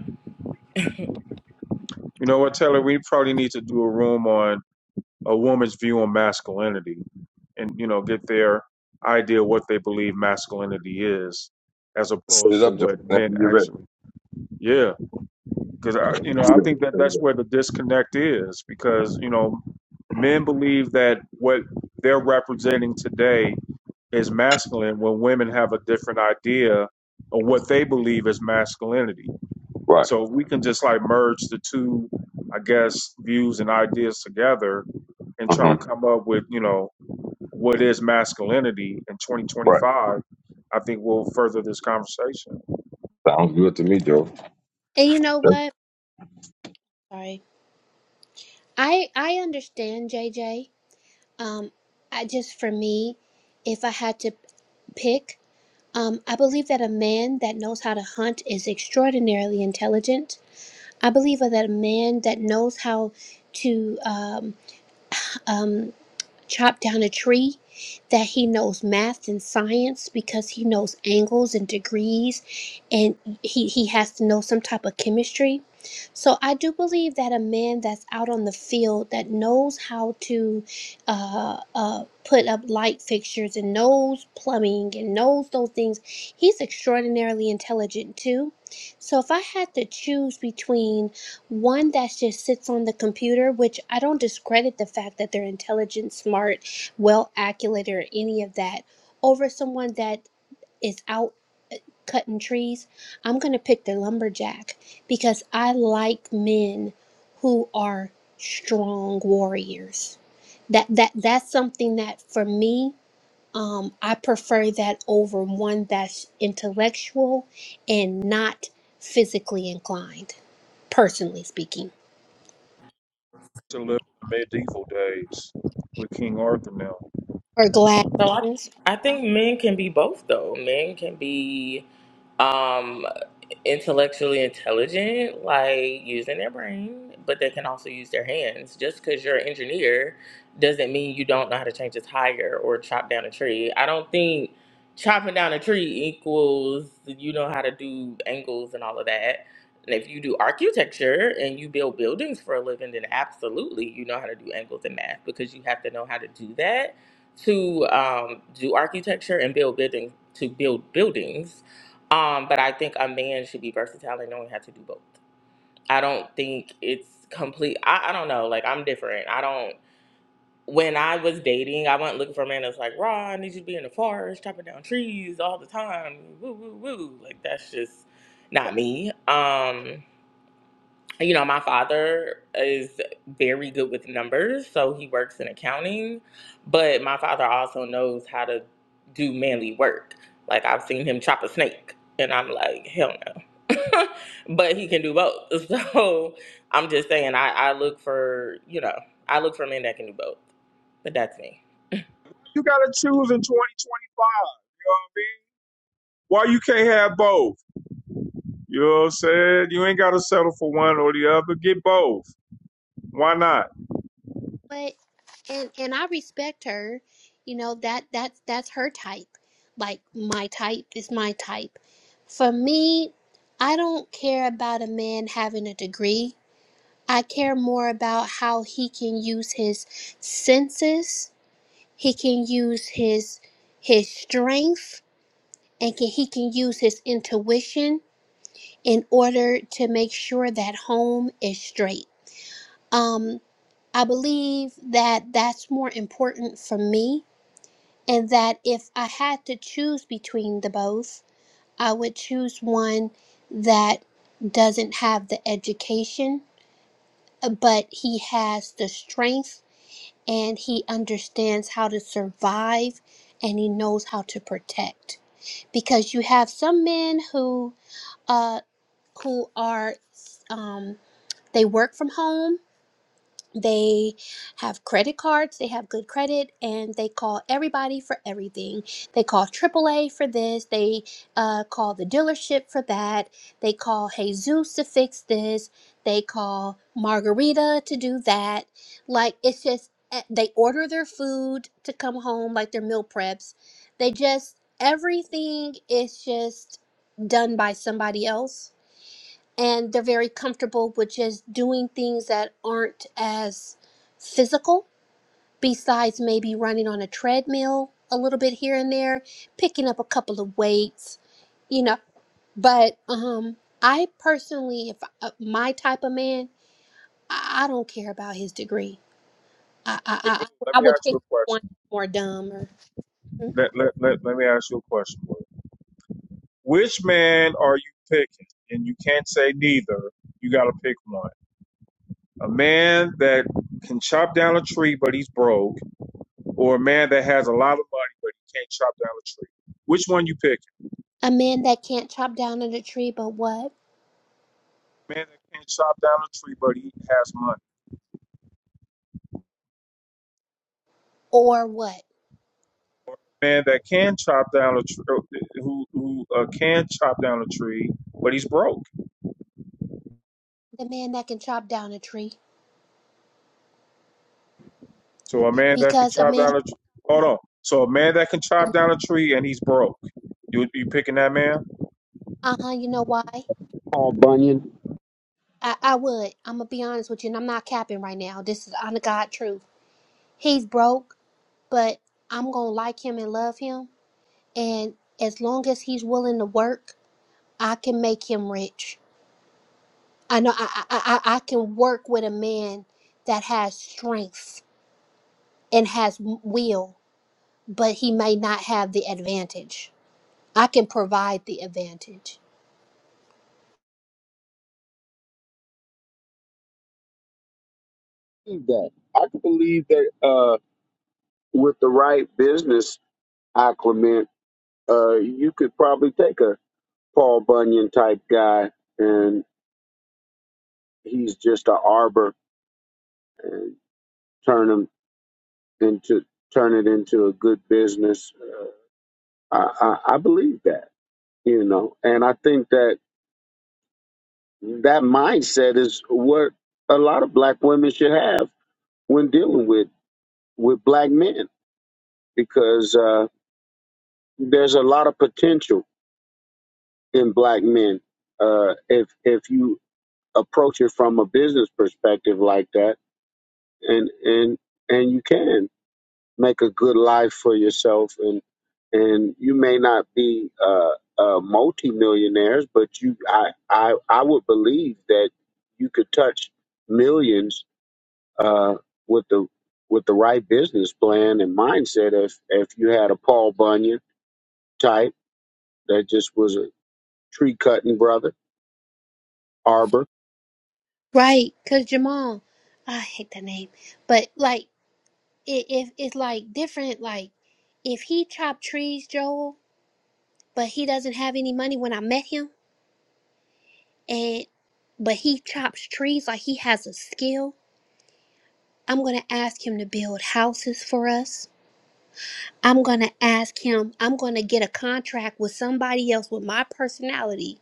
[SPEAKER 1] You know what, Taylor? We probably need to do a room on a woman's view on masculinity, and you know, get their idea of what they believe masculinity is, as
[SPEAKER 2] Set it
[SPEAKER 1] opposed to
[SPEAKER 2] up, Joe.
[SPEAKER 1] what
[SPEAKER 2] Whenever
[SPEAKER 1] men
[SPEAKER 2] you get ready,
[SPEAKER 1] actually. Yeah. because I, you know,
[SPEAKER 2] get
[SPEAKER 1] I
[SPEAKER 2] ready.
[SPEAKER 1] think that
[SPEAKER 2] Set it
[SPEAKER 1] that's
[SPEAKER 2] up.
[SPEAKER 1] where the disconnect is because you know, men believe that what they're representing today is masculine when women have a different idea of what they believe is masculinity.
[SPEAKER 2] Right.
[SPEAKER 1] So if we can just like merge the two, I guess, views and ideas together and try to
[SPEAKER 2] Mm-hmm.
[SPEAKER 1] come up with you know what is masculinity in
[SPEAKER 2] Right.
[SPEAKER 1] 2025. I think we'll further this conversation
[SPEAKER 2] Sounds good to me, Joe.
[SPEAKER 15] And you know
[SPEAKER 2] That's,
[SPEAKER 15] what? Sorry. I I understand JJ. Um, I just for me, if I had to pick, um, I believe that a man that knows how to hunt is extraordinarily intelligent. I believe that a man that knows how to um, um chop down a tree that he knows math and science because he knows angles and degrees and he, he has to know some type of chemistry so i do believe that a man that's out on the field that knows how to uh, uh, put up light fixtures and knows plumbing and knows those things he's extraordinarily intelligent too so if i had to choose between one that just sits on the computer, which I don't discredit the fact that they're intelligent, smart, well accurate, or any of that, over someone that is out cutting trees, I'm going to pick the lumberjack because I like men who are strong warriors. That that that's something that for me um, I prefer that over one that's intellectual and not physically inclined, personally speaking.
[SPEAKER 1] to live in the medieval days with King Arthur now.
[SPEAKER 15] Or
[SPEAKER 14] So I,
[SPEAKER 15] Gladys.
[SPEAKER 14] I think men can be both though. Men can be. Um, intellectually intelligent, like using their brain, but they can also use their hands. Just because you're an engineer doesn't mean you don't know how to change a tire or chop down a tree. I don't think chopping down a tree equals you know how to do angles and all of that. And if you do architecture and you build buildings for a living, then absolutely you know how to do angles and math because you have to know how to do that to um, do architecture and build buildings to build buildings um, but I think a man should be versatile and knowing how to do both. I don't think it's complete. I, I don't know. Like I'm different. I don't. When I was dating, I wasn't looking for a man that's like, "Raw, I need you to be in the forest, chopping down trees all the time." Woo, woo, woo. Like that's just not me. Um, you know, my father is very good with numbers, so he works in accounting, but my father also knows how to do manly work. Like I've seen him chop a snake, and I'm like, hell no. but he can do both. So I'm just saying, I, I look for, you know, I look for men that can do both. But that's me.
[SPEAKER 1] You gotta choose in 2025. You know what I mean? Why you can't have both? You know what I'm saying? You ain't gotta settle for one or the other. Get both. Why not?
[SPEAKER 15] but and and I respect her. You know that that's that's her type. Like my type is my type. For me, I don't care about a man having a degree. I care more about how he can use his senses. He can use his his strength and can, he can use his intuition in order to make sure that home is straight Um, I believe that that's more important for me, and that if I had to choose between the both, I would choose one that doesn't have the education, uh, but he has the strength and he understands how to survive and he knows how to protect. Because you have some men who, uh, who are, um, they work from home they have credit cards, they have good credit, and they call everybody for everything. They call AAA for this, they uh, call the dealership for that, they call Jesus to fix this, they call Margarita to do that. Like, it's just, eh, they order their food to come home, like their meal preps. They just, everything is just done by somebody else and they're very comfortable with just doing things that aren't as physical besides maybe running on a treadmill a little bit here and there picking up a couple of weights you know but um i personally if uh, my type of man I, I don't care about his degree i
[SPEAKER 1] Hey,
[SPEAKER 15] i
[SPEAKER 1] Let
[SPEAKER 15] i, I
[SPEAKER 1] me
[SPEAKER 15] would
[SPEAKER 1] ask
[SPEAKER 15] pick
[SPEAKER 1] you a
[SPEAKER 15] one
[SPEAKER 1] question.
[SPEAKER 15] more dumb or Mhm.
[SPEAKER 1] Let, let, let, let me ask you a question. boy. Which man are you picking? And you can't say neither. You gotta pick one. A man that can chop down a tree but he's broke, or a man that has a lot of money but he can't chop down a tree. Which one you picking?
[SPEAKER 15] a man that can't chop down a tree but what
[SPEAKER 1] A Man that can't chop down a tree but he has money
[SPEAKER 15] or what
[SPEAKER 1] man that can chop down a tr- who who uh, can chop down a tree, but he's broke.
[SPEAKER 15] the man that can chop down a tree
[SPEAKER 1] So a man that can
[SPEAKER 15] because a
[SPEAKER 1] chop
[SPEAKER 15] man
[SPEAKER 1] down a tr- hold on. So a man that can chop down a tree and he's broke. You you picking that man?
[SPEAKER 15] Uh-huh, you know why?
[SPEAKER 7] Paul Bunyan.
[SPEAKER 15] I, I would. I'm gonna be honest with you, and I'm not capping right now. This is honest God truth. He's broke, but I'm gonna like him and love him. And as long as he's willing to work, I can make him rich. I know I I, I, I can work with a man that has strength and has w- will, but he may not have the advantage. I can provide the advantage.
[SPEAKER 7] Believe That I can believe that uh, with the right business acclimate, uh, you could probably take a Paul Bunyan type guy and. he's just an arbor and turn him into turn it into a good business. I, I, I believe that, you know, and I think that that mindset is what a lot of black women should have when dealing with with black men because uh, there's a lot of potential in black men uh, if if you approach it from a business perspective like that and and and you can. make a good life for yourself and and you may not be uh, uh multi-millionaires but you I, I i would believe that you could touch millions uh with the with the right business plan and mindset if if you had a paul bunyan type that just was a tree cutting brother arbor
[SPEAKER 15] Right, cause Jamal, I hate that name, but like. it, it it's like different like if he chopped trees joel but he doesn't have any money when i met him and but he chops trees like he has a skill i'm gonna ask him to build houses for us i'm gonna ask him i'm gonna get a contract with somebody else with my personality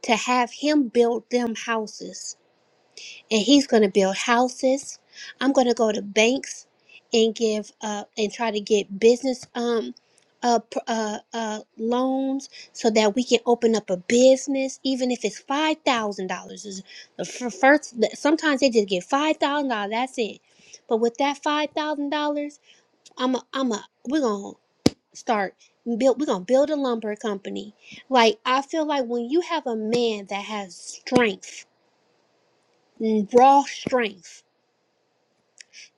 [SPEAKER 15] to have him build them houses and he's going to build houses. I'm going to go to banks and give uh, and try to get business um uh, pr- uh uh loans so that we can open up a business, even if it's five thousand dollars. Is the fir- first sometimes they just get five thousand dollars. That's it. But with that five thousand dollars, I'm a, I'm a we're gonna start build we're gonna build a lumber company. Like I feel like when you have a man that has strength, raw strength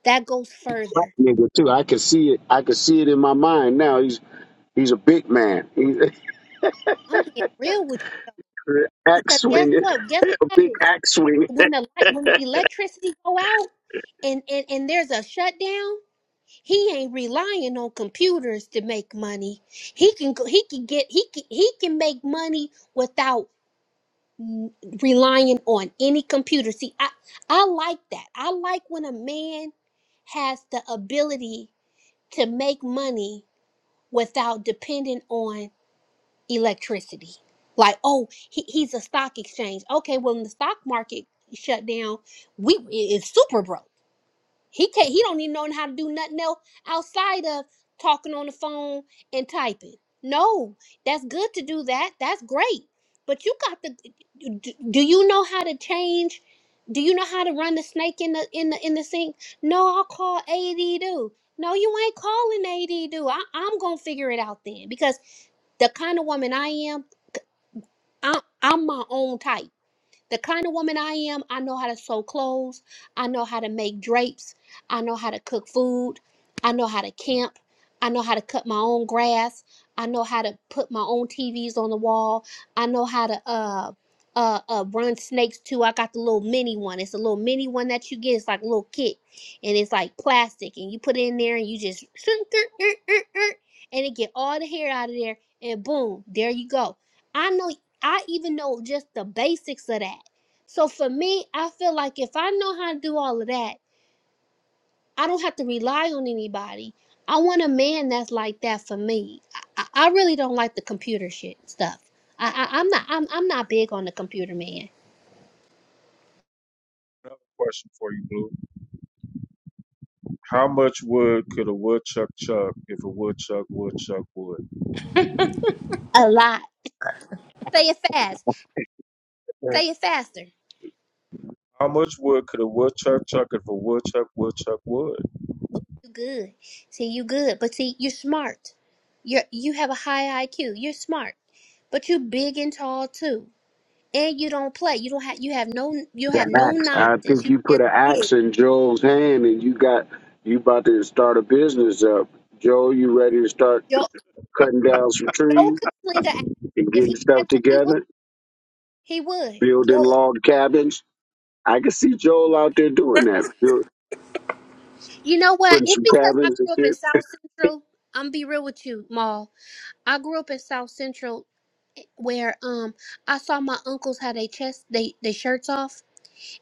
[SPEAKER 15] that goes further.
[SPEAKER 7] nigga too i could see it i could see it in my mind now he's he's a big man he's
[SPEAKER 15] I'm being real with you
[SPEAKER 7] axe
[SPEAKER 15] because guess
[SPEAKER 7] swinging
[SPEAKER 15] what? Guess
[SPEAKER 7] a
[SPEAKER 15] what
[SPEAKER 7] big
[SPEAKER 15] happens
[SPEAKER 7] axe swinging
[SPEAKER 15] when the light, when the electricity go out, and and and there's a shutdown. He ain't relying on computers to make money. He can go. he can get he can he can make money without n- relying on any computer. See, I I like that. I like when a man has the ability to make money without depending on electricity. Like, oh, he, he's a stock exchange. Okay, well, when the stock market shut down, we is super broke. He can't. He don't even know how to do nothing else outside of talking on the phone and typing. No, that's good to do that. That's great. But you got to. Do do you know how to change? Do you know how to run the snake in the in the in the sink? No, I'll call AD do. No, you ain't calling AD do. I, I'm gonna figure it out then because the kind of woman I am, I, I'm my own type. The kind of woman I am, I know how to sew clothes. I know how to make drapes. I know how to cook food. I know how to camp. I know how to cut my own grass. I know how to put my own TVs on the wall. I know how to uh uh, uh run snakes too. I got the little mini one. It's a little mini one that you get. It's like a little kit, and it's like plastic, and you put it in there, and you just and it get all the hair out of there, and boom, there you go. I know I even know just the basics of that. So for me, I feel like if I know how to do all of that, I don't have to rely on anybody. I want a man that's like that for me. I, I I really don't like the computer shit stuff. I, I I'm not I'm I'm not big on the computer man.
[SPEAKER 1] Another question for you, Blue. How much wood could a woodchuck chuck if a woodchuck woodchuck wood?
[SPEAKER 15] A lot. Say it fast. Say it faster.
[SPEAKER 1] How much wood could a woodchuck chuck if a woodchuck woodchuck wood?
[SPEAKER 15] You good. See you good. But see you're smart. You're you have a high IQ. You're smart. But you big and tall too and you don't play. You don't have you have no you
[SPEAKER 7] The
[SPEAKER 15] have no
[SPEAKER 7] axe. I
[SPEAKER 15] nonsense.
[SPEAKER 7] think
[SPEAKER 15] You
[SPEAKER 7] you put
[SPEAKER 15] can't
[SPEAKER 7] an
[SPEAKER 15] Yeah.
[SPEAKER 7] axe in Joel's hand, and you got you about to start a business up. Joel, you ready to start
[SPEAKER 15] Joe
[SPEAKER 7] cutting down some
[SPEAKER 15] Joe
[SPEAKER 7] trees
[SPEAKER 15] could swing a axe.
[SPEAKER 7] and
[SPEAKER 15] if
[SPEAKER 7] getting
[SPEAKER 15] he had
[SPEAKER 7] stuff
[SPEAKER 15] to he would
[SPEAKER 7] together,
[SPEAKER 15] he would.
[SPEAKER 7] building
[SPEAKER 15] Joe
[SPEAKER 7] log cabins? I can see Joel out there doing that, build,
[SPEAKER 15] You know what?
[SPEAKER 7] putting
[SPEAKER 15] It's
[SPEAKER 7] some
[SPEAKER 15] because I
[SPEAKER 7] cabins and
[SPEAKER 15] grew up in
[SPEAKER 7] shit.
[SPEAKER 15] South
[SPEAKER 7] You
[SPEAKER 15] Central. I'm be real with you, Maul. I grew up in South Central where um I saw my uncles how they chest they they shirts off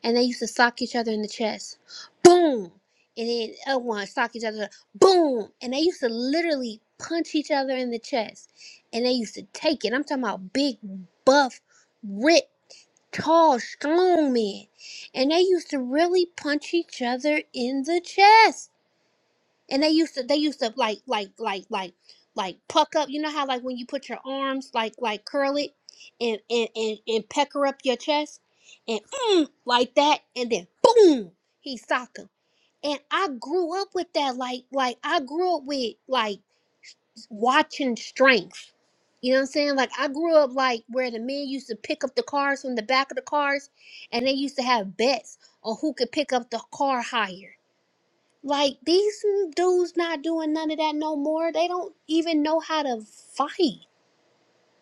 [SPEAKER 15] and they used to sock each other in the chest. Boom! And then the other one sock each other. Boom! And they used to literally punch each other in the chest. And they used to take it. I'm talking about big, buff, ripped, tall, strong men. And they used to really punch each other in the chest and they used to they used to like like like like like puck up you know how like when you put your arms like like curl it and and and, and pecker up your chest and mm, like that and then boom he socked him and i grew up with that like like i grew up with like watching strength you know what I'm saying? Like I grew up like where the men used to pick up the cars from the back of the cars and they used to have bets on who could pick up the car higher like these dudes not doing none of that no more. They don't even know how to fight.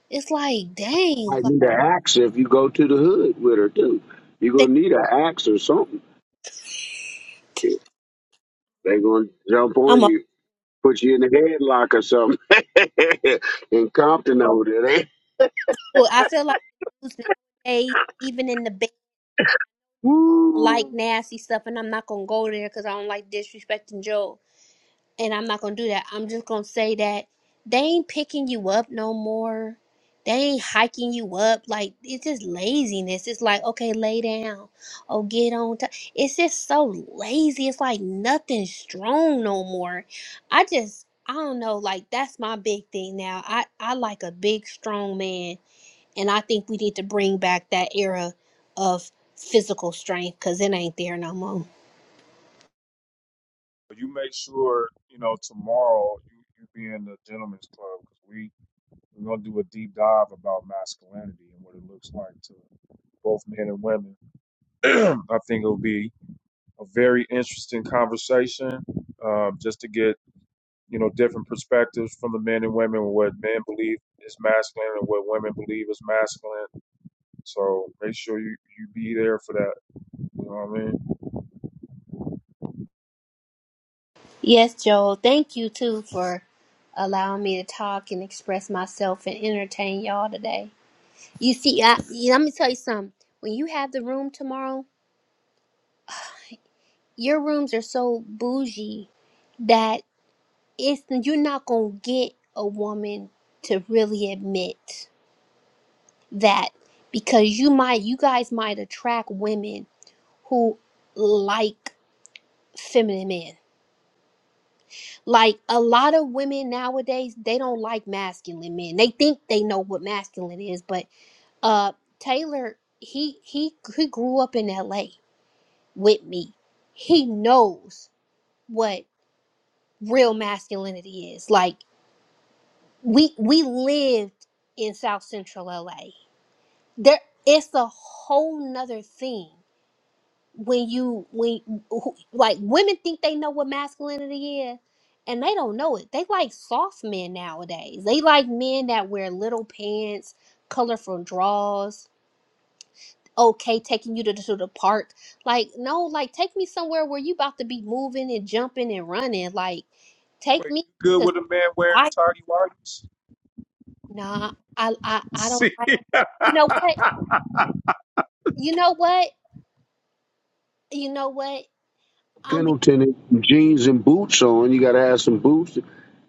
[SPEAKER 15] It's like, dang,
[SPEAKER 7] Might
[SPEAKER 15] like
[SPEAKER 7] need an axe if you go to the hood with her too. You're
[SPEAKER 15] they,
[SPEAKER 7] gonna need an axe or something. They're gonna jump on
[SPEAKER 15] I'm a,
[SPEAKER 7] you, put you in a headlock or something. in Compton over there, they,
[SPEAKER 15] fool. I feel like dudes nowadays, even in the bed,
[SPEAKER 7] woo.
[SPEAKER 15] like nasty stuff, and I'm not gonna go there because I don't like disrespecting and I'm not gonna do that. I'm just gonna say that they ain't picking you up no more. They ain't hiking you up. Like it's just laziness. It's like okay, lay down. Oh, get on top. It's just so lazy. It's like nothing strong no more. I just I don't know. Like that's my big thing now. I I like a big strong man, and I think we need to bring back that era of physical strength because it ain't there no more.
[SPEAKER 1] You make sure you know tomorrow you, you be in the gentleman's club because we. We're gonna do a deep dive about masculinity and what it looks like to both men and women. I think it'll be a very interesting conversation, um, just to get you know different perspectives from the men and women what men believe is masculine and what women believe is masculine. So make sure you you be there for that. You know what I mean?
[SPEAKER 15] Yes, Joel. Thank you too for allowing me to talk and express myself and entertain y'all today. You see, I, you- let me tell you something. When you have the room tomorrow, your rooms are so bougie that it's you're not gonna get a woman to really admit that because you might, you guys might attract women who like feminine men like a lot of women nowadays they don't like masculine men they think they know what masculine is but uh taylor he he he grew up in la with me he knows what real masculinity is like we we lived in south central la there it's a whole nother thing when you when who- like women think they know what masculinity is and they don't know it they like soft men nowadays they like men that wear little pants colorful drawers okay taking you to, the- to the park like no like take me somewhere where you about to be moving and jumping and running like take
[SPEAKER 1] Wait,
[SPEAKER 15] me
[SPEAKER 1] you good
[SPEAKER 15] to
[SPEAKER 1] with a man wearing
[SPEAKER 15] I
[SPEAKER 1] tidy whities?
[SPEAKER 15] nah I I I don't
[SPEAKER 1] See,
[SPEAKER 15] like you know what you know what you know what I'm being
[SPEAKER 7] Pendleton and jeans and boots on. You got to have some boots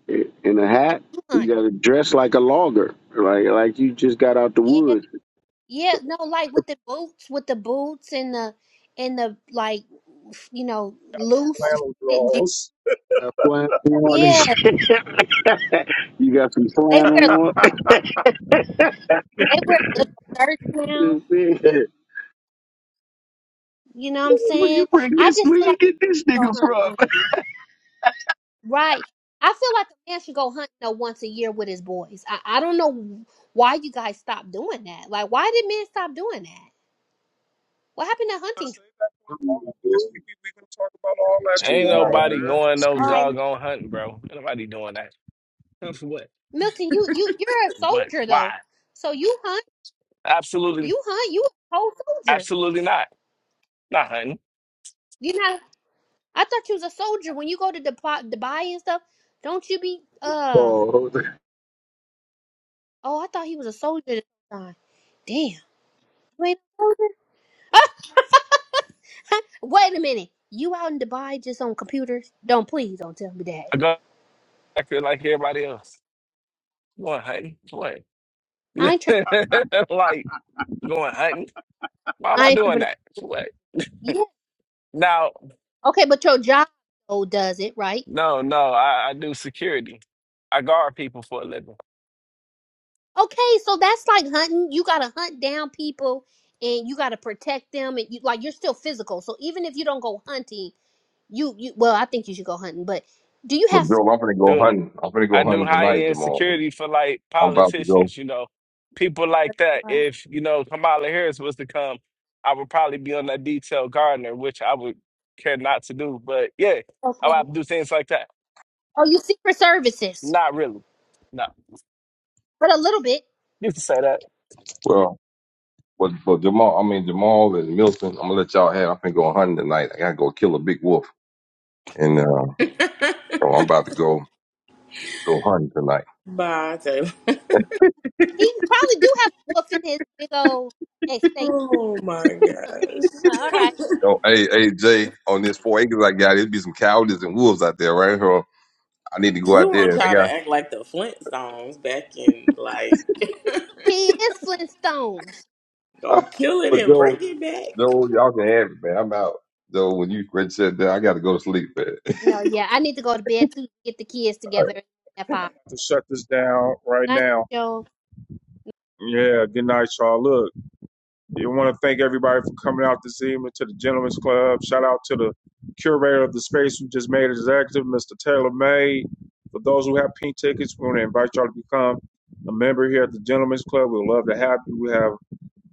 [SPEAKER 7] and a hat. You
[SPEAKER 15] blunt.
[SPEAKER 7] got to dress like a logger, like like you just got out the woods.
[SPEAKER 15] Yeah, no, like with the boots, with the boots and the and the like, you know, loose
[SPEAKER 1] flannel
[SPEAKER 15] fit jeans.
[SPEAKER 1] drawers.
[SPEAKER 7] Got flannel on and
[SPEAKER 15] Yeah,
[SPEAKER 7] shit. you got some
[SPEAKER 15] they wear
[SPEAKER 7] flannel on.
[SPEAKER 15] they wear little shirts now.
[SPEAKER 7] You see?
[SPEAKER 15] You know what I'm
[SPEAKER 7] Where you
[SPEAKER 15] saying?
[SPEAKER 7] bring
[SPEAKER 15] I
[SPEAKER 7] this?
[SPEAKER 15] just
[SPEAKER 7] Where
[SPEAKER 15] feel
[SPEAKER 7] you
[SPEAKER 15] like
[SPEAKER 7] get this
[SPEAKER 15] I should
[SPEAKER 7] nigga
[SPEAKER 15] go hunt one.
[SPEAKER 7] from?
[SPEAKER 15] Right. I feel like a man should go hunting uh, once a year with his boys. I, I don't know why you guys stopped doing that. Like, why did men stop doing that? What happened to hunting?
[SPEAKER 1] Dude, we are gonna talk about all that
[SPEAKER 4] ain't
[SPEAKER 7] Excuse my
[SPEAKER 1] tomorrow,
[SPEAKER 4] nobody
[SPEAKER 7] language.
[SPEAKER 1] man. I
[SPEAKER 4] going no
[SPEAKER 15] All
[SPEAKER 7] Excuse.
[SPEAKER 15] right,
[SPEAKER 4] doggone hunting, bro. Ain't nobody doing that. For what?
[SPEAKER 15] Milton, you you you're a
[SPEAKER 4] For What?
[SPEAKER 15] soldier
[SPEAKER 4] Why?
[SPEAKER 15] though, so you hunt,
[SPEAKER 4] Absolutely
[SPEAKER 15] you hunt, you a whole soldier.
[SPEAKER 4] Absolutely not. Not hunting.
[SPEAKER 15] You're not I thought you was a soldier when you go to Dubai, Dubai and stuff. Don't you be uh?
[SPEAKER 7] Oh,
[SPEAKER 15] Oh, I thought he was a soldier. This time. Damn. You ain't a soldier? Wait a minute. You out in Dubai just on computers? Don't please don't tell me that.
[SPEAKER 4] I go acting like everybody else. Going hunting? What?
[SPEAKER 15] I ain't tripping.
[SPEAKER 4] like going hunting? Why am
[SPEAKER 15] I
[SPEAKER 4] I
[SPEAKER 15] ain't
[SPEAKER 4] doing
[SPEAKER 15] tripping.
[SPEAKER 4] that? What?
[SPEAKER 15] Yeah.
[SPEAKER 4] Now,
[SPEAKER 15] Okay, but your job though does it right?
[SPEAKER 4] no, no. I, I do security. I guard people for a living.
[SPEAKER 15] Okay, so that's like hunting. You gotta hunt down people and you gotta protect them and you like you're still physical. So even if you don't go hunting, you you well I think you should go hunting. But do you
[SPEAKER 2] well,
[SPEAKER 15] have?
[SPEAKER 2] Joe, I'm gonna go
[SPEAKER 4] Do
[SPEAKER 2] hunting. I'm gonna go
[SPEAKER 4] I do
[SPEAKER 2] hunting
[SPEAKER 4] high
[SPEAKER 2] tonight,
[SPEAKER 4] end
[SPEAKER 2] Jamal.
[SPEAKER 4] security for like
[SPEAKER 2] I'm about to go.
[SPEAKER 4] politicians? You know, people like that.
[SPEAKER 15] Right.
[SPEAKER 4] If you know Kamala Harris was to come, I would probably be on that detail gardener, which I would care not to do. But yeah,
[SPEAKER 15] Okay.
[SPEAKER 4] I would have to do things like that.
[SPEAKER 15] Oh, you secret services,
[SPEAKER 4] Not really. No.
[SPEAKER 15] but a little bit.
[SPEAKER 4] You can say that.
[SPEAKER 2] Well, but, but Jamal, I mean Jamal and Milton, I'm gonna let y'all have. I'm gonna go hunting tonight. I gotta go kill a big wolf, and uh, so I'm about to go go hunting tonight.
[SPEAKER 14] Bye, Taylor.
[SPEAKER 15] He probably do have a wolf in his big old estate.
[SPEAKER 14] Oh my
[SPEAKER 15] Uh-huh, all
[SPEAKER 14] gosh.
[SPEAKER 15] right,
[SPEAKER 2] Yo, hey, hey, Jay, on this four acres I got, it'd be some cowards and wolves out there, right? So I need to go
[SPEAKER 14] who
[SPEAKER 2] out
[SPEAKER 14] want
[SPEAKER 2] there. I
[SPEAKER 14] y'all to
[SPEAKER 2] got,
[SPEAKER 14] act like the Flintstones back in like
[SPEAKER 15] he is Flintstones.
[SPEAKER 14] Go kill it
[SPEAKER 2] but
[SPEAKER 14] and bring
[SPEAKER 2] Joe,
[SPEAKER 14] it back.
[SPEAKER 2] Joe, y'all can have it, man. I'm out. Joe, when you ready to shut down, I got to go to sleep, man.
[SPEAKER 15] No, yeah, I need to go to bed too. get the kids together at five.
[SPEAKER 1] Have to shut this down right
[SPEAKER 15] Night,
[SPEAKER 1] now.
[SPEAKER 15] Joe.
[SPEAKER 1] Yeah, good night, y'all. Look, I want to thank everybody for coming out this evening to the Gentlemen's Club. Shout out to the curator of the space who just made it executive, Mr. Taylor May. For those who have pink tickets, we want to invite y'all to become a member here at the Gentlemen's Club. We'd love to have you. We have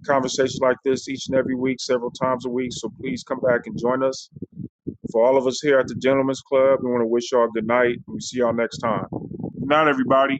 [SPEAKER 1] conversations like this each and every week, several times a week. So please come back and join us. For all of us here at the Gentlemen's Club, we want to wish y'all good night. We see y'all next time. Good night, everybody.